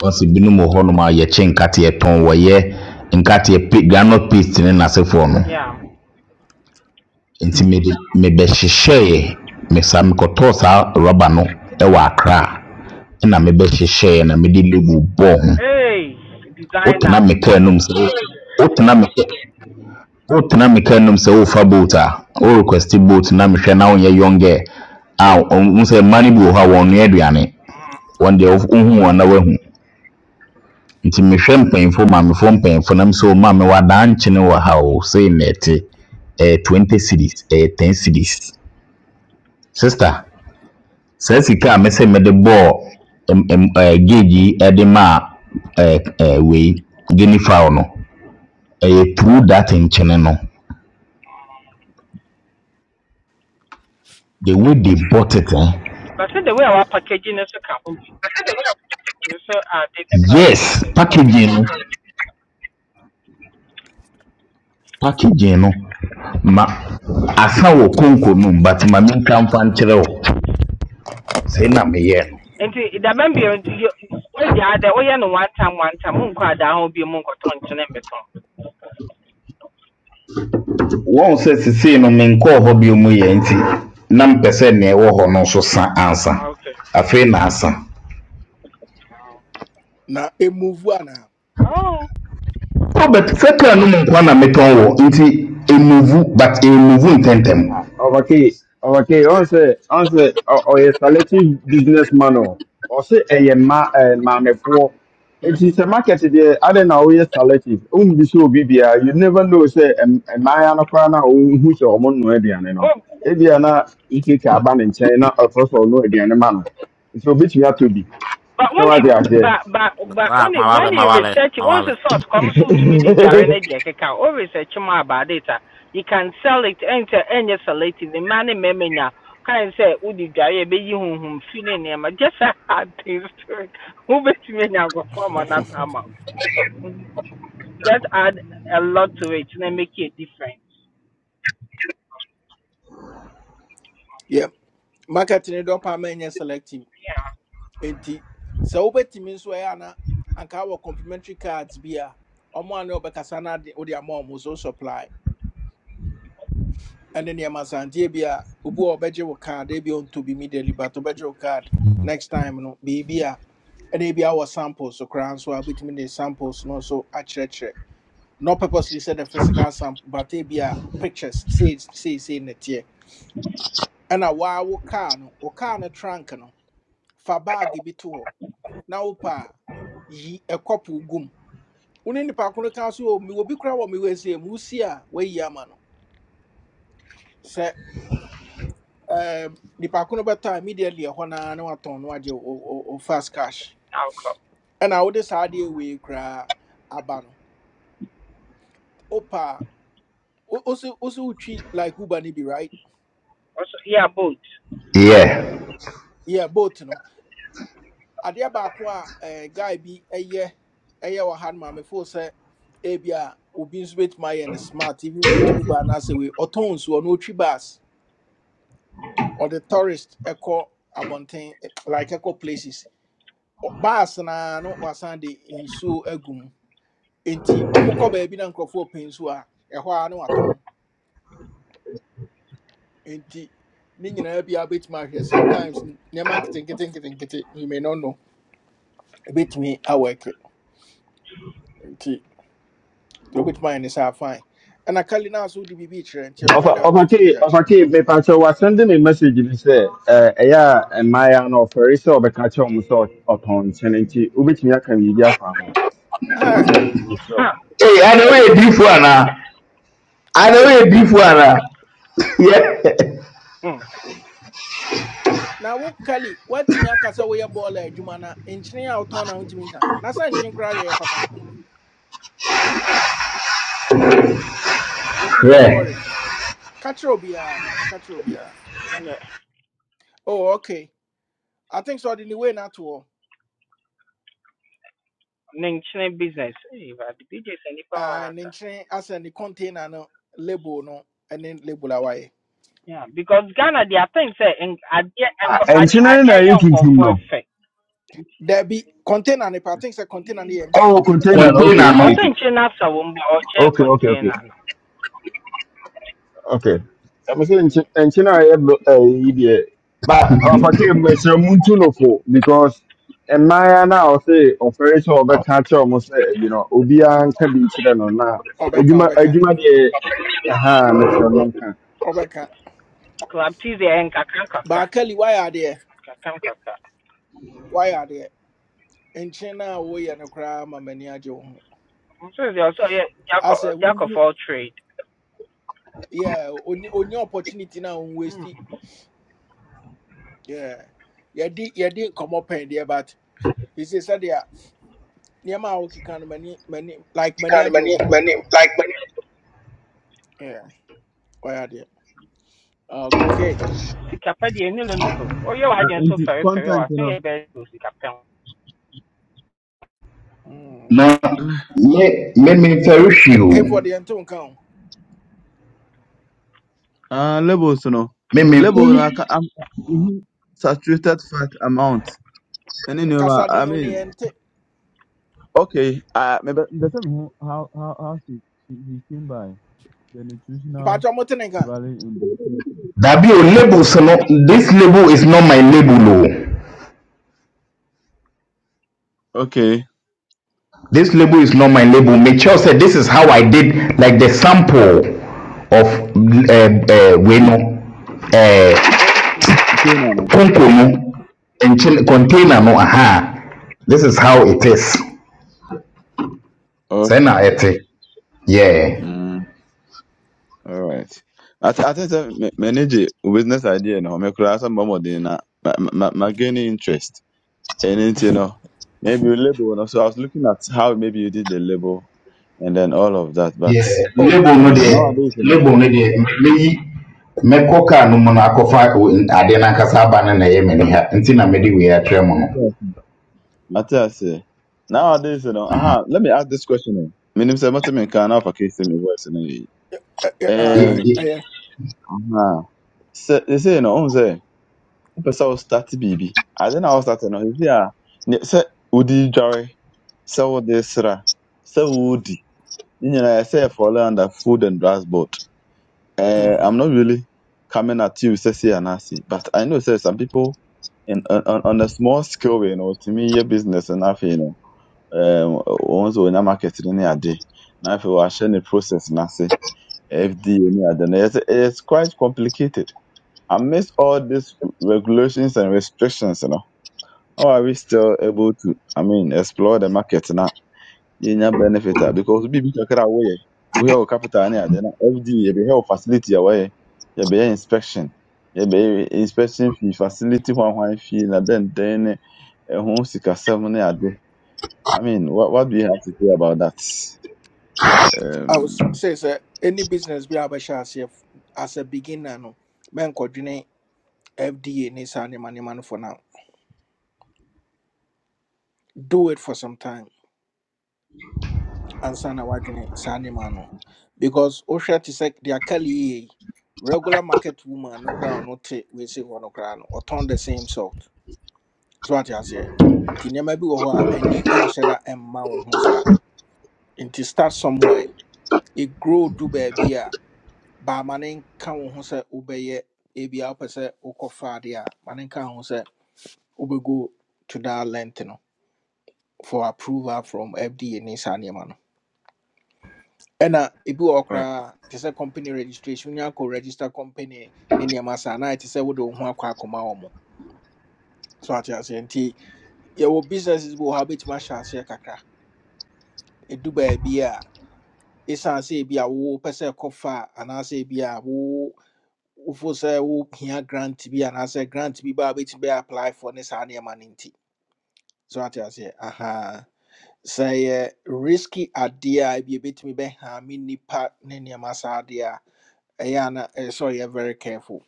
wɔsi binom wɔ hɔnom a yɛkye nkateɛ tɔn wɔyɛ nkateɛ pe groundnut paste ne n'asefoɔ no Yeah. nti mede mebɛhyehyɛɛ me be hyehye me saa mekɔtɔɔ saa rɔba no wɔ akra ɛna mebɛhyehyɛɛ na mede label bɔɔ ho Hey, designer. wotena me kaa nom sɛ wotena me wotena me kaa nnum sɛ worefa bolt a worequesti bolt na mehwɛ na wonyɛ young girl a ɔhu sɛ mma no bi wɔ hɔ a wɔnnoa aduane Mhm. wɔn deɛ wof- wohu wɔn na woahu nti mehwɛ mpanyimfo maamefoɔ mpanyimfo nam sɛ ɔma me wadankyene wɔ ha o sei na ɛte ɛyɛ 20 cities ɛyɛ 10 cities sister saa sika a mesɛ mede bɔɔ em- em- ɛɛ, gauge yi de maa ɛɛ, ɛɛ, wei guinea fowl no ɛyɛ through that nkyene no the way they bought it eh? But see the way our packaging is so can hold you. So added the value Yes, to it. So. packaging no packaging no ma asa wɔ konko no mu but ma menka mfa nkyerɛ wo sei na meyɛɛ no And the member, where the other, oh, yeah, no one time, one time, Munka, that will be Munka, Ton, Chinemiton. wɔn sɛ sesei no menkɔɔ hɔ bio mu yɛ nti na mpɛ sɛ nea ɛwɔ hɔ no nso sa ansa Okay. afei na asa Now, a move one. ah. Oh. robert sɛ kaa no mu nkwa na metɔn wɔ nti emuvu but emuvu ntɛntɛm Ah, Obaki, Obaki, Yeah, on se, on se, ɔyɛ salative businessman o. Ɔse ɛyɛ ma ɛɛ maamefo. hmm it's a market deɛ, adi na ɔyɛ salative. Ohun bi sɛ obi you never know sɛ ɛm ɛmaaya no koraa na ohun sɛ ɔmo nua aduane no. Oh. Ebia na ikeke aba ne nkyɛn na ɔtɔ sɛ ɔno aduane ma no. Nti obetumi atɔ bi. but Sɛ when wate wonim aseɛ. but but ba Ah, ma wonim wale when ma ne wale research ma once wale. the out comes out to me the dware idea, de keka always research more about it you can sell it enter any selective the man and memenya kan say wo di dware e be yi honhom feeling." ne nneɛma just add things to it wo betumi anya nkɔfoɔ ama no atama wo. Mhm. just add a lot to it na make it different yeah. Marketing it up, I'm selective. And so, over to me, so I know, and our complimentary cards be a ọmọ àná ọbẹ kasa náà de ọdẹ àmọ ọmọ so supply And then ẹma santie bi a ubu a ọbẹgye wọ card they be on to be mi but to ọbẹgye wọ card next time no biribi a ɛna be our samples koraa nso a wobɛtumi de samples no nso akyerɛkyerɛ not purposely said the physical sample, but they be a pictures say say say in it here. And a while wo car no, wo car no trunk no, fa bag bi to hɔ. Na wo pa yi a couple gum. One in the park on the council, oh, me will be crowd, me will say, Musia, way yamano. Say, um, the park on better immediately a hona no aton no or fast cash. outcome And I would decide we cry abano. Opa, also, also, treat like Uber, be right? also yeah both yeah Yeah, both, no. Adia bakwa a eh, guy bi ɛyɛ ɛyɛ wɔ ha no maamefo sɛ ebi a obi nso betumi ayɛ no smart even with uber anaasɛ wei ɔtɔn nsuo no otwi bus ɔde tourist ɛkɔ abɔnten eh, like echo places Ɔ- na naa no wasan de nsuo agu mu nti ɔmokɔ baabi na nkurɔfoɔ pɛ nsuo a ɛhɔ a na watɔn nti ne nyinaa bi a betumi ahwɛ sometimes nneɛma nketenkete nketenkete you may not know a bit ebetumi awɔke nti. nti wobɛtumi ayɛ ne saa fine ɛna kali now, so wode biribi kyerɛ nti ɛkwan da Ofa wobɛtumi Ofake de akyerɛ Ofake me pa cho wa sending me message ni sɛ eh ɛyɛ a mmaa no ɔfɛre sɛ ɔbɛka kyerɛ wɔn sɛ ɔt- ɔtɔn nkyene nti wobɛtumi aka biribi afa ho hi sɛ mekyerɛ wo. huh. ee anawo kali yɛ diifo anaa mm. anawo kali yɛ diifo anaa yɛ Mm. na wo kali woatumi akasa woyɛ bɔɔla adwuma na nkyene a wotɔn na wontumi nka na sɛ nkyene koraa deɛ yɛ papa nti don't worry hwɛ ka kyerɛ Yeah. oh okay i think so ɔde ne not no ato hɔ ne nkyene business eh, Awurade, business a nnipa wɔ Ah, ha ne nkyene asɛ ne container no label no and then label away. Yeah, because Ghana they are things say and adeɛ Ah, nko adeɛ ɛnkyene no na adeɛ yɛ ɛyɛ tuntum nkɔfoɔ no. ɛfɛ. There be container no pa i think sɛ container Empty. yɛ empty Oh, container no. biribi Okay, container no okay, Ɔsɛ okay. nkyɛn na China, wɔn mu ɔkyɛ Okay, okay, okay. container no. okay ɛmu sɛ nkyi nkyi na ayɛ bl- ɛyi deɛ but ɔfakɛ mu ɛkyerɛ mu ntu no fo because mmaayewa na ɔsɛ ɔfɛre sɛ ɔbɛka kyerɛ ɔmo sɛ ɛyi no obiara nka bi nkyerɛ no na Obeka, adwuma I obeka, deɛ ɛha mɛkyerɛ mo nka obeka. Club tea deɛ ɛyɛ nkakra But Kali, why are there? So nkakra Why are adeɛ In China, we are no crime. Many m'ani agye I ho also yeah, jack o- jack of all trade. yeah, onni onni opportunity no a wonwasti Mhm. yeah. yeah, did yɛde nkɔmmɔ pɛn deɛ but he ɛsɛ sɛdeɛ nneɛma a wokeka no Many, many like many agye wo Yeah. Why are adeɛ okay Sikapɛ deɛ ɛni limit o. Ɔyɛ Ah, w'agye nso Nti fɛrɛfɛrɛ o. content Aso no, yɛ bɛyɛ o sikapɛ ho. mm. na me me me mfɛrehwie o hefo deɛ nte wo nka ho ah labels no, me me label no aka am mhm, saturated fat amount ɛne nneɛma. I kasaden wo ne mean, yɛnte okay, ah, maybe. The mehu how how how she she he came by. the nutritional mpakyɛ mote ne value in the food. dabi o labels no this label is not my label o Okay. this label is not my label make sure say this is how i did like the sample of uh, uh, wey Okay, no uh, Ɔnkyɛn. Nana. konko no nkyɛn container no aha this is how it is sɛ Okay. na ɛte yeah. Mm, all right. I th- I think that manage business idea no. Me kura some more than na. ma gaining interest. anything you know, maybe a label. No? So I was looking at how maybe you did the label and then all of that. But Yeah, oh label I no mean, deɛ nowadays you know, label no deɛ me- meyi mɛkɔ kaa no mu no akɔfa wo- n- adeɛ no ankasa aba no na ɛyɛ m'ani ha nti na mede wei atrɛ mu no Matthias, Matthias, eh, Mm. nowadays you know. Aha, let me ask this question. eh. Me name say Matthias. Me can now for case me voice. Ɛ- ɛ- Ye- Eh. aye, ye- ɛyɛ Aham. Sɛ ɛsei no, ɔhu sɛ wopɛ sɛ wo start biribi. Ade na wo start no, ɛsei a ne- sɛ wode dware, sɛ wode sra, sɛ wodi, ne nyinaa ɛsɛ yɛ fall under food and drugs board. Eh, Mhm. I'm not really coming at you sɛ sei anaasei, but I know sɛ some people in, on, on on a small scale way no, wɔtumi yɛ business no afei no, um, wɔn nso wɔnya market no ne ade, na afei wɔahyɛ ne process no ase, FDA ne ade no, ɛyɛ sɛ- ɛyɛ quite complicated amidst all these regulations and restrictions, you know, how are we still able to, I mean, explore the market now? yɛnya benefit a because biribi kakra a woyɛ we have capital ne ade no everyday yɛbɛhɛ wo facility a wɔyɛ yɛbɛyɛ inspection yɛbɛyɛ inspection fee facility hwanhwan fee and then then a home ɛho sikasɛm ne ade i mean what, what do you have to say about that I um, was say sir. any business bi a wobɛhyɛ aseɛ as a beginner no Man menkɔdwene FDA ne saa nneɛma nneɛma no for now. Do it for some time ansa na woadwene saa nneɛma no. Because wohwɛ te sɛ deɛ aka lei yɛ yi, regular market woman no koraa a ɔno te weesei hɔ no koraa no, ɔtɔn the same salt. So wate aseɛ. Nti nneɛma bi wɔ hɔ a ani nhyɛ da mma wo ho saa. Nti start somewhere. It grow du baabi a baama ne nka wo ho sɛ wobɛyɛ ebia wopɛ sɛ wokɔfa adeɛ a ma ne nka wo ho sɛ wobɛgo to that length no. for approval from FDA ne saa nneɛma no ɛna ebi wɔ hɔ right. koraa te sɛ company registration wonya akɔ register company ne nneɛma saa na te sɛ wode wo ho akɔ akɔma wɔ mo so ate aseɛ nti yɛwɔ businesses bi wɔ hɔ a wobɛtumi ahyɛ aseɛ kakra ɛdu baabi a ɛsiane sɛ ebi a wopɛ sɛ ɛkɔfa a, anaasɛ ebi a wo wofo sɛ wohia grant bi anaasɛ grant bi ba a wobɛtumi bɛyɛ apply for ne saa nneɛma no nti so ate aseɛ aha sɛ yɛ risky adeɛ a ebi ebetumi bɛhaame nnipa ne nneɛma saa adeɛ a ɛyɛ a na ɛyɛ sɛ ɔyɛ very careful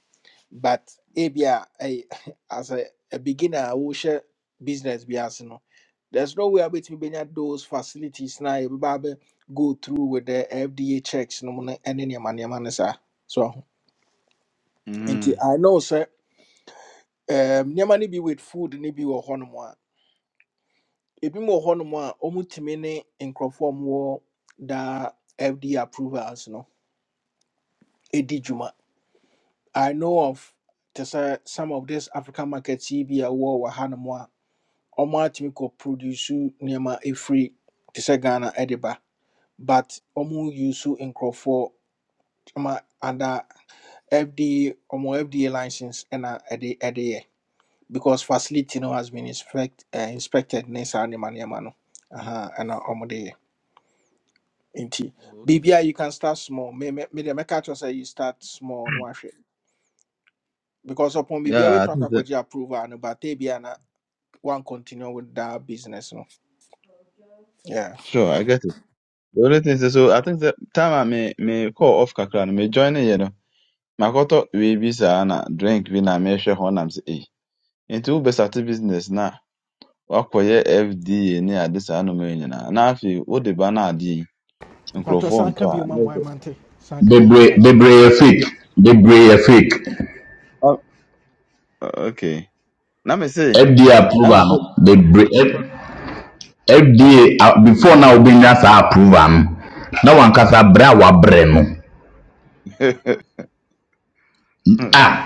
but ebi a ɛyɛ as a, a beginner a wohyɛ business bi ase no there's no way a wobɛtumi bɛnya those facilities na yɛbɛba abɛ go through with the fda checks no mu ne ɛne nneɛma nneɛma no saa so nti mm. i know sɛ um, nneɛma no bi with food no bi wɔ hɔnom ebi wɔ hɔnom a ɔmutumi ne nkurɔfoɔ a wɔwɔ daa fda approvals no ɛdi dwuma i know of te sɛ some of these african markets yi bi a wɔwɔ wɔ hanom a ɔmatumi kɔ produce nneɛma ɛfiri te sɛ ghana ɛde ba but ɔmu use nkurɔfoɔ ma ada fda ɔmo fda license ɛna ɛde ɛde yɛ because facility no has been inspect, uh, inspected ne saa nneɛma nneɛma no Aha, ɛna ɔmo de yɛ Nti Okay. biribiara you can start small. Me me me deɛ mɛka kyerɛ you start small no ahwɛ because upon biribiara yeah i wobɛtumi think akɔ that akɔgye approval no but ebia na one continue with that business no. Yeah. sure i get it The only thing is, so I think the time I may may call off kakra no may join it, you know. My Makoto we be na drink we na me hwe ho nam se eh. Nti wo start business na wakɔyɛ FDA ni ade saa no ma nyinaa. Na afei wode ba no ade yi mpatwɔ nkurɔfoɔ san ntɔ ka a biom na ama ɛsɛ ɛmante san ka biom bebree mpatwɔ bebree yɛ fake bebree yɛ fake "Oh, okay. Na me se fda na me approval no se bebree F- fda a- before na wobɛnya saa approval no na wankasa berɛ a wabrɛ no a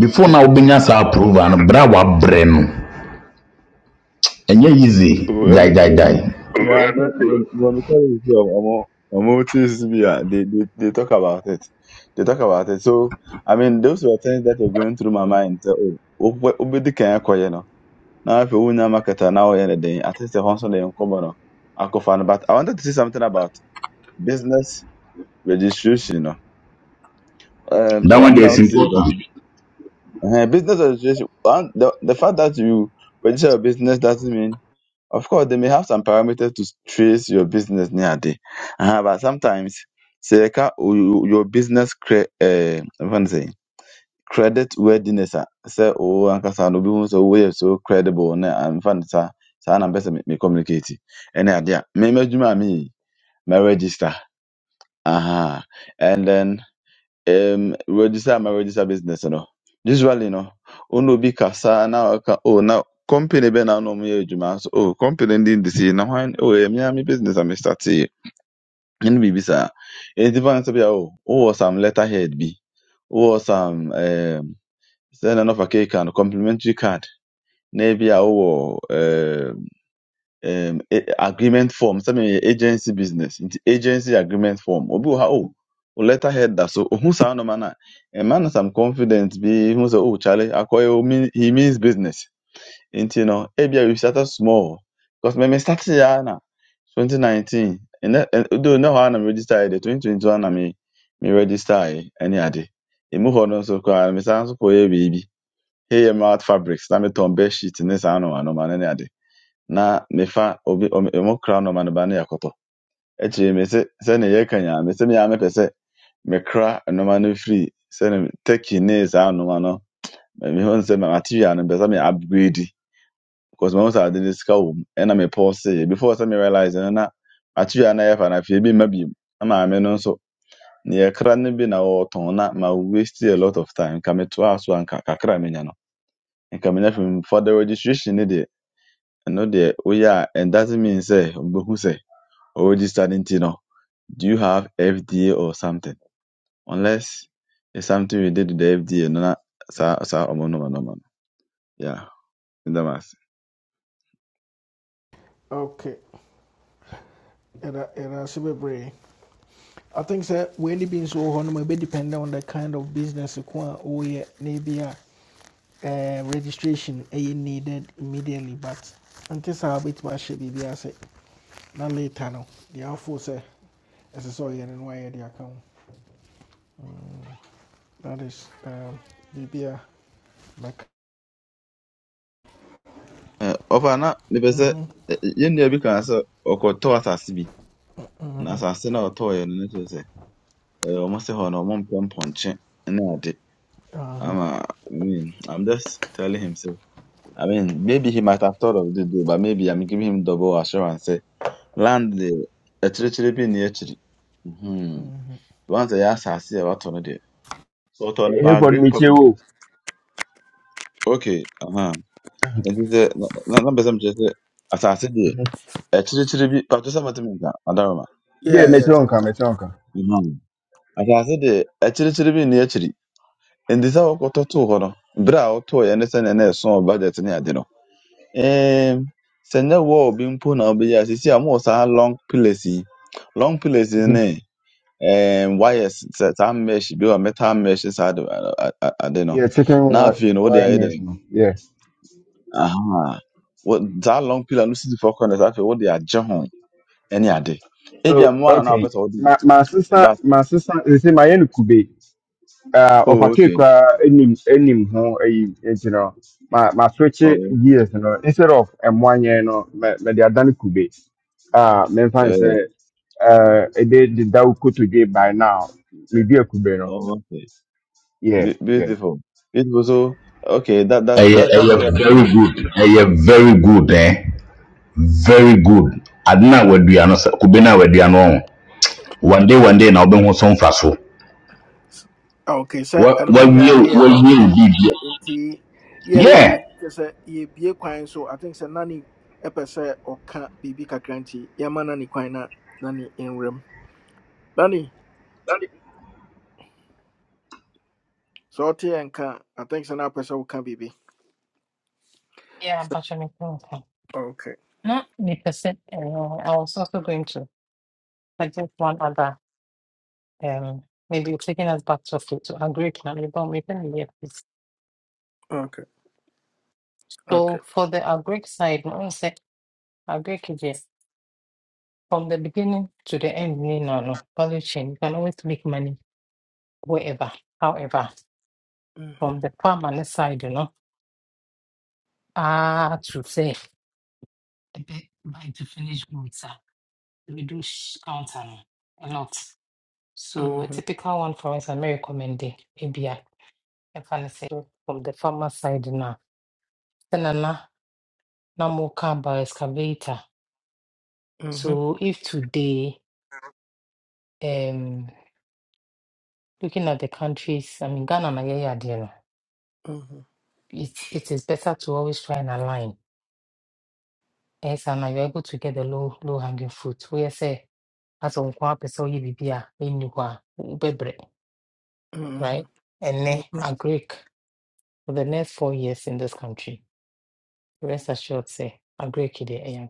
before na wobɛnya saa approval no berɛ a wabrɛ no ɛnyɛ easy ɛno deɛ gyaegyaegyae Yeah, I think when when we call it here, Omo, Omo TCB, they, they they talk about it. They talk about it. So I mean, those were things that were going through my mind. So, oh, obedi kan akɔ yɛ no. Now if you win marketer now yɛ ne den, at least the Honson dey nkɔmɔ no. Akɔfa no. But I wanted to say something about business registration. No. Um, I that one wanted dey I is want to say that important uh, business registration. One, the the fact that you register a business doesn't mean Of course, they may have some parameters to trace your business near day. Uh, but sometimes, say, ka- you- your business cre- uh, what to say, credit worthiness. ah, Say, oh, ankasa no be so we are so credible. Ne, I'm fan sa sa na best me me communicate. Any idea? Me me juma me me register. Aha, and then um register my register business you know. usually you know, ɔna obi kasa na ɔka oh now, company be na no ɔmo yɛ so oh company ndi ndi si na hwan oh ɛmi ami business a mi start yi ɛna biribi saa eti fan sɛ bi a oh oh, some letterhead bi Oh, some um sɛ na nɔfa cake and complimentary card na ebi a ɔwɔ um, a- agreement form sɛ agency business nti agency agreement form obi wɔ ha o o letter head that. so ohun saa nneɛma no man a ɛma no some confidence bi hu sɛ oh kyale akɔyɛ o mean he means business nti no ebia we started small because me me start ya na twenty nineteen And ɛ- though ne hɔ na mɛ register yɛ de twenty twenty one na mɛ mɛ register yɛ ɛne ade emu hɔ no nso koraa mɛ san so kɔ yɛ biribi mouth fabrics na mɛ tɔn bed sheet ne saa no ne ade na mefa obi om- emo kra nnɔma no man ba na yɛkɔtɔ akyire me se sɛnea yɛka nyaa me se meaa mepɛ sɛ mekra nnɔma no firi sɛne turkey ne saa nnɔma no mehu sɛ ma- material no mpɛ sɛ me upgrade because mahu sɛ ade no sika wɔ mu ɛna mepɔɔseyɛ before sɛ me realise no na material no a yɛfa no afei bi mma biom na maame no nso ne yɛkra no bi na wɔtɔn na ma waste a lot of time nka metoaa so a nka kakra a menya no nka menya fim for the registration ne deɛ ɛno deɛ woyɛ a it doesn't mean sɛ wobɛhu sɛ Already starting to know. Do you have FDA or something? Unless it's something you did with the FDA, no, na sa sa omo no no no. Yeah, in the mass. okay Era era ase bebree i think sɛ weani bi nso wɔ hɔ nom ɛbɛdepend on the kind of business ko a woyɛ na ebi a eh, registration ɛyɛ needed immediately but until nte saa wobɛtumi ahyɛ biribi say. na later no deɛ afoɔ sɛ ɛsɛ sɛ ɔyɛ no no wayɛ de aka ho that is um, biribi a mɛka Uh, ofa na me pese yen dia bi kan se okoto asase bi. Na asase na oto ye no ne to se. Eh omo se ho na omo mpem ponche na ade. Aha. Ama I mean, I'm just telling him so. I mean, maybe he might have thought of the deal, but maybe I'm giving him double assurance. Say, Land the a chiri chiri So Once I ɛyɛ asase a wɔatɔ no deɛ sɛ wɔtɔ no Hey, paa Hayford great for purpose o okay aha nti sɛ na na na mpɛ sɛ mekyerɛ sɛ asase deɛ akyirikyiri bi patro sɛ matemi nka adaroma deɛ yeah, yeah yɛto nka nka mɛkyerɛ nka Mhm. asase deɛ akyirikyiri bi nni akyiri nti sɛ wokɔtɔ too hɔ no berɛ a wotooɛ ne sɛnea na ɛsoo budget ne ade no ɛɛm, sɛ nyɛ wall bi mpo na wobɛyɛ a seesei a mowɔ saa long pillars yi long pillars yi Mhm. ne um, wires sɛ- saa mesh bi wɔ metal mesh saa I don't. a- ade no yeah chicken na wi- afei What wode wire ayɛ dɛn mesh yes. aha Wɔ- saa long pillar no sisi fɔ kɔnɛ saa afei wode agye ho ɛne ade ebia so mmoa na na wapɛ okay sɛ wode yi, my my sister but my sister is say my yɛn kube uh, oh ɔfakee okay koraa anim anim ho ayi nti no my ma switch it oh gears you know, instead of M one, you ɛmoanyɛn no mɛ mɛde adane kube uh, my friend say, uh, yeah, uh, a mɛmfa ne sɛ day ɛde deda wo kotodwe by now medua kube no oh okay yeah Be- yeah beautiful beautiful so okay that that ɛyɛ that ɛyɛ that's where I very am. good ɛyɛ very good eh very good ade na wadua no sɛ kube na wadua no ɔn one day one day na ɔbɛho so mfa so okay sɛ wa ɛnom wawie nyinaa no a long wawie term bibi nti yeah, yeah wei no kyerɛ sɛ yɛbie kwan so i think sɛ Nani? ɛpɛ sɛ ɔka biribi kakra nti yɛma nane kwan na nane nwuram nane sɛ ɔte yɛ nka think sɛ na apɛ sɛ woka biribi Yeah, Sɛ- but you're making okay. okay Not the percent. Uh, I was also going to suggest one other. Um, maybe taking us back to food to agri plan about making the piece. okay okay So for the agric side, I would say agri KJ, from the beginning to the end, you know, no value chain. You can always make money wherever, however, Mhm, from the permanent side, you know, ah, to say the bit by the finished goods, ah, we do sh- counter no, a lot. So a mhm, typical one for us, I may recommend it. Ebia, if I say so from the farmer side now. Then na na more car by excavator. mhm, So if today, um, looking at the countries, I mean Ghana na yeah yeah mhm, it it is better to always try and align. Yes, and you're able to get the low low hanging fruit. Where say as on kwa pesa oyi bibia enyuwa ubebre mhm. right. And mm ne agree for the next four years in this country. Rest assured, say, I'm Greek, Kide, and i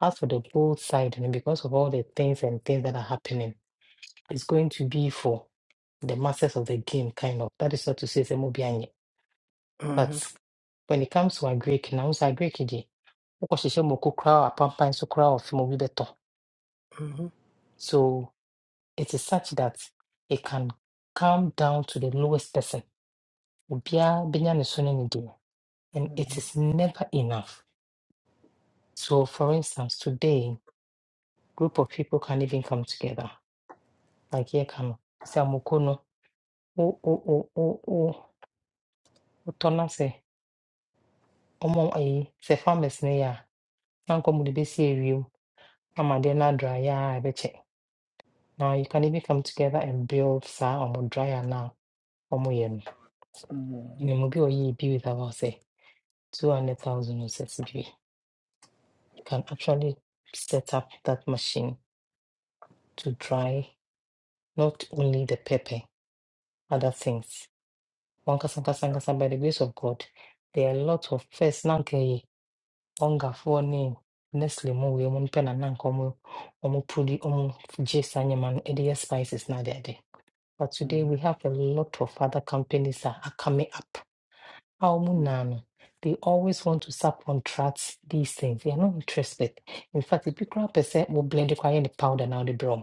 As for the bold side, and because of all the things and things that are happening, it's going to be for the masters of the game, kind of. That is not to say, say, mo bianye. But Mhm, when it comes to a Greek, now it's a Greek, Kide. wokɔhyehyɛ mmoko koraa a apampan nso koraa a ɔfe ma obi bɛtɔ mm so it is such that it can come down to the lowest person obiaa bɛnya ne so ne ne deɛ and it mhm, is never enough so for instance today group of people can even come together. Like here come Samukono. Oh oh oh oh oh Otona say Omo eh say farmers ne ya nankom de besi ewiem ama de na dry ya ebeche. Now you can even come together and build sa omo dryer now omo yen. mm mhm, You know be oyi be with about say 200,000 or six You can actually set up that machine to dry not only the pepper, other things. Wankasankasankasan, by the grace of God, there are a lot of first nanke onga for name. Nestle mu we mun pena nan komu omu pudi omu jis anyaman edia spices na de ade. But today we mm have a lot of other companies that are coming up. How mu na no, They always want to subcontract these things. They are not interested. In fact, if you grab a set, we'll blend the powder now the brown.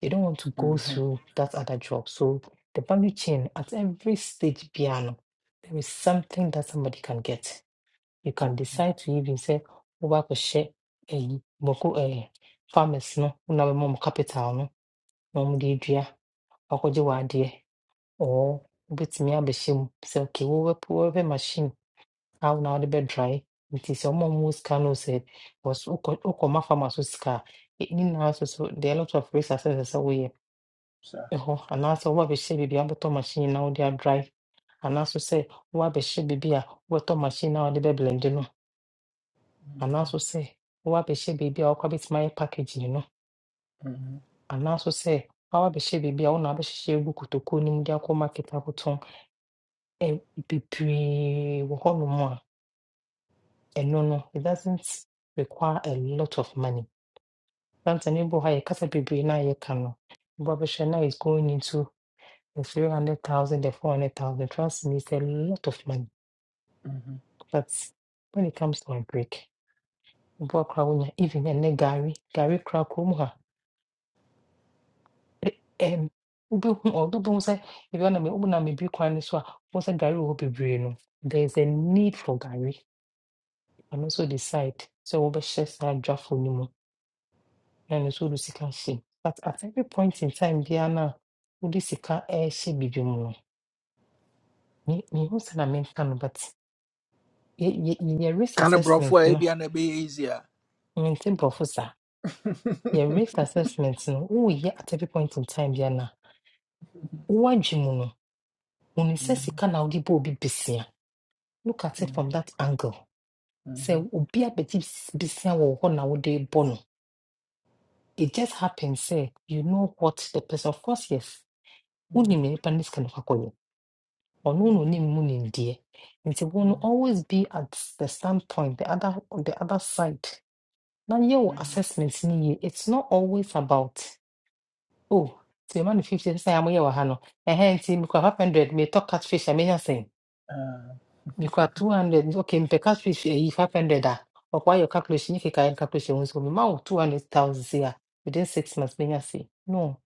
They don't want to mhm, mm go mhm, mhm, through that other job. So the value chain at every stage piano, there is something that somebody can get. You can mhm, decide to even say, share a moko eh, farmers no, una mom capital no, mom de dua, wakoje wade, or bit me abeshim, say okay, wo we will put machine, how now the bed dry. It is almost no say was Okoma farmers with scar. It na so so there are a lot of resources so we sir. hɔ anaasɛ woabɛhyɛ biribi abɛtɔ machine na wode adry anaaso sɛ woabɛhyɛ biribi a wobɛtɔ machine na wode bɛblende no anaaso sɛ woabɛhyɛ biribi a wokɔ abɛtumi ayɛ packaging no Mhm, anaaso sɛ woabɛhyɛ biribi a wona abɛhyehyɛ agu kotokuo no mu de akɔ market akotɔn Ɛ- bebree wɔ hɔnom a ɛno no it doesn't require a lot of money santa ne bɔ hɔ a yɛkasa bebree no a yɛka no wobɔ abɛhwɛ na is going into the 300000 the 400000 trust me it's a lot of money mm mhm. But when it comes to my break, mebɔ koraa wonya even ɛnɛ gari gari koraa kurom ha ɛ- ɛm wobɛhu ɔ- wobɛhu sɛ ebi wɔ na me wonam ebi kwan no so a wohu sɛ gari wɔ hɔ bebree no there is a need for gari ɛno nso decide sɛ wobɛhyɛ saa dwafo no mu na ɛno nso wode sika hyɛ mu. but at every point in time biara no a wode sika ɛrehyɛ biribi mu no me- mehu sɛ na menka no but yɛ yɛ- yɛyɛ risk Kind of brought for assessment a no and a be easier. mente borɔfo saa yɛ risk assessment no woyɛ at every point in time yɛ na woadwe mu no woni sɛ Mhm, sika na wode bɔ obi besia look at it from mhm, that angle mhm, sɛ obi abɛgye bes- besia wɔ wo hɔ na wode bɔ no it just happens sɛ you know what the person of course yes wonim mhm, nea nipa ne sika no kakɔyɛ ɔno na onim mu nimdeɛ nti wo no always be at the standpoint the other on the other side na yɛ wo assessment no yie it's not always about Oh, ti ma no 50 sɛ a moyɛ wɔ ha no. Ɛhɛn nti mekura 500 metɔ catfish I'm a menya sɛn. Mekura 200 okay mepɛ catfish ayi 500 a ɔkɔayɛ wo calculation ne keka yɛ calculation ho nso mema wo 200,000 sei within six months menya sɛn. No,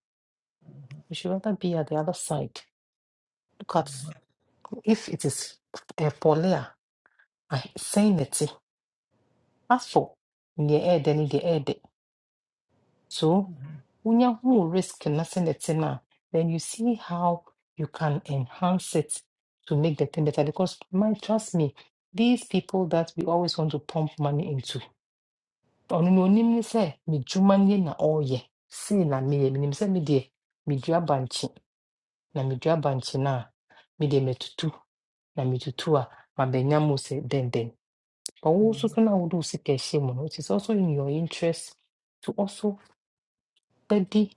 you should rather be at the other side. Look at if it is uh, poly a ahe- sɛn na ɛte. As for neɛ ɛɛdɛ ne deɛ ɛɛdɛ. So when you who risk nothing the thing, ah, then you see how you can enhance it to make the thing better. Because man, trust me, these people that we always want to pump money into. ɔno na onim ne sɛ medwuma nie na ɔreyɛ sei na meyɛ menim sɛ medeɛ medua bankye na medua bankye no a medeɛ matutu na metutu a mabɛnya mu sɛ dɛndɛn but wo nso mhm, so na wode wo sika ɛhyɛ mu no it is also in your interest to also bɛdi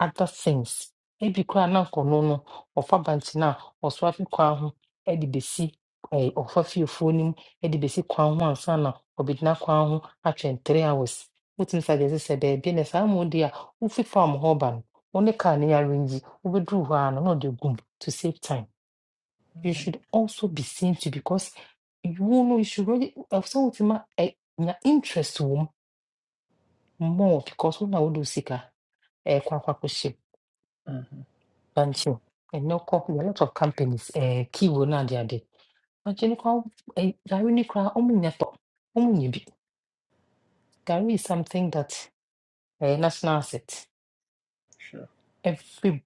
other things ebi koraa na nkɔno no ɔfa abante no a ɔsoa fi kwan ho e de bɛsi ɛɛ ɔfa fiefuo no mu de bɛsi kwan ho ansa na ɔbɛgyina kwan ho atwɛn three hours wotumi sa gyesɛ sɛ baabi na saa mu deɛ a wofi farm hɔ ba no wo ne car no arrange wobɛduru hɔ a no na ɔde gum to save time you should also be seen to because you know you should really ɛsɛ wotumi a ɛ nya interest wɔ mu more because wo na wode wo do sika ɛɛkɔ akɔkɔhyɛ Thank you. And no company, a lot of companies, eh, key will not the other. But you know, eh, Gary Nikra, Omunyato, Omunyibi. Gary is something that a national asset. Everybody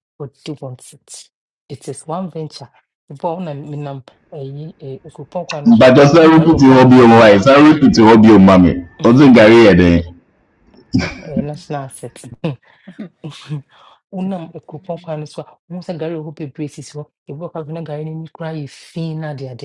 wants it. It is one venture. Before na minam eh, eh, okupon kwa niswa, mbagyɔ san ungari repeat okwa hɔ hu. bio mu ayi san repeat hɔ bio mu mami ɔdze gari yɛ den Eh, national asset. Unam okupon kwa niswa, unsa gari ohu pe braces ho. Ebu okwa vina gari ni nikra ye fina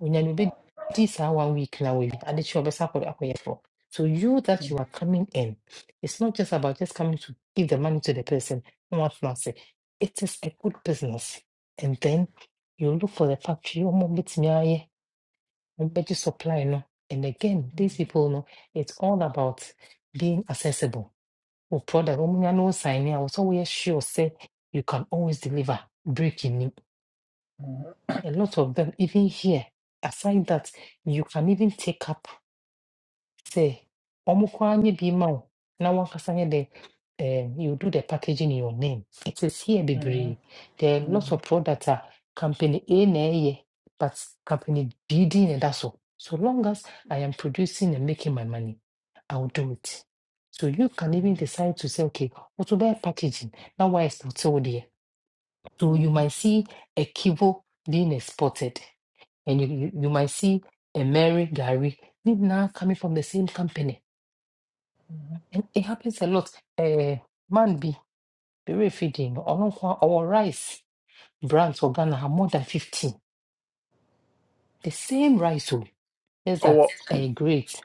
Onyame bɛdi saa one week na wawie adekyee a ɔbɛsa akɔ akɔyɛ fo. So you that you are coming in, it's not just about just coming to give the money to the person. No one fancy. It is a good business. And then you look for the factory, ɔmo betumi ayɛ, ɔmo bɛgye supply no. And again, these people no, it's all about being accessible. Wo product, ɔmo nya no wo sign in a, wo sɛ sure say you can always deliver. breaking a lot of them, even here, aside that, you can even take up, say, Omukwanye Bimao. Now one can the um, you do the packaging in your name. It is here, mhm, mhm, Bibri. There are lots mhm, of products are company A na ɛyɛ, but company B D and that's all. So long as I am producing and making my money, I will do it. So you can even decide to say, okay, what to buy packaging? Now why is not so there? So you mhm. might see a kibo being exported and you, you, you might see a Mary Gary these now coming from the same company. And it happens a lot. Uh, man be berry feeding or our rice brands for Ghana are more than 15. The same rice, oh, yes, Oh, that's a great.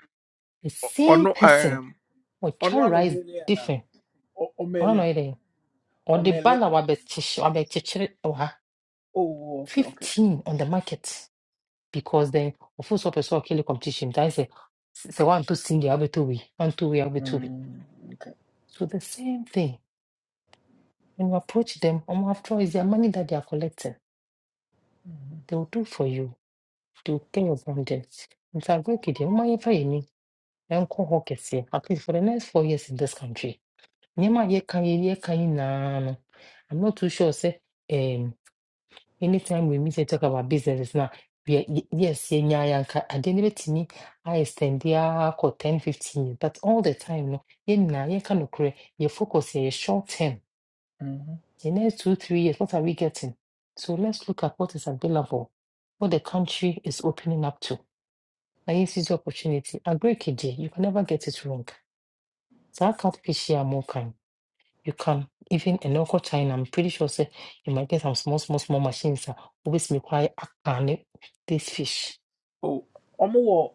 The same on person um, will on try one rice million, different. I don't know omele, it. eh? Or the omele. banner will be chish- will be chichiri- oh, ha, Oh, okay, okay. 15 on the market because then of course, person will kill the competition. That is a say one two sing the other two way, one two way, other two way. Mm, okay. So the same thing. When you approach them, um, after all, it's their money that they are collecting. They will do for you. They will pay your bondage. In fact, go kid, um, my friend, you might pay me. And call Hawkeye. At least for the next four years in this country. Nyama ye can ye can no. I'm not too sure. Say, um, anytime we meet and talk about business now, we are, ye- yes, ye nya yanka. And then it me, I extend there for ten fifteen. 15 years. But all the time, no, ye na ye can occur. ye focus ye short term. Mhm. The next two, three years, what are we getting? So let's look at what is available, what the country is opening up to. Now, yes, is the opportunity. A great KJ, you can never get it wrong. So I can't fish here more kind. You can, even in local China, I'm pretty sure say, you might get some small, small, small machines that always require a can this fish. Oh, omo,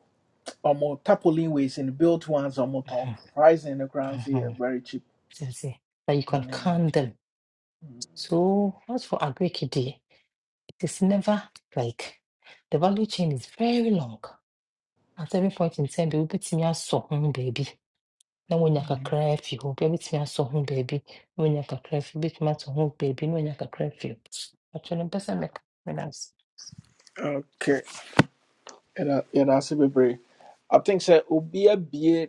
omo tapolin ways in built ones, omo tom Mhm, fries in the grounds here mhm. very cheap. So you see, That you can can them. So as for agri K D, it is never like the value chain is very long. At every point in time, bi wobɛtumi asɔ ho baabi na woanya kakra afi hɔ. Bi cry asɔ you. baabi na woanya so afi baby. Wobɛtumi atɔ ho baabi na woanya kakra afi hɔ. Atwerɛ mpɛ sɛ mɛka menas. Okay, yɛda yɛda ase bebree. I think sɛ obi abue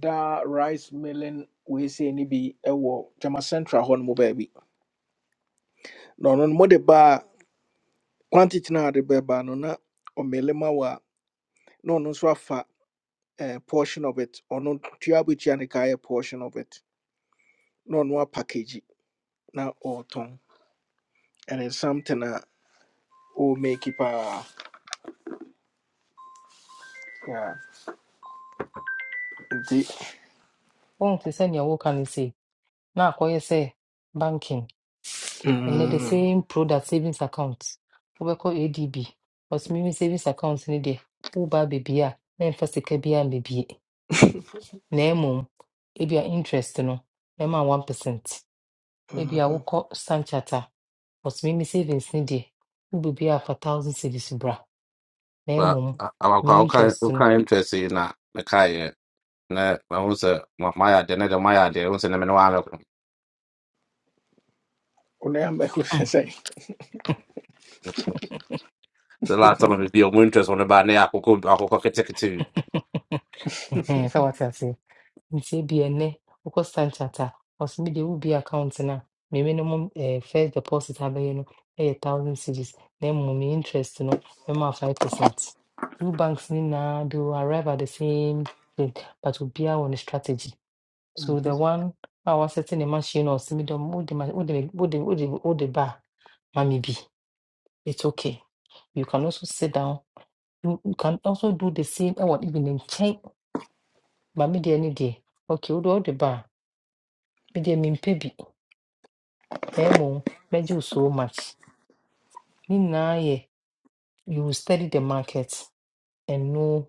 da rice milling weesei no bi wɔ jama Central hɔ no mu baabi. Na ɔno no mode baa quantity no a de bɛbaa no na ɔmmele ma wo a na ɔno nso afa eh, portion of it. Ɔno tua abɛtua ne kaayɛ portion of it. Na ɔno apackage na ɔretɔn. And it's something a ɔremake paa. Yeah. Nti, send your work and say, now na akɔyɛ say banking ɛnɛ the mm, same product savings account. We call ADB but me me savings account no deɛ woba abɛbie a na ɛmfa sika biara mmɛbie. Na mmom ebia interest no ɛma one percent. Ebia mhm. wokɔ Standard Chartered a But me, me savings ni will be bi a thousand cedis bra. Na Ba mmom, awakwa me o kan interest o no, kan interest yi na me na ma hu se ma ya de na de ma ya de hu se na me no ala. Wo nan bɛko sɛ sɛn? The last time I we deal winters on about now, I could I could take it to. ɛhɛn, sɛ say, me say be a ne, Standard Chartered a, ɔse me there will be account no a, me minimum eh, first deposit have you know, a thousand cedis. Na mmom, me interest no, mɛma five percent. Two banks ni nyinaa, they will arrive at the same thing, but will be wɔ ne strategy. So Mm-hmm. the one I was setting a wasɛte ne machine no a ɔse me dɛ, wode the, wode the, wode the ba a, ma me bi. It's okay. You can also sit down. You, you can also do the same. I want even in chain, but me any day. Okay, we do all the bar. Me there mean baby. Memo, measure so much. Me na ye. You will study the market and know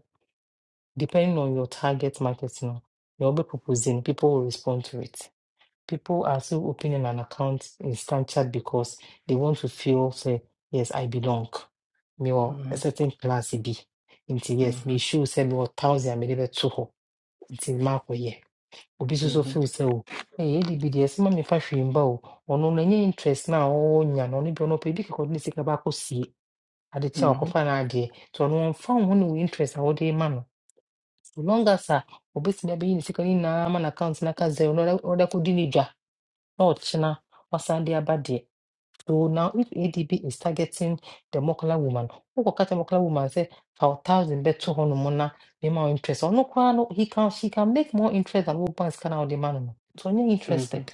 depending on your target market now. You'll be proposing. People will respond to it. people are still opening an account in Snapchat because they want to feel say, yes, I belong. Me or Mm-hmm. a certain class B. Nti yes, Mm-hmm. me show say me or thousand me lebe to ho. Nti mark ye. Obi so so feel Mm-hmm. say oh, hey, edi bi yes, ma me fa hwimba oh. Ono na nye interest na Oh nya no ne bi ono pe bi ko ni sika ba ko sie. Ade cha ko Mm-hmm. fa na ade. To ono found ho no interest a wo de ma no. So long as a obetumi abeyi ne sika ni na ma na account na ka zero no order ko di Lord China Wasandia Badia. So now if ADB is targeting the Mokola woman, who will catch a Mokola woman say for thousand bet two hundred mona the more interest. Or no kwa no he can she can make more interest than what banks can out the man. no. So you're Mm-hmm. interested.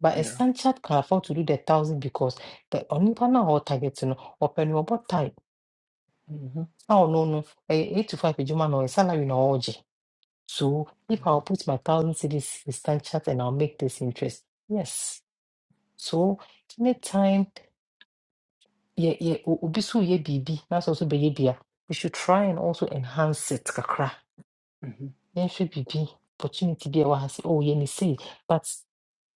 But a Yeah. sanchat can afford to do the thousand because the only partner or target you know or penny or type. Mm-hmm. Oh no no a eight to five juman or a salary no orgy. So if Mm-hmm. I'll put my thousand cities in Stanchart and I'll make this interest. Yes. So anytime Yeah, yeah. o- obi so yɛ biribi na sɛ ɔso we should try and also enhance it kakra yɛnhwɛ biribi opportunity bi a ɛwɔ ha sɛ oh yɛne sei but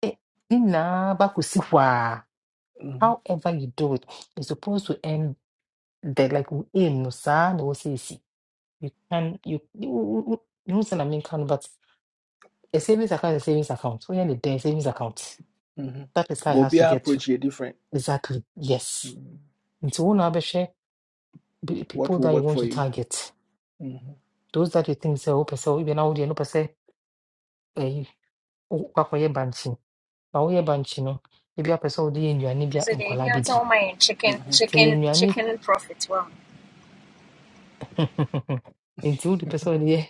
eh, ne nyinaa bakɔsi hɔ a Mm-hmm. however you do it you're supposed to end the like wo aim no saa No ɛwɔ sɛ you can you you, you mehu sɛ I mean, no but a savings account is a savings account woyɛ ne day savings account Mm-hmm. that is how it But has be to our get to approach here different. exactly yes Mhm. nti one na wobɛhwɛ What people that will you work want for to you? target Mm-hmm. those that you think say, sɛ wopɛ sɛ be now wodeɛ no wopɛ sɛ ɛyi wokɔ akɔyɛ bankye na woyɛ bankye no ebi apɛ sɛ wode yɛ nnuane bi a nkwadaa bɛdi 就是给听讲说我买 chicken Mm-hmm. sɛ yɛ chicken nnuane chicken profit well. nti wode pɛ sɛ wode yɛ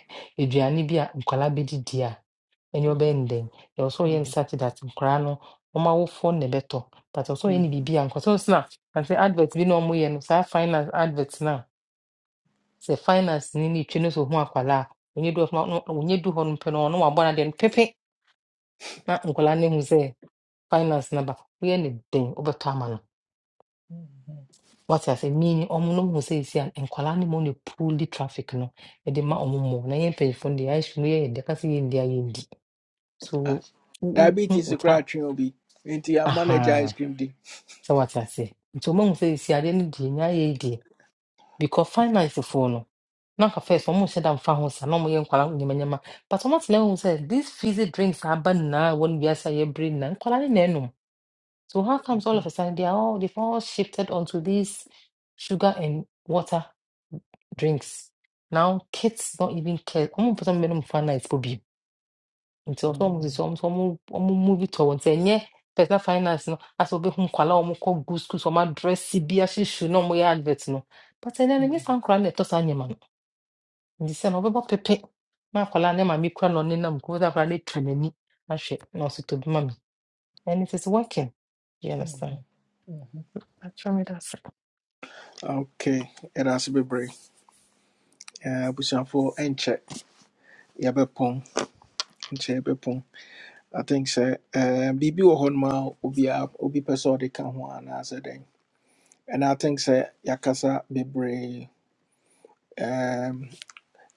aduane bi a nkwadaa bɛdi di a ɛnyɛ ɔbɛyɛ no dɛn ɛwɔ sɛ ɔyɛ no Mm-hmm. such that nkwadaa no wɔn awofoɔ na ɛbɛtɔ but ɛwɔ sɛ ɔyɛ no Mm-hmm. biribi a nkwadaa sɛ ɔsena ase advert bi na wɔyɛ no saa finance advert na sɛ finance ni ne twɛ no so ohun akwadaa a onye du hɔ no onye du hɔ no pɛ no ɔno wabɔ n'adeɛ no wabona den pepe na nkwadaa no ehu finance number. ba woyɛ ne den wobɛtɔ ama no wate ase meaning ɔmo no hu say ɛsi a nkwalaa ne mu ne pull the traffic no ɛde ma ɔmo mmɔ na yɛ pay phone the ayɛ sum yɛ yɛde ka sɛ yɛndi a yɛndi so Ah, wo- wo- wohu diabetes is a wota crack will be into your manager ice cream day. So what I say. nti ɔmahu sɛ ɛsi adeɛ no deɛ nyɛ ayɛ yi deɛ because finance phone no Now, first, na nka say ɔmo nhyɛ da mfa ho sa na ɔmo yɛ nkwalaa nyamanyama but ɔmo atena hu sɛ these fizzy drinks are bad now. a wɔn wiase a yɛbere nyinaa nkwalaa ne So how comes all of a sudden they are all they've all shifted onto these sugar and water drinks? Now kids don't even care. I'm put on minimum finance for be. Nti ọsọ ọmụ sisi Mm-hmm. ọmụ sọ ọmụ ọmụ muvi tọ wọn sị personal finance nọ asị obi hụ nkwala ọmụ kọ gu skuul ọmụ adresi bi ahyehyɛ na ọmụ yɛ advert nọ but ɛnɛ no nye saa nkwala na ɛtɔ saa nneɛma no nti sɛ na ɔbɛbɔ pepe na akwala ne maame kura na ɔnenam kuro sɛ akwala no atwa n'ani ahwɛ na ɔsɛ tobi mami and it is working you understand Mm-hmm. atwa me That's Okay, it has to be brave. Uh, but for and check. Yeah, be pong. Check be I think sɛ um, biribi wɔ hɔnom a obiara obi pɛ sɛ ɔde ka ho anaasɛ dɛn. And I think sɛ yɛakasa bebree, um,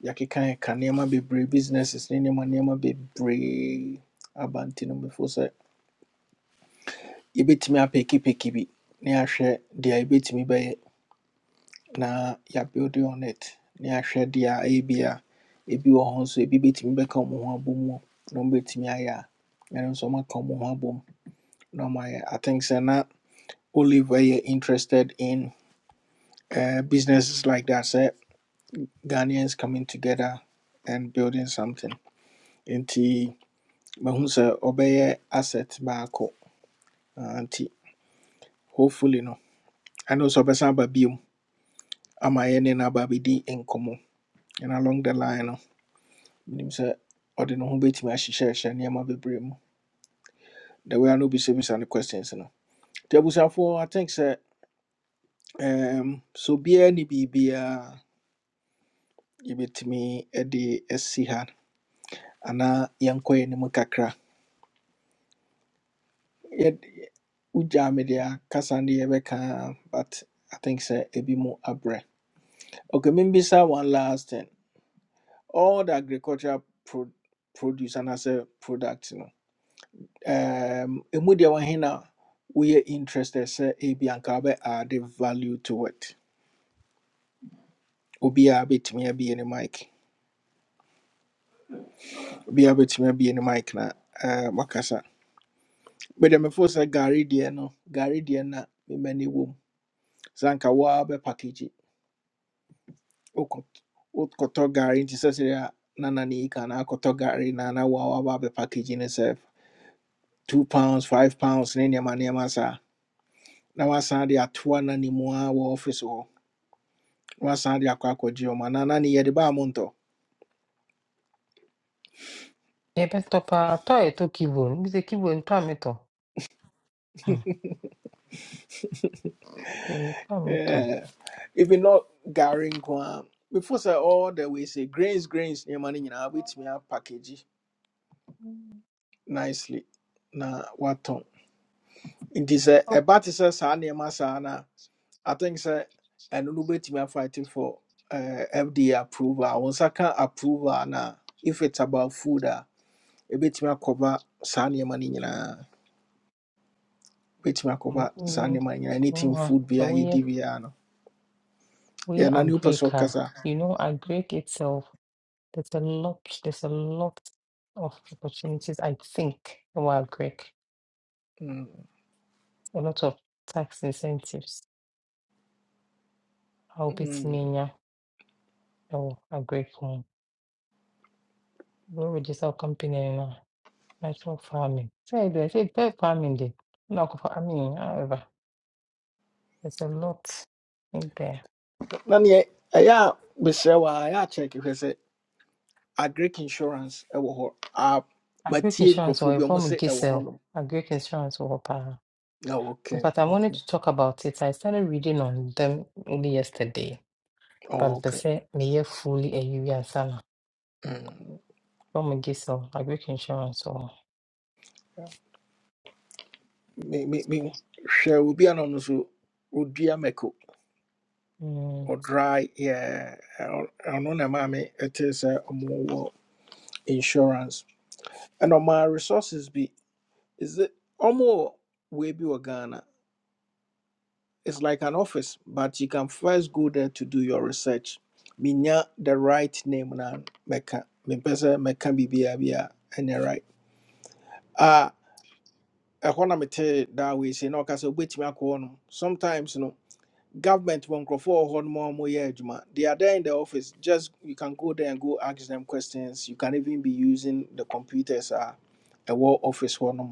yɛakeka ka nneɛma bebree, businesses ne nneɛma nneɛma bebree aba nti no before sɛ yɛbɛtumi apɛkipɛki bi na yɛahwɛ deɛ yɛbɛtumi bɛyɛ na yɛabuild on it na yɛahwɛ deɛ ɛyɛ bi a ebi wɔ hɔ nso ebi bɛtumi bɛka wɔn ho abom o, na wɔbɛtumi ayɛ a ɛno nso wɔaka wɔn ho abom na wɔayɛ. I think sɛ na only where you're interested in uh, businesses like that say ghanaians coming together and building something nti mahu sɛ ɔbɛyɛ asset baako Ah, nti hopefully no ɛno nso ɔbɛsan aba biom ama yɛne no aba abɛdi and along the line no menim sɛ ɔde ne ho bɛtumi ahyehyɛhyɛ nneɛma bebree mu the way I a no and the questions no nti abusuafoɔ i think say um, so biara ne biribiara yɛbɛtumi de asi ha anaa yɛnkɔ yɛn anim kakra Yɛd- yɛ- wogyaa me deɛ akasa ne yɛbɛka but i think sir a bit more abrɛ okay maybe membisa one last thing all the agricultural pro- produce and as a product you know, um, ɛmu deɛ wɔhe na woyɛ interested sɛ ebi anka wobɛ add value to it obiaa bɛtumi abie ne mic obiaa bɛtumi abie ne mic na uh, wakasa mede mefo sɛ gare deɛ no gare deɛ na memani wom sɛ anka woa bɛ package wokɔt- wokɔtɔ gari nti sɛ sɛdeɛ na nane yi ka na akɔtɔ gari na na waawaba abɛ package two pounds five pounds ne nneɛma nneɛma saa na wasan de atoa na ne office hɔ na wasan de akɔ akɔgye ɔma na na ne Tabletop ah, tọị to keyboard, mbize keyboard ntọa metɔ. Hmm, keyboard ntɔa metɔ. Yeah. even not gari nko before sɛ all the way say grains grains nneɛma no me wobɛtumi apackage nicely na watɔn nti sɛ a te sɛ saa nneɛma saa I think sɛ ɛno no wobɛtumi afight for uh, FDA approval wo nsa ka approval na if it's about food a ɛbɛtumi akɔba saa nneɛma no nyinaa ɛbɛtumi akɔba Mm, saa mm, nneɛma no nyinaa Come anything on, food so bia we yɛdi biara no we are yɛna ne wopɛ Agric, sɛ ah. ɔkasa you know, a Greek itself, there's a lot, there's a lot of opportunities, I think, while Greek, Mm, A lot of tax incentives. I'll be mm. Timenia or a Greek one. We register company in uh, natural farming. Say, I say, farming, day. No, I mean, however, there's a lot in there. na neɛ ɛyɛ a mesrɛ wɔ a ɛyɛ akyɛke hwɛ sɛ agric insurance ɛwɔ hɔ Ah, Agric matie insurance or nkurɔfoɔ bi a yɛbɔ ɔmo mu se ɛwɔ Gesel. hɔ nom Agric insurance or hɔ paa. Ah, ok In fact, I ok wanted to talk about it. I started reading on them only yesterday. But Oh, mpɛ ok sɛ meyɛ fully ayiwi ansa na. Ɛbɔ Gisel Gesel. Agric insurance wɔ hɔ. me me me hwɛ obi a na ɔno nso ɔdua mako Mm. ɔdry yeah, ɔ- ɔno na ɛma me It is a ɔmowɔ insurance and on my resources be is it ɔmowɔ wei bi wɔ ghana it's like an office but you can first go there to do your research menya the right name na meka. mempɛ sɛ mɛka biribiaa bi a ɛnyɛ right Ah, ɛhɔ na metee daa wei sei na ɔka sɛ wobɛtumi akɔ hɔ nom sometimes no government won't wɔ hɔ nom a wɔyɛ they are there in the office just you can go there and go ask them questions you can even be using the computers Uh, a ɛwɔ office one. nom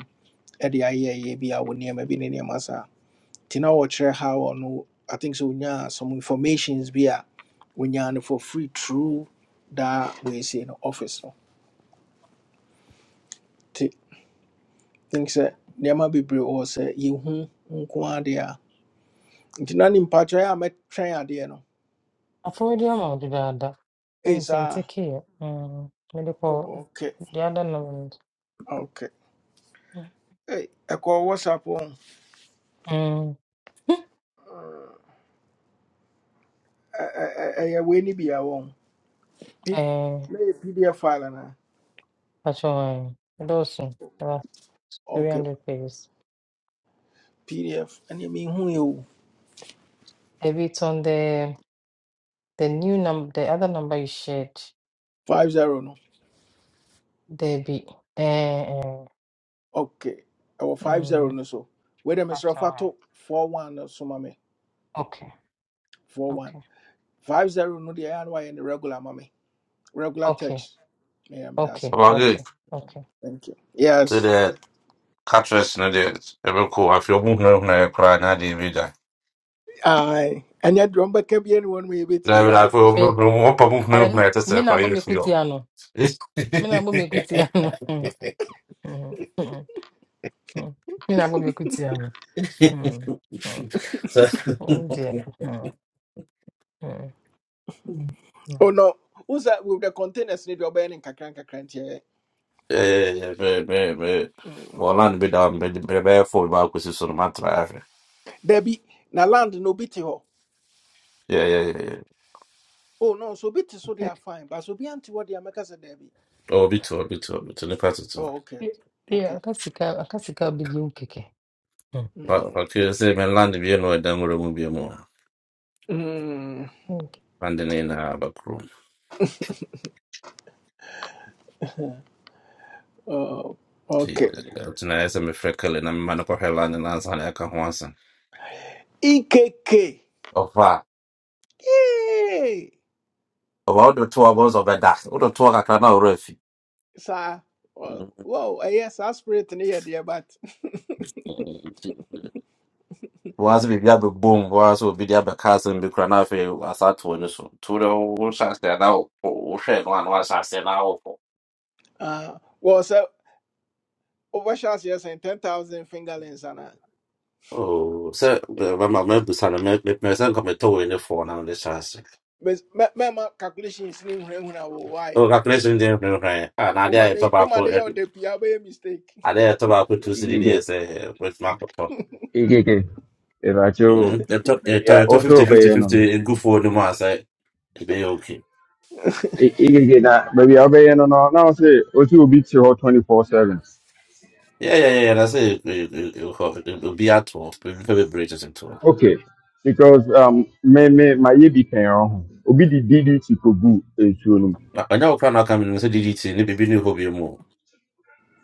ɛde ayɛyɛ bi a wɔ nneɛma bi ne nneɛma saa nti na wɔkyerɛ how or no. i think so. onyaa some informations be a onyaa no for free through that daa wɔɛsie no office no nti think sɛ nneɛma bebree wɔ hɔ sɛ yɛhu nko adeɛ a nti na ne mpakyerɛ a mɛtwɛn adeɛ no Afɔwadi ama wo dedaada. Ɛmu ɛi sɛ nte saa keɛ. Mm. Mede kɔ oh, okay. the other no. Okay. Hey, I call whatsapp wɔn Mm. I ɛ- ɛ- ɛyɛ wei ni bia wɔn P- Eh, na pdf file na patrol. Dawson. About okay 300 pages. pdf ɛne mehu yɛ o Maybe it's on the the new number, the other number you shared. five zero no Debbie. Eh, eh, okay Our five zero mm, no so wei dɛ mesrɛ Pastor fa Wang. to four one no so ma Okay, four one okay, five zero no the ɛyɛ and no wayɛ no regular ma me regular okay, text ɛyɛ meda ase okay, About good. okay, okay. thank you To yes the catchers and the ever cool. I feel moving on there, crying. I didn't read that. aye ɛnyɛ deɛ can be anyone we mu yɛbɛtie David, I right feel Say, moving on. What moving on I there to me say, na I bo hear me kuti you. ano. Me na bo me kuti ano. Mm, mm, mm, mm. Me na bo me kuti ano. Mm, mm. So, Oh dear. Mm, mm, mm. oh no Who's that with the containers ne deɛ ɔbɛyɛ ne nkakra nkakra yeah, man, man, man. ntiɛ Well, I'm be down, but the bare phone about because on my drive. Debbie, na land no bi te Yeah, yeah, yeah, yeah. Oh no, so bi so they Eh, are fine, but so be bi ante hɔ make us a Debbie. Oh, be too, be too, be The pattern too. Oh okay, eh, eh, okay. akasika akasika bi bi nkeke. Mm. But Mm. I could say, man, land if you know it, then we're going to more. Mm. Okay. London na bakru Oh, ti okay. tunaweza mefreka le na mimana kwa hela ni nanza na yaka hwansa EKK. ofa Yay! oba wodotoa boza ɔbɛda wodotoa kakra na ɔwerɛ afi Saa. wɔ- Wow, yes, saa spirit ne yɛ deɛ but. waase biribi abɛbom waase obi de abɛka asɛm bi kora na afei asa to ani so to dɛ wohyɛ aseɛ na wopɔ wohwɛ no a na wahyɛ aseɛ na wopɔ Ah, well sir, over wobɛhyɛ aseɛ and 10,000 fingerlings anaa? oh sɛ mama mabusa no mepɛ sɛ nka metɔ wei ne foɔ na mede hyɛ ase Mes- mɛ- Mɛma calculations ne nhunahuna wo why. Oh, calculation deɛ mehwɛ a na adeɛ a Woma ne yɛtɔ baako woma ne yɛ ɛ- ɔda pii a wobɛyɛ mistake. adeɛ a yɛtɔ baako tu sidi deɛ Okay, sɛ wɛtumi akɔtɔ okay, okay. o Mm. They talk, they baabi talk, a they talk ɔsɛ 50, fifty, ɔbɛyɛ no fifty, no and go for the mass. I it be okay. I- ikeke na baabi a ɔbɛyɛ no no na ɔsɛ say, also te hɔ twenty four 7 Yeah, yeah, yeah. yeah, That's it. It, it, it'll, it'll be at all. It'll be very bridges and all. Okay, because um, me me my ye bi kan Obi di DD ti kogu ensuo no. mu. I know can I come in and say DDT, maybe be new hobby more.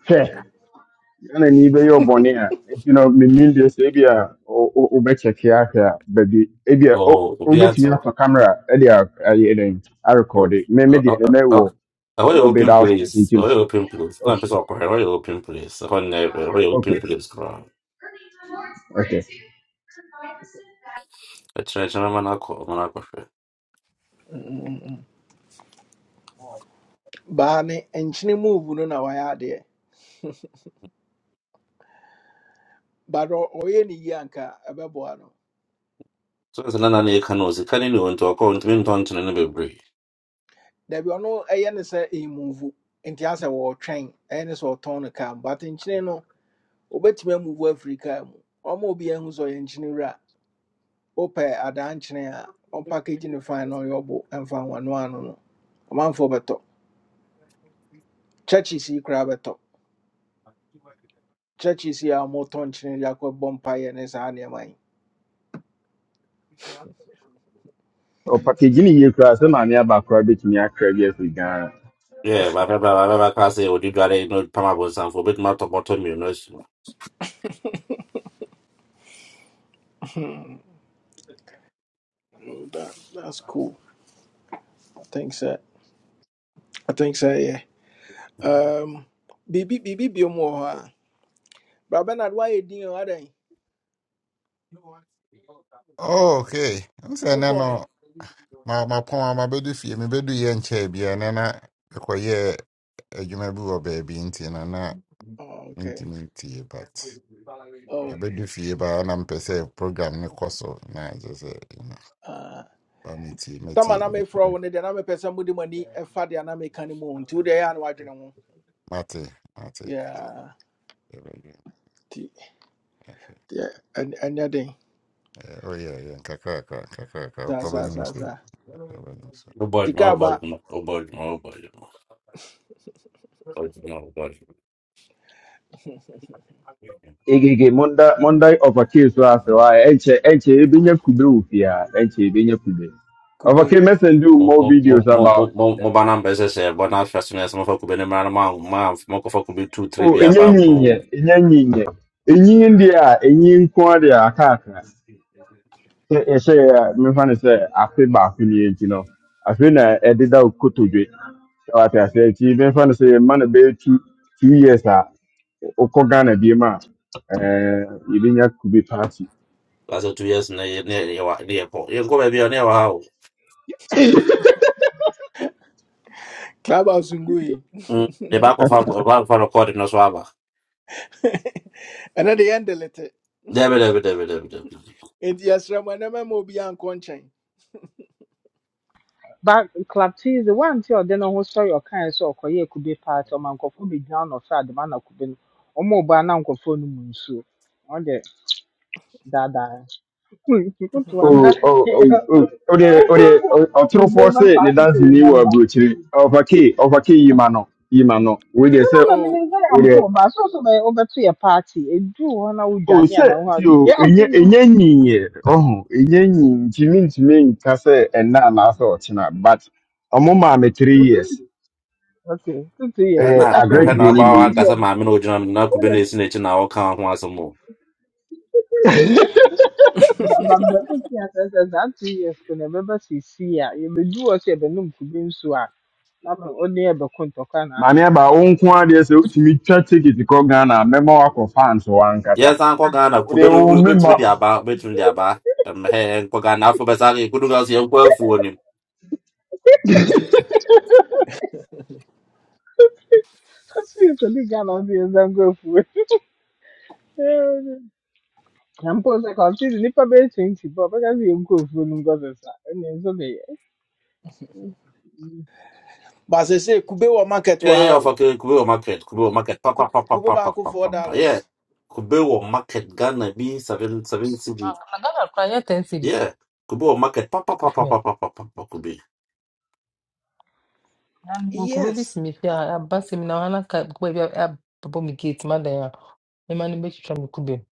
Hwɛ, Ghana ni bɛ yɛ ɔbɔne a, nti no me nim de sɛ ebi a o bɛ check ya hwɛ a baabi ebi a o Oh, it'll be at obetumi all. afa camera e de ayɛ den a ayi eden I Oh, record it. Me oh, me de oh, me oh. me oh. wo I a want an little bit open outskirt place. nti I no. want an open place. No, Okay. I'm just awkward. I want an open place. I want an open Okay. place. Crowd. Okay. I try, try, man, I call, man, I call. baa ne move no na wayɛ adeɛ but ɔ- ɔyɛ ne anka ɛbɛboa no So it's another name. Can also can you know into a country? Don't you know, baby? dabi ɔno ɛyɛ ne sɛ ɛmuvu nti asɛ wɔɔtwɛn ɛyɛ ne sɛ ɔtɔn no kaa but nkyene no wobɛtumi amuvu afiri mu ɔma obi ahu sɛ ɔyɛ nkyene wura wopɛ adaa nkyene a ɔmpakagyi ne fine na ɔyɛ ɔbo ɛmfa nwano ano no ɔmanfoɔ bɛtɔ churches yi koraa bɛtɔ churches yi a wɔtɔ nkyene de akɔbɔ mpayɛ ne saa nneɛma yi O package ni yie kura sɛ maame aba kura betumi akra bi afiri Ghana. Yeah, my papa, my papa can't say, "Oh, did you got it." No, Pama was saying for bit more to bottom you know. it's- Mm, That that's cool i think so. i think so. Yeah. Um, bibi bibi bi mu wɔ hɔ a. Bra Bernard wayɛ din o Oh, okay. am saying, no ma mapɔn a mabɛdu fie mebɛdu yɛ nkyɛe bia ɛnɛ na mekɔyɛɛ adwuma bi wɔ baabi nti no na Oh, okay. mentumi ntie but Oh. abɛdu fie baa na mpɛ sɛ program no kɔ so na agye sɛ you know, Uh, ba metie tama metie na mefrɛ wo metie no deɛ na mepɛ sɛ mode mo ani ɛfa deɛ na meka no mu o nti wodeɛ ɛyɛ a na woadwene ho. mate mate Yeah. yɛbɛyɛ Nti ahwɛ and ɛn- ɛnyɛ den. Eh, oh yeah, yeah, nkakrakra, nkakrakra, Saa saa wokɔbɛnom saa so, saa. Oh boy, Sika oh boy, aba. oh boy, oh boy, oh boy. oh boy. Nti, Egege Monday Monday overkill so as why enche enche ebinya kube ofia enche ebinya kube. Kube. Overkill message do Mo more mo mo videos mo mo about mo mo ba number says eh, but now first me some for could be na man man mo ko for could be two three oh via enye bambo. nyinye enye nyinye enyi ndi a enyi nko ade akaka. Se ehye ya me fa ne se afe ba ko ni enti no. Afe na ededa okotodwe. Wa ta se ti me fa ne se man be 2 2 years a okọ Ghana bi ma eh ebinya kube party. That's two years na ye na ye wa na ye ko. Ye ko be na ye wa how. Clubhouse ngu yi. Mm. The back of our back for record no so aba. Ɛnɛ de yɛn delete. Debe debe debe debe debe. Nti yɛsrɛ mo ɛnɛma ma obi ankɔ nkyɛn. But Club Tease, the one thing or then who saw your kind so or ye could be part or man could be down or sad, the man could be no more by now could phone moon so. On the dada. People to an Oh, oh, oh, oh, oh, dear, oh, dear, oh, oh, throw for Remember say, the party to dance in you were remember. brutally. No, Of a key, of a key, Yimano, Yimano, with the no, self, no, Oh. meaning very with I'm the. poor, but so so by over to your party. A do one out Oh, Johnny and I sir, want to you, be a out here. yen, oh, a yen, Jimin to me, Cassa, and Nana, so, China, but a mama, me three years, Okay, two, two years, eh, but Hena a great definitely hena ba day, one year, wa two be. kasa years. ma me no jina na could be na esi na chi na wo kan ho asem. But but but two years, I said that two years can remember see see ya. You may do what you have been to be so. I'm only ever contour can have Mammy, you. about own quantity, so to me, try ticket to call Ghana, memoir of fans, or Ancassa. Yes, Uncle Ghana, Oh, dear, oh, Kubenu, which member. with the about, which with the about, um, hey, Uncle Ghana, Alpha Basari, Kudugas, your well for him. Seriously, Ghana is I'm grateful. I'm post like I'm still nipa be twenty, but I can't be grateful because you go for no go this, and it's okay. But they say kube wɔ market Yeah, wɔ yeah, ha of a o. Kubu market, Kubu market, papa, Ku- papa, Kube papa, ba ako papa, four papa. yeah. dollars. Kubu market, Ghana, B, seven, seven city, Ah, na Ghana kura yɛ ten cities. yeah. Kubu market, papa, papa, papa, papa, papa, Kubi. And nkube bi Yes. si me fie a aba sɛ mi na ɔha n'aka nkube bi a- abɛbɔ me gate madan a mɛma no bɛtwitwa me ma ni be twitwa mi kube mu.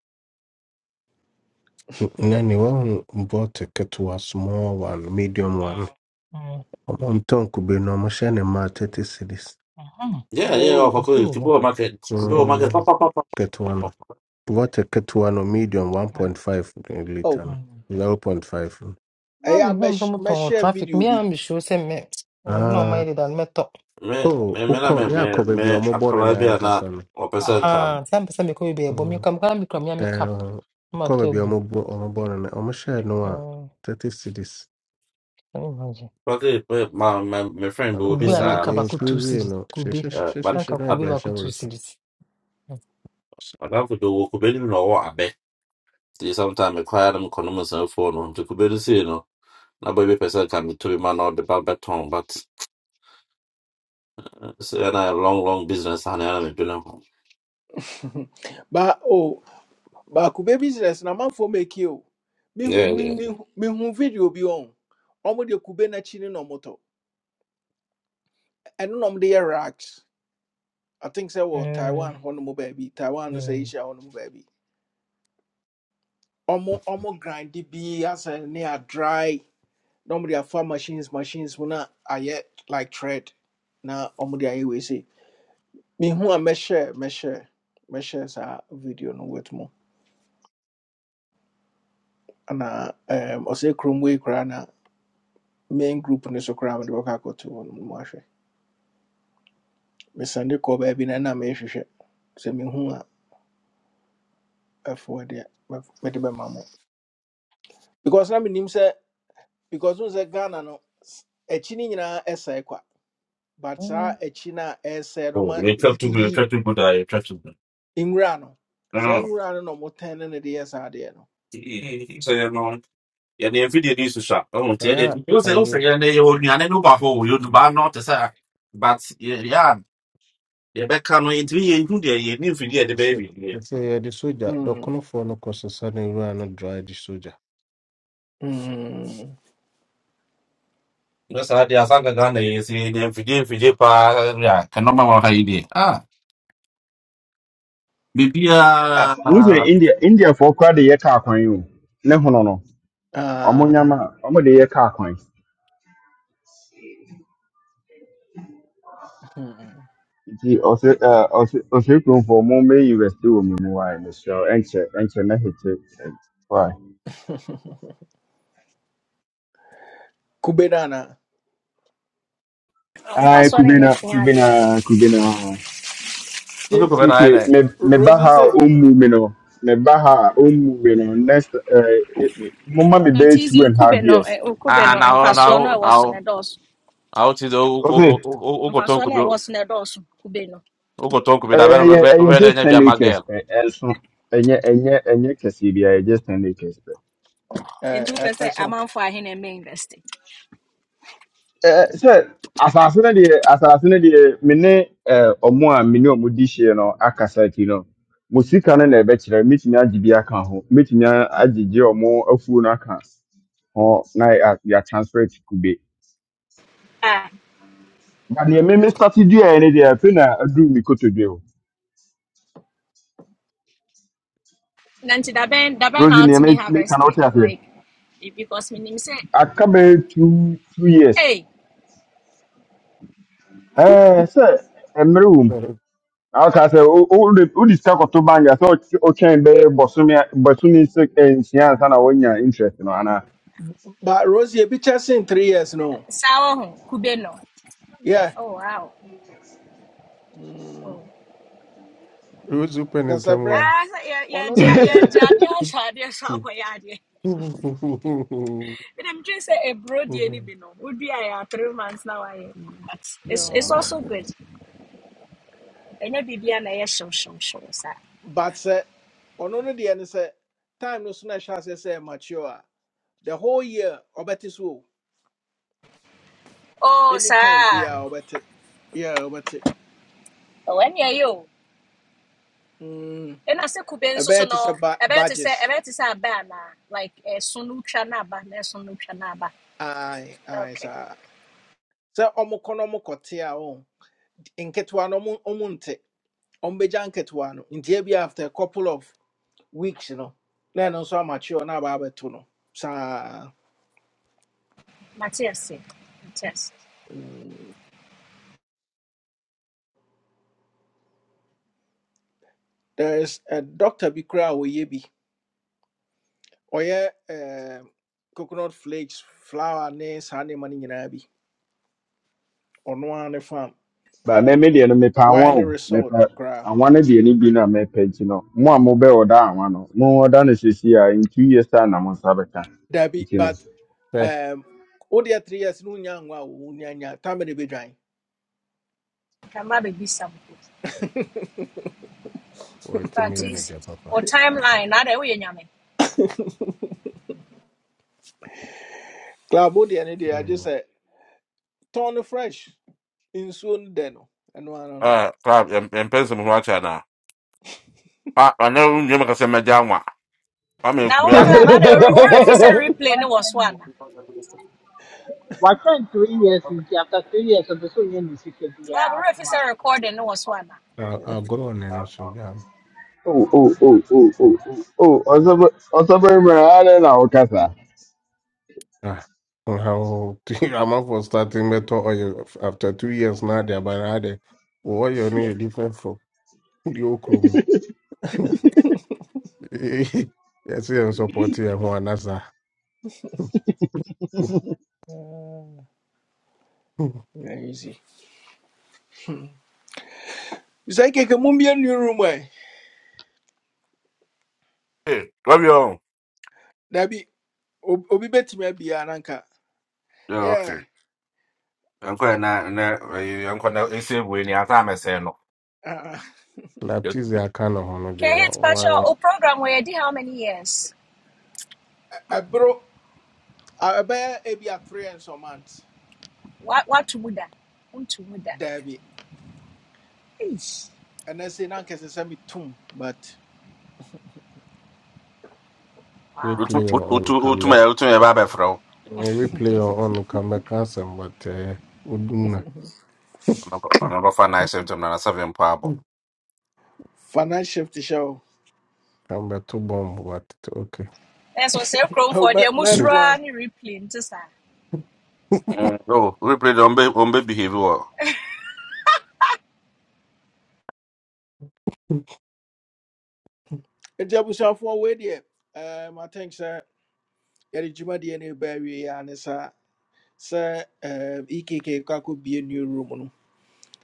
Nanny, wɔn bought a ketewa, small one, medium one. Mm, mm, Ɔmtɔn kube no, ɔmohyɛ ne ma thirty cities. mhm, Yeah, yeah, of Whoa. a Ebi wɔ hɔ. Kubu market, Sɛ, Kubu market, Mm, papa, papa, papa, Ketewa no. papa. Bought a ketewa no, medium one point five liter Oh, no. mm. Zero point five. Na ɛyɛ me a home sɛ mɛsh motɔn wɔ traffic video bi. mea me sure sɛ me wɔn na ɔmayɛ Ah, deda no mɛtɔ. Me, oh, me, me, ukọ me, ya me, akọ me, baabi a a ɔmobɔ ne nan Colombian, ankasa no. or person can. Ahaa, sɛ ampɛ sɛ mekɔ baabi a ɛbɔ me Mm, kam koraa mekura mea me cup ɛɛ, na Ukɔ matɔ baabi a agu mu. ɔmobɔ ɔmobɔ ne nan, ɔmohyɛɛ no a Mm, thirty cities. can you imagine? Probably, my, my, my friend Ano will be, Kube koraa a na de anka sir, baako two yɛmfiri cedis. no, Kube, na anka hyehyɛhyehyɛhyehyɛ na but. kube yɛde ahyɛ baako wo two nsa. cedis. Alafu ndo wɔkɔbɛnim na ɔwɔ abɛ nti sometime koraa no mekɔ no mu nsɛmfoɔ no nti kube no sei no na baabi pɛ person can be bi ma na the ba bɛtɔn but sɛ ɛna long long business ha na ɛna medwene ho But oh, but kube business na manfoɔ make o. Mihu Yeah, mi- yeah. Mm, mihu- mihu video bi on. Ɔmo de kube n'akyi ne na ɔmo tɔ. Ɛno na ɔmo de yɛ racks. I think sɛ wɔ mm, Taiwan hɔ nom baabi. Taiwan no sɛ mm, Asia hɔ nom baabi. Ɔmo ɔmo grind bi asɛ ne a near dry. normally afa machines machines mu na ayɛ like thread na ɔmo i ayɛ wei sei mehu a mɛhyɛ mɛhyɛ mɛhyɛ saa video no with mu ana um, ɔsɛ kurom wei koraa na main group no so koraa the bɛkɔ akɔto hɔ no mu ahwɛ mesande kɔ baabi na na mehwehwɛ sɛ mehu a ɛfoɔ deɛ mɛf- mede bɛma mo because na menim sɛ because wohu sɛ ghana no s- akyi no nyinaa kwa but mm. saa akyi no a china essay no Oh, ma you try to good Try to good a Try to good nwura no saa Ah, nwura no na ɔmotɛn no na ɛde yɛ saa adeɛ no sɛ yɛno yɛne yɛmfidie ne susua ɔhu nti ɛdeɛ Ɛyɛ wo a, sɛ wo ɛyɛ. sɛ yɛne yɛwɔ nnuane no baafo wɔ yɛ dubaa no te sɛ but yeah, a yɛbɛka no yɛntimi into deɛ yɛne mfidie a ɛde The Say, say, baby. sɛ sɛ The sogya Mm, dɔkonofoɔ no kɔ sesa no nwura no draa de sogya mm, Yes, sa did. I sang a si You see, the Fiji, Fiji, pa, yeah, cannot remember what I did. Ah, Bibi, wúdìí ah, india india for kura de yɛ kaa kwan No, o no no ɔmo ah, nyama ɔmo de yɛ kaa kwan Hmm. nti ɔsɛ ɛɛ ɔsɛ ɔsɛ kurom you ɔmo mbɛ investi wɔ mu wa ɛmɛ sɛ ɛnkyɛ ɛnkyɛ ne hete wa kube no anaa ayi mfasoɔ no nyɛ kubena hwee kubena adeɛ a kubena tie look over keke there. me Ro- me ba ha rose a se ɔmmu mi no me ba ha a ɔmmu mi no next ɛɛ mo me be nate bɛyɛ sɛ two wo and a half kube no years ɛ, wo kube Ah, no now, mfasoɔ no a now, ɛwɔ so no now, ɛdɔɔso out is ɔfɛ Ogoton mfasoɔ no could be a ɛwɔ so no ɛdɔɔso kube no Ogoton could be that very, ɛyɛ ɛyɛ very, just very, ten my acres girl. ɛ ɛnso ɛnyɛ ɛnyɛ ɛnyɛ kɛseɛ bi ɛyɛ just ten acres uh. nti ɛ- ɛ- wopɛ sɛ ɛso amanfoɔ ahe na ɛmɛ invest Eh, eh, sɛ asase no deɛ asase no deɛ me ne eh, ɔmo a me ne ɔmo di hyia no akasa ti no mo sika no na ɛbɛkyerɛ metumi agye bi aka ho metumi a- agyegye ɔmo afuo no aka ho na yɛ yɛ transfer to kube Ah, na deɛ me me start duaeɛ no deɛ afei na aduru me kotodwe o na nti dabɛn dabɛn na rosi neɛ me wotumi meka harvest no it, wote aseɛ like eh, because menim sɛ aka bɛyɛ two two years ei Eh, sɛ mmerɛ aka sɛ o- o- wode wode sika kɔto bank a sɛ ɔky- ɔtwɛn bɛyɛ bɔsome a- bɔsome sɛ nsia ansa na woanya interest no anaa but rose ebi kyɛ sen three years no saa wɔ ho kube no yɛ oh wow oh. ɛwɔsu pɛ ne sɛsɛberɛ ntam Ah, sɛ yɛ- ɔno yɛgye ne a- deɛ no yɛgye adeɛ ahyɛ adeɛ so akɔyɛ adeɛ But I'm just a a broad the any be no. Would be I three months now I am. But it's it's no also good. And ya bibi na ya show show show sir. but sɛ ɔno ne deɛ no sɛ time no so na ɛhyɛ aseɛ sɛ ɛyɛ mature a the whole year ɔbɛte so o Oh sir. anytime biaa ɔbɛte yeah ɔbɛte Oh when ya you? And I say kuben so so ɛbɛyɛ te sɛ no. ba- About to say badges about to say "Ah, ba na like a sunu chana ba na sunu chana ba. aye, ae Okay. saa sɛ ɔmo kɔ no ɔmo kɔte a ɔ nketewa no ɔmo ɔmo nte ɔmbɛgya nketewa no nti ebi after a couple of weeks no na ɛno nso amakyerɛ na aba abɛto no saa Matias. Matias. there is a doctor bi koraa a ɔyɛ bi ɔyɛ ɛɛm, coconut flakes flour ne saa nneɛma no nyinaa bi ɔno ara ne farm ba me me deɛ no mepɛ awa wine ne o resort mepɛ koraa awa no deɛ no bi no a mɛpɛ nti no mo a mobɛ ɔda awa no mo ɔda no sɛsi a in two years time na mo nsa bɛka dabi nti no but Say, wait, um, wodeɛ three years no wonya ngo a wo wonya nya time ne bɛdwan Kama be bi wɔtumi But yɛ ne is deɛ or papa timeline na de we nyame. Claudia any day. I I I just go say, turn fresh in nsuo no I no ɛno know, Ah, crap, and mo from China. Ah, I know you make us a majama. I mean, Na could be a Ada, club ada or no if it's no, a replay what no was ten? one. What ten? Three years after three years, I'm just going to see if they Club are or at if it's a once. recording no was one. A- agorɔ ɔnani so Oh, oh, oh, oh, oh, oh, oh, ọsọ bẹrẹ mẹrẹ ara na ọkasa. amafoɔ starting bɛtɔ ɔyɛ after two years now. na ade aba na ade wɔyɛ no yɛ different from deɛ ɔkuro mu yɛsɛ yɛn support yɛ ho anasa no Ah, easy sɛ keke mu mbie new room ɛ hey, love you. dabi ob- obi bɛtumi abia nanka Yeah, yeah okay. i na na to, na am going to say, when you're uh, laptize aka ne ho no KH Pacho, deɛ o program where I did how many years? ɛboro a- ɛbɛyɛ ebi a three and some months What what to muda? Um to muda. dabi ɛnɛ sɛ na nkɛsɛ sɛ tum, but We Wow. play utu utu on say no. come To back. my, to my, eh, Replay or on come back ransom, but uh, Uduna I'm not. anɔbafa n'asɛm ntam na n'asɛm mpaabɔ finance shift hyɛ o come back to bomb. But okay. That's what say chrome Oh, for the ma- meant mushra once ni replay sa. Mm, oh, we de ɔmbɛ ɔmbɛ behave wɔ ɛgya abusuafoɔ wei there. um, i think sir, yɛde dwumadeɛ no ɛbaa wie a ne saa sɛ um, ekk a new room no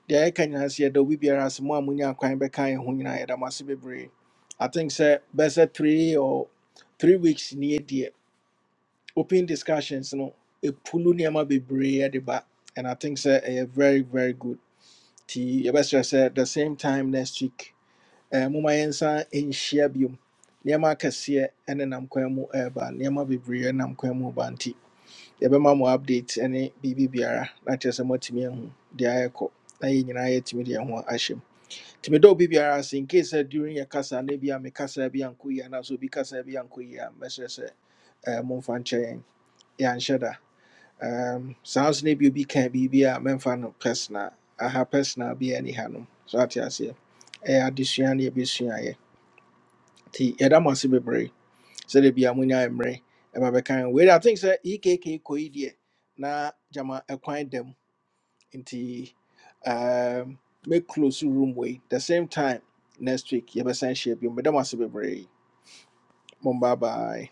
deɛ yɛka nyinaa sɛ yɛda obi biara ase mo a monya kwan bɛka yɛ ho nyinaa yɛda mo ase bebree i think sɛ bɛsɛ three or three weeks ni yɛdeɛ open discussions no ɛpulu nneɛma bebree ɛde ba and i think sɛ A very very good nti yɛbɛsrɛ sɛ the same time next week eh, momma yɛnsa nhyia biom nneɛma akɛseɛ ɛne nam kwan mu ɛɛba nneɛma bebree ɛnam kwan mu ba nti yɛbɛma mo update ne biribi biara na kyerɛ sɛ moatumi ahu deɛ ayɛkɔ na yɛn nyinaa yɛatumi de yɛn ho ahyɛ mu tumi dɛ obi biara ase nkei sɛ during yɛ kasa na bi a me kasa bi ankɔ yie anaasɛ obi kasa bi ankɔ yie a mɛkyerɛ sɛ eh, momfa nkyɛ yɛn yɛanhyɛ da Um, saa nso na bi obi ka biribi a mɛmfa no personal aha personal bi ani ha no so ate aseɛ ɛyɛ adesua ne yɛbɛsuaeɛ nti yɛda mo ase bebree sɛdeɛ bia monya mmerɛ ɛba bɛka ho wei de, i think sɛ ekk kɔi deɛ na gyama ɛkwan dam nti um, make close room wei the same time next week yɛbɛsan hyia bio meda mo ase bebree Mom, bye. bye.